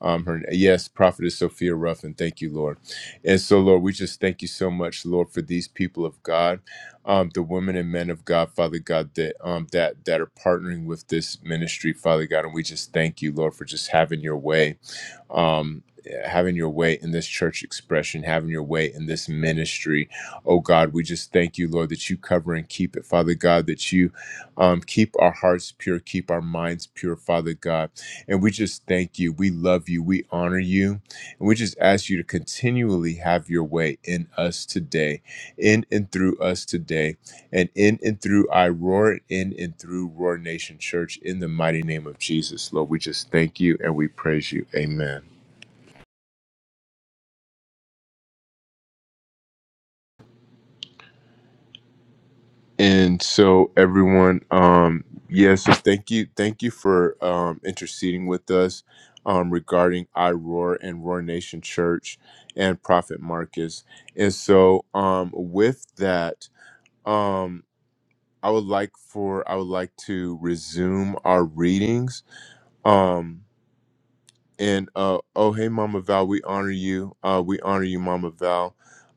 [SPEAKER 1] Um, her yes, Prophetess Sophia Ruffin. Thank you, Lord. And so, Lord, we just thank you so much, Lord, for these people of God, um, the women and men of God, Father God, that um, that that are partnering with this ministry, Father God. And we just thank you, Lord, for just having your way, um, having your way in this church expression, having your way in this ministry. Oh God, we just thank you, Lord, that you cover and keep it, Father God, that you um, keep our hearts pure, keep our minds pure, Father God and we just thank you. We love you. We honor you. And we just ask you to continually have your way in us today, in and through us today, and in and through I Roar, in and through Roar Nation Church, in the mighty name of Jesus. Lord, we just thank you and we praise you. Amen. And so everyone, um, yes, so thank you, thank you for um, interceding with us um, regarding iRoar and Roar Nation Church and Prophet Marcus. And so um, with that, um, I would like for I would like to resume our readings. Um, and uh oh hey mama val we honor you uh we honor you mama val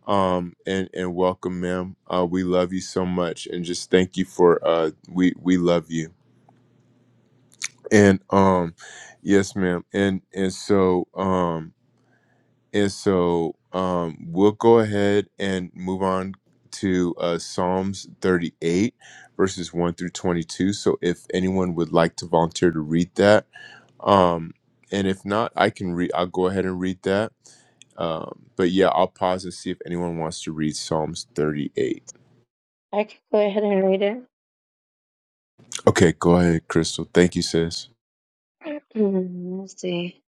[SPEAKER 1] um and and welcome ma'am uh we love you so much and just thank you for uh we we love you and um yes ma'am and and so um and so um we'll go ahead and move on to uh psalms 38 verses 1 through 22 so if anyone would like to volunteer to read that um, and if not, I can read. I'll go ahead and read that. Um, but yeah, I'll pause and see if anyone wants to read Psalms 38.
[SPEAKER 7] I can go ahead and read it.
[SPEAKER 1] Okay, go ahead, Crystal. Thank you, sis.
[SPEAKER 7] Mm, Let's see.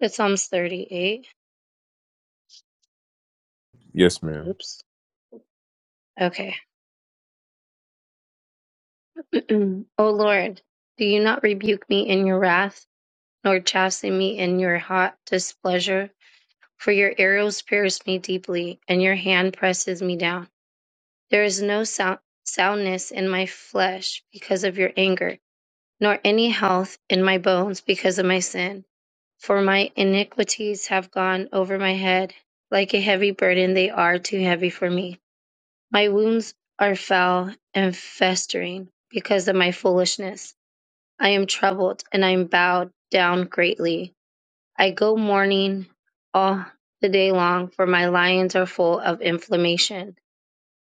[SPEAKER 7] It's Psalms 38.
[SPEAKER 1] Yes, ma'am.
[SPEAKER 7] Oops. Okay. O Lord, do you not rebuke me in your wrath, nor chasten me in your hot displeasure? For your arrows pierce me deeply, and your hand presses me down. There is no sound, soundness in my flesh because of your anger, nor any health in my bones because of my sin. For my iniquities have gone over my head, like a heavy burden they are too heavy for me. My wounds are foul and festering because of my foolishness. I am troubled and I am bowed down greatly. I go mourning all the day long, for my lions are full of inflammation,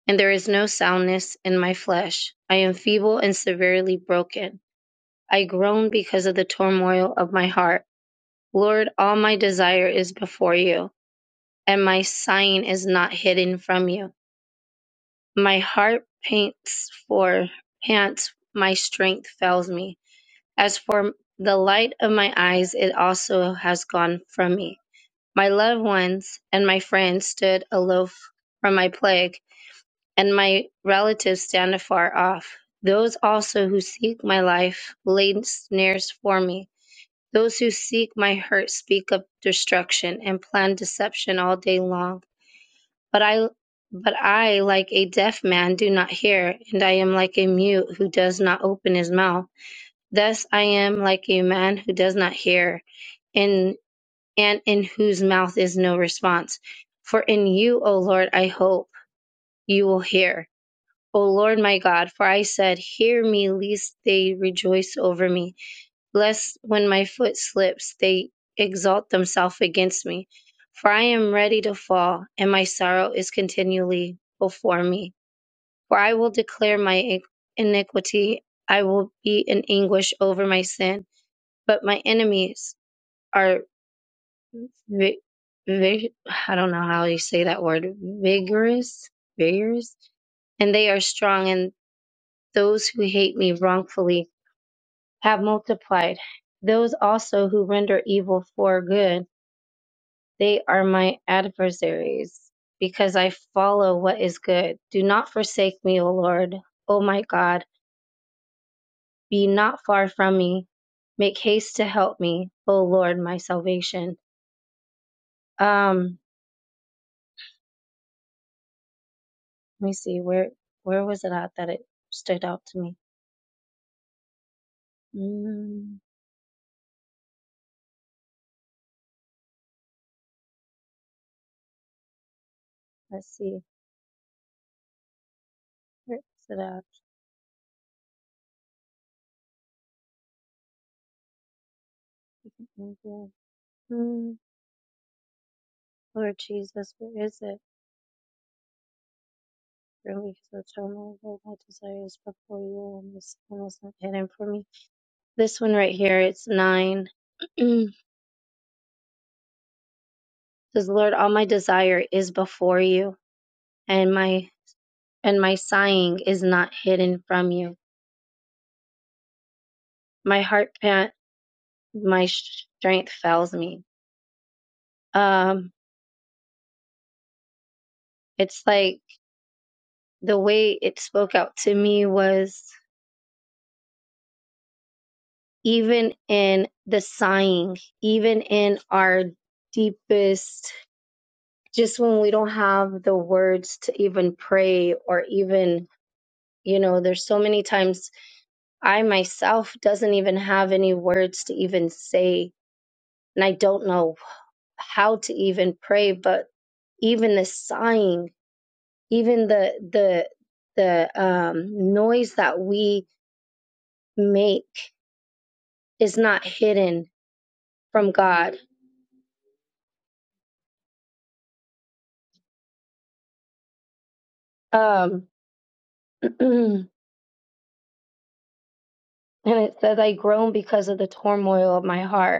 [SPEAKER 7] and there is no soundness in my flesh. I am feeble and severely broken. I groan because of the turmoil of my heart. Lord, all my desire is before you and my sign is not hidden from you. My heart pants for pants, my strength fails me. As for the light of my eyes, it also has gone from me. My loved ones and my friends stood aloof from my plague, and my relatives stand afar off. Those also who seek my life laid snares for me. Those who seek my hurt speak of destruction and plan deception all day long. But I, but I, like a deaf man, do not hear, and I am like a mute who does not open his mouth. Thus I am like a man who does not hear, and and in whose mouth is no response. For in you, O Lord, I hope you will hear. O Lord my God, for I said, Hear me, lest they rejoice over me lest when my foot slips, they exalt themselves against me. For I am ready to fall, and my sorrow is continually before me. For I will declare my iniquity, I will be in anguish over my sin. But my enemies are, vi- vi- I don't know how you say that word, vigorous, vigorous, and they are strong, and those who hate me wrongfully have multiplied. Those also who render evil for good, they are my adversaries, because I follow what is good. Do not forsake me, O Lord, O my God. Be not far from me. Make haste to help me, O Lord, my salvation. Um, let me see where where was it at that it stood out to me. Mm, let's see where is it at? Mm, Lord Jesus, where is it? Relief the turmoil of my desires before you, and this one is not hidden from me. This one right here, it's nine. says, Lord, all my desire is before you, and my and my sighing is not hidden from you. My heart pant, my strength fails me. Um, it's like the way it spoke out to me was even in the sighing, even in our deepest just when we don't have the words to even pray or even you know there's so many times i myself doesn't even have any words to even say and i don't know how to even pray but even the sighing even the the the um noise that we make is not hidden from god um and it says i groan because of the turmoil of my heart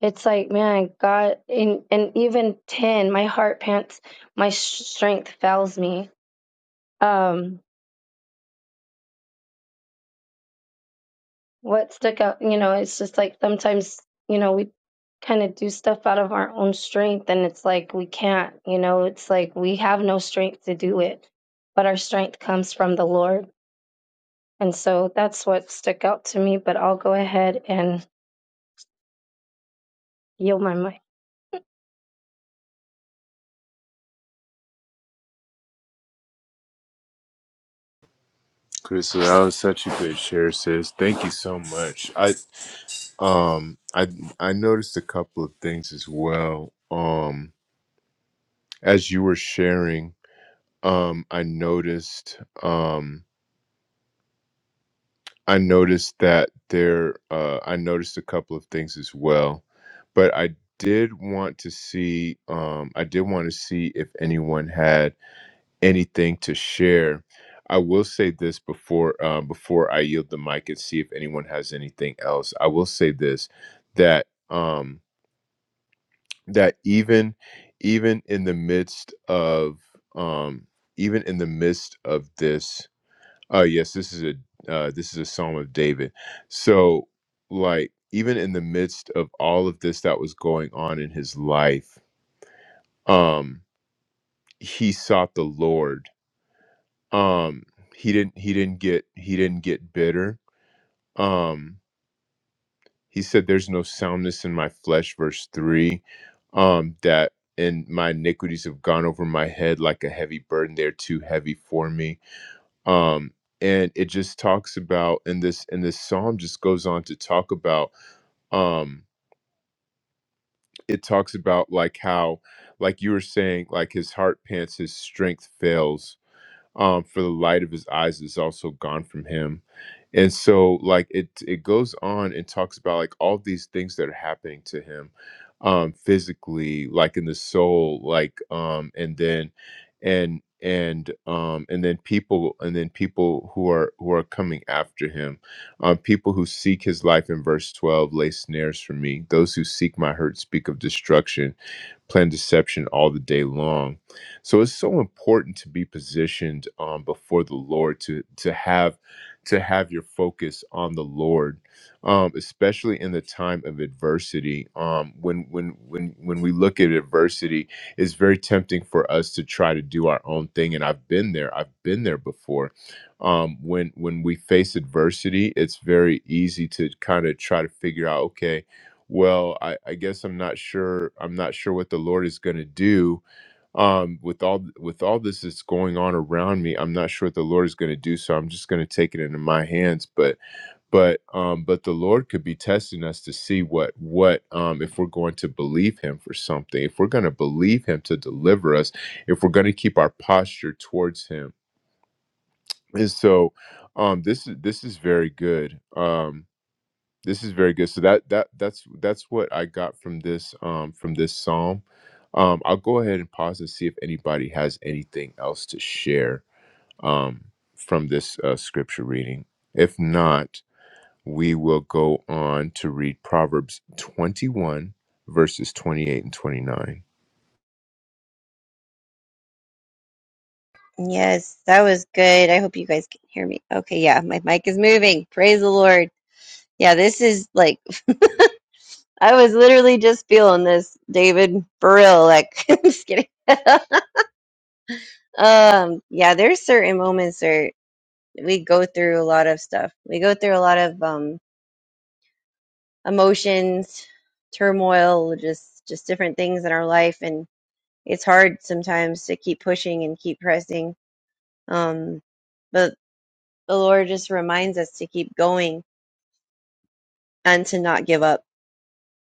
[SPEAKER 7] It's like, man, God, and and even ten, my heart pants, my sh- strength fails me. Um, what stuck out, you know, it's just like sometimes, you know, we kind of do stuff out of our own strength, and it's like we can't, you know, it's like we have no strength to do it, but our strength comes from the Lord, and so that's what stuck out to me. But I'll go ahead and yield my mic.
[SPEAKER 1] Crystal, that was such a good share, sis. Thank you so much. I um I I noticed a couple of things as well. Um, as you were sharing, um, I noticed. um. I noticed that there, uh, I noticed a couple of things as well, but I did want to see, um, I did want to see if anyone had anything to share. I will say this before, uh, before I yield the mic and see if anyone has anything else. I will say this, that, um, that even, even in the midst of, um, even in the midst of this, Oh yes, this is a uh, this is a Psalm of David. So, like, even in the midst of all of this that was going on in his life, um, he sought the Lord. Um, he didn't he didn't get he didn't get bitter. Um, he said, "There's no soundness in my flesh." Verse three, um, that and my iniquities have gone over my head like a heavy burden. They're too heavy for me um and it just talks about and this and this psalm just goes on to talk about um it talks about like how like you were saying like his heart pants his strength fails um, for the light of his eyes is also gone from him and so like it it goes on and talks about like all these things that are happening to him um physically like in the soul like um and then and and um and then people and then people who are who are coming after him um people who seek his life in verse 12 lay snares for me those who seek my hurt speak of destruction plan deception all the day long. So it's so important to be positioned um, before the Lord to to have to have your focus on the Lord, um, especially in the time of adversity. Um, when when when when we look at adversity, it's very tempting for us to try to do our own thing. And I've been there. I've been there before. Um, when when we face adversity, it's very easy to kind of try to figure out, okay well I, I guess i'm not sure i'm not sure what the lord is going to do um with all with all this that's going on around me i'm not sure what the lord is going to do so i'm just going to take it into my hands but but um but the lord could be testing us to see what what um if we're going to believe him for something if we're going to believe him to deliver us if we're going to keep our posture towards him and so um this is this is very good um this is very good so that that that's that's what i got from this um from this psalm um i'll go ahead and pause and see if anybody has anything else to share um from this uh, scripture reading if not we will go on to read proverbs 21 verses 28 and 29
[SPEAKER 3] Yes, that was good. I hope you guys can hear me. Okay, yeah, my mic is moving. Praise the Lord. Yeah, this is like I was literally just feeling this, David. For real, like I'm just kidding. um, yeah, there's certain moments where we go through a lot of stuff. We go through a lot of um emotions, turmoil, just just different things in our life and it's hard sometimes to keep pushing and keep pressing. Um, but the Lord just reminds us to keep going and to not give up,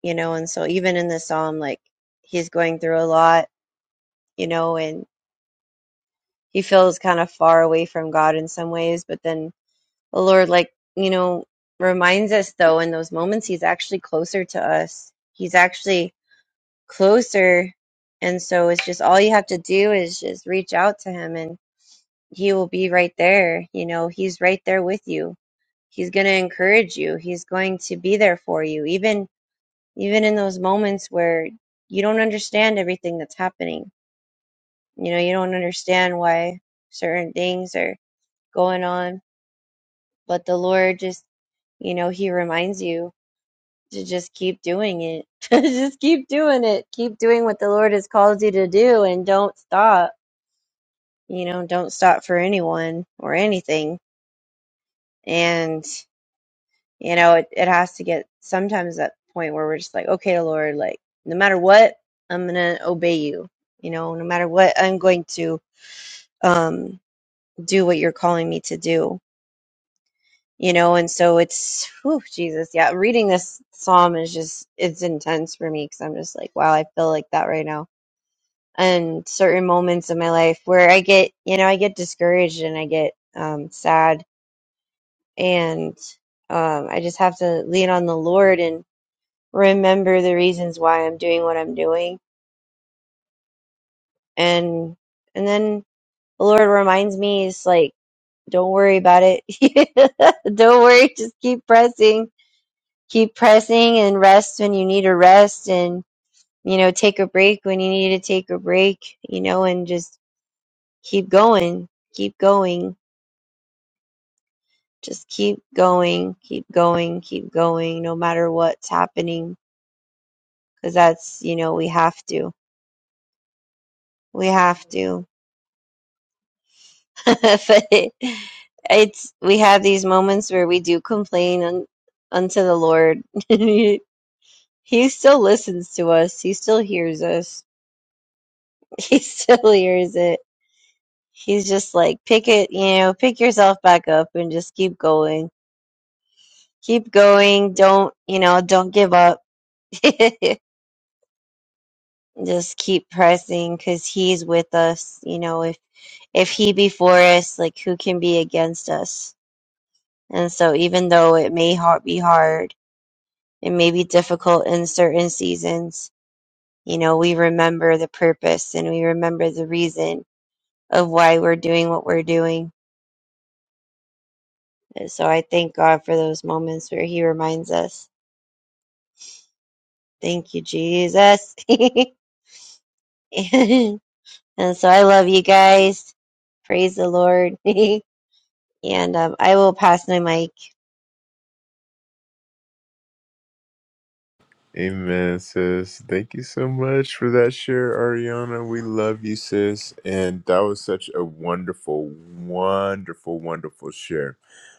[SPEAKER 3] you know, and so even in the psalm, like he's going through a lot, you know, and he feels kind of far away from God in some ways. But then the Lord, like, you know, reminds us though in those moments, he's actually closer to us. He's actually closer. And so it's just all you have to do is just reach out to him and he will be right there. You know, he's right there with you. He's going to encourage you. He's going to be there for you, even even in those moments where you don't understand everything that's happening. You know, you don't understand why certain things are going on But the Lord just, you know, He reminds you to just keep doing it. just keep doing it. Keep doing what the Lord has called you to do and don't stop. You know, don't stop for anyone or anything. And, you know, it, it has to get sometimes that point where we're just like, okay, Lord, like, no matter what, I'm going to obey you. You know, no matter what, I'm going to um, do what you're calling me to do you know and so it's whew, jesus yeah reading this psalm is just it's intense for me because i'm just like wow i feel like that right now and certain moments in my life where i get you know i get discouraged and i get um, sad and um, i just have to lean on the lord and remember the reasons why i'm doing what i'm doing and and then the lord reminds me it's like don't worry about it don't worry just keep pressing keep pressing and rest when you need to rest and you know take a break when you need to take a break you know and just keep going keep going just keep going keep going keep going no matter what's happening because that's you know we have to we have to but it, it's we have these moments where we do complain un, unto the lord he still listens to us he still hears us he still hears it He's just like, pick it, you know, pick yourself back up and just keep going. Keep going. Don't, you know, don't give up. Just keep pressing because he's with us. You know, if if he be for us, like who can be against us? And so, even though it may ha- be hard, it may be difficult in certain seasons, you know, we remember the purpose and we remember the reason of why we're doing what we're doing. And so, I thank God for those moments where He reminds us. Thank you, Jesus. and so I love you guys. Praise the Lord. and um, I will pass my mic.
[SPEAKER 1] Amen, sis. Thank you so much for that share, Ariana. We love you, sis. And that was such a wonderful, wonderful, wonderful share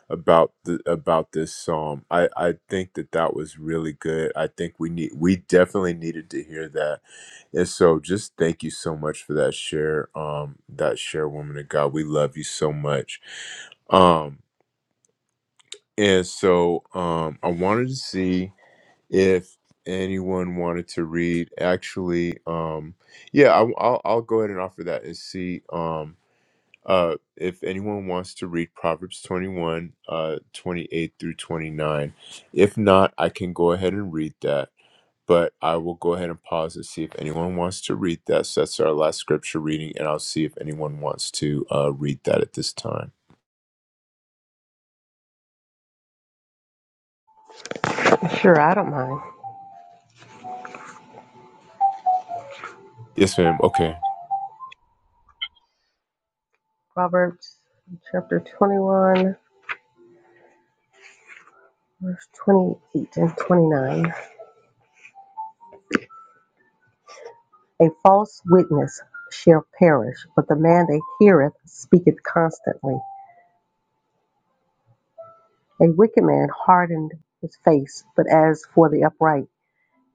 [SPEAKER 1] about the about this psalm. I I think that that was really good. I think we need we definitely needed to hear that. And so, just thank you so much for that share. Um, that share, woman of God. We love you so much. Um, and so, um, I wanted to see if anyone wanted to read actually um yeah I, will I'll go ahead and offer that and see um uh if anyone wants to read proverbs 21 uh 28 through 29 if not i can go ahead and read that but i will go ahead and pause and see if anyone wants to read that so that's our last scripture reading and i'll see if anyone wants to uh read that at this time
[SPEAKER 6] Sure, I don't mind.
[SPEAKER 1] yes ma'am okay
[SPEAKER 6] Proverbs chapter 21, verse 28 and 29. A false witness shall perish, but the man that heareth speaketh constantly. A wicked man hardened his face, but as for the upright,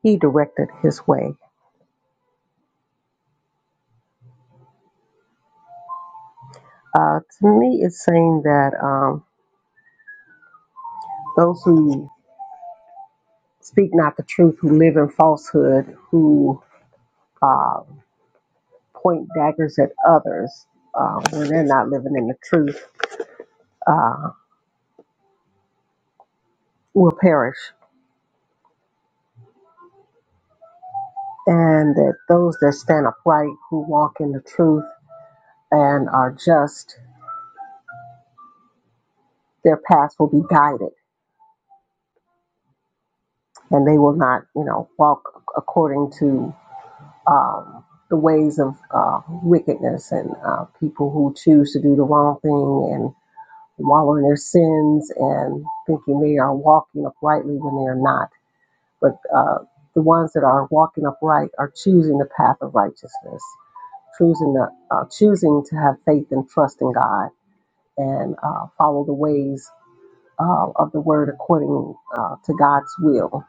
[SPEAKER 6] he directed his way. Uh, to me, it's saying that um, those who speak not the truth, who live in falsehood, who uh, point daggers at others uh, when they're not living in the truth, uh, will perish. And that those that stand upright, who walk in the truth and are just, their paths will be guided and they will not, you know, walk according to um, the ways of uh, wickedness and uh, people who choose to do the wrong thing and wallow in their sins and thinking they are walking uprightly when they are not. But uh, the ones that are walking upright are choosing the path of righteousness, choosing the uh, choosing to have faith and trust in God and uh, follow the ways uh, of the Word according uh, to God's will.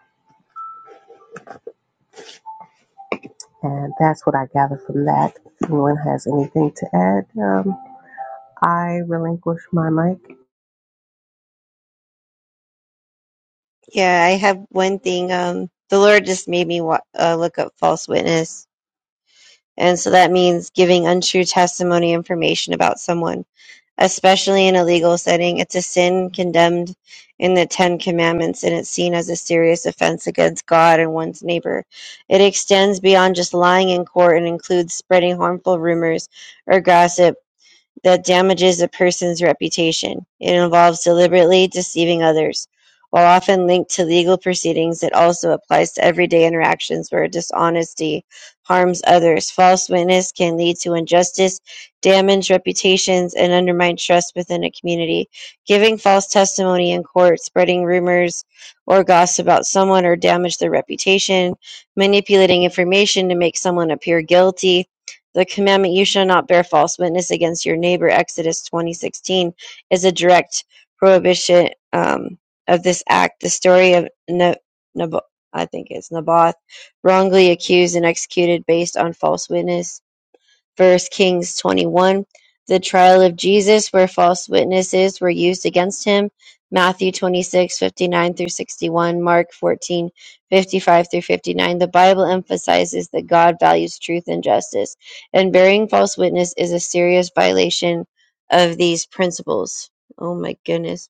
[SPEAKER 6] And that's what I gather from that. If anyone has anything to add, um, I relinquish my mic.
[SPEAKER 3] Yeah, I have one thing. Um, the Lord just made me wa- uh, look up false witness. And so that means giving untrue testimony information about someone. especially in a legal setting. It's a sin condemned in the Ten Commandments, and it's seen as a serious offense against God and one's neighbor. It extends beyond just lying in court and includes spreading harmful rumors or gossip that damages a person's reputation. It involves deliberately deceiving others. While often linked to legal proceedings, it also applies to everyday interactions where dishonesty harms others. False witness can lead to injustice, damage reputations, and undermine trust within a community. Giving false testimony in court, spreading rumors or gossip about someone or damage their reputation, manipulating information to make someone appear guilty, the commandment you shall not bear false witness against your neighbor, Exodus twenty sixteen, is a direct prohibition um, of this act. The story of Ne- Nabo- I think it's Naboth, wrongly accused and executed based on false witness First Kings 21, the trial of Jesus where false witnesses were used against him. Matthew 26 59 through 61, Mark 14 55 through 59. The Bible emphasizes that God values truth and justice, and bearing false witness is a serious violation of these principles. Oh my goodness.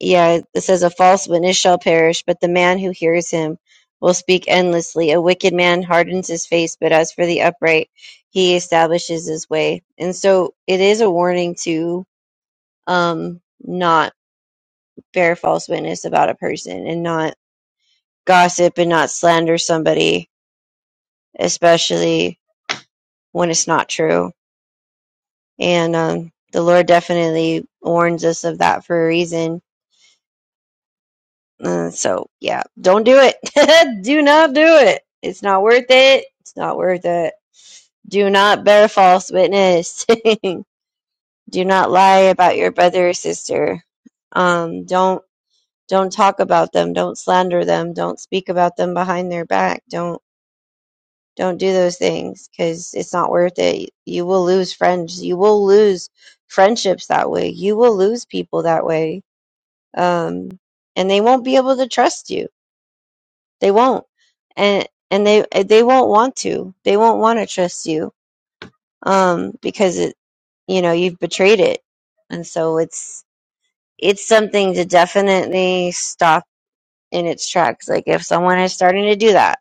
[SPEAKER 3] Yeah, it says a false witness shall perish, but the man who hears him will speak endlessly. A wicked man hardens his face, but as for the upright, he establishes his way. And so it is a warning to um not bear false witness about a person and not gossip and not slander somebody, especially when it's not true. And um the Lord definitely warns us of that for a reason Uh, so yeah, don't do it. do not do it. It's not worth it. It's not worth it. Do not bear false witness. do not lie about your brother or sister. Um, don't don't talk about them. Don't slander them. Don't speak about them behind their back. Don't don't do those things because it's not worth it. You will lose friends. You will lose friendships that way. You will lose people that way. Um, and they won't be able to trust you They won't, and and they they won't want to. They won't want to trust you, um, because it, you know, you've betrayed it, and so it's it's something to definitely stop in its tracks. Like if someone is starting to do that,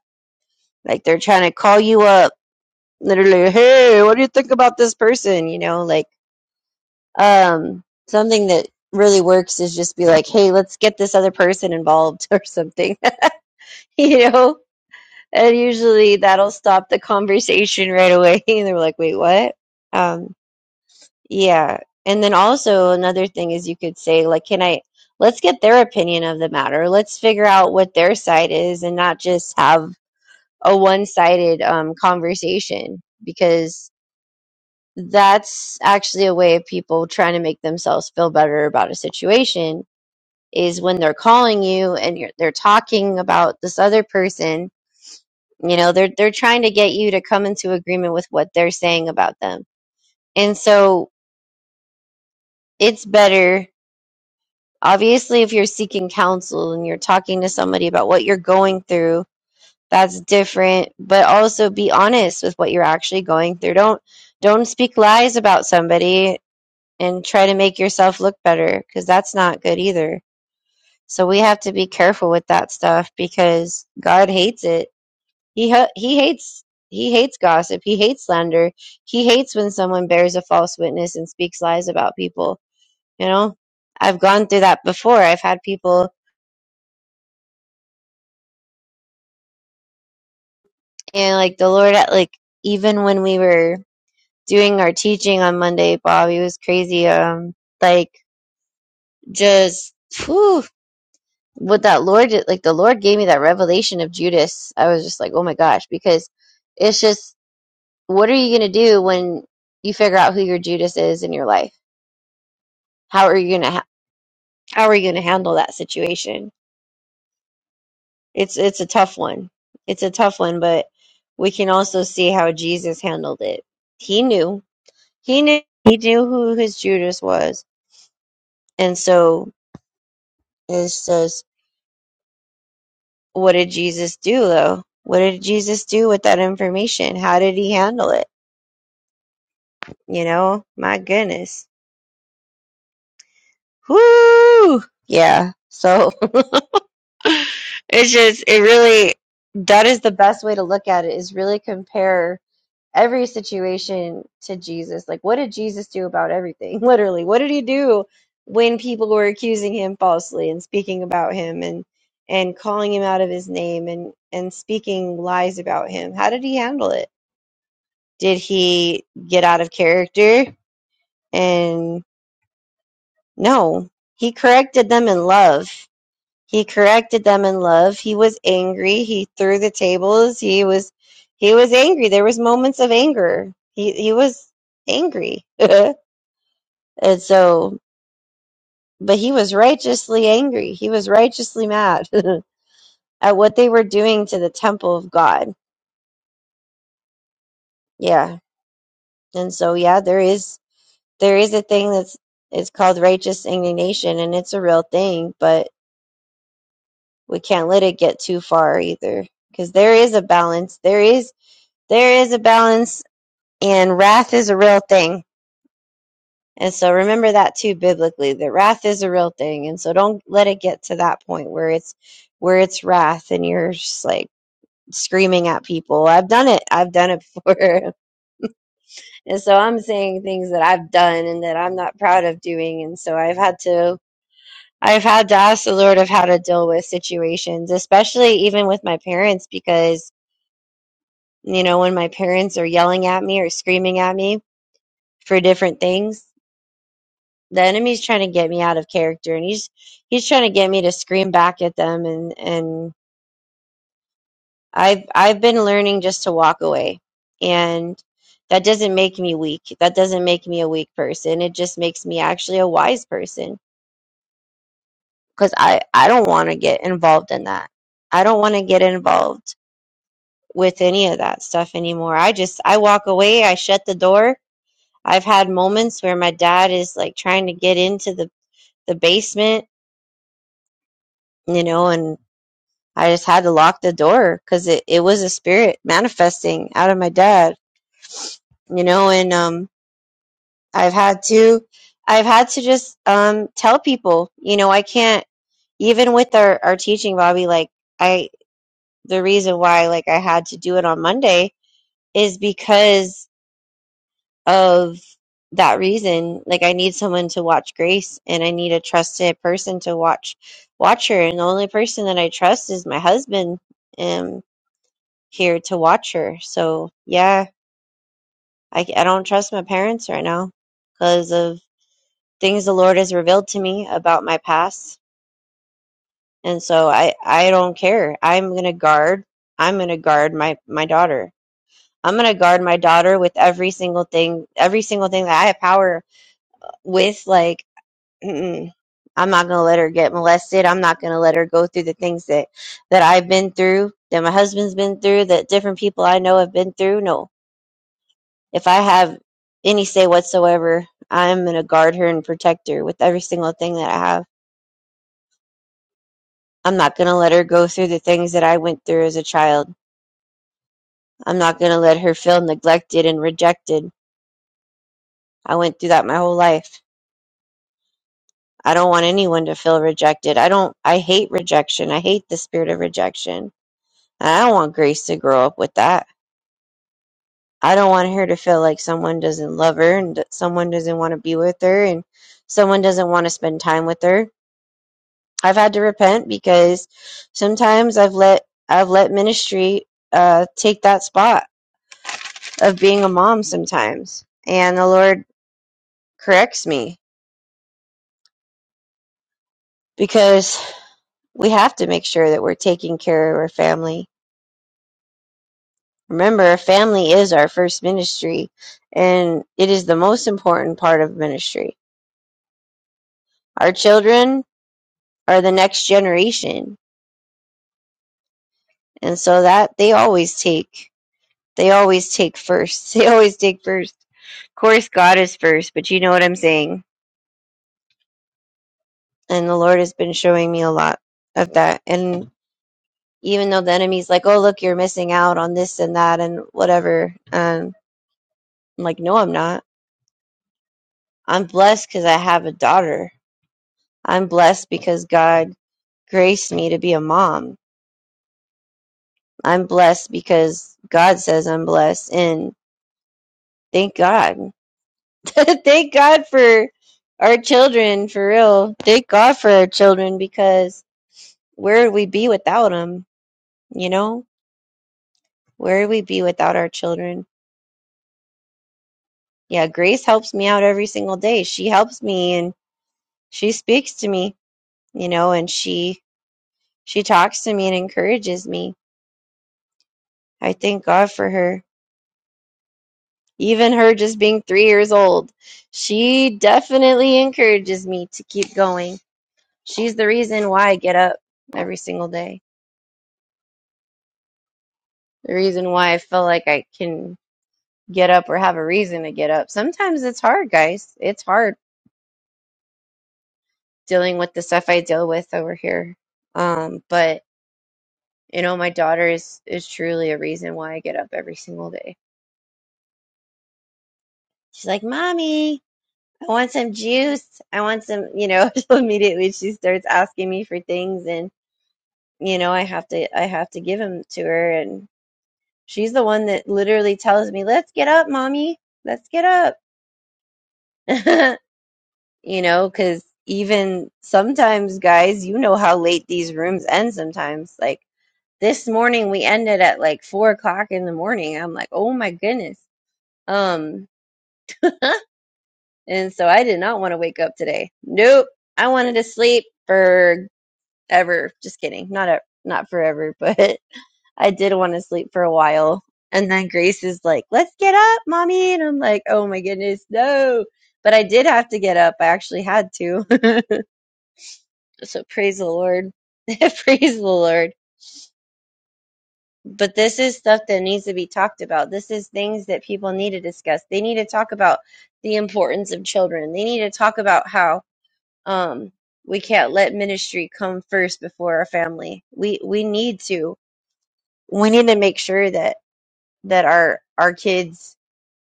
[SPEAKER 3] like they're trying to call you up, literally, hey, what do you think about this person? You know, like um, something that really works is just be like, hey, let's get this other person involved or something, you know And usually that'll stop the conversation right away. And they're like, wait, what? Um, yeah. And then also another thing is you could say, like, can I, let's get their opinion of the matter. Let's figure out what their side is and not just have a one sided um, conversation because that's actually a way of people trying to make themselves feel better about a situation is when they're calling you and you're, they're talking about this other person You know, they're they're trying to get you to come into agreement with what they're saying about them. And so it's better obviously if you're seeking counsel and you're talking to somebody about what you're going through, that's different, but also be honest with what you're actually going through. Don't don't speak lies about somebody and try to make yourself look better because that's not good either. So we have to be careful with that stuff because God hates it He ha- he hates he hates gossip. He hates slander. He hates when someone bears a false witness and speaks lies about people. You know, I've gone through that before. I've had people and like the Lord at like even when we were doing our teaching on Monday, Bob, he was crazy. Um, like just whew, what that Lord did- like the Lord gave me that revelation of Judas. I was just like, oh my gosh, because it's just what are you gonna do when you figure out who your Judas is in your life? How are you going to how are you going to handle that situation? It's it's a tough one. It's a tough one, but we can also see how Jesus handled it. He knew. He knew he knew who his Judas was. And so it says, what did Jesus do though? What did Jesus do with that information? How did he handle it? You know, my goodness. Whoo! Yeah. So it's just it really that is the best way to look at it is really compare every situation to Jesus. Like, what did Jesus do about everything? Literally, what did he do when people were accusing him falsely and speaking about him and and calling him out of his name and and speaking lies about him? How did he handle it? Did he get out of character? And no, he corrected them in love. He corrected them in love. He was angry. He threw the tables. He was he was angry. There was moments of anger. He he was angry. and so but he was righteously angry. He was righteously mad at what they were doing to the temple of God. Yeah. And so yeah, there is there is a thing that's it's called righteous indignation and it's a real thing, but we can't let it get too far either because there is a balance. There is there is a balance and wrath is a real thing. And so remember that too biblically that wrath is a real thing and so don't let it get to that point where it's where it's wrath and you're just like screaming at people. I've done it. I've done it before. and so I'm saying things that I've done and that I'm not proud of doing and so I've had to I've had to ask the Lord of how to deal with situations, especially even with my parents because you know when my parents are yelling at me or screaming at me for different things the enemy's trying to get me out of character and he's he's trying to get me to scream back at them and and I've I've been learning just to walk away and that doesn't make me weak that doesn't make me a weak person it just makes me actually a wise person cuz I I don't want to get involved in that I don't want to get involved with any of that stuff anymore I just I walk away I shut the door I've had moments where my dad is like trying to get into the the basement you know and. I just had to lock the door because it, it was a spirit manifesting out of my dad, you know, and um I've had to I've had to just um tell people, you know, I can't even with our, our teaching, Bobby, like I the reason why like I had to do it on Monday is because of that reason. Like I need someone to watch Grace and I need a trusted person to watch watch her and the only person that I trust is my husband. and. here to watch her. So yeah, I, I don't trust my parents right now because of things the Lord has revealed to me about my past. And so I, I don't care. I'm going to guard. I'm going to guard my, my daughter. I'm going to guard my daughter with every single thing, every single thing that I have power with. Like, I'm not going to let her get molested. I'm not going to let her go through the things that, that I've been through, that my husband's been through, that different people I know have been through. No, If I have any say whatsoever, I'm going to guard her and protect her with every single thing that I have. I'm not going to let her go through the things that I went through as a child. I'm not going to let her feel neglected and rejected. I went through that my whole life. I don't want anyone to feel rejected. I don't, I hate rejection. I hate the spirit of rejection. And I don't want Grace to grow up with that. I don't want her to feel like someone doesn't love her and that someone doesn't want to be with her and someone doesn't want to spend time with her I've had to repent because sometimes I've let I've let ministry uh, take that spot of being a mom sometimes, and the Lord corrects me because we have to make sure that we're taking care of our family. Remember, our family is our first ministry, and it is the most important part of ministry. Our children are the next generation, and so that they always take They always take first. They always take first. Of course, God is first, but you know what I'm saying. And the Lord has been showing me a lot of that. And even though the enemy's like, oh, look, you're missing out on this and that and whatever, um, I'm like, no, I'm not. I'm blessed because I have a daughter. I'm blessed because God graced me to be a mom. I'm blessed because God says I'm blessed. And thank God. Thank God for our children, for real. Thank God for our children because where would we be without them? You know, where would we be without our children? Yeah, Grace helps me out every single day. She helps me and she speaks to me, you know, and she she talks to me and encourages me. I thank God for her. Even her just being 3 years old, she definitely encourages me to keep going. She's the reason why I get up every single day. the reason why I feel like I can get up or have a reason to get up. Sometimes it's hard, guys. It's hard dealing with the stuff I deal with over here. Um, but you know, my daughter is is truly a reason why I get up every single day. She's like, "Mommy, I want some juice. I want some." You know, immediately she starts asking me for things, and you know, I have to I have to give them to her, and she's the one that literally tells me, "Let's get up, mommy. Let's get up." you know, because even sometimes, guys, you know how late these rooms end sometimes. Like this morning, we ended at like four o'clock in the morning. I'm like, oh my goodness. Um, and so I did not want to wake up today. Nope, I wanted to sleep forever. Just kidding, not a, not forever, but I did want to sleep for a while. And then Grace is like, let's get up, mommy. And I'm like, oh my goodness, no. But I did have to get up. I actually had to. So praise the Lord. praise the Lord. But this is stuff that needs to be talked about. This is things that people need to discuss. They need to talk about the importance of children. They need to talk about how um, we can't let ministry come first before our family. We we need to we need to make sure that that our our kids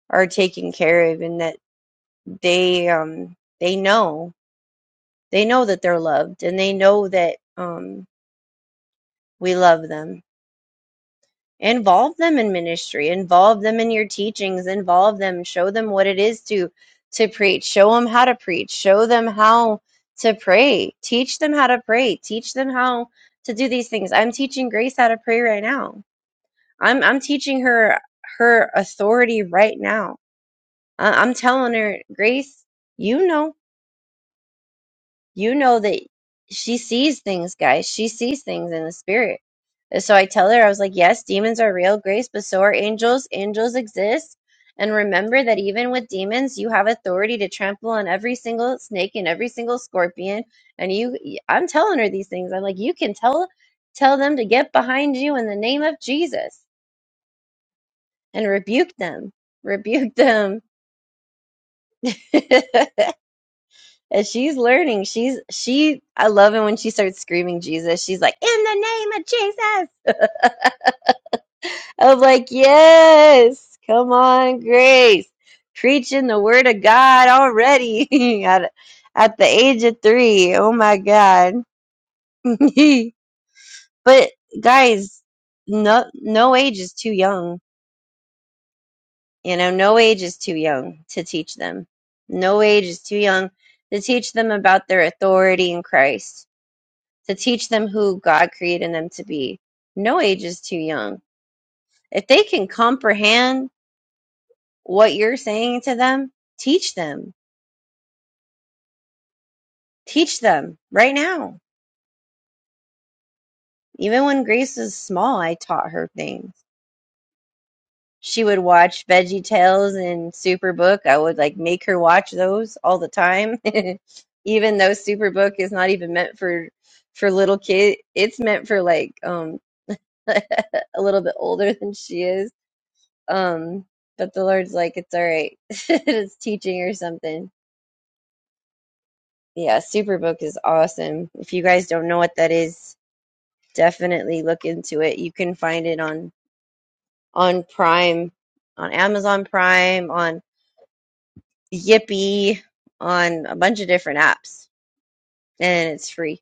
[SPEAKER 3] are taken care of and that they um they know they know that they're loved and they know that um we love them involve them in ministry involve them in your teachings involve them show them what it is to to preach show them how to preach show them how to pray teach them how to pray teach them how to do these things i'm teaching grace how to pray right now i'm i'm teaching her her authority right now I- i'm telling her grace you know you know that she sees things, guys. She sees things in the spirit. And so I tell her, I was like, yes, demons are real, Grace, but so are angels. Angels exist. And remember that even with demons, you have authority to trample on every single snake and every single scorpion. And you, I'm telling her these things. I'm like, you can tell, tell them to get behind you in the name of Jesus and rebuke them, rebuke them. and she's learning. She's she. I love it when she starts screaming Jesus. She's like, "In the name of Jesus!" I'm like, "Yes, come on, Grace, preaching the word of God already at at the age of three. Oh my God!" but guys, no no age is too young. You know, no age is too young to teach them. No age is too young to teach them about their authority in Christ to teach them who God created them to be. No age is too young. If they can comprehend what you're saying to them, teach them. Teach them right now. Even when Grace was small, I taught her things. She would watch Veggie Tales and Superbook. I would like make her watch those all the time. even though Superbook is not even meant for for little kids, it's meant for like um a little bit older than she is Um, but the Lord's like, it's all right. it's teaching or something. Yeah, Superbook is awesome. If you guys don't know what that is, definitely look into it. You can find it on on Prime, on Amazon Prime, on Yippee, on a bunch of different apps, and it's free.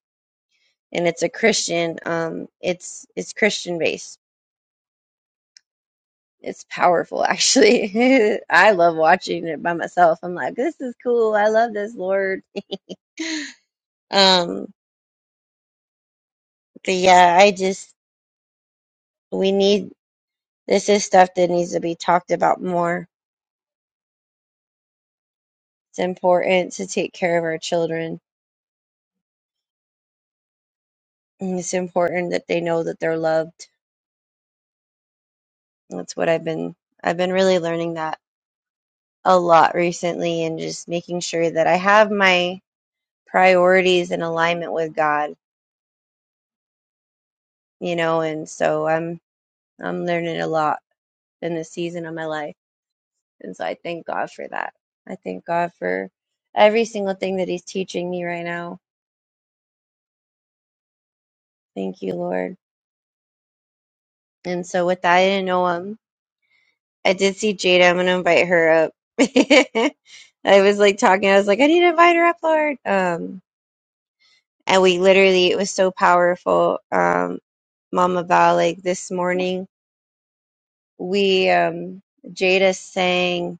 [SPEAKER 3] And it's a Christian. Um, it's it's Christian based. It's powerful, actually. I love watching it by myself. I'm like, this is cool. I love this, Lord. Um, But yeah, I just, we need, this is stuff that needs to be talked about more. It's important to take care of our children. And it's important that they know that they're loved. That's what I've been, I've been really learning that a lot recently and just making sure that I have my priorities in alignment with God, you know, and so I'm, I'm learning a lot in this season of my life. And so I thank God for that. I thank God for every single thing that He's teaching me right now. Thank you, Lord. And so with that, I didn't know him. I did see Jada. I'm gonna invite her up. I was like talking. I was like, I need to invite her up, Lord. Um, and we literally, it was so powerful. Um, Mama Val, like this morning, we um, Jada sang,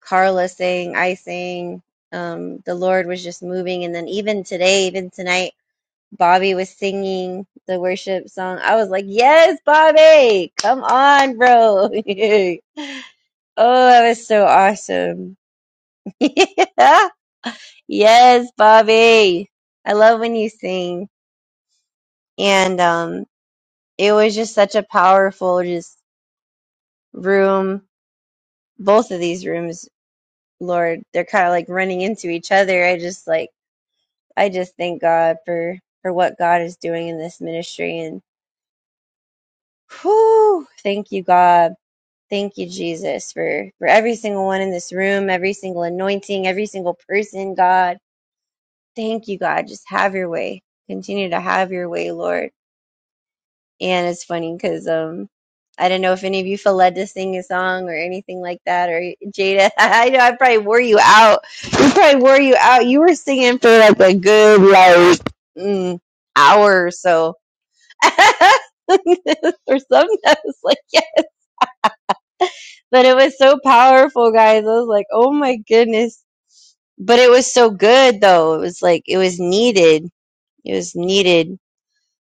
[SPEAKER 3] Carla sang, I sang. Um, the Lord was just moving, and then even today, even tonight, Bobby was singing the worship song. I was like, Yes, Bobby, come on, bro. Oh, that was so awesome. Yeah. Yes, Bobby. I love when you sing. And um it was just such a powerful just room. Both of these rooms, Lord, they're kind of like running into each other. I just like I just thank God for for what God is doing in this ministry and whew, thank you God. Thank you Jesus for for every single one in this room, every single anointing, every single person, God. Thank you, God. Just have your way. Continue to have your way, Lord. And it's funny because um, I don't know if any of you feel led to sing a song or anything like that, or Jada. I know I probably wore you out. You probably wore you out. You were singing for like a good like mm, hour or so. or something. I was like, yes. But it was so powerful, guys. I was like, oh my goodness. But it was so good, though. It was like, it was needed. It was needed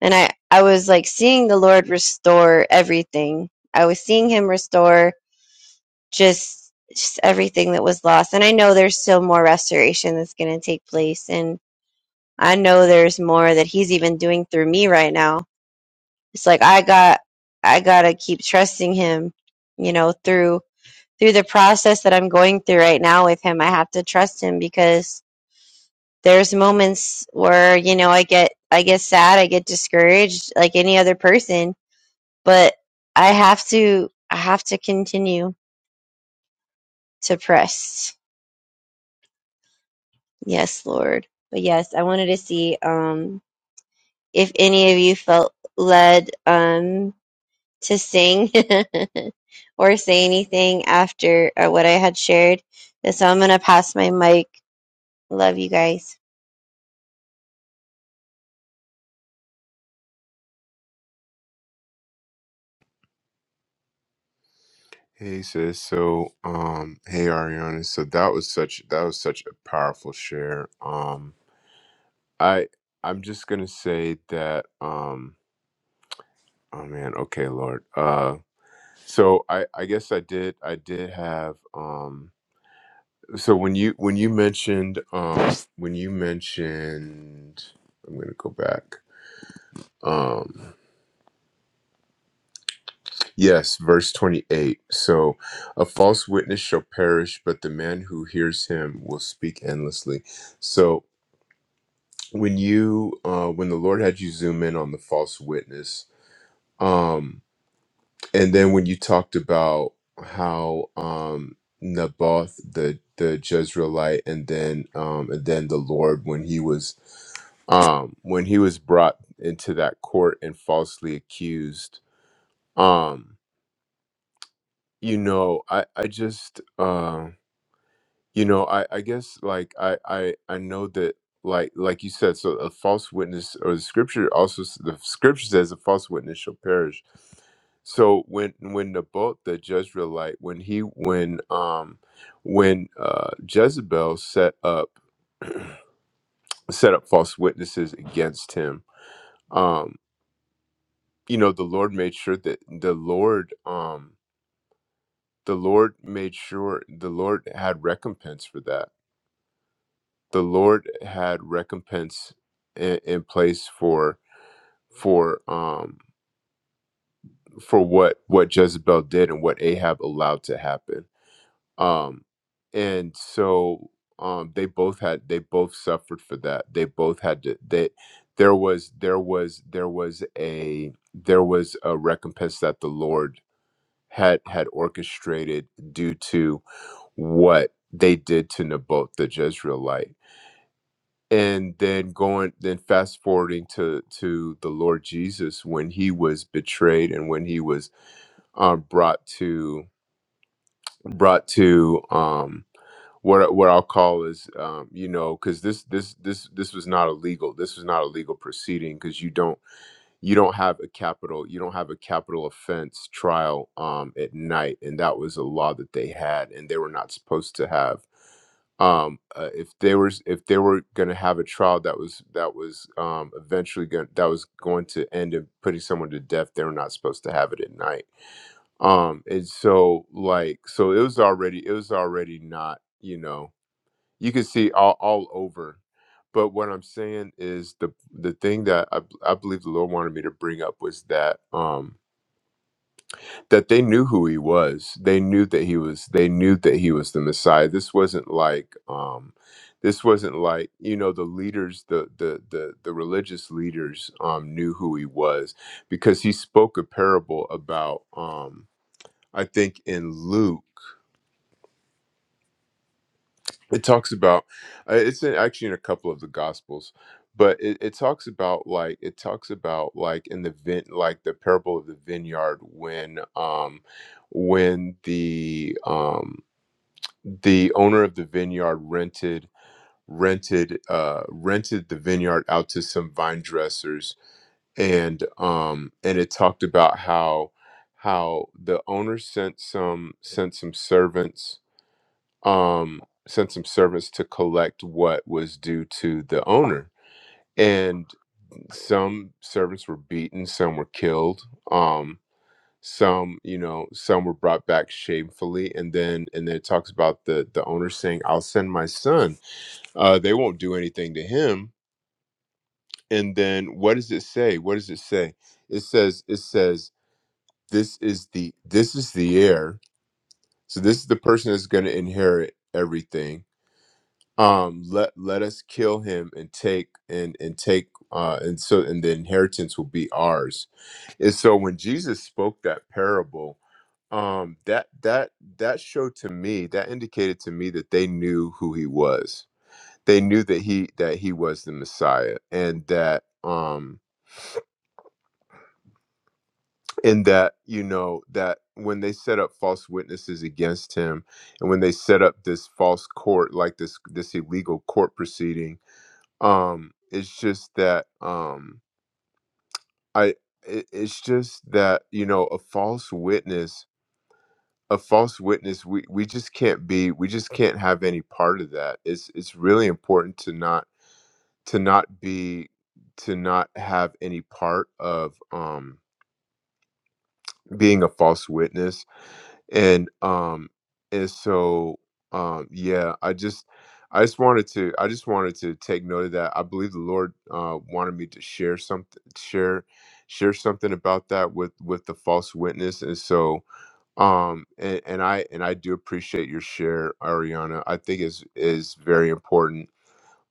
[SPEAKER 3] and I I was like seeing the Lord restore everything. I was seeing Him restore just just everything that was lost, and I know there's still more restoration that's going to take place, and I know there's more that He's even doing through me right now. It's like I got I gotta keep trusting Him, you know, through through the process that I'm going through right now with Him. I have to trust Him because there's moments where you know I get I get sad, I get discouraged, like any other person but I have to I have to continue to press. Yes, Lord. But yes, I wanted to see um if any of you felt led um to sing or say anything after uh, what I had shared. And so I'm gonna pass my mic. Love you guys.
[SPEAKER 1] Hey sis, so um hey Ariana, so that was such that was such a powerful share. Um I I'm just gonna say that um oh man, okay Lord. Uh so I I guess I did I did have um so when you when you mentioned um when you mentioned I'm gonna go back. Um yes, verse 28. So a false witness shall perish, but the man who hears him will speak endlessly. So when you uh when the lord had you zoom in on the false witness um and then when you talked about how um naboth the the jezreelite and then um and then the lord when he was um when he was brought into that court and falsely accused um you know i i just um You know, I, I guess like I, I I know that like like you said, so a false witness or the scripture also s- the scripture says a false witness shall perish. So when when Naboth the Jezreelite when he when um when uh Jezebel set up set up false witnesses against him, um you know the Lord made sure that the Lord um the Lord made sure the Lord had recompense for that the Lord had recompense in, in place for for um for what what Jezebel did and what Ahab allowed to happen. Um and so um they both had they both suffered for that. They both had to they there was there was there was a there was a recompense that the Lord had had orchestrated due to what they did to Naboth the Jezreelite and then going then fast forwarding to to the lord jesus when he was betrayed and when he was um brought to brought to um what I- what I'll call is um you know cuz this this this this was not illegal this was not a legal proceeding cuz you don't you don't have a capital you don't have a capital offense trial um at night and that was a law that they had and they were not supposed to have um uh, if they were if they were going to have a trial that was that was um eventually going that was going to end in putting someone to death they were not supposed to have it at night um and so like so it was already it was already not you know you can see all, all over but what i'm saying is the the thing that I I believe the lord wanted me to bring up was that um that they knew who he was they knew that he was they knew that he was the messiah this wasn't like um this wasn't like you know the leaders the the the, the religious leaders um knew who he was because he spoke a parable about um i think in luke it talks about uh, it's in, actually in a couple of the gospels but it, it talks about like it talks about like in the vin like the parable of the vineyard when um when the um the owner of the vineyard rented rented uh rented the vineyard out to some vine dressers and um and it talked about how how the owner sent some sent some servants um, sent some servants to collect what was due to the owner. And some servants were beaten, some were killed, um, some, you know, some were brought back shamefully. And then, and then it talks about the the owner saying, "I'll send my son. Uh, they won't do anything to him." And then, what does it say? What does it say? It says, it says, "This is the this is the heir." So this is the person that's going to inherit everything um let let us kill him and take and and take uh and so and the inheritance will be ours and so when jesus spoke that parable um that that that showed to me that indicated to me that they knew who he was they knew that he that he was the messiah and that um and that you know that when they set up false witnesses against him and when they set up this false court like this this illegal court proceeding um it's just that um i it, it's just that you know a false witness a false witness we we just can't be we just can't have any part of that it's it's really important to not to not be to not have any part of um being a false witness and um and so um yeah i just i just wanted to i just wanted to take note of that i believe the lord uh wanted me to share something share share something about that with with the false witness and so um and, and i and i do appreciate your share ariana i think is is very important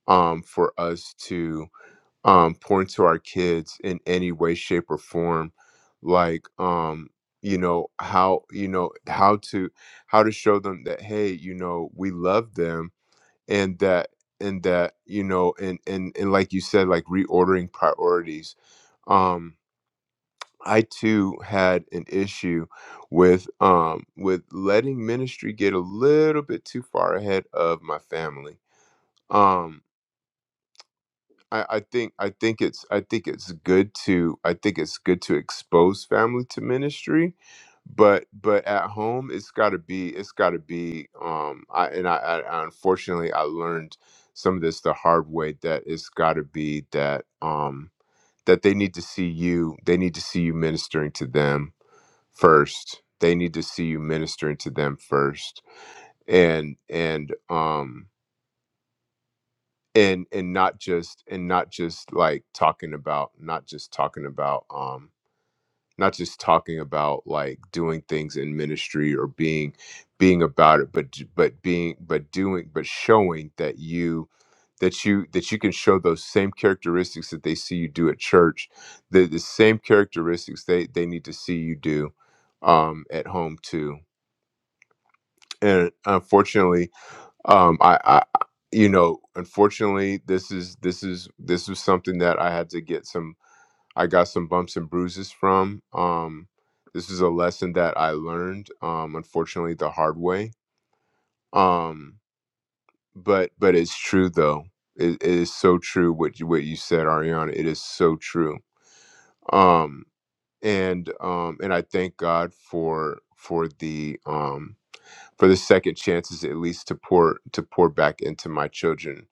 [SPEAKER 1] um for us to um pouring to our kids in any way shape or form like um you know how you know how to how to show them that hey you know we love them and that and that you know and and and like you said like reordering priorities um i too had an issue with um with letting ministry get a little bit too far ahead of my family Um, I, I think I think it's I think it's good to I think it's good to expose family to ministry, but but at home it's got to be it's got to be um I and I, I I- unfortunately I learned some of this the hard way that it's got to be that um that they need to see you they need to see you ministering to them first they need to see you ministering to them first and and um and and not just and not just like talking about not just talking about um not just talking about like doing things in ministry or being being about it but but being but doing but showing that you that you that you can show those same characteristics that they see you do at church the the same characteristics they they need to see you do um at home too and unfortunately um I, I you know unfortunately this is this is this was something that i had to get some i got some bumps and bruises from um this is a lesson that i learned um unfortunately the hard way um but but it's true though it, it is so true what you what you said ariana it is so true um and um and i thank god for for the um for the second chances at least to pour to pour back into my children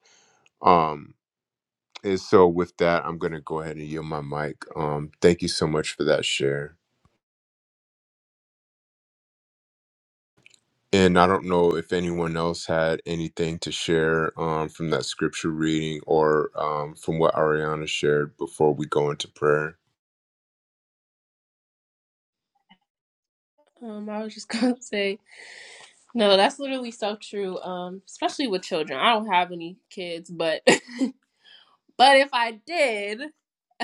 [SPEAKER 1] Um, And so, with that, I'm going to go ahead and yield my mic. Um, thank you so much for that share. And I don't know if anyone else had anything to share um, from that scripture reading or um, from what Ariana shared before we go into prayer.
[SPEAKER 8] Um, I was just gonna say, no, that's literally so true. Um, especially with children. I don't have any kids, but but if I did,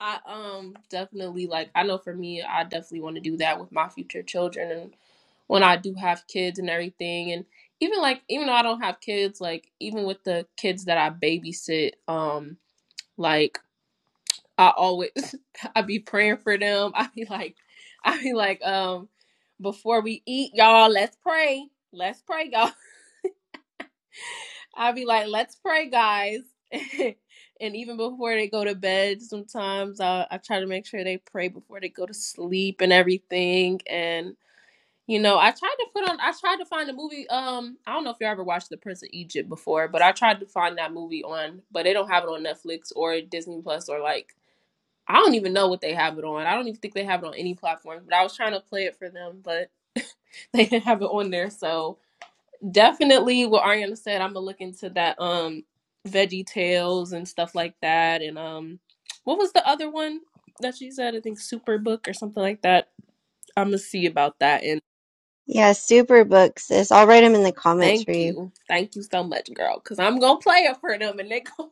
[SPEAKER 8] I um definitely like I know for me, I definitely want to do that with my future children and when I do have kids and everything and even like even though I don't have kids, like even with the kids that I babysit, um, like I always I be praying for them. I be like I be like um before we eat y'all let's pray. Let's pray y'all. I be like let's pray guys. and even before they go to bed sometimes I I try to make sure they pray before they go to sleep and everything and you know, I tried to put on I tried to find a movie um I don't know if you ever watched The Prince of Egypt before, but I tried to find that movie on but they don't have it on Netflix or Disney Plus or like I don't even know what they have it on. I don't even think they have it on any platform. But I was trying to play it for them, but they didn't have it on there. So definitely, what Ariana said, I'm gonna look into that um Veggie Tales and stuff like that. And um, what was the other one that she said? I think Superbook or something like that. I'm gonna see about that. And
[SPEAKER 3] Yeah, super books. Sis. I'll write them in the comments for
[SPEAKER 8] thank
[SPEAKER 3] you.
[SPEAKER 8] you, thank you so much, girl, because I'm gonna play it for them, and they going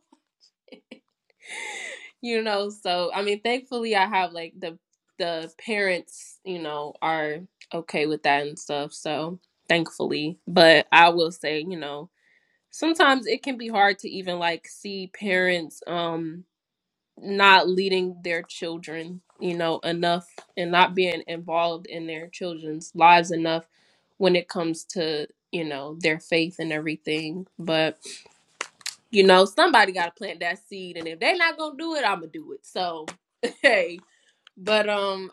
[SPEAKER 8] you know so i mean thankfully i have like the the parents you know are okay with that and stuff so thankfully but i will say you know sometimes it can be hard to even like see parents um not leading their children you know enough and not being involved in their children's lives enough when it comes to you know their faith and everything but you know, somebody got to plant that seed, and if they not gonna do it, I'm gonna do it. So, hey, but um,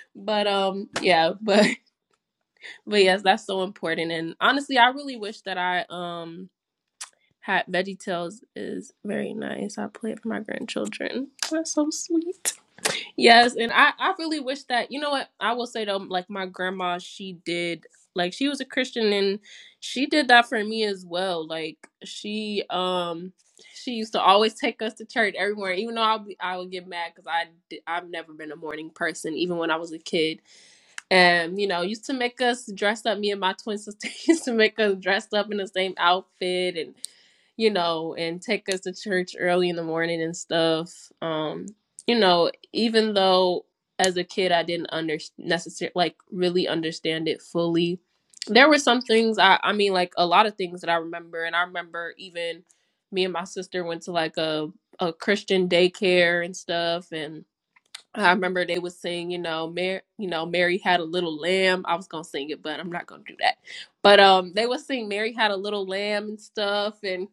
[SPEAKER 8] but um, yeah, but but yes, that's so important. And honestly, I really wish that I um had Veggie Tales is very nice. I play it for my grandchildren. That's so sweet. Yes, and I I really wish that you know what I will say though, like my grandma, she did like she was a Christian and she did that for me as well. Like she um she used to always take us to church everywhere, even though I will be I would get mad because I did, I've never been a morning person, even when I was a kid and you know used to make us dress up me and my twin sister used to make us dressed up in the same outfit and you know and take us to church early in the morning and stuff um you know even though as a kid i didn't under necessarily like really understand it fully there were some things i i mean like a lot of things that i remember and i remember even me and my sister went to like a a christian daycare and stuff and I remember they was saying, you know, Mary, you know, Mary had a little lamb. I was gonna sing it, but I'm not gonna do that. But um, they was sing Mary had a little lamb and stuff, and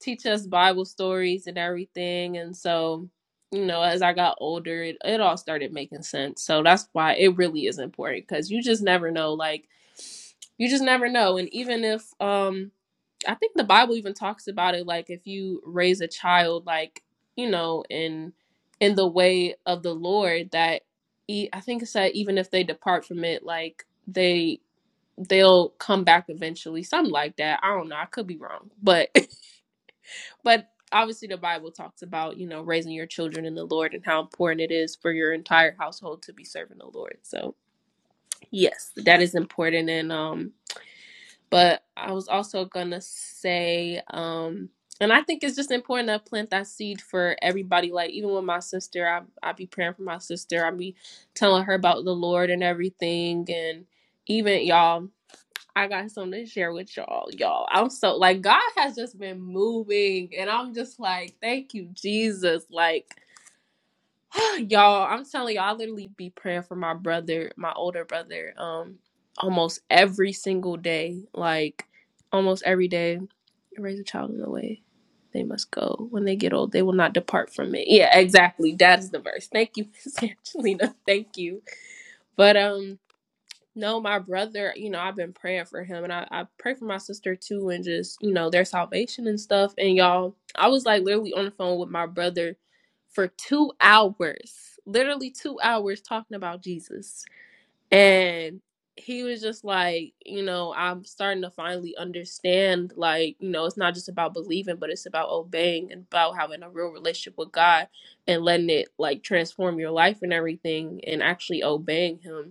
[SPEAKER 8] teach us Bible stories and everything. And so, you know, as I got older, it it all started making sense. So that's why it really is important because you just never know. Like, you just never know. And even if um, I think the Bible even talks about it. Like, if you raise a child, like you know, in in the way of the Lord that e- I think it's that even if they depart from it, like they they'll come back eventually, something like that. I don't know. I could be wrong, but but obviously the Bible talks about you know raising your children in the Lord and how important it is for your entire household to be serving the Lord. So yes, that is important, and um but I was also gonna say, um, and I think it's just important to plant that seed for everybody. Like even with my sister, I I be praying for my sister. I be telling her about the Lord and everything, and even y'all. I got something to share with y'all, y'all. I'm so like God has just been moving, and I'm just like, thank you, Jesus. Like y'all i'm telling y'all i literally be praying for my brother my older brother um almost every single day like almost every day raise a child in the way they must go when they get old they will not depart from it yeah exactly that is the verse thank you miss angelina thank you but um no, my brother, you know, I've been praying for him and I, I pray for my sister too and just, you know, their salvation and stuff. And y'all, I was like literally on the phone with my brother for two hours, literally two hours talking about Jesus. And he was just like, you know, I'm starting to finally understand, like, you know, it's not just about believing, but it's about obeying and about having a real relationship with God and letting it like transform your life and everything and actually obeying Him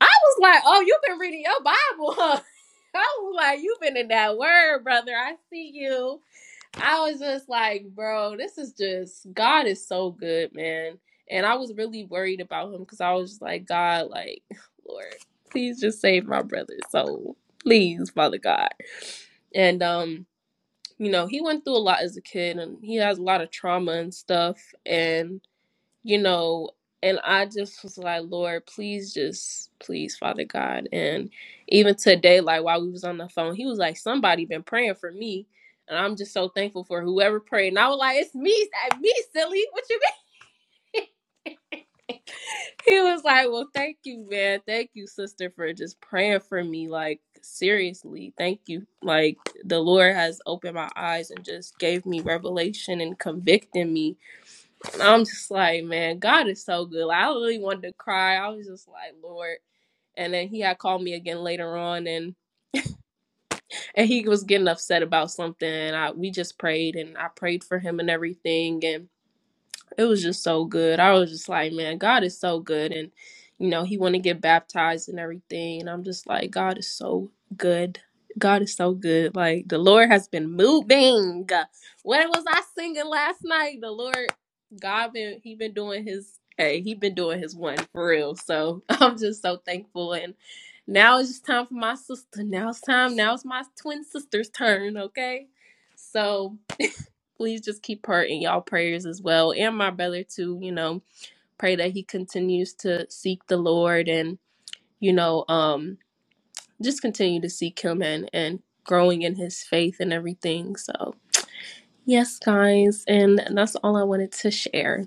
[SPEAKER 8] I was like, oh, you've been reading your Bible, huh? I was like, you've been in that word, brother. I see you. I was just like, bro, this is just, God is so good, man. And I was really worried about him because I was just like, God, like, Lord, please just save my brother. So please, Father God. And, um, you know, he went through a lot as a kid and he has a lot of trauma and stuff. And you know, and I just was like, Lord, please just please, Father God. And even today, like while we was on the phone, he was like, Somebody been praying for me. And I'm just so thankful for whoever prayed. And I was like, It's me, it's me, silly. What you mean? He was like, Well, thank you, man. Thank you, sister, for just praying for me. Like, seriously, thank you. Like the Lord has opened my eyes and just gave me revelation and convicted me I'm just like, man, God is so good. Like, I really wanted to cry. I was just like, Lord. And then he had called me again later on, and and he was getting upset about something. And I we just prayed, and I prayed for him and everything. and it was just so good. I was just like, man, God is so good, and you know, he want to get baptized and everything, and I'm just like, God is so good. God is so good. Like the Lord has been moving. What was I singing last night? The Lord, God been he been doing his hey, he been doing his one for real. So I'm just so thankful and. Now it's just time for my sister. Now it's time. Now it's my twin sister's turn, okay? So please just keep her in y'all prayers as well and my brother too you know pray that he continues to seek the lord and you know um just continue to seek him and and growing in his faith and everything so yes guys and that's all i wanted to share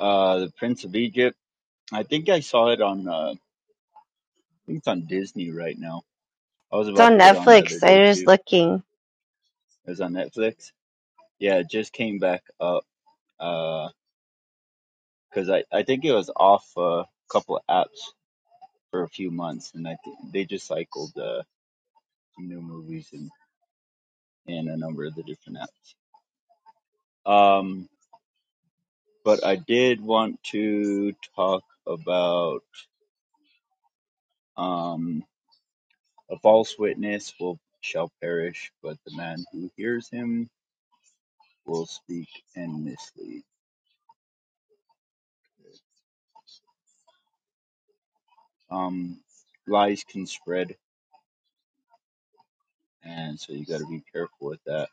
[SPEAKER 5] Uh, the Prince of Egypt. I think I saw it on uh, think it's on Disney right now. I was
[SPEAKER 3] It's
[SPEAKER 5] about
[SPEAKER 3] on
[SPEAKER 5] to put it on the other
[SPEAKER 3] Netflix. I
[SPEAKER 5] day
[SPEAKER 3] was just
[SPEAKER 5] too.
[SPEAKER 3] looking.
[SPEAKER 5] It was on Netflix. Yeah, it just came back up because I, I think it was off a couple apps for a few months, and I th- they just cycled uh, some new movies and, and a number of the different apps. Um, but I did want to talk about um, a false witness will shall perish, but the man who hears him will speak and mislead. um, lies can spread, and so you got to be careful with that.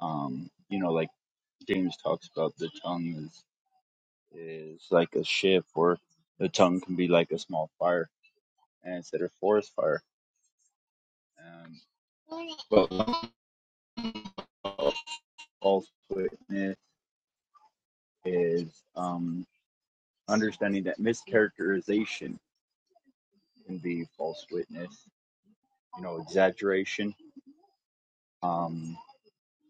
[SPEAKER 5] Um, you know, like James talks about, the tongue is is like a ship, or the tongue can be like a small fire, and it's instead a forest fire. Um, but one false witness is um, understanding that mischaracterization can be false witness. You know, exaggeration. Um,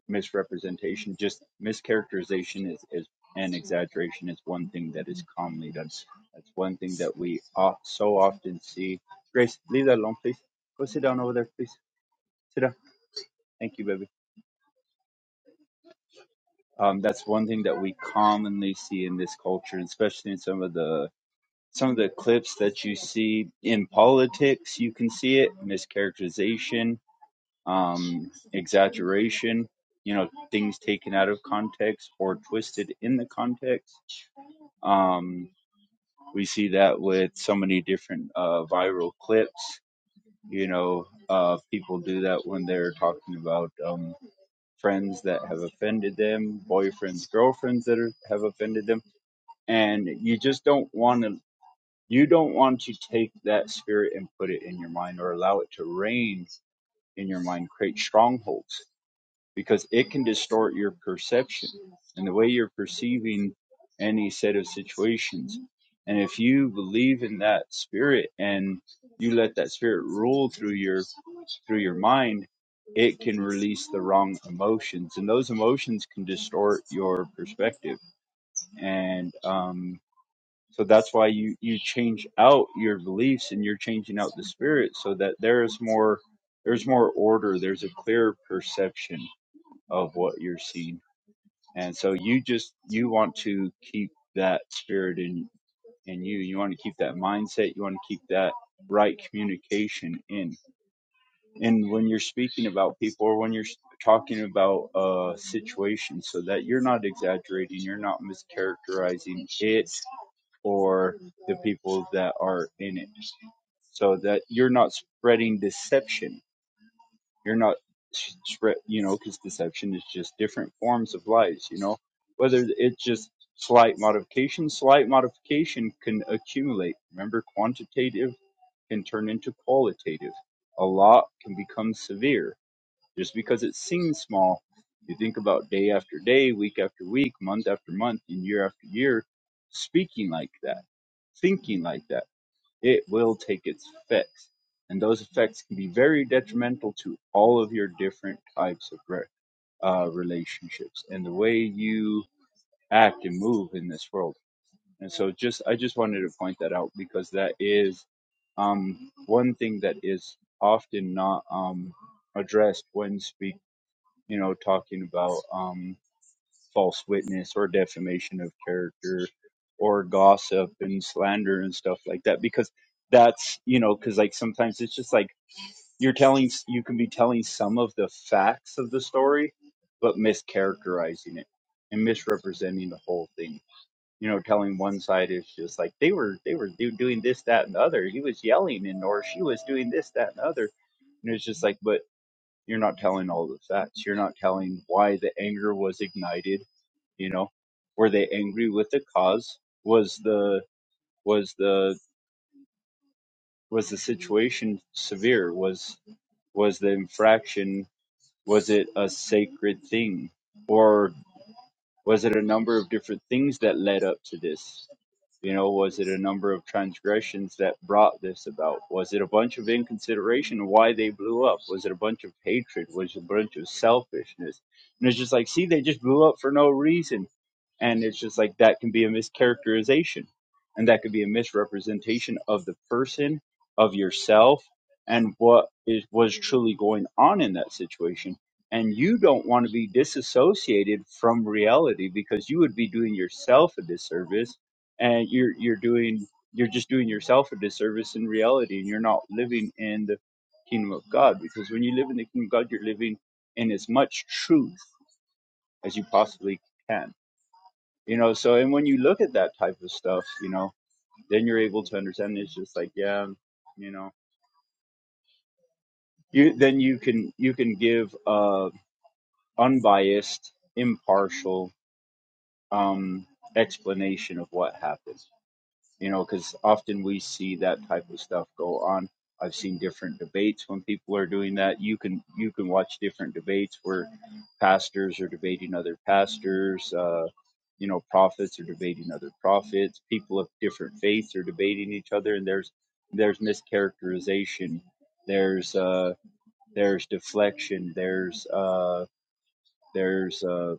[SPEAKER 5] misrepresentation, just mischaracterization is, is and exaggeration is one thing that is commonly done. That's one thing that we off, so often see. Grace, leave that alone, please. Go sit down over there, please. Sit down. Thank you, baby. Um, that's one thing that we commonly see in this culture, and especially in some of the some of the clips that you see in politics. You can see it mischaracterization, um, exaggeration. You know, things taken out of context or twisted in the context Um, we see that with so many different uh, viral clips. You know, uh, people do that when they're talking about um, friends that have offended them, boyfriends, girlfriends that are, have offended them, and you just don't want to. You don't want to take that spirit and put it in your mind, or allow it to reign in your mind, create strongholds because it can distort your perception and the way you're perceiving any set of situations. And if you believe in that spirit and you let that spirit rule through your through your mind, it can release the wrong emotions, and those emotions can distort your perspective. And um, so that's why you you change out your beliefs and you're changing out the spirit so that there is more there's more order, there's a clear perception of what you're seeing. And so you just you want to keep that spirit in in you. You want to keep that mindset. You want to keep that right communication in. And when you're speaking about people or when you're s- talking about a situation so that you're not exaggerating, you're not mischaracterizing it or the people that are in it so that you're not spreading deception you're not, spread- you know, because deception is just different forms of lies, you know, whether it's just slight modification, slight modification can accumulate. Remember, quantitative can turn into qualitative. A lot can become severe just because it seems small. You think about day after day, week after week, month after month, and year after year, speaking like that, thinking like that it will take its effects. And those effects can be very detrimental to all of your different types of re- uh, relationships and the way you act and move in this world. And so just, I just wanted to point that out because that is, um, one thing that is often not, um, addressed when speak, you know, talking about, um, false witness or defamation of character or gossip and slander and stuff like that because that's you know because like sometimes it's just like you're telling you can be telling some of the facts of the story but mischaracterizing it and misrepresenting the whole thing you know telling one side is just like they were they were do- doing this that and the other he was yelling and or she was doing this that and the other and it's just like but you're not telling all the facts you're not telling why the anger was ignited you know were they angry with the cause was the was the was the situation severe was was the infraction was it a sacred thing or was it a number of different things that led up to this You know, was it a number of transgressions that brought this about? Was it a bunch of inconsideration why they blew up? Was it a bunch of hatred? Was it a bunch of selfishness? And it's just like, see, they just blew up for no reason. And it's just like that can be a mischaracterization and that could be a misrepresentation of the person, of yourself, and what is was truly going on in that situation. And you don't want to be disassociated from reality because you would be doing yourself a disservice and you're you're doing you're just doing yourself a disservice in reality and you're not living in the kingdom of god because when you live in the kingdom of god you're living in as much truth as you possibly can you know so and when you look at that type of stuff you know then you're able to understand it's just like yeah you know you then you can you can give uh unbiased impartial um explanation of what happened you know, because often we see that type of stuff go on. I've seen different debates when people are doing that. You can you can watch different debates where pastors are debating other pastors, uh, you know, prophets are debating other prophets. People of different faiths are debating each other, and there's there's mischaracterization, there's uh, there's deflection, there's uh, there's uh,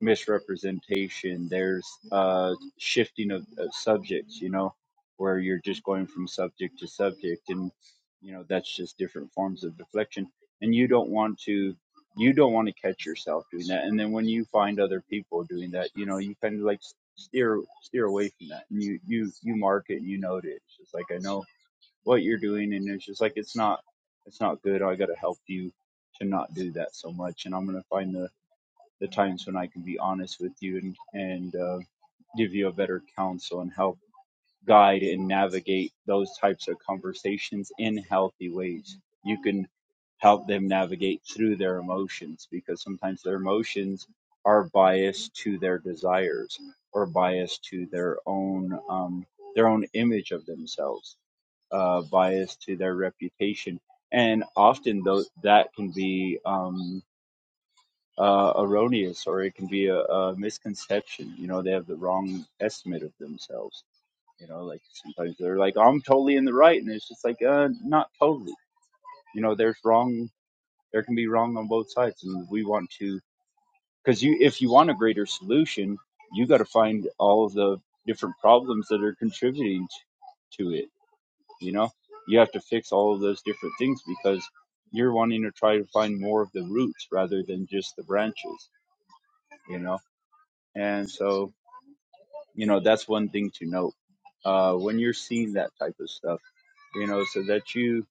[SPEAKER 5] misrepresentation. There's uh, shifting of, of subjects, you know, where you're just going from subject to subject, and you know that's just different forms of deflection. And you don't want to, you don't want to catch yourself doing that. And then when you find other people doing that, you know, you kind of like s- steer steer away from that, and you you you mark it and you note it. It's just like I know what you're doing, and it's just like it's not it's not good. I got to help you to not do that so much, and I'm gonna find the the times when I can be honest with you and and uh, give you a better counsel and help guide and navigate those types of conversations in healthy ways. You can help them navigate through their emotions because sometimes their emotions are biased to their desires or biased to their own um, their own image of themselves, uh, biased to their reputation, and often those that can be. Um, uh, erroneous or it can be a, a misconception. You know, they have the wrong estimate of themselves. You know, like sometimes they're like, oh, I'm totally in the right. And it's just like, uh, not totally. You know, there's wrong, there can be wrong on both sides. And we want to, because you, if you want a greater solution, you got to find all of the different problems that are contributing t- to it. You know, you have to fix all of those different things because you're wanting to try to find more of the roots rather than just the branches, you know And so, you know, that's one thing to note uh, when you're seeing that type of stuff, you know, so that you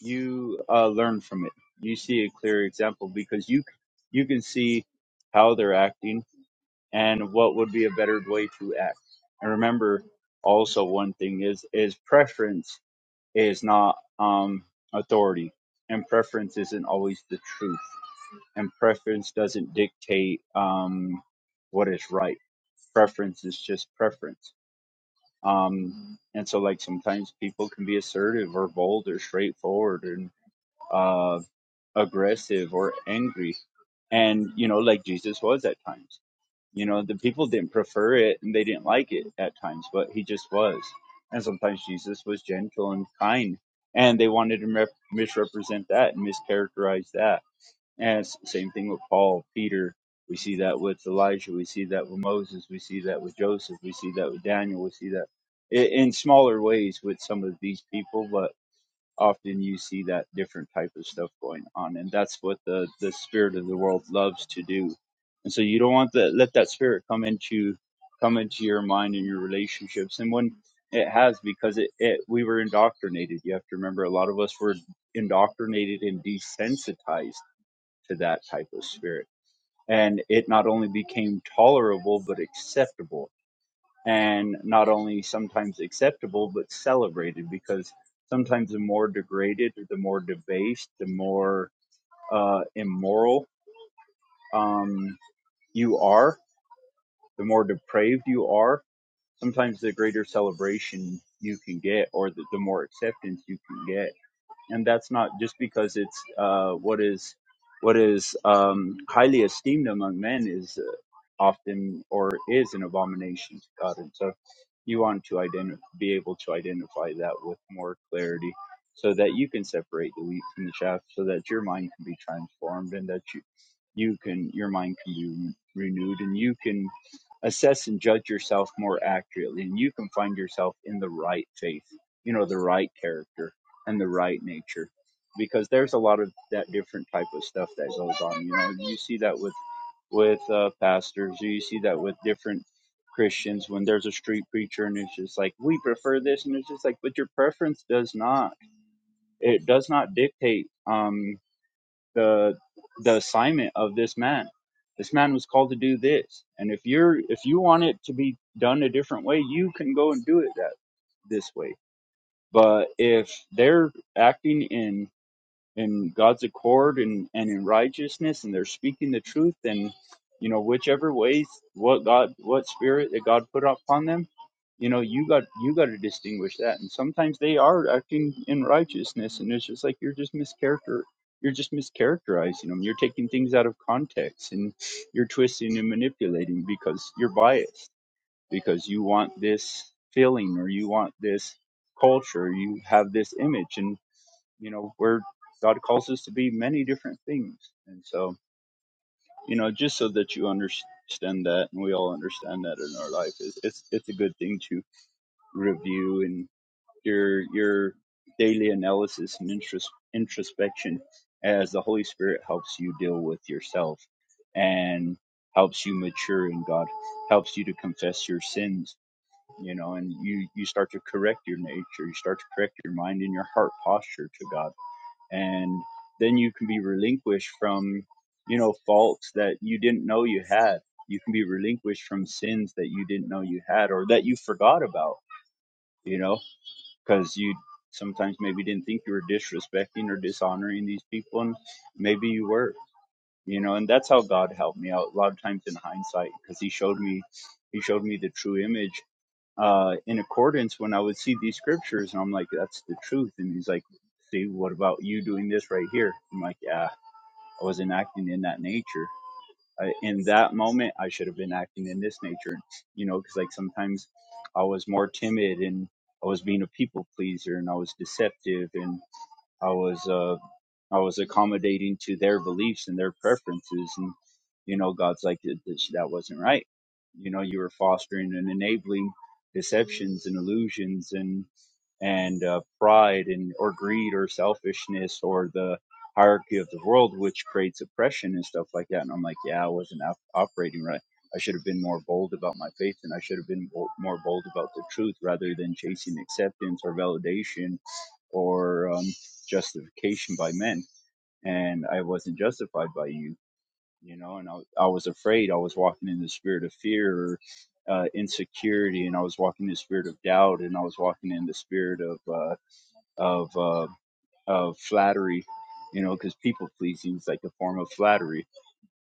[SPEAKER 5] you uh, learn from it. You see a clear example because you you can see how they're acting and what would be a better way to act. And remember, also one thing is is preference is not um, authority, and preference isn't always the truth, and preference doesn't dictate um, what is right preference is just preference. Um, and so, like, sometimes people can be assertive or bold or straightforward and uh, aggressive or angry. And, you know, like Jesus was at times. You know, the people didn't prefer it and they didn't like it at times, but he just was. And sometimes Jesus was gentle and kind, and they wanted to misrepresent that and mischaracterize that as same thing with Paul, Peter. We see that with Elijah. We see that with Moses. We see that with Joseph. We see that with Daniel. We see that i- in smaller ways with some of these people, but often you see that different type of stuff going on, and that's what the the spirit of the world loves to do. And so you don't want to Let that spirit come into come into your mind and your relationships. And when it has, because it, it we were indoctrinated. You have to remember, a lot of us were indoctrinated and desensitized to that type of spirit. And it not only became tolerable, but acceptable. And not only sometimes acceptable, but celebrated because sometimes the more degraded, the more debased, the more uh, immoral um, you are, the more depraved you are, sometimes the greater celebration you can get or the, the more acceptance you can get. And that's not just because it's uh, what is what is um, highly esteemed among men is often or is an abomination to God. And so you want to identi- be able to identify that with more clarity so that you can separate the wheat from the chaff so that your mind can be transformed and that you you can your mind can be renewed and you can assess and judge yourself more accurately and you can find yourself in the right faith you know the right character and the right nature because there's a lot of that different type of stuff that goes on you know you see that with with uh, pastors. You see that with different Christians when there's a street preacher and it's just like we prefer this, and it's just like, but your preference does not it does not dictate um, the the assignment of this man. This man was called to do this, and if you're if you want it to be done a different way, you can go and do it that this way. But if they're acting in in God's accord and, and in righteousness and they're speaking the truth and you know whichever ways what God what spirit that God put upon them you know you got you got to distinguish that and sometimes they are acting in righteousness and it's just like you're just mischaracter you're just mischaracterizing them you're taking things out of context and you're twisting and manipulating because you're biased because you want this feeling or you want this culture you have this image and you know where god calls us to be many different things and so you know just so that you understand that and we all understand that in our life is it's it's a good thing to review and your your daily analysis and interest, introspection as the holy spirit helps you deal with yourself and helps you mature in god helps you to confess your sins you know and you you start to correct your nature you start to correct your mind and your heart posture to god and then you can be relinquished from you know faults that you didn't know you had you can be relinquished from sins that you didn't know you had or that you forgot about you know because you sometimes maybe didn't think you were disrespecting or dishonoring these people and maybe you were you know and that's how god helped me out a lot of times in hindsight because he showed me he showed me the true image uh, in accordance when I would see these scriptures, and I'm like, that's the truth. And he's like, see, what about you doing this right here? I'm like, yeah, I wasn't acting in that nature. I, in that moment, I should have been acting in this nature, you know, because like sometimes I was more timid and I was being a people pleaser and I was deceptive and I was uh. I was accommodating to their beliefs and their preferences. And, you know, God's like, "Th- this- that wasn't right. You know, you were fostering and enabling deceptions and illusions and, and uh, pride and, or greed or selfishness or the hierarchy of the world, which creates oppression and stuff like that. And I'm like, yeah, I wasn't op- operating right. I should have been more bold about my faith and I should have been bo- more bold about the truth rather than chasing acceptance or validation or um, justification by men and I wasn't justified by you, you know, and I, I was afraid. I was walking in the spirit of fear or uh, insecurity, and I was walking in the spirit of doubt, and I was walking in the spirit of uh, of uh, of flattery, you know, because people pleasing is like a form of flattery,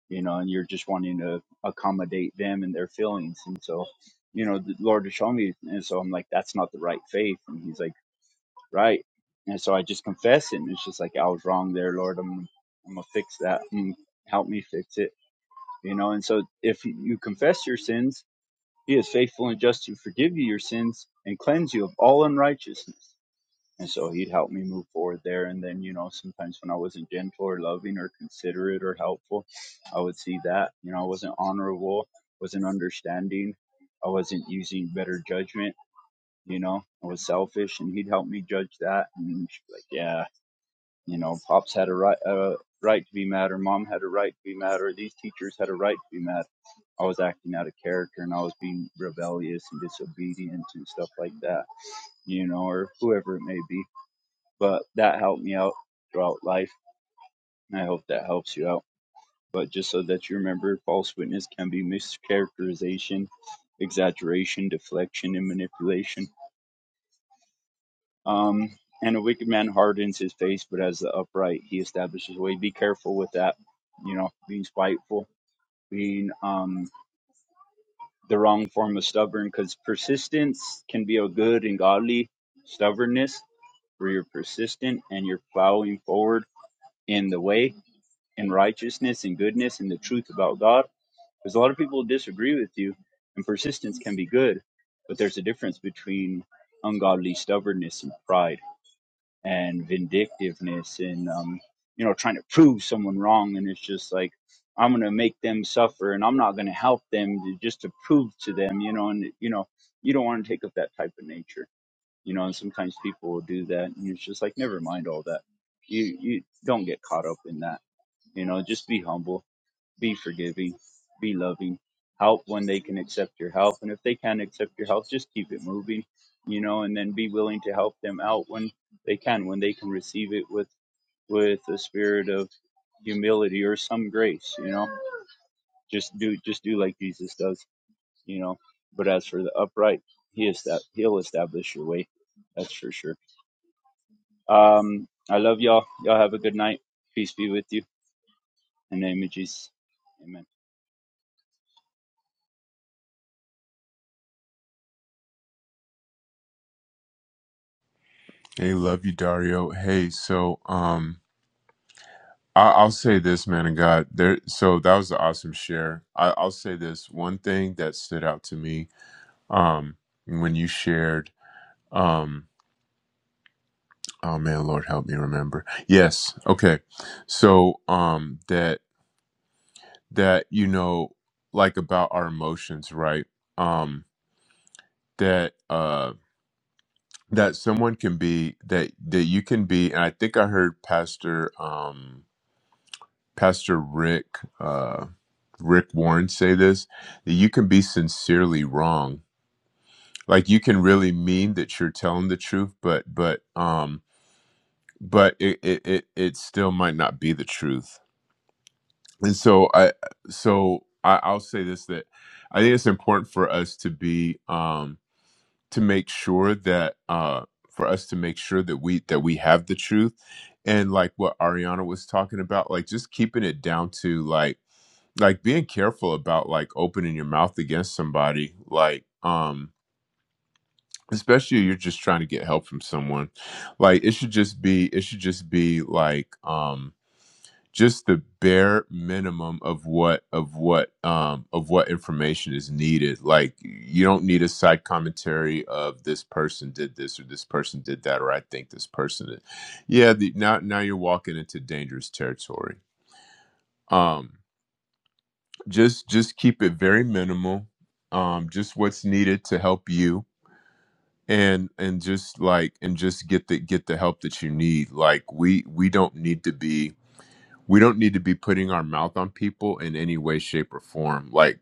[SPEAKER 5] you know, and you're just wanting to accommodate them and their feelings, and so. You know, the Lord has shown me, and so I'm like, that's not the right faith. And He's like right? And so I just confess it, and it's just like I was wrong there, Lord. I'm I'm gonna fix that. Mm, help me fix it, you know. And so if you confess your sins, He is faithful and just to forgive you your sins and cleanse you of all unrighteousness. And so He'd help me move forward there. And then you know sometimes when I wasn't gentle or loving or considerate or helpful, I would see that you know I wasn't honorable, wasn't understanding, I wasn't using better judgment you know, I was selfish and he'd help me judge that. And she'd be like, yeah, you know, pops had a right, uh, right to be mad or mom had a right to be mad or these teachers had a right to be mad. I was acting out of character and I was being rebellious and disobedient and stuff like that, you know, or whoever it may be. But that helped me out throughout life. And I hope that helps you out. But just so that you remember, false witness can be mischaracterization, exaggeration, deflection, and manipulation Um, and a wicked man hardens his face, but as the upright, he establishes his way. Be careful with that, you know, being spiteful, being um, the wrong form of stubborn, because persistence can be a good and godly stubbornness where you're persistent and you're plowing forward in the way, in righteousness and goodness and the truth about God. Because a lot of people disagree with you, and persistence can be good, but there's a difference between ungodly stubbornness and pride and vindictiveness and um, you know trying to prove someone wrong and it's just like i'm going to make them suffer and i'm not going to help them to, just to prove to them you know and you know you don't want to take up that type of nature you know and sometimes people will do that and it's just like never mind all that you you don't get caught up in that you know just be humble be forgiving, be loving, help when they can accept your help. And if they can't accept your help, just keep it moving, you know, and then be willing to help them out when they can, when they can receive it with, with a spirit of humility or some grace, you know, just do, just do like Jesus does, you know, but as for the upright, he is that he'll establish your way. That's for sure. Um, I love y'all. Y'all have a good night. Peace be with you. In the name of Jesus. Amen.
[SPEAKER 1] Hey, love you, Dario. Hey, so um, I- I'll say this, man of God. There, so that was an awesome share. I- I'll say this one thing that stood out to me um, when you shared. Um, Oh man, Lord help me remember. Yes. Okay. So um that that you know like about our emotions, right? Um that uh that someone can be that that you can be and I think I heard Pastor um Pastor Rick uh Rick Warren say this that you can be sincerely wrong. Like you can really mean that you're telling the truth, but but um but it it it, it still might not be the truth and so i so I, i'll say this that i think it's important for us to be um to make sure that uh for us to make sure that we that we have the truth and like what ariana was talking about like just keeping it down to like like being careful about like opening your mouth against somebody like um especially if you're just trying to get help from someone like it should just be it should just be like um just the bare minimum of what of what um of what information is needed like you don't need a side commentary of this person did this or this person did that or i think this person did. yeah the, now now you're walking into dangerous territory um just just keep it very minimal um just what's needed to help you and and just like and just get the get the help that you need like we we don't need to be we don't need to be putting our mouth on people in any way shape or form like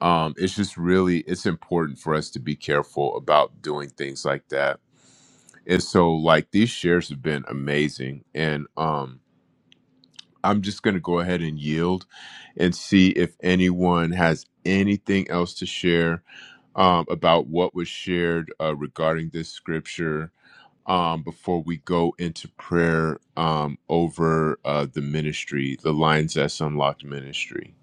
[SPEAKER 1] um it's just really it's important for us to be careful about doing things like that and so like these shares have been amazing and um i'm just going to go ahead and yield and see if anyone has anything else to share um, about what was shared uh, regarding this scripture um, before we go into prayer um, over uh, the ministry, the Lines That's Unlocked ministry.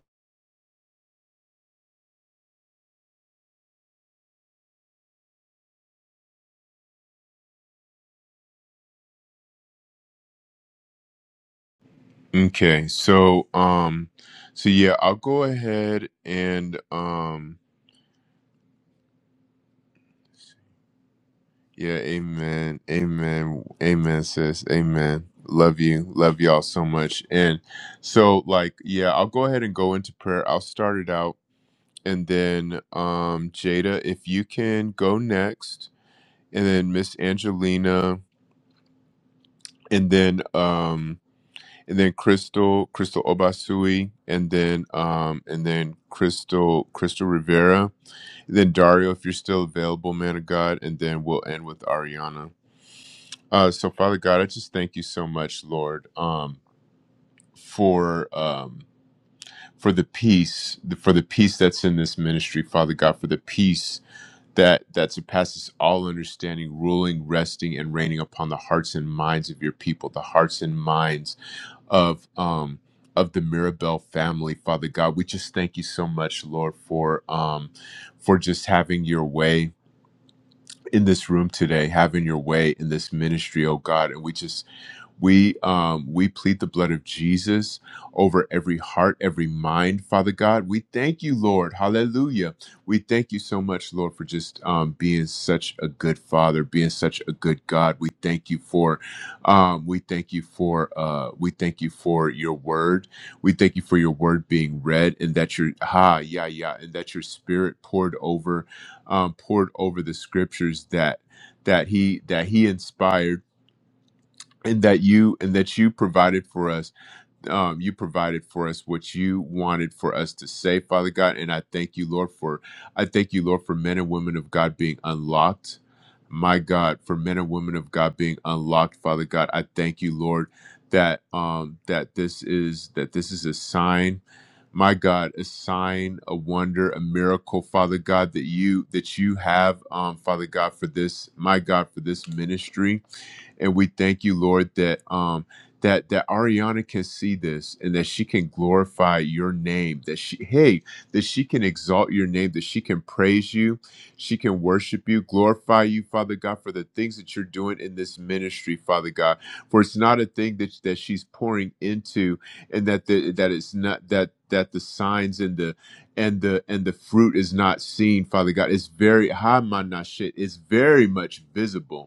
[SPEAKER 1] Okay, so um, so yeah, I'll go ahead and um, yeah, amen, amen, amen, sis, amen. Love you, love y'all so much. And so, like, yeah, I'll go ahead and go into prayer. I'll start it out, and then um, Jada, if you can go next, and then Miss Angelina and then um and then Crystal Crystal Obasui and then um and then Crystal Crystal Rivera and then Dario if you're still available man of God and then we'll end with Ariana. Uh so Father God I just thank you so much Lord um for um for the peace for the peace that's in this ministry Father God for the peace that that surpasses all understanding ruling resting and reigning upon the hearts and minds of your people the hearts and minds of um of the Mirabel family, Father God. We just thank you so much, Lord, for um for just having your way in this room today, having your way in this ministry, oh God. And we just we um, we plead the blood of Jesus over every heart, every mind, Father God. We thank you, Lord. Hallelujah. We thank you so much, Lord, for just um, being such a good Father, being such a good God. We thank you for, um, we thank you for, uh, we thank you for your word. We thank you for your word being read, and that your ha yeah yeah, and that your Spirit poured over, um, poured over the scriptures that that he that he inspired and that you and that you provided for us um you provided for us what you wanted for us to say father god and i thank you lord for i thank you lord for men and women of god being unlocked my god for men and women of god being unlocked father god i thank you lord that um that this is that this is a sign my god a sign a wonder a miracle father god that you that you have um father god for this my god for this ministry and we thank you, Lord, that um that that Ariana can see this and that she can glorify your name. That she hey that she can exalt your name. That she can praise you. She can worship you, glorify you, Father God, for the things that you're doing in this ministry, Father God. For it's not a thing that that she's pouring into, and that the, that it's not that that the signs and the and the and the fruit is not seen father god it's very ha shit it's very much visible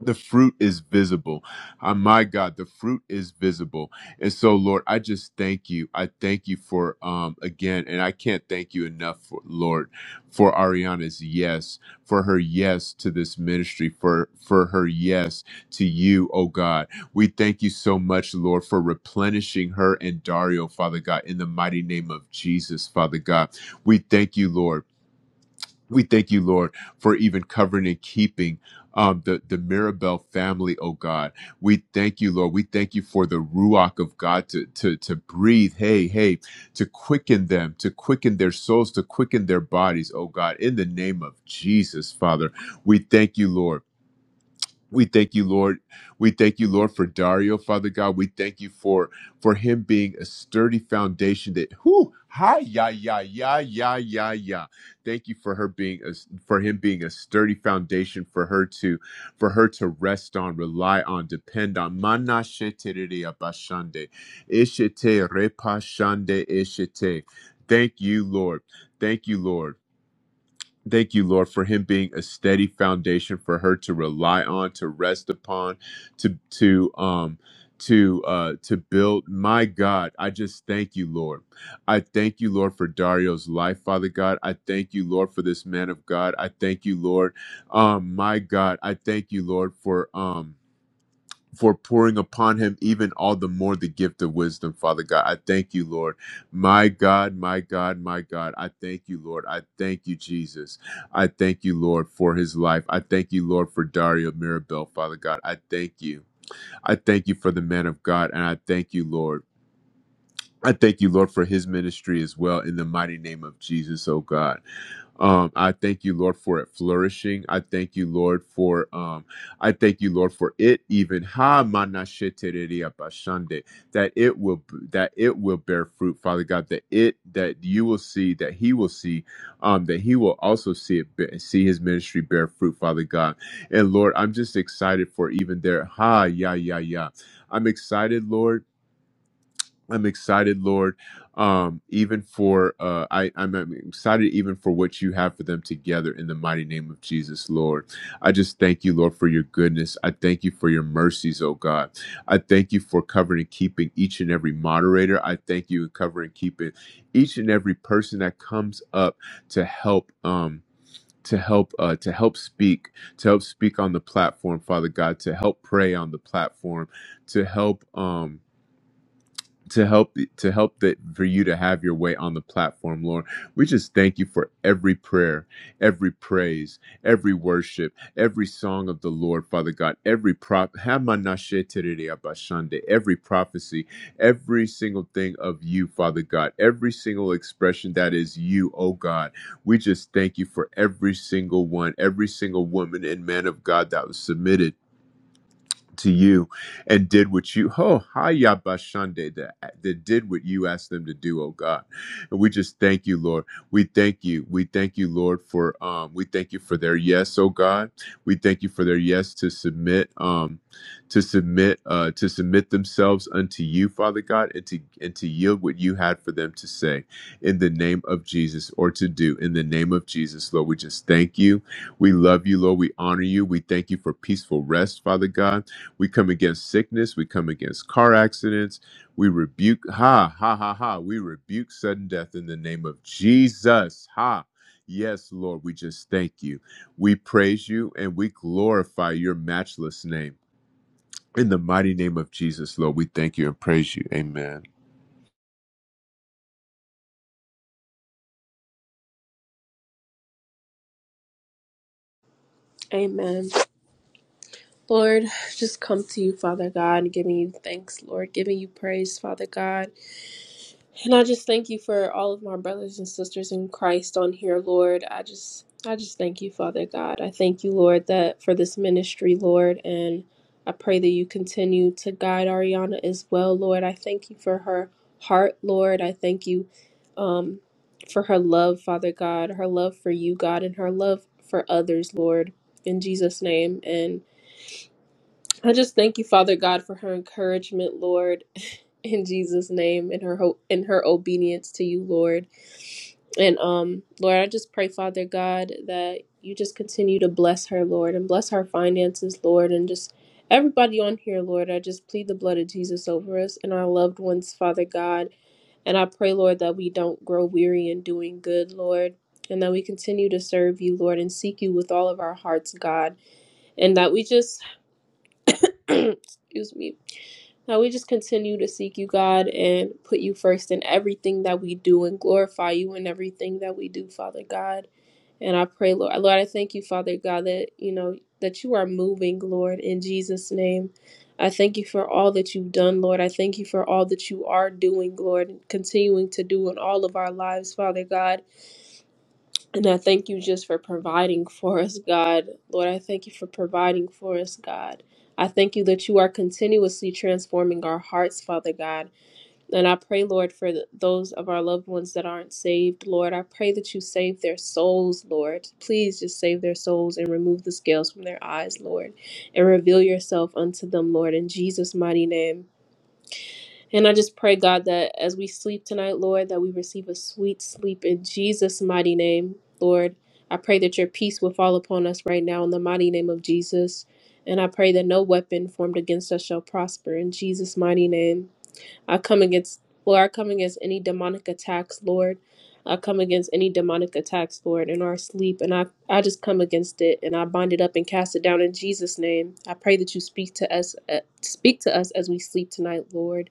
[SPEAKER 1] the fruit is visible. Uh, my God, the fruit is visible. And so, Lord, I just thank you. I thank you for, um, again, and I can't thank you enough, for, Lord, for Ariana's yes, for her yes to this ministry, for, for her yes to you, oh God. We thank you so much, Lord, for replenishing her and Dario, Father God, in the mighty name of Jesus, Father God. We thank you, Lord. We thank you, Lord, for even covering and keeping um, the, the Mirabel family, oh God. We thank you, Lord. We thank you for the Ruach of God to, to, to breathe, hey, hey, to quicken them, to quicken their souls, to quicken their bodies, oh God, in the name of Jesus, Father. We thank you, Lord. We thank you, Lord. We thank you, Lord, for Dario, Father God. We thank you for for him being a sturdy foundation that whoo, hi, ya, ya, ya, ya, ya, ya. Thank you for her being a, for him being a sturdy foundation for her to for her to rest on, rely on, depend on. Mana sheterere abashande, ishete repashande ishete. Thank you, Lord. Thank you, Lord. Thank you, Lord, for him being a steady foundation for her to rely on, to rest upon, to to um to uh to build. My God, I just thank you, Lord. I thank you, Lord, for Dario's life, Father God. I thank you, Lord, for this man of God. I thank you, Lord. Um, my God, I thank you, Lord, for um for pouring upon him even all the more the gift of wisdom, Father God. I thank you, Lord. My God, my God, my God. I thank you, Lord. I thank you, Jesus. I thank you, Lord, for his life. I thank you, Lord, for Dario Mirabel, Father God. I thank you. I thank you for the man of God, and I thank you, Lord. I thank you, Lord, for his ministry as well in the mighty name of Jesus, oh God. Um, I thank you, Lord, for it flourishing. I thank you, Lord, for um, I thank you, Lord, for it even ha mana shetereria bashande, that it will that it will bear fruit, Father God. That it that you will see, that He will see, um, that He will also see it be- see His ministry bear fruit, Father God. And Lord, I'm just excited for even there. Ha ya ya ya. I'm excited, Lord I'm excited, Lord, um, even for uh, I, I'm, I'm excited even for what you have for them together in the mighty name of Jesus, Lord. I just thank you, Lord, for your goodness. I thank you for your mercies, oh God. I thank you for covering and keeping each and every moderator. I thank you for covering and keeping each and every person that comes up to help. Um, to help uh, to help speak to help speak on the platform father god to help pray on the platform to help um to help to help that for you to have your way on the platform lord we just thank you for every prayer every praise every worship every song of the lord father god every prop every prophecy every single thing of you father god every single expression that is you oh god we just thank you for every single one every single woman and man of god that was submitted to you and did what you oh hiya bashande that, that did what you asked them to do oh god and we just thank you lord we thank you we thank you lord for um we thank you for their yes oh god we thank you for their yes to submit um to submit uh to submit themselves unto you father god and to and to yield what you had for them to say in the name of jesus or to do in the name of jesus lord we just thank you we love you lord we honor you we thank you for peaceful rest father god we come against sickness. We come against car accidents. We rebuke, ha, ha, ha, ha. We rebuke sudden death in the name of Jesus. Ha. Yes, Lord, we just thank you. We praise you and we glorify your matchless name. In the mighty name of Jesus, Lord, we thank you and praise you. Amen.
[SPEAKER 8] amen lord just come to you father god giving you thanks lord giving you praise father god And I just thank you for all of my brothers and sisters in Christ on here, Lord. I just I just thank you, Father God. I thank you, Lord, that for this ministry, Lord, and I pray that you continue to guide Ariana as well, Lord. I thank you for her heart, Lord. I thank you um for her love, Father God, her love for you, God, and her love for others, Lord, in Jesus' name. And I just thank you, Father God, for her encouragement, Lord in Jesus' name, in her ho- in her obedience to you, Lord. And um, Lord, I just pray, Father God, that you just continue to bless her, Lord, and bless her finances, Lord, and just everybody on here, Lord. I just plead the blood of Jesus over us and our loved ones, Father God. And I pray, Lord, that we don't grow weary in doing good, Lord. And that we continue to serve you, Lord, and seek you with all of our hearts, God. And that we just Excuse me. Now we just continue to seek you, God, and put you first in everything that we do and glorify you in everything that we do, Father God. And I pray, Lord, Lord, I thank you, Father God, that you know that you are moving, Lord, in Jesus' name. I thank you for all that you've done, Lord. I thank you for all that you are doing, Lord, and continuing to do in all of our lives, Father God. And I thank you just for providing for us, God. Lord, I thank you for providing for us, God. I thank you that you are continuously transforming our hearts, Father God. And I pray, Lord, for th- those of our loved ones that aren't saved, Lord. I pray that you save their souls, Lord. Please just save their souls and remove the scales from their eyes, Lord. And reveal yourself unto them, Lord, in Jesus' mighty name. And I just pray, God, that as we sleep tonight, Lord, that we receive a sweet sleep in Jesus' mighty name, Lord. I pray that your peace will fall upon us right now in the mighty name of Jesus. And I pray that no weapon formed against us shall prosper in Jesus' mighty name. I come against, Lord, I come against any demonic attacks, Lord. I come against any demonic attacks, Lord, in our sleep. And I, I just come against it and I bind it up and cast it down in Jesus' name. I pray that you speak to us, uh, speak to us as we sleep tonight, Lord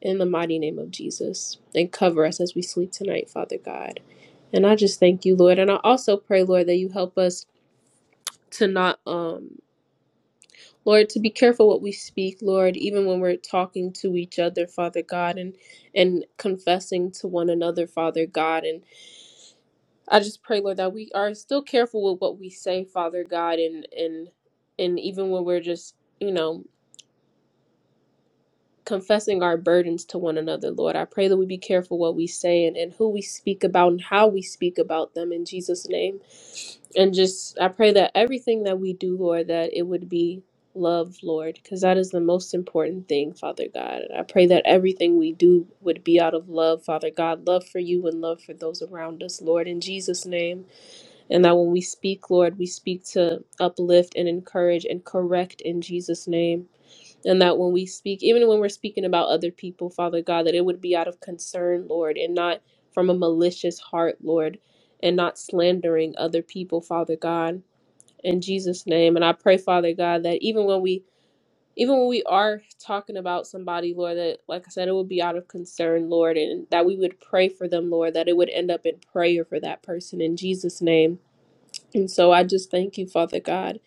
[SPEAKER 8] in the mighty name of Jesus. And cover us as we sleep tonight, Father God. And I just thank you, Lord. And I also pray, Lord, that you help us to not um Lord, to be careful what we speak, Lord, even when we're talking to each other, Father God, and and confessing to one another, Father God. And I just pray, Lord, that we are still careful with what we say, Father God, and and and even when we're just, you know, confessing our burdens to one another, Lord. I pray that we be careful what we say and, and who we speak about and how we speak about them in Jesus' name. And just, I pray that everything that we do, Lord, that it would be love, Lord, because that is the most important thing, Father God. And I pray that everything we do would be out of love, Father God, love for you and love for those around us, Lord, in Jesus' name. And that when we speak, Lord, we speak to uplift and encourage and correct in Jesus' name. And that when we speak, even when we're speaking about other people, Father God, that it would be out of concern, Lord, and not from a malicious heart, Lord, and not slandering other people, Father God, in Jesus' name. And I pray, Father God, that even when we even when we are talking about somebody, Lord, that like I said, it would be out of concern, Lord, and that we would pray for them, Lord, that it would end up in prayer for that person in Jesus' name. And so I just thank you, Father God.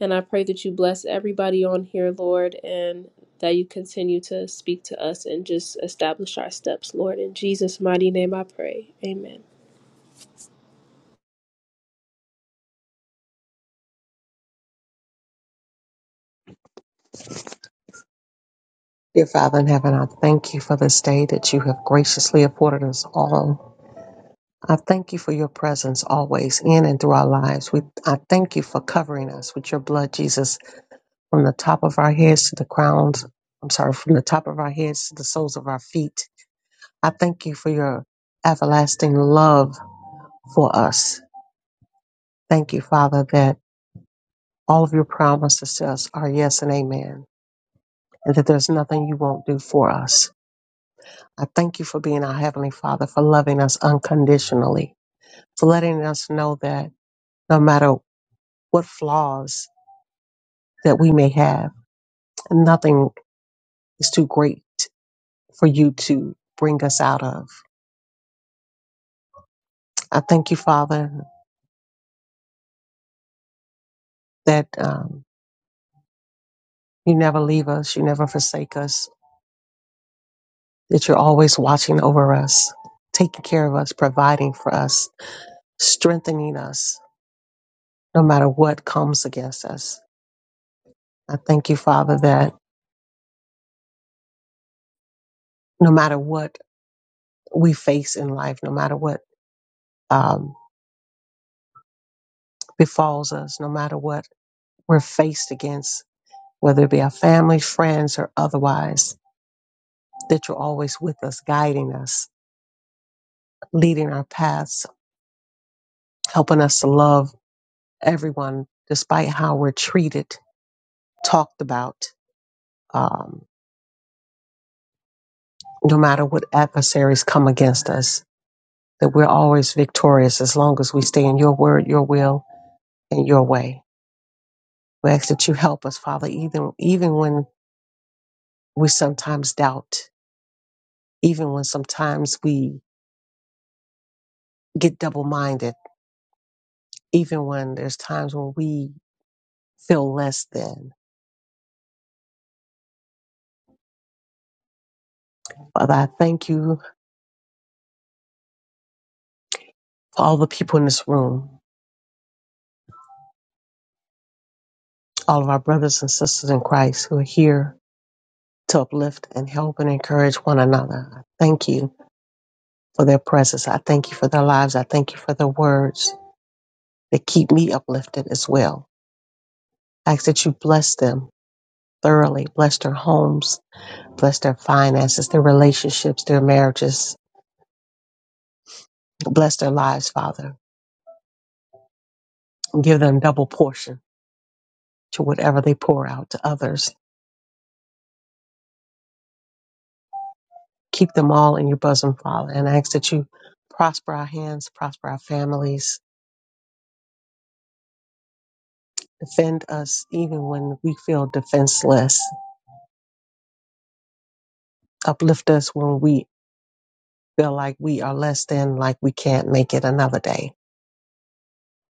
[SPEAKER 8] And I pray that you bless everybody on here, Lord, and that you continue to speak to us and just establish our steps, Lord. In Jesus' mighty name I pray. Amen.
[SPEAKER 6] Dear Father in heaven, I thank you for this day that you have graciously afforded us all. I thank you for your presence always in and through our lives. We, I thank you for covering us with your blood, Jesus, from the top of our heads to the crowns. I'm sorry, from the top of our heads to the soles of our feet. I thank you for your everlasting love for us. Thank you, Father, that all of your promises to us are yes and amen, and that there's nothing you won't do for us. I thank you for being our Heavenly Father, for loving us unconditionally, for letting us know that no matter what flaws that we may have, nothing is too great for you to bring us out of. I thank you, Father, that um, you never leave us, you never forsake us, that you're always watching over us, taking care of us, providing for us, strengthening us, no matter what comes against us. I thank you, Father, that no matter what we face in life, no matter what um, befalls us, no matter what we're faced against, whether it be our family, friends, or otherwise, that you're always with us, guiding us, leading our paths, helping us to love everyone despite how we're treated, talked about, um, no matter what adversaries come against us, that we're always victorious as long as we stay in your word, your will, and your way. We ask that you help us, Father, even, even when we sometimes doubt even when sometimes we get double minded, even when there's times when we feel less than. Father, I thank you for all the people in this room, all of our brothers and sisters in Christ who are here to uplift and help and encourage one another. I thank you for their presence. I thank you for their lives. I thank you for their words that keep me uplifted as well. I ask that you bless them thoroughly, bless their homes, bless their finances, their relationships, their marriages, bless their lives, Father. give them double portion to whatever they pour out to others. Keep them all in your bosom, Father, and I ask that you prosper our hands, prosper our families, defend us even when we feel defenseless, uplift us when we feel like we are less than, like we can't make it another day.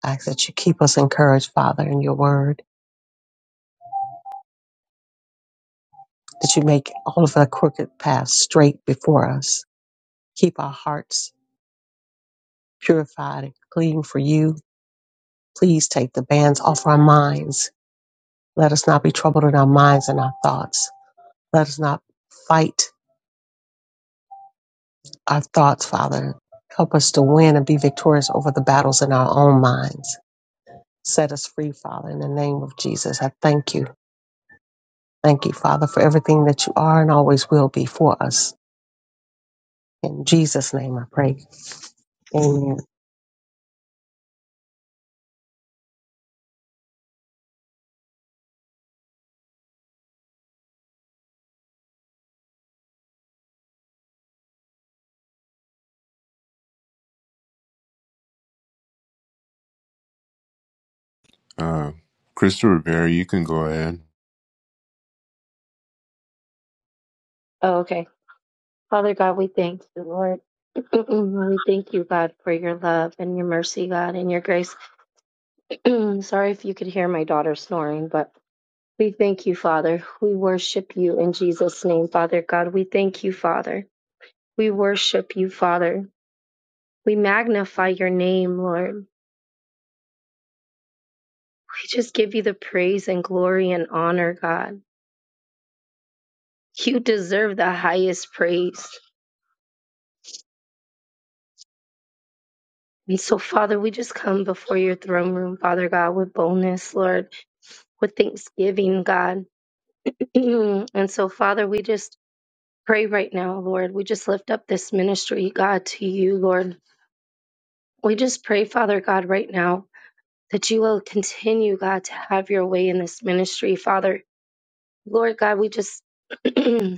[SPEAKER 6] I ask that you keep us encouraged, Father, in your word, that you make all of our crooked paths straight before us. Keep our hearts purified and clean for you. Please take the bands off our minds Let us not be troubled in our minds and our thoughts. Let us not fight our thoughts, Father. Help us to win and be victorious over the battles in our own minds. Set us free, Father, in the name of Jesus. I thank you. Thank you, Father, for everything that you are and always will be for us. In Jesus' name I pray. Amen.
[SPEAKER 1] Uh, Crystal Rivera, you can go ahead.
[SPEAKER 7] Oh, okay, Father God, we thank you, Lord. Mm-mm, Lord, We thank you, God, for your love and your mercy, God, and your grace. Sorry if you could hear my daughter snoring, but we thank you, Father. We worship you in Jesus' name, Father God. We thank you, Father. We worship you, Father. We magnify your name, Lord. We just give you the praise and glory and honor, God. You deserve the highest praise. And so, Father, we just come before your throne room, Father God, with boldness, Lord, with thanksgiving, God. and so, Father, we just pray right now, Lord. We just lift up this ministry, God, to you, Lord. We just pray, Father God, right now that you will continue, God, to have your way in this ministry, Father. Lord God, we just, I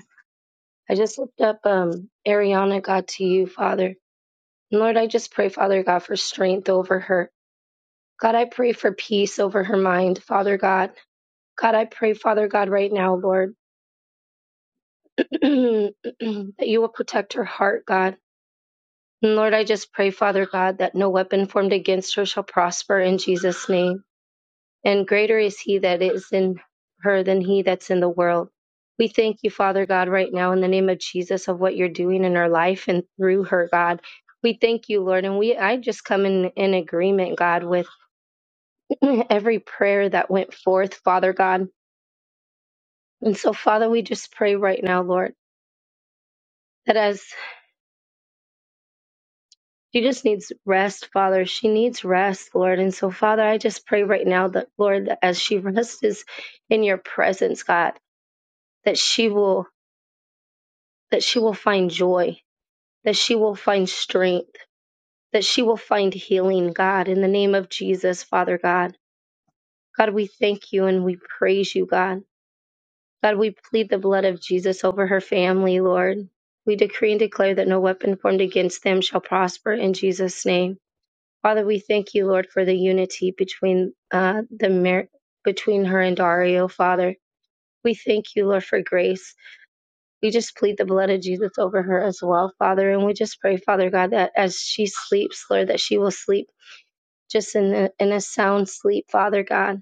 [SPEAKER 7] just lift up um, Ariana, God, to you, Father. And Lord, I just pray, Father God, for strength over her. God, I pray for peace over her mind, Father God. God, I pray, Father God, right now, Lord, that you will protect her heart, God. Lord, I just pray, Father God, that no weapon formed against her shall prosper in Jesus' name. And greater is he that is in her than he that's in the world. We thank you, Father God, right now in the name of Jesus of what you're doing in her life and through her, God. We thank you, Lord. And we I just come in, in agreement, God, with every prayer that went forth, Father God. And so, Father, we just pray right now, Lord, that as She just needs rest, Father. She needs rest, Lord. And so, Father, I just pray right now that, Lord, that as she rests in your presence, God, that she will that she will find joy, that she will find strength, that she will find healing, God, in the name of Jesus, Father God. God, we thank you and we praise you, God. God, we plead the blood of Jesus over her family, Lord. We decree and declare that no weapon formed against them shall prosper in Jesus' name. Father, we thank you, Lord, for the unity between uh, the mar- between her and Dario, Father. We thank you, Lord, for grace. We just plead the blood of Jesus over her as well, Father, and we just pray, Father God, that as she sleeps, Lord, that she will sleep just in a, in a sound sleep, Father God,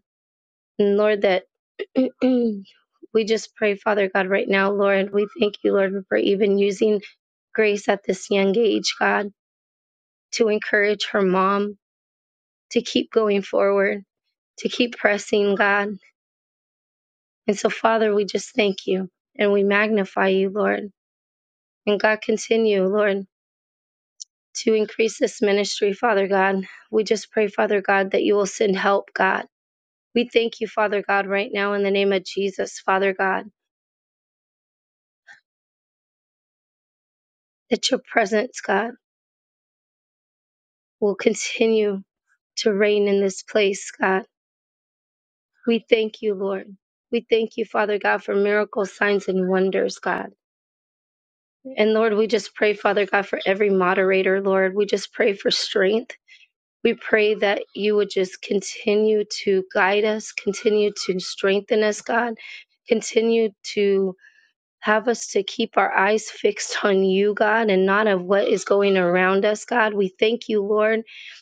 [SPEAKER 7] and Lord, that we just pray, Father God, right now, Lord, we thank you, Lord, for even using grace at this young age, God, to encourage her mom to keep going forward. to keep pressing, God. And so, Father, we just thank you and we magnify you, Lord. And God, continue, Lord, to increase this ministry, Father God. We just pray, Father God, that you will send help, God. We thank you, Father God, right now in the name of Jesus, Father God, that your presence, God, will continue to reign in this place, God. We thank you, Lord. We thank you, Father God, for miracles, signs, and wonders, God. And Lord, we just pray, Father God, for every moderator, Lord. We just pray for strength. We pray that you would just continue to guide us, continue to strengthen us, God. Continue to have us to keep our eyes fixed on you, God, and not of what is going around us, God. We thank you, Lord,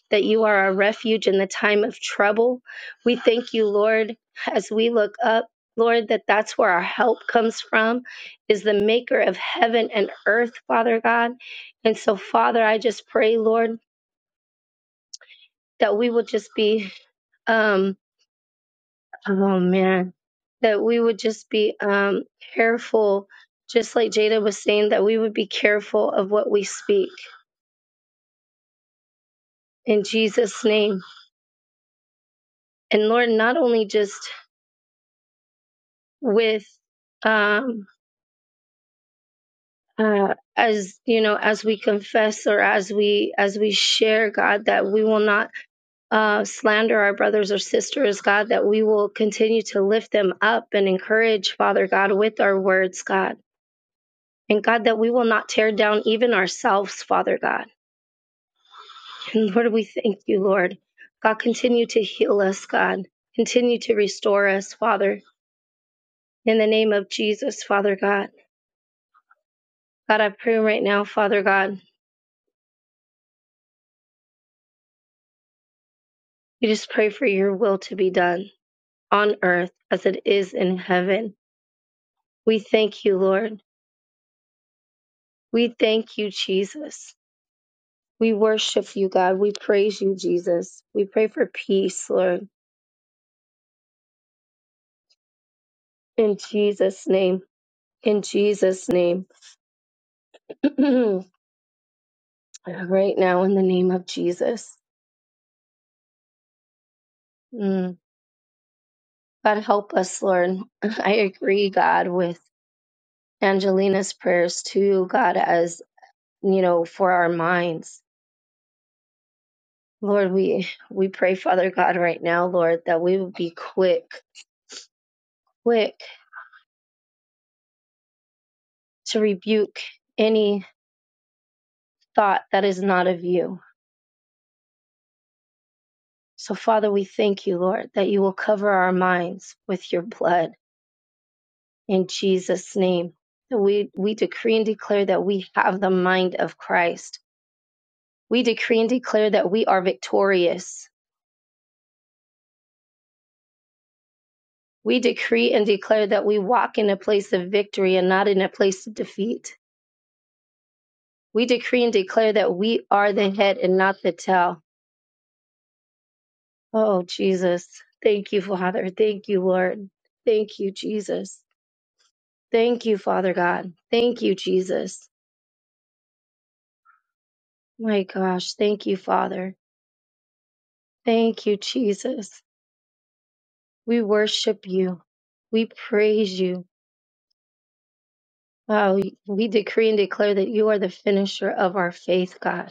[SPEAKER 7] that you are our refuge in the time of trouble. We thank you, Lord, as we look up. Lord, that that's where our help comes from, is the maker of heaven and earth, Father God. And so, Father, I just pray, Lord, that we will just be um, Oh man, that we would just be um, careful, just like Jada was saying, that we would be careful of what we speak in Jesus' name. And Lord, not only just with um, uh, as you know, as we confess or as we as we share, God, that we will not uh, slander our brothers or sisters, God, that we will continue to lift them up and encourage, Father God, with our words, God. And God, that we will not tear down even ourselves, Father God And Lord, we thank you, Lord. God, continue to heal us, God. Continue to restore us, Father. In the name of Jesus, Father God. God, I pray right now, Father God, we just pray for your will to be done on earth as it is in heaven. We thank you, Lord. We thank you, Jesus. We worship you, God. We praise you, Jesus. We pray for peace, Lord. In Jesus' name. In Jesus' name. right now, in the name of Jesus. Mm. God help us, Lord. I agree, God, with Angelina's prayers too, God, as you know, for our minds. Lord, we we pray, Father God, right now, Lord, that we would be quick, quick to rebuke any thought that is not of you. So, Father, we thank you, Lord, that you will cover our minds with your blood in Jesus' name. We we decree and declare that we have the mind of Christ. We decree and declare that we are victorious We decree and declare that we walk in a place of victory and not in a place of defeat. We decree and declare that we are the head and not the tail. Oh, Jesus. Thank you, Father. Thank you, Lord. Thank you, Jesus. Thank you, Father God. Thank you, Jesus. My gosh. Thank you, Father. Thank you, Jesus. We worship you. We praise you. Wow. We decree and declare that you are the finisher of our faith, God.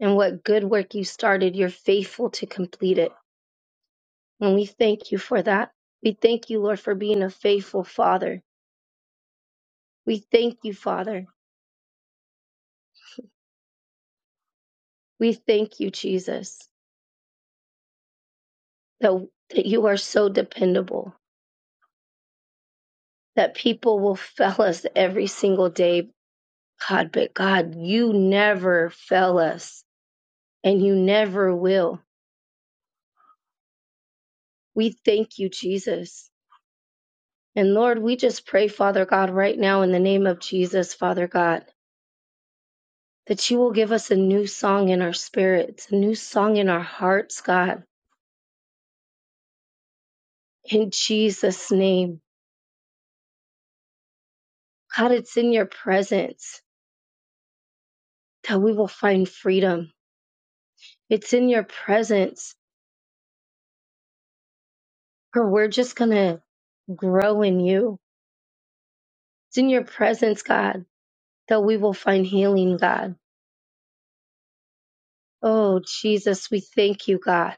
[SPEAKER 7] and what good work you started, you're faithful to complete it. And we thank you for that. We thank you, Lord, for being a faithful Father. We thank you, Father. We thank you, Jesus, that, that you are so dependable, that people will fail us every single day, God, but God, you never fail us and you never will. We thank you, Jesus. And Lord, we just pray, Father God, right now in the name of Jesus, Father God that you will give us a new song in our spirits, a new song in our hearts, God, in Jesus' name. God, it's in your presence that we will find freedom. It's in your presence where we're just going to grow in you. It's in your presence, God, that we will find healing, God. Oh, Jesus, we thank you, God.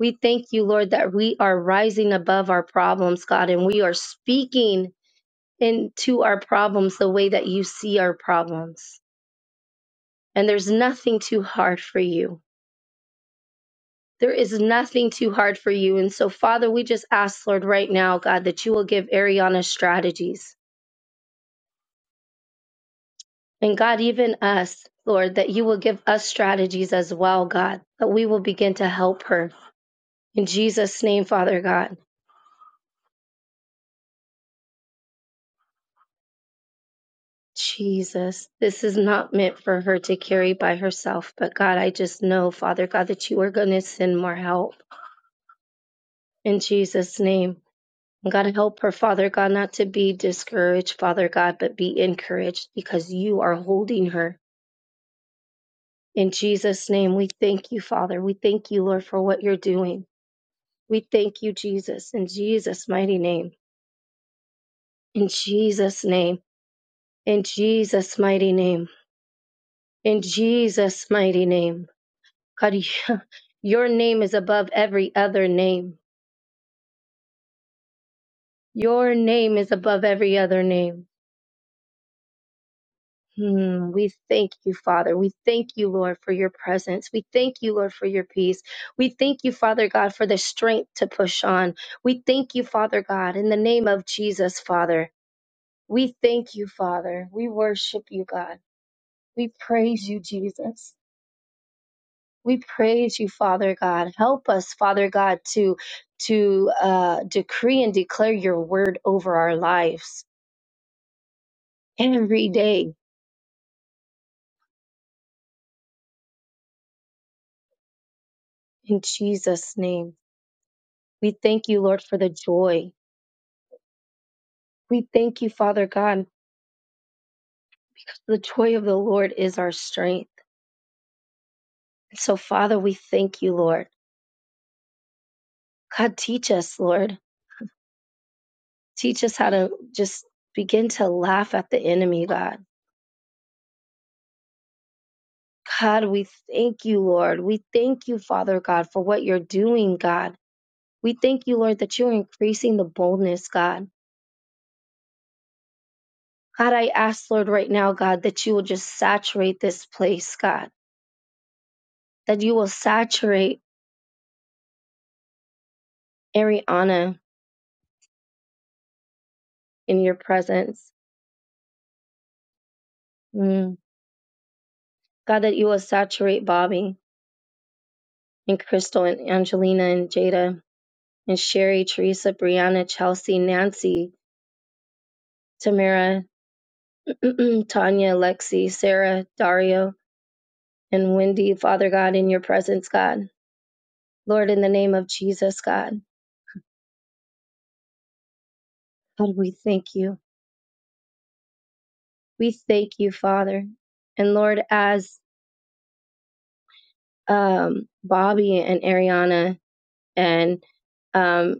[SPEAKER 7] We thank you, Lord, that we are rising above our problems, God, and we are speaking into our problems the way that you see our problems. and there's nothing too hard for you. There is nothing too hard for you. And so, Father, we just ask, Lord, right now, God, that you will give Ariana strategies. And God, even us, Lord, that you will give us strategies as well, God, that we will begin to help her. In Jesus' name, Father God. Jesus, this is not meant for her to carry by herself. But God, I just know, Father God, that you are going to send more help. In Jesus' name. God, help her, Father God, not to be discouraged, Father God, but be encouraged because you are holding her. In Jesus' name, we thank you, Father. We thank you, Lord, for what you're doing. We thank you, Jesus, in Jesus' mighty name. In Jesus' name. In Jesus' mighty name. In Jesus' mighty name. God, your name is above every other name. Your name is above every other name. Hmm, we thank you, Father. We thank you, Lord, for your presence. We thank you, Lord, for your peace. We thank you, Father God, for the strength to push on. We thank you, Father God, in the name of Jesus, Father. We thank you, Father. We worship you, God. We praise you, Jesus. We praise you, Father God. Help us, Father God, to to uh, decree and declare your word over our lives every day in Jesus' name. We thank you, Lord, for the joy We thank you, Father God. The joy of the Lord is our strength. So, Father, we thank you, Lord. God, teach us, Lord. Teach us how to just begin to laugh at the enemy, God. God, we thank you, Lord. We thank you, Father God, for what you're doing, God. We thank you, Lord, that you're increasing the boldness, God. God, I ask, Lord, right now, God, that you will just saturate this place, God, that you will saturate Ariana in your presence. Mm. God, that you will saturate Bobby and Crystal and Angelina and Jada and Sherry, Teresa, Brianna, Chelsea, Nancy, Tamara, Tanya, Lexi, Sarah, Dario, and Wendy, Father God, in your presence, God. Lord, in the name of Jesus, God. God, we thank you. We thank you, Father. And Lord, as um, Bobby and Ariana and um.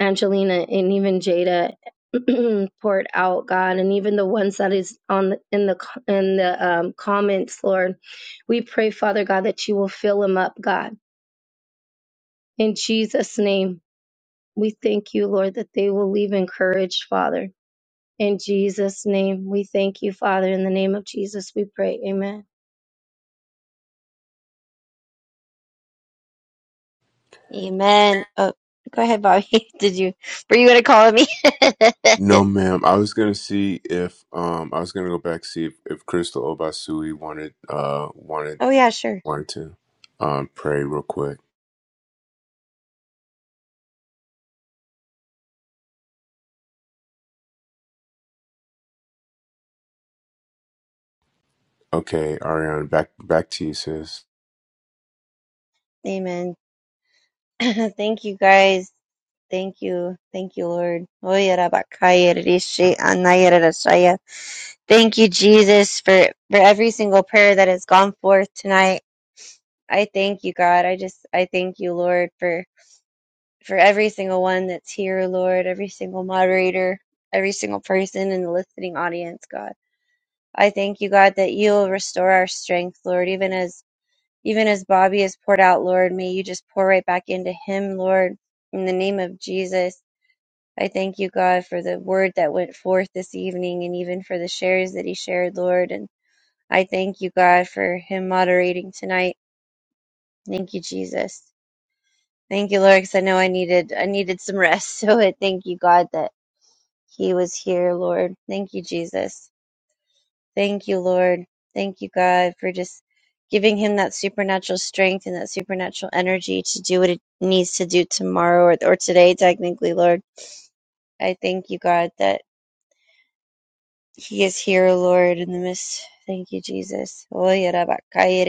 [SPEAKER 7] Angelina and even Jada poured out, God, and even the ones that is on the, in the in the um, comments, Lord, we pray, Father God, that you will fill them up, God. In Jesus' name, we thank you, Lord, that they will leave encouraged, Father. In Jesus' name, we thank you, Father. In the name of Jesus, we pray. Amen.
[SPEAKER 3] Amen. Oh, go ahead, Bobby. Did you were you gonna call me?
[SPEAKER 1] No, ma'am. I was gonna see if um I was gonna go back see if, if Crystal Obasui wanted uh wanted
[SPEAKER 3] Oh yeah, sure.
[SPEAKER 1] wanted to um, pray real quick. Okay, Ariane, back back to you, sis.
[SPEAKER 3] Amen. Thank you guys. Thank you. Thank you, Lord. Oye, rabakaya, rishi, anaya, rarashaya. Thank you, Jesus, for, for every single prayer that has gone forth tonight. I thank you, God. I just, I thank you, Lord, for, for every single one that's here, Lord, every single moderator, every single person in the listening audience, God. I thank you, God, that you'll restore our strength, Lord, even as Even as Bobby is poured out, Lord, may you just pour right back into him, Lord, in the name of Jesus. I thank you, God, for the word that went forth this evening and even for the shares that he shared, Lord. And I thank you, God, for him moderating tonight. Thank you, Jesus. Thank you, Lord, because I know I needed I needed some rest. So I thank you, God, that he was here, Lord. Thank you, Jesus. Thank you, Lord. Thank you, God, for just giving him that supernatural strength and that supernatural energy to do what it needs to do tomorrow or, or today, technically, Lord. I thank you, God, that he is here, Lord, in the midst. Thank you, Jesus. I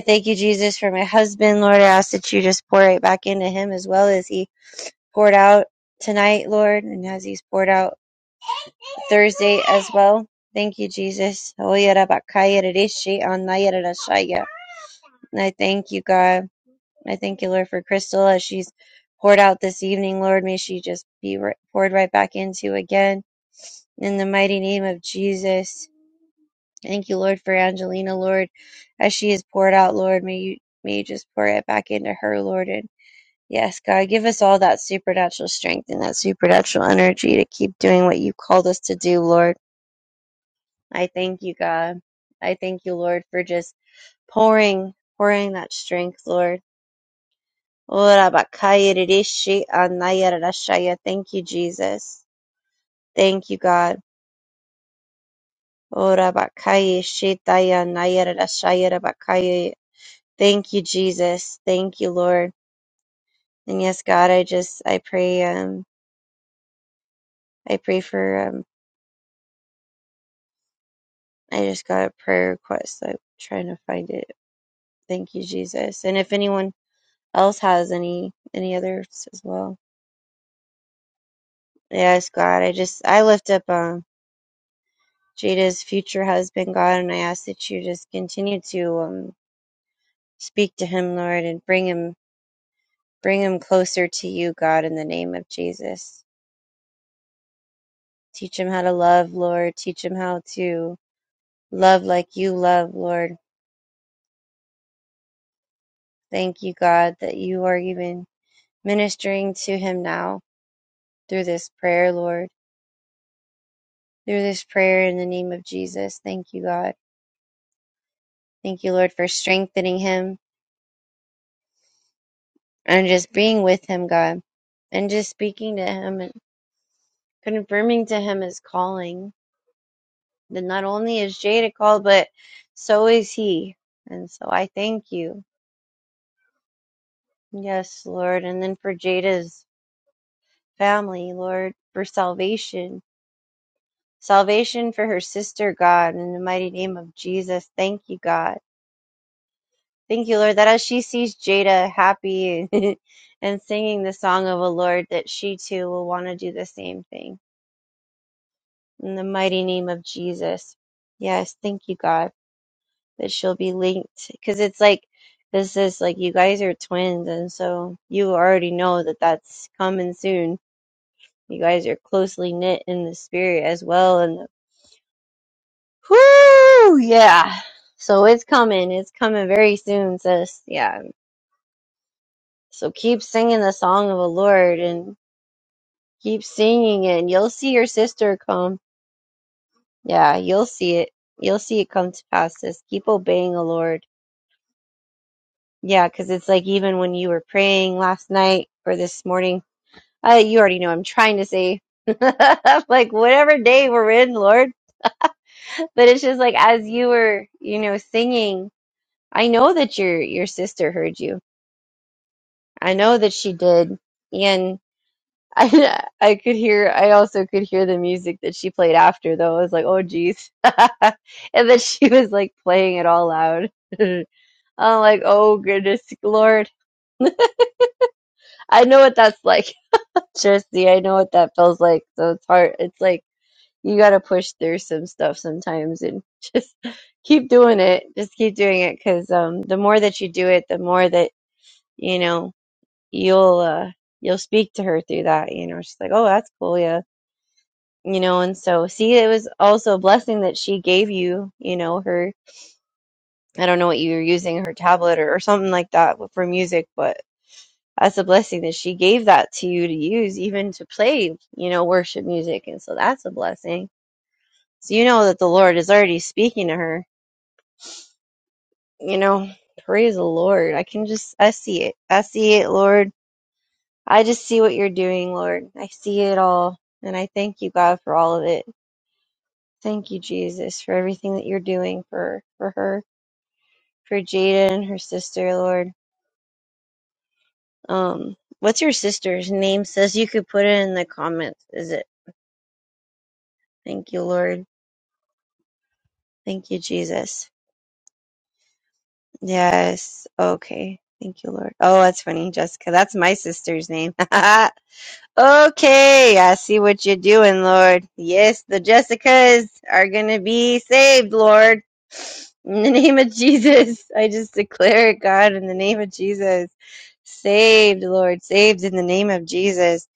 [SPEAKER 3] thank you, Jesus, for my husband, Lord. I ask that you just pour right back into him as well as he poured out tonight, Lord, and as he's poured out Thursday as well. Thank you, Jesus. And I thank you, God. I thank you, Lord, for Crystal as she's poured out this evening. Lord, may she just be ri- poured right back into again in the mighty name of Jesus. Thank you, Lord, for Angelina, Lord, as she is poured out, Lord. May you may you just pour it back into her, Lord. And yes, God, give us all that supernatural strength and that supernatural energy to keep doing what you called us to do, Lord. I thank you, God. I thank you, Lord, for just pouring, pouring that strength, Lord. Ora bakaya rishi anaya rashaya. Thank you, Jesus. Thank you, God. Ora bakaya shitaya anaya rashaya rabakaya. Thank you, Jesus. Thank you, Lord. And yes, God, I just I pray um I pray for um I just got a prayer request. I'm trying to find it. Thank you, Jesus. And if anyone else has any any others as well. Yes, God, I just I lift up um Jada's future husband, God, and I ask that you just continue to um speak to him, Lord, and bring him bring him closer to you, God, in the name of Jesus. Teach him how to love, Lord. Teach him how to love like you love, Lord. Thank you, God, that you are even ministering to him now through this prayer, Lord. Through this prayer in the name of Jesus. Thank you, God. Thank you, Lord, for strengthening him. and just being with him, God, and just speaking to him and confirming to him his calling. That not only is Jada called, but so is he. And so I thank you. Yes, Lord. And then for Jada's family, Lord, for salvation. Salvation for her sister, God, in the mighty name of Jesus. Thank you, God. Thank you, Lord, that as she sees Jada happy and singing the song of the Lord, that she too will want to do the same thing. in the mighty name of Jesus. Yes, thank you, God, that she'll be linked. Because it's like, this is like, you guys are twins, and so you already know that that's coming soon. You guys are closely knit in the spirit as well, and the, whoo, yeah. So it's coming. It's coming very soon, sis. Yeah. So keep singing the song of the Lord and keep singing it, and you'll see your sister come. Yeah, you'll see it. You'll see it come to pass, sis. Keep obeying the Lord Yeah, because it's like even when you were praying last night or this morning, uh, you already know I'm trying to say like whatever day we're in, Lord. But it's just like as you were, you know, singing, I know that your your sister heard you. I know that she did, and I I could hear. I also could hear the music that she played after, though. I was like, oh geez, and then she was like playing it all loud. I'm like, oh goodness, Lord. I know what that's like. Trusty, I know what that feels like. So it's hard. It's like you got to push through some stuff sometimes and just keep doing it. Just keep doing it because um, the more that you do it, the more that you know you'll uh, you'll speak to her through that. You know, she's like, "Oh, that's cool, yeah." You know, and so see, it was also a blessing that she gave you. You know, her. I don't know what you were using her tablet or, or something like that for music, but that's a blessing that she gave that to you to use even to play you know worship music and so that's a blessing so you know that the lord is already speaking to her you know praise the lord i can just i see it i see it lord i just see what you're doing lord i see it all and i thank you god for all of it thank you jesus for everything that you're doing for for her for jada and her sister lord um what's your sister's name sis you could put it in the comments is it thank you lord Thank you, Jesus. Yes. Okay. Thank you, Lord. Oh, that's funny, Jessica. That's my sister's name. okay. I see what you're doing, Lord. Yes, the Jessicas are going to be saved, Lord. In the name of Jesus, I just declare it, God, in the name of Jesus. Saved, Lord. Saved in the name of Jesus.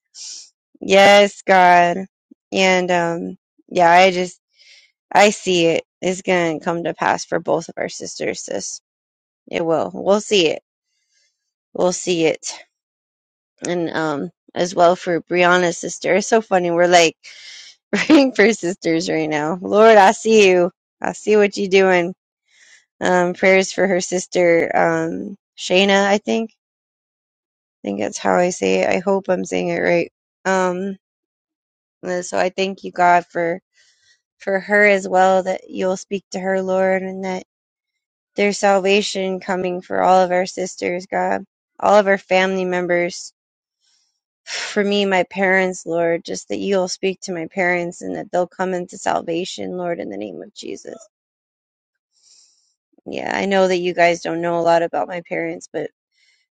[SPEAKER 3] Yes, God. And, um, yeah, I just I see it. It's gonna come to pass for both of our sisters, sis. It will. We'll see it. We'll see it. And um as well for Brianna's sister. It's so funny. We're like praying for sisters right now. Lord, I see you. I see what you're doing. Um prayers for her sister, um Shayna, I think. I think that's how I say it. I hope I'm saying it right. Um and so I thank you God for for her as well that you'll speak to her, Lord, and that There's salvation coming for all of our sisters, God, all of our family members. For me, my parents, Lord, just that you'll speak to my parents and that they'll come into salvation, Lord, in the name of Jesus. Yeah, I know that you guys don't know a lot about my parents, but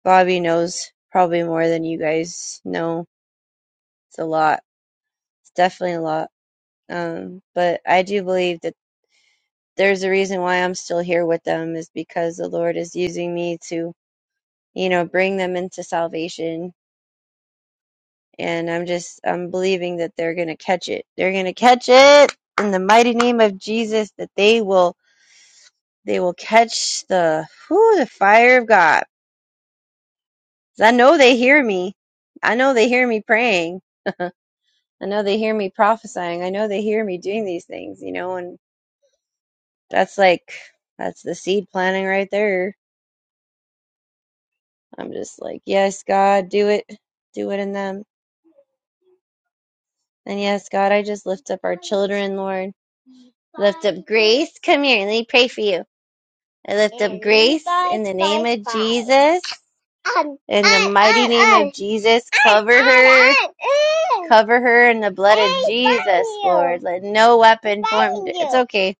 [SPEAKER 3] Bobby knows probably more than you guys know. It's a lot. It's definitely a lot. Um, but I do believe that there's a reason why I'm still here with them is because the Lord is using me to, you know, bring them into salvation and I'm just I'm believing that they're going to catch it. They're going to catch it in the mighty name of Jesus that they will they will catch the whew, the fire of God. 'Cause I know they hear me. I know they hear me praying. I know they hear me prophesying. I know they hear me doing these things, you know, and that's like that's the seed planting right there. I'm just like, yes, God, do it. Do it in them. And yes, God, I just lift up our children, Lord. Lift up Grace. Come here, let me pray for you. I lift up Grace in the name of Jesus. In the mighty name of Jesus, cover her. Cover her in the blood of Jesus, Lord. Let no weapon formed, it's okay.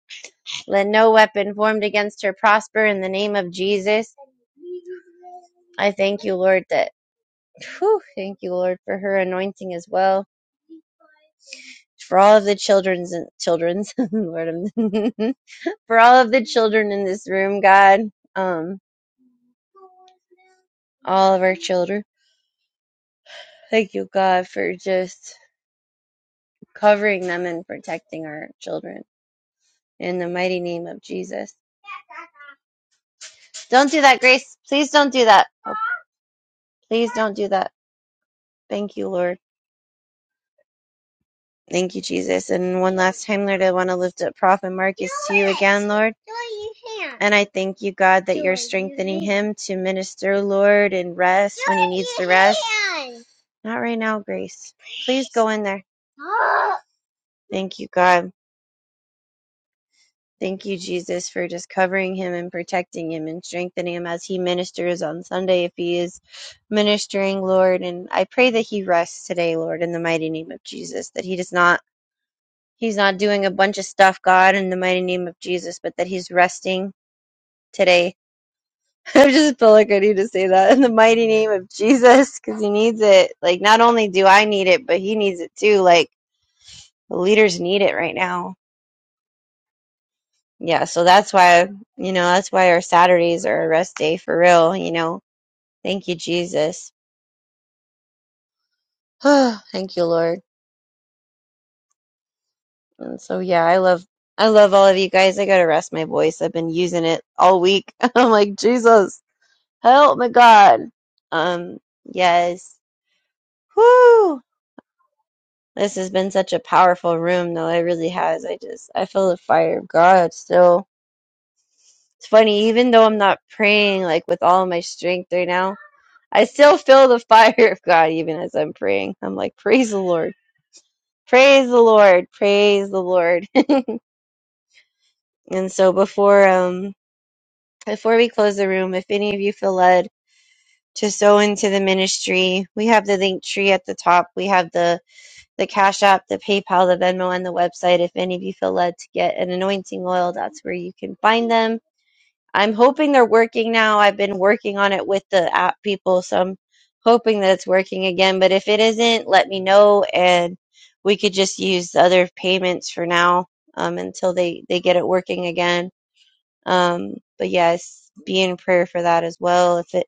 [SPEAKER 3] Let no weapon formed against her prosper in the name of Jesus. I thank you, Lord, that, whew, thank you, Lord, for her anointing as well. For all of the children's and children's, Lord, I'm- for all of the children in this room, God, um, all of our children. Thank you, God, for just covering them and protecting our children in the mighty name of Jesus. Don't do that, Grace. Please don't do that. Oh, please don't do that. Thank you, Lord. Thank you, Jesus. And one last time, Lord, I want to lift up Prophet Marcus to you again, Lord. And I thank you, God, that you're strengthening him to minister, Lord, and rest when he needs to rest. Not right now, Grace. Please go in there. Thank you, God. Thank you, Jesus, for just covering him and protecting him and strengthening him as he ministers on Sunday, if he is ministering, Lord. And I pray that he rests today, Lord, in the mighty name of Jesus, that he does not, he's not doing a bunch of stuff, God, in the mighty name of Jesus, but that he's resting today. I just feel like I need to say that in the mighty name of Jesus, because he needs it. Like, not only do I need it, but he needs it too. Like, the leaders need it right now Yeah, so that's why, you know, that's why our Saturdays are a rest day for real, you know. Thank you, Jesus. Thank you, Lord. And so yeah, I love I love all of you guys. I gotta rest my voice. I've been using it all week. I'm like, Jesus, help my God. Um, yes. Whoo! This has been such a powerful room though, it really has. I just I feel the fire of God still. It's funny, even though I'm not praying like with all my strength right now. I still feel the fire of God even as I'm praying. I'm like, praise the Lord. Praise the Lord. Praise the Lord. and so before um before we close the room, if any of you feel led to sow into the ministry, we have the link tree at the top. We have the the Cash App, the PayPal, the Venmo, and the website. If any of you feel led to get an anointing oil, that's where you can find them I'm hoping they're working now. I've been working on it with the app people, so I'm hoping that it's working again. But if it isn't, let me know, and we could just use the other payments for now um, until they they get it working again. Um, but yes, be in prayer for that as well. If it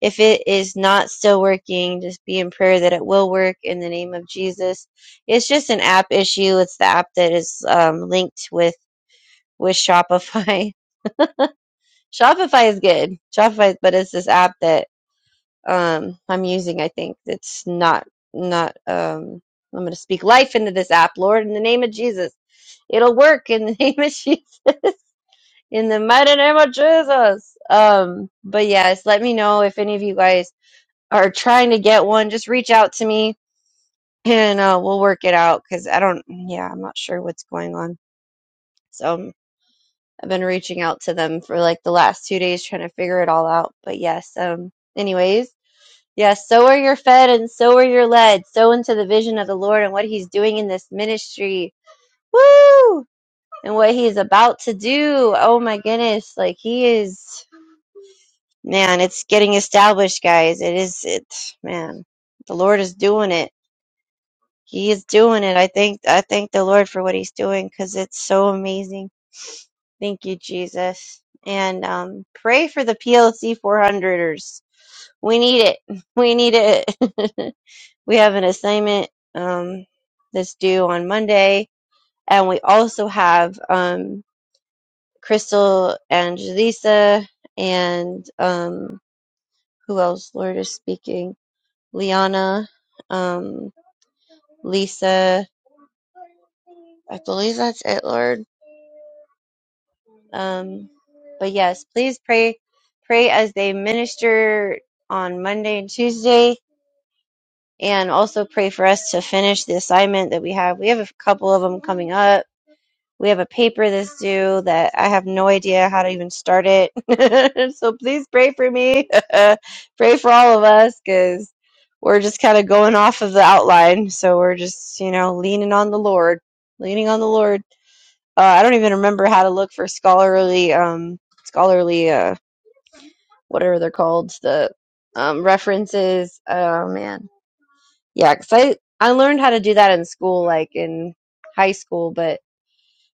[SPEAKER 3] if it is not still working, just be in prayer that it will work in the name of Jesus. It's just an app issue. It's the app that is um, linked with with Shopify. Shopify is good. Shopify, but it's this app that um I'm using. I think it's not not um. I'm going to speak life into this app, Lord, in the name of Jesus. It'll work in the name of Jesus, in the mighty name of Jesus. Um, but yes, let me know if any of you guys are trying to get one. Just reach out to me, and uh, we'll work it out. Because I don't, yeah, I'm not sure what's going on. So um, I've been reaching out to them for like the last two days, trying to figure it all out. But yes, um, anyways. Yes, so are you're fed and so are you're led. So into the vision of the Lord and what He's doing in this ministry. Woo! And what He's about to do. Oh my goodness. Like He is, man, it's getting established, guys. It is, it, man, the Lord is doing it. He is doing it. I thank, I thank the Lord for what He's doing because it's so amazing. Thank you, Jesus. And um, pray for the PLC four hundreders. We need it. We need it. We have an assignment um, that's due on Monday, and we also have um, Crystal and Jaleesa and um, who else? Lord is speaking. Liana, um, Lisa. I believe that's it, Lord. Um, but yes, please pray, pray as they minister on Monday and Tuesday, and also pray for us to finish the assignment that we have. We have a couple of them coming up We have a paper that's due that I have no idea how to even start it. so please pray for me. pray for all of us because we're just kind of going off of the outline. So we're just, you know, leaning on the Lord, leaning on the Lord. Uh, I don't even remember how to look for scholarly, um, scholarly, uh, whatever they're called, the um, references. Oh man, yeah, because I I learned how to do that in school, like in high school, but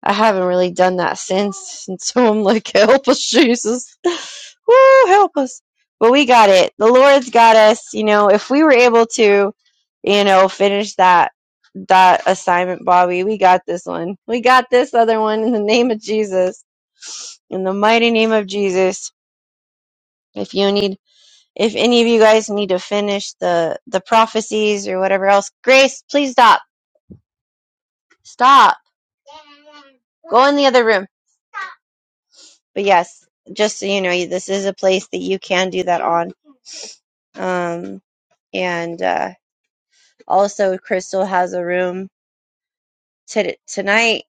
[SPEAKER 3] I haven't really done that since. And so I'm like, help us, Jesus. Woo, help us. But we got it. The Lord's got us. You know, if we were able to, you know, finish that that assignment, Bobby, we got this one. We got this other one in the name of Jesus. In the mighty name of Jesus. If you need if any of you guys need to finish the the prophecies or whatever else, Grace, please stop. Stop. Go in the other room. but yes, just so you know, this is a place that you can do that on. Um, and uh, also, Crystal has a room t- tonight,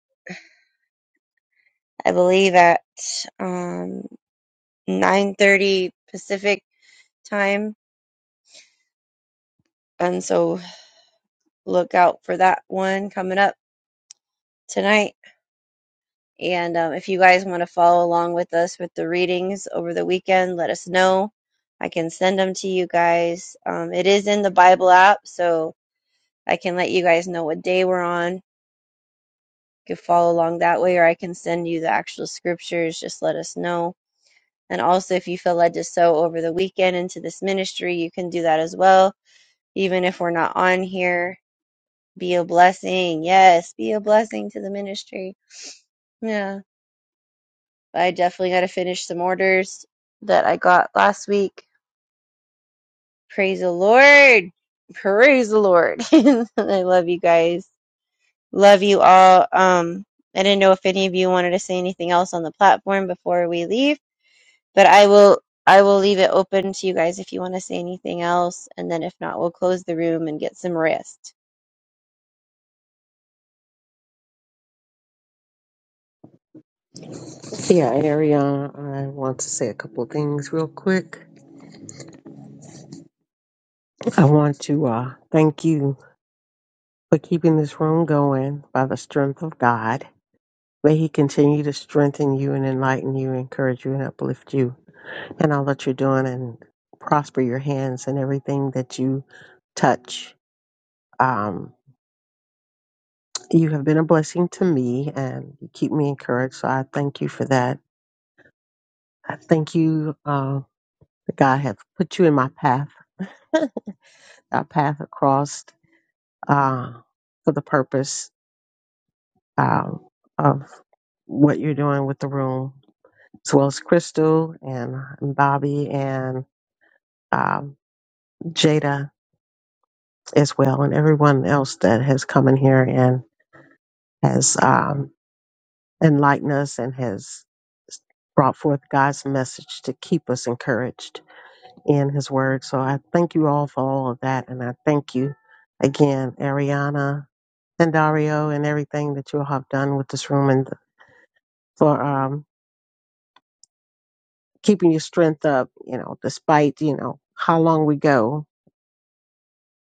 [SPEAKER 3] I believe, at um, nine thirty Pacific time, and so look out for that one coming up tonight. And um, if you guys want to follow along with us with the readings over the weekend, let us know. I can send them to you guys. Um, it is in the Bible app, so I can let you guys know what day we're on. You can follow along that way, or I can send you the actual scriptures. Just let us know. And also, if you feel led to sow over the weekend into this ministry, you can do that as well. Even if we're not on here, be a blessing. Yes, be a blessing to the ministry. Yeah. I definitely got to finish some orders that I got last week. Praise the Lord. Praise the Lord. I love you guys. Love you all. Um, I didn't know if any of you wanted to say anything else on the platform before we leave, but I will I will leave it open to you guys if you want to say anything else, and then if not, we'll close the room and get some rest.
[SPEAKER 6] Yeah, Ariana, I want to say a couple of things real quick. I want to uh, thank you for keeping this room going by the strength of God. May He continue to strengthen you and enlighten you, encourage you and uplift you in all that you're doing and prosper your hands and everything that you touch. Um, you have been a blessing to me and you keep me encouraged. So I thank you for that. I thank you uh, that God have put you in my path, our path across uh, for the purpose um, of what you're doing with the room, as well as Crystal and Bobby and um, Jada as well, and everyone else that has come in here and has um, enlightened us and has brought forth God's message to keep us encouraged in His Word. So I thank you all for all of that, and I thank you again, Ariana and Dario, and everything that you have done with this room and for um, keeping your strength up. You know, despite you know how long we go,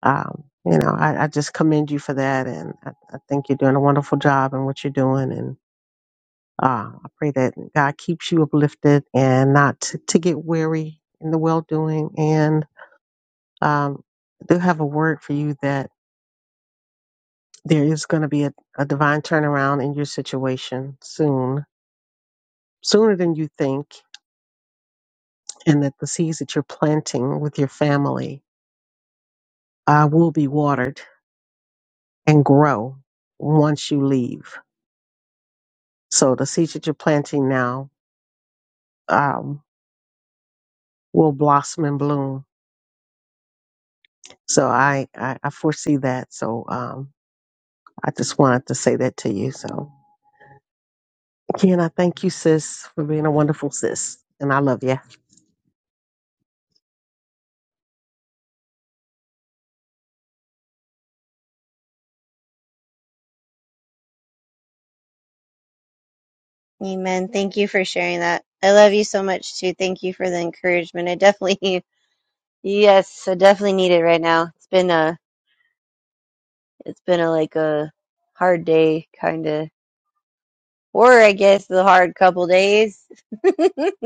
[SPEAKER 6] um, you know, I, I just commend you for that. And I, I think you're doing a wonderful job in what you're doing. And uh, I pray that God keeps you uplifted and not to, to get weary in the well doing. And um, I do have a word for you that there is going to be a, a divine turnaround in your situation soon, sooner than you think. And that the seeds that you're planting with your family uh, will be watered and grow once you leave. So the seeds that you're planting now um, will blossom and bloom. So I, I, I foresee that. So um, I just wanted to say that to you. So again, I thank you, sis, for being a wonderful sis, and I love you.
[SPEAKER 3] Amen. Thank you for sharing that. I love you so much too. Thank you for the encouragement. I definitely yes, I definitely need it right now. It's been a it's been a like a hard day kind of or I guess the hard couple days.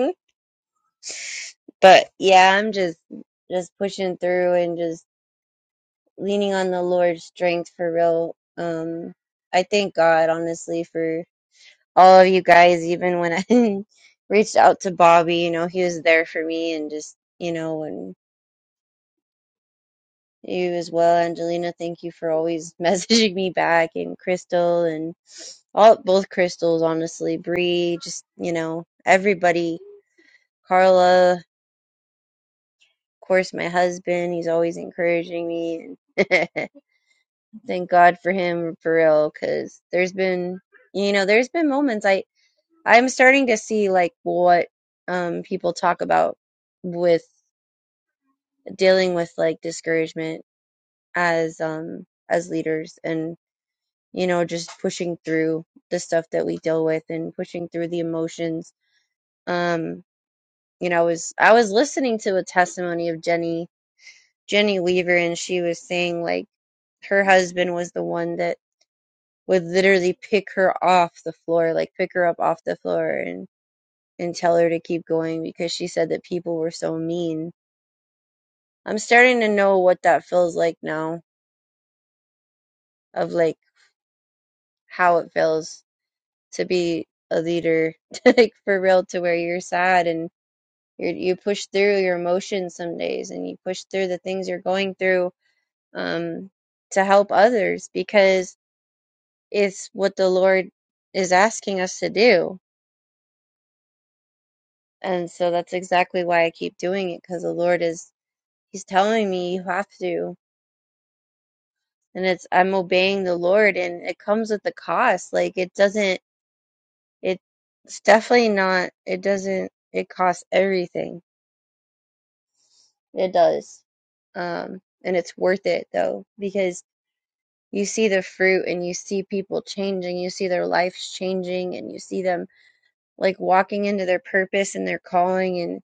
[SPEAKER 3] But yeah, I'm just just pushing through and just leaning on the Lord's strength for real. Um, I thank God honestly for all of you guys. Even when I reached out to Bobby, you know, he was there for me and just you know and you as well, Angelina. Thank you for always messaging me back and Crystal and all both crystals honestly. Bree, just you know everybody. Carla, of course, my husband. He's always encouraging me. and. thank God for him for real because there's been you know there's been moments I I'm starting to see like what um people talk about with dealing with like discouragement as um as leaders and you know just pushing through the stuff that we deal with and pushing through the emotions um you know I was I was listening to a testimony of Jenny Jenny Weaver and she was saying like her husband was the one that would literally pick her off the floor, like pick her up off the floor and and tell her to keep going because she said that people were so mean. I'm starting to know what that feels like now of like how it feels to be a leader like for real to where you're sad and you you push through your emotions some days and you push through the things you're going through um to help others because it's what the Lord is asking us to do And so that's exactly why I keep doing it because the Lord is, He's telling me you have to. And it's, I'm obeying the Lord and it comes with the cost. Like it doesn't, it, it's definitely not, it doesn't, it costs everything. It does. Um, and it's worth it though because you see the fruit and you see people changing, you see their lives changing and you see them like walking into their purpose and their calling and,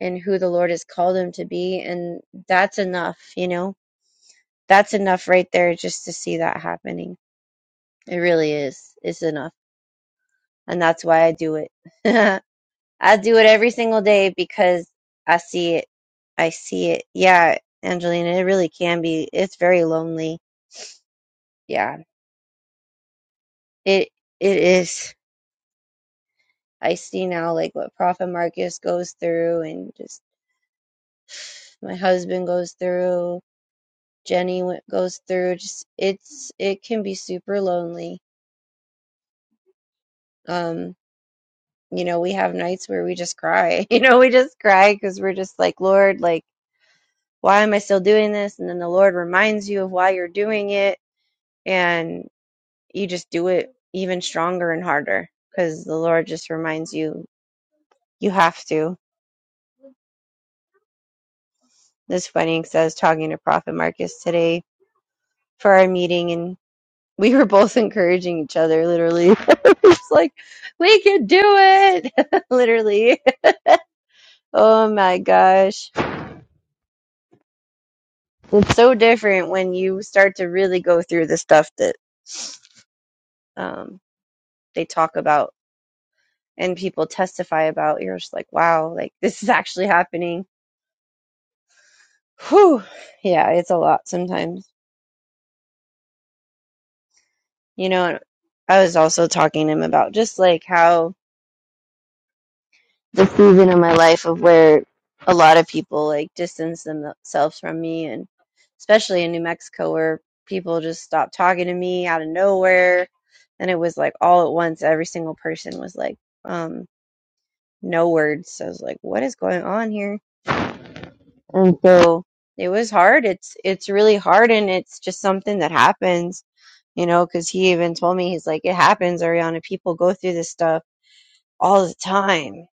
[SPEAKER 3] and who the Lord has called them to be. And that's enough, you know? that's enough right there just to see that happening. It really is. It's enough. And that's why I do it. I do it every single day because I see it. I see it. Yeah, Angelina, it really can be. It's very lonely. Yeah. It it is. I see now like what Prophet Marcus goes through and just my husband goes through, Jenny went- goes through. Just it's it can be super lonely. Um You know, we have nights where we just cry. You know, we just cry because we're just like, Lord, like, why am I still doing this? And then the Lord reminds you of why you're doing it. And you just do it even stronger and harder because the Lord just reminds you, you have to. This funny says, talking to Prophet Marcus today for our meeting. And we were both encouraging each other, literally. it's like, we can do it. literally. Oh my gosh. It's so different when you start to really go through the stuff that um, they talk about and people testify about. You're just like, wow, like this is actually happening. Whew. Yeah, it's a lot sometimes. You know, I was also talking to him about just like how the season of my life of where a lot of people like distance themselves from me and especially in New Mexico where people just stopped talking to me out of nowhere and it was like all at once every single person was like um no words so I was like what is going on here and so it was hard it's it's really hard and it's just something that happens you know cuz he even told me he's like it happens Ariana people go through this stuff all the time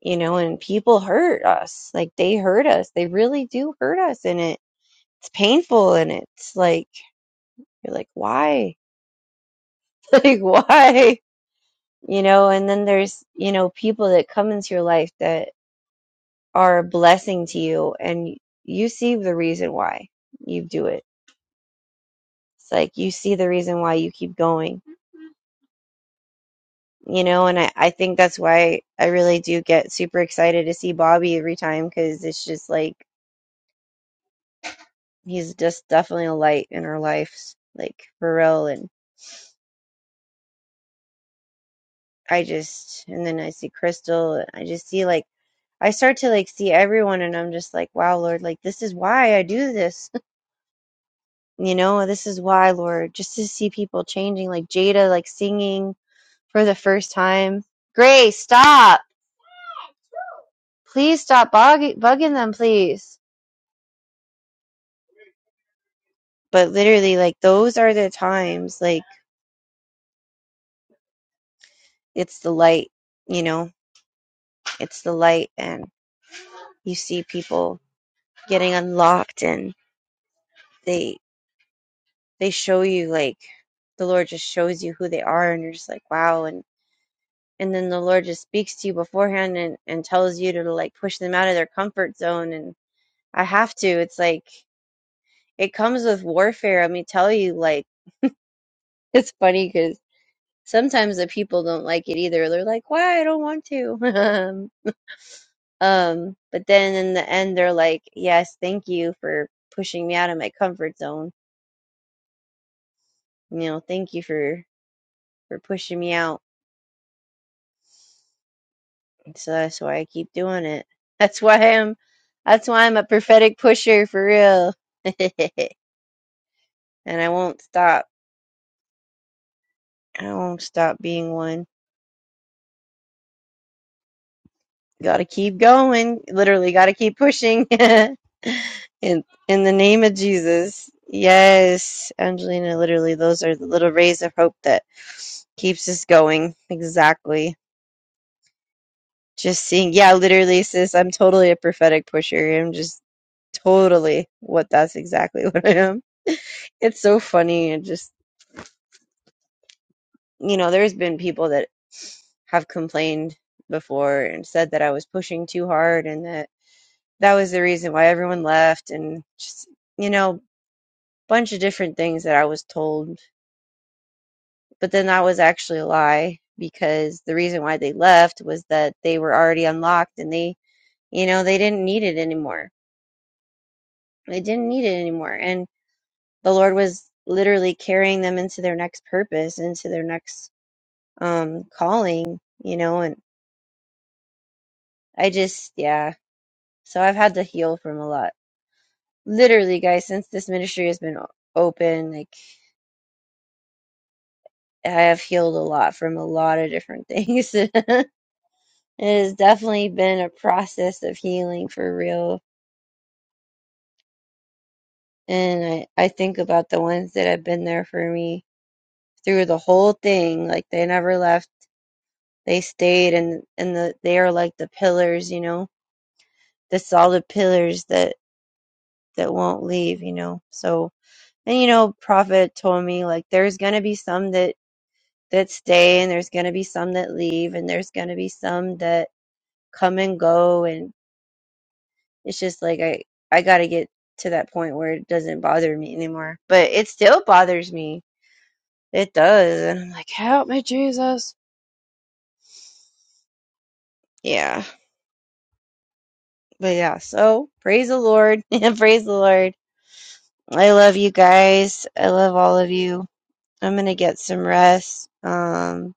[SPEAKER 3] you know, and people hurt us. Like they hurt us. They really do hurt us and it it's painful and it's like you're like, why? Like why? You know, and then there's, you know, people that come into your life that are a blessing to you and you see the reason why you do it. It's like you see the reason why you keep going. You know, and I, I think that's why I really do get super excited to see Bobby every time because it's just like he's just definitely a light in our lives, like for real. And I just, and then I see Crystal, and I just see like, I start to like see everyone, and I'm just like, wow, Lord, like this is why I do this, you know, this is why, Lord, just to see people changing, like Jada, like singing for the first time. Grace, stop, please stop bugging, bugging them, please. But literally, like those are the times, like it's the light, you know, it's the light, and you see people getting unlocked and they they show you like the lord just shows you who they are and you're just like wow and and then the lord just speaks to you beforehand and and tells you to like push them out of their comfort zone and i have to it's like it comes with warfare i mean tell you like it's funny because sometimes the people don't like it either they're like why i don't want to um but then in the end they're like yes thank you for pushing me out of my comfort zone you know thank you for for pushing me out So that's why I keep doing it. That's why I'm that's why I'm a prophetic pusher for real. and I won't stop. I won't stop being one. Gotta keep going. Literally gotta keep pushing. in in the name of Jesus. Yes, Angelina, literally those are the little rays of hope that keeps us going. Exactly. Just seeing, yeah, literally, sis, I'm totally a prophetic pusher. I'm just totally what that's exactly what I am. It's so funny and just, you know, there's been people that have complained before and said that I was pushing too hard and that that was the reason why everyone left and just, you know, bunch of different things that I was told. But then that was actually a lie because the reason why they left was that they were already unlocked and they, you know, they didn't need it anymore They didn't need it anymore. And the Lord was literally carrying them into their next purpose, into their next um calling, you know, and I just yeah. So I've had to heal from a lot. Literally, guys, since this ministry has been o- open, like I have healed a lot from a lot of different things. it has definitely been a process of healing for real. And I, I think about the ones that have been there for me through the whole thing. Like they never left they stayed and and the they are like the pillars you know the solid pillars that that won't leave you know so and you know prophet told me like there's gonna be some that that stay and there's gonna be some that leave and there's gonna be some that come and go and it's just like i i gotta get to that point where it doesn't bother me anymore but it still bothers me it does and i'm like help me jesus yeah but yeah so praise the lord praise the lord I love you guys. I love all of you. I'm gonna get some rest. Um,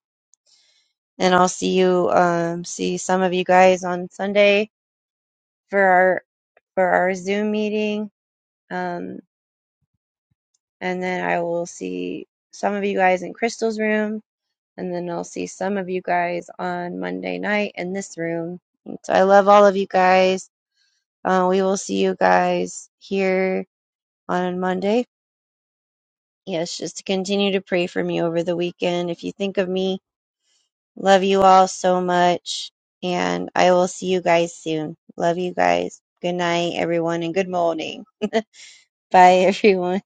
[SPEAKER 3] and I'll see you, um, see some of you guys on Sunday for our, for our Zoom meeting. Um, and then I will see some of you guys in Crystal's room. And then I'll see some of you guys on Monday night in this room. So I love all of you guys. Uh, we will see you guys here on Monday yes, just to continue to pray for me over the weekend. If you think of me, Love you all so much. And I will see you guys soon. Love you guys. Good night, everyone, and good morning. Bye, everyone.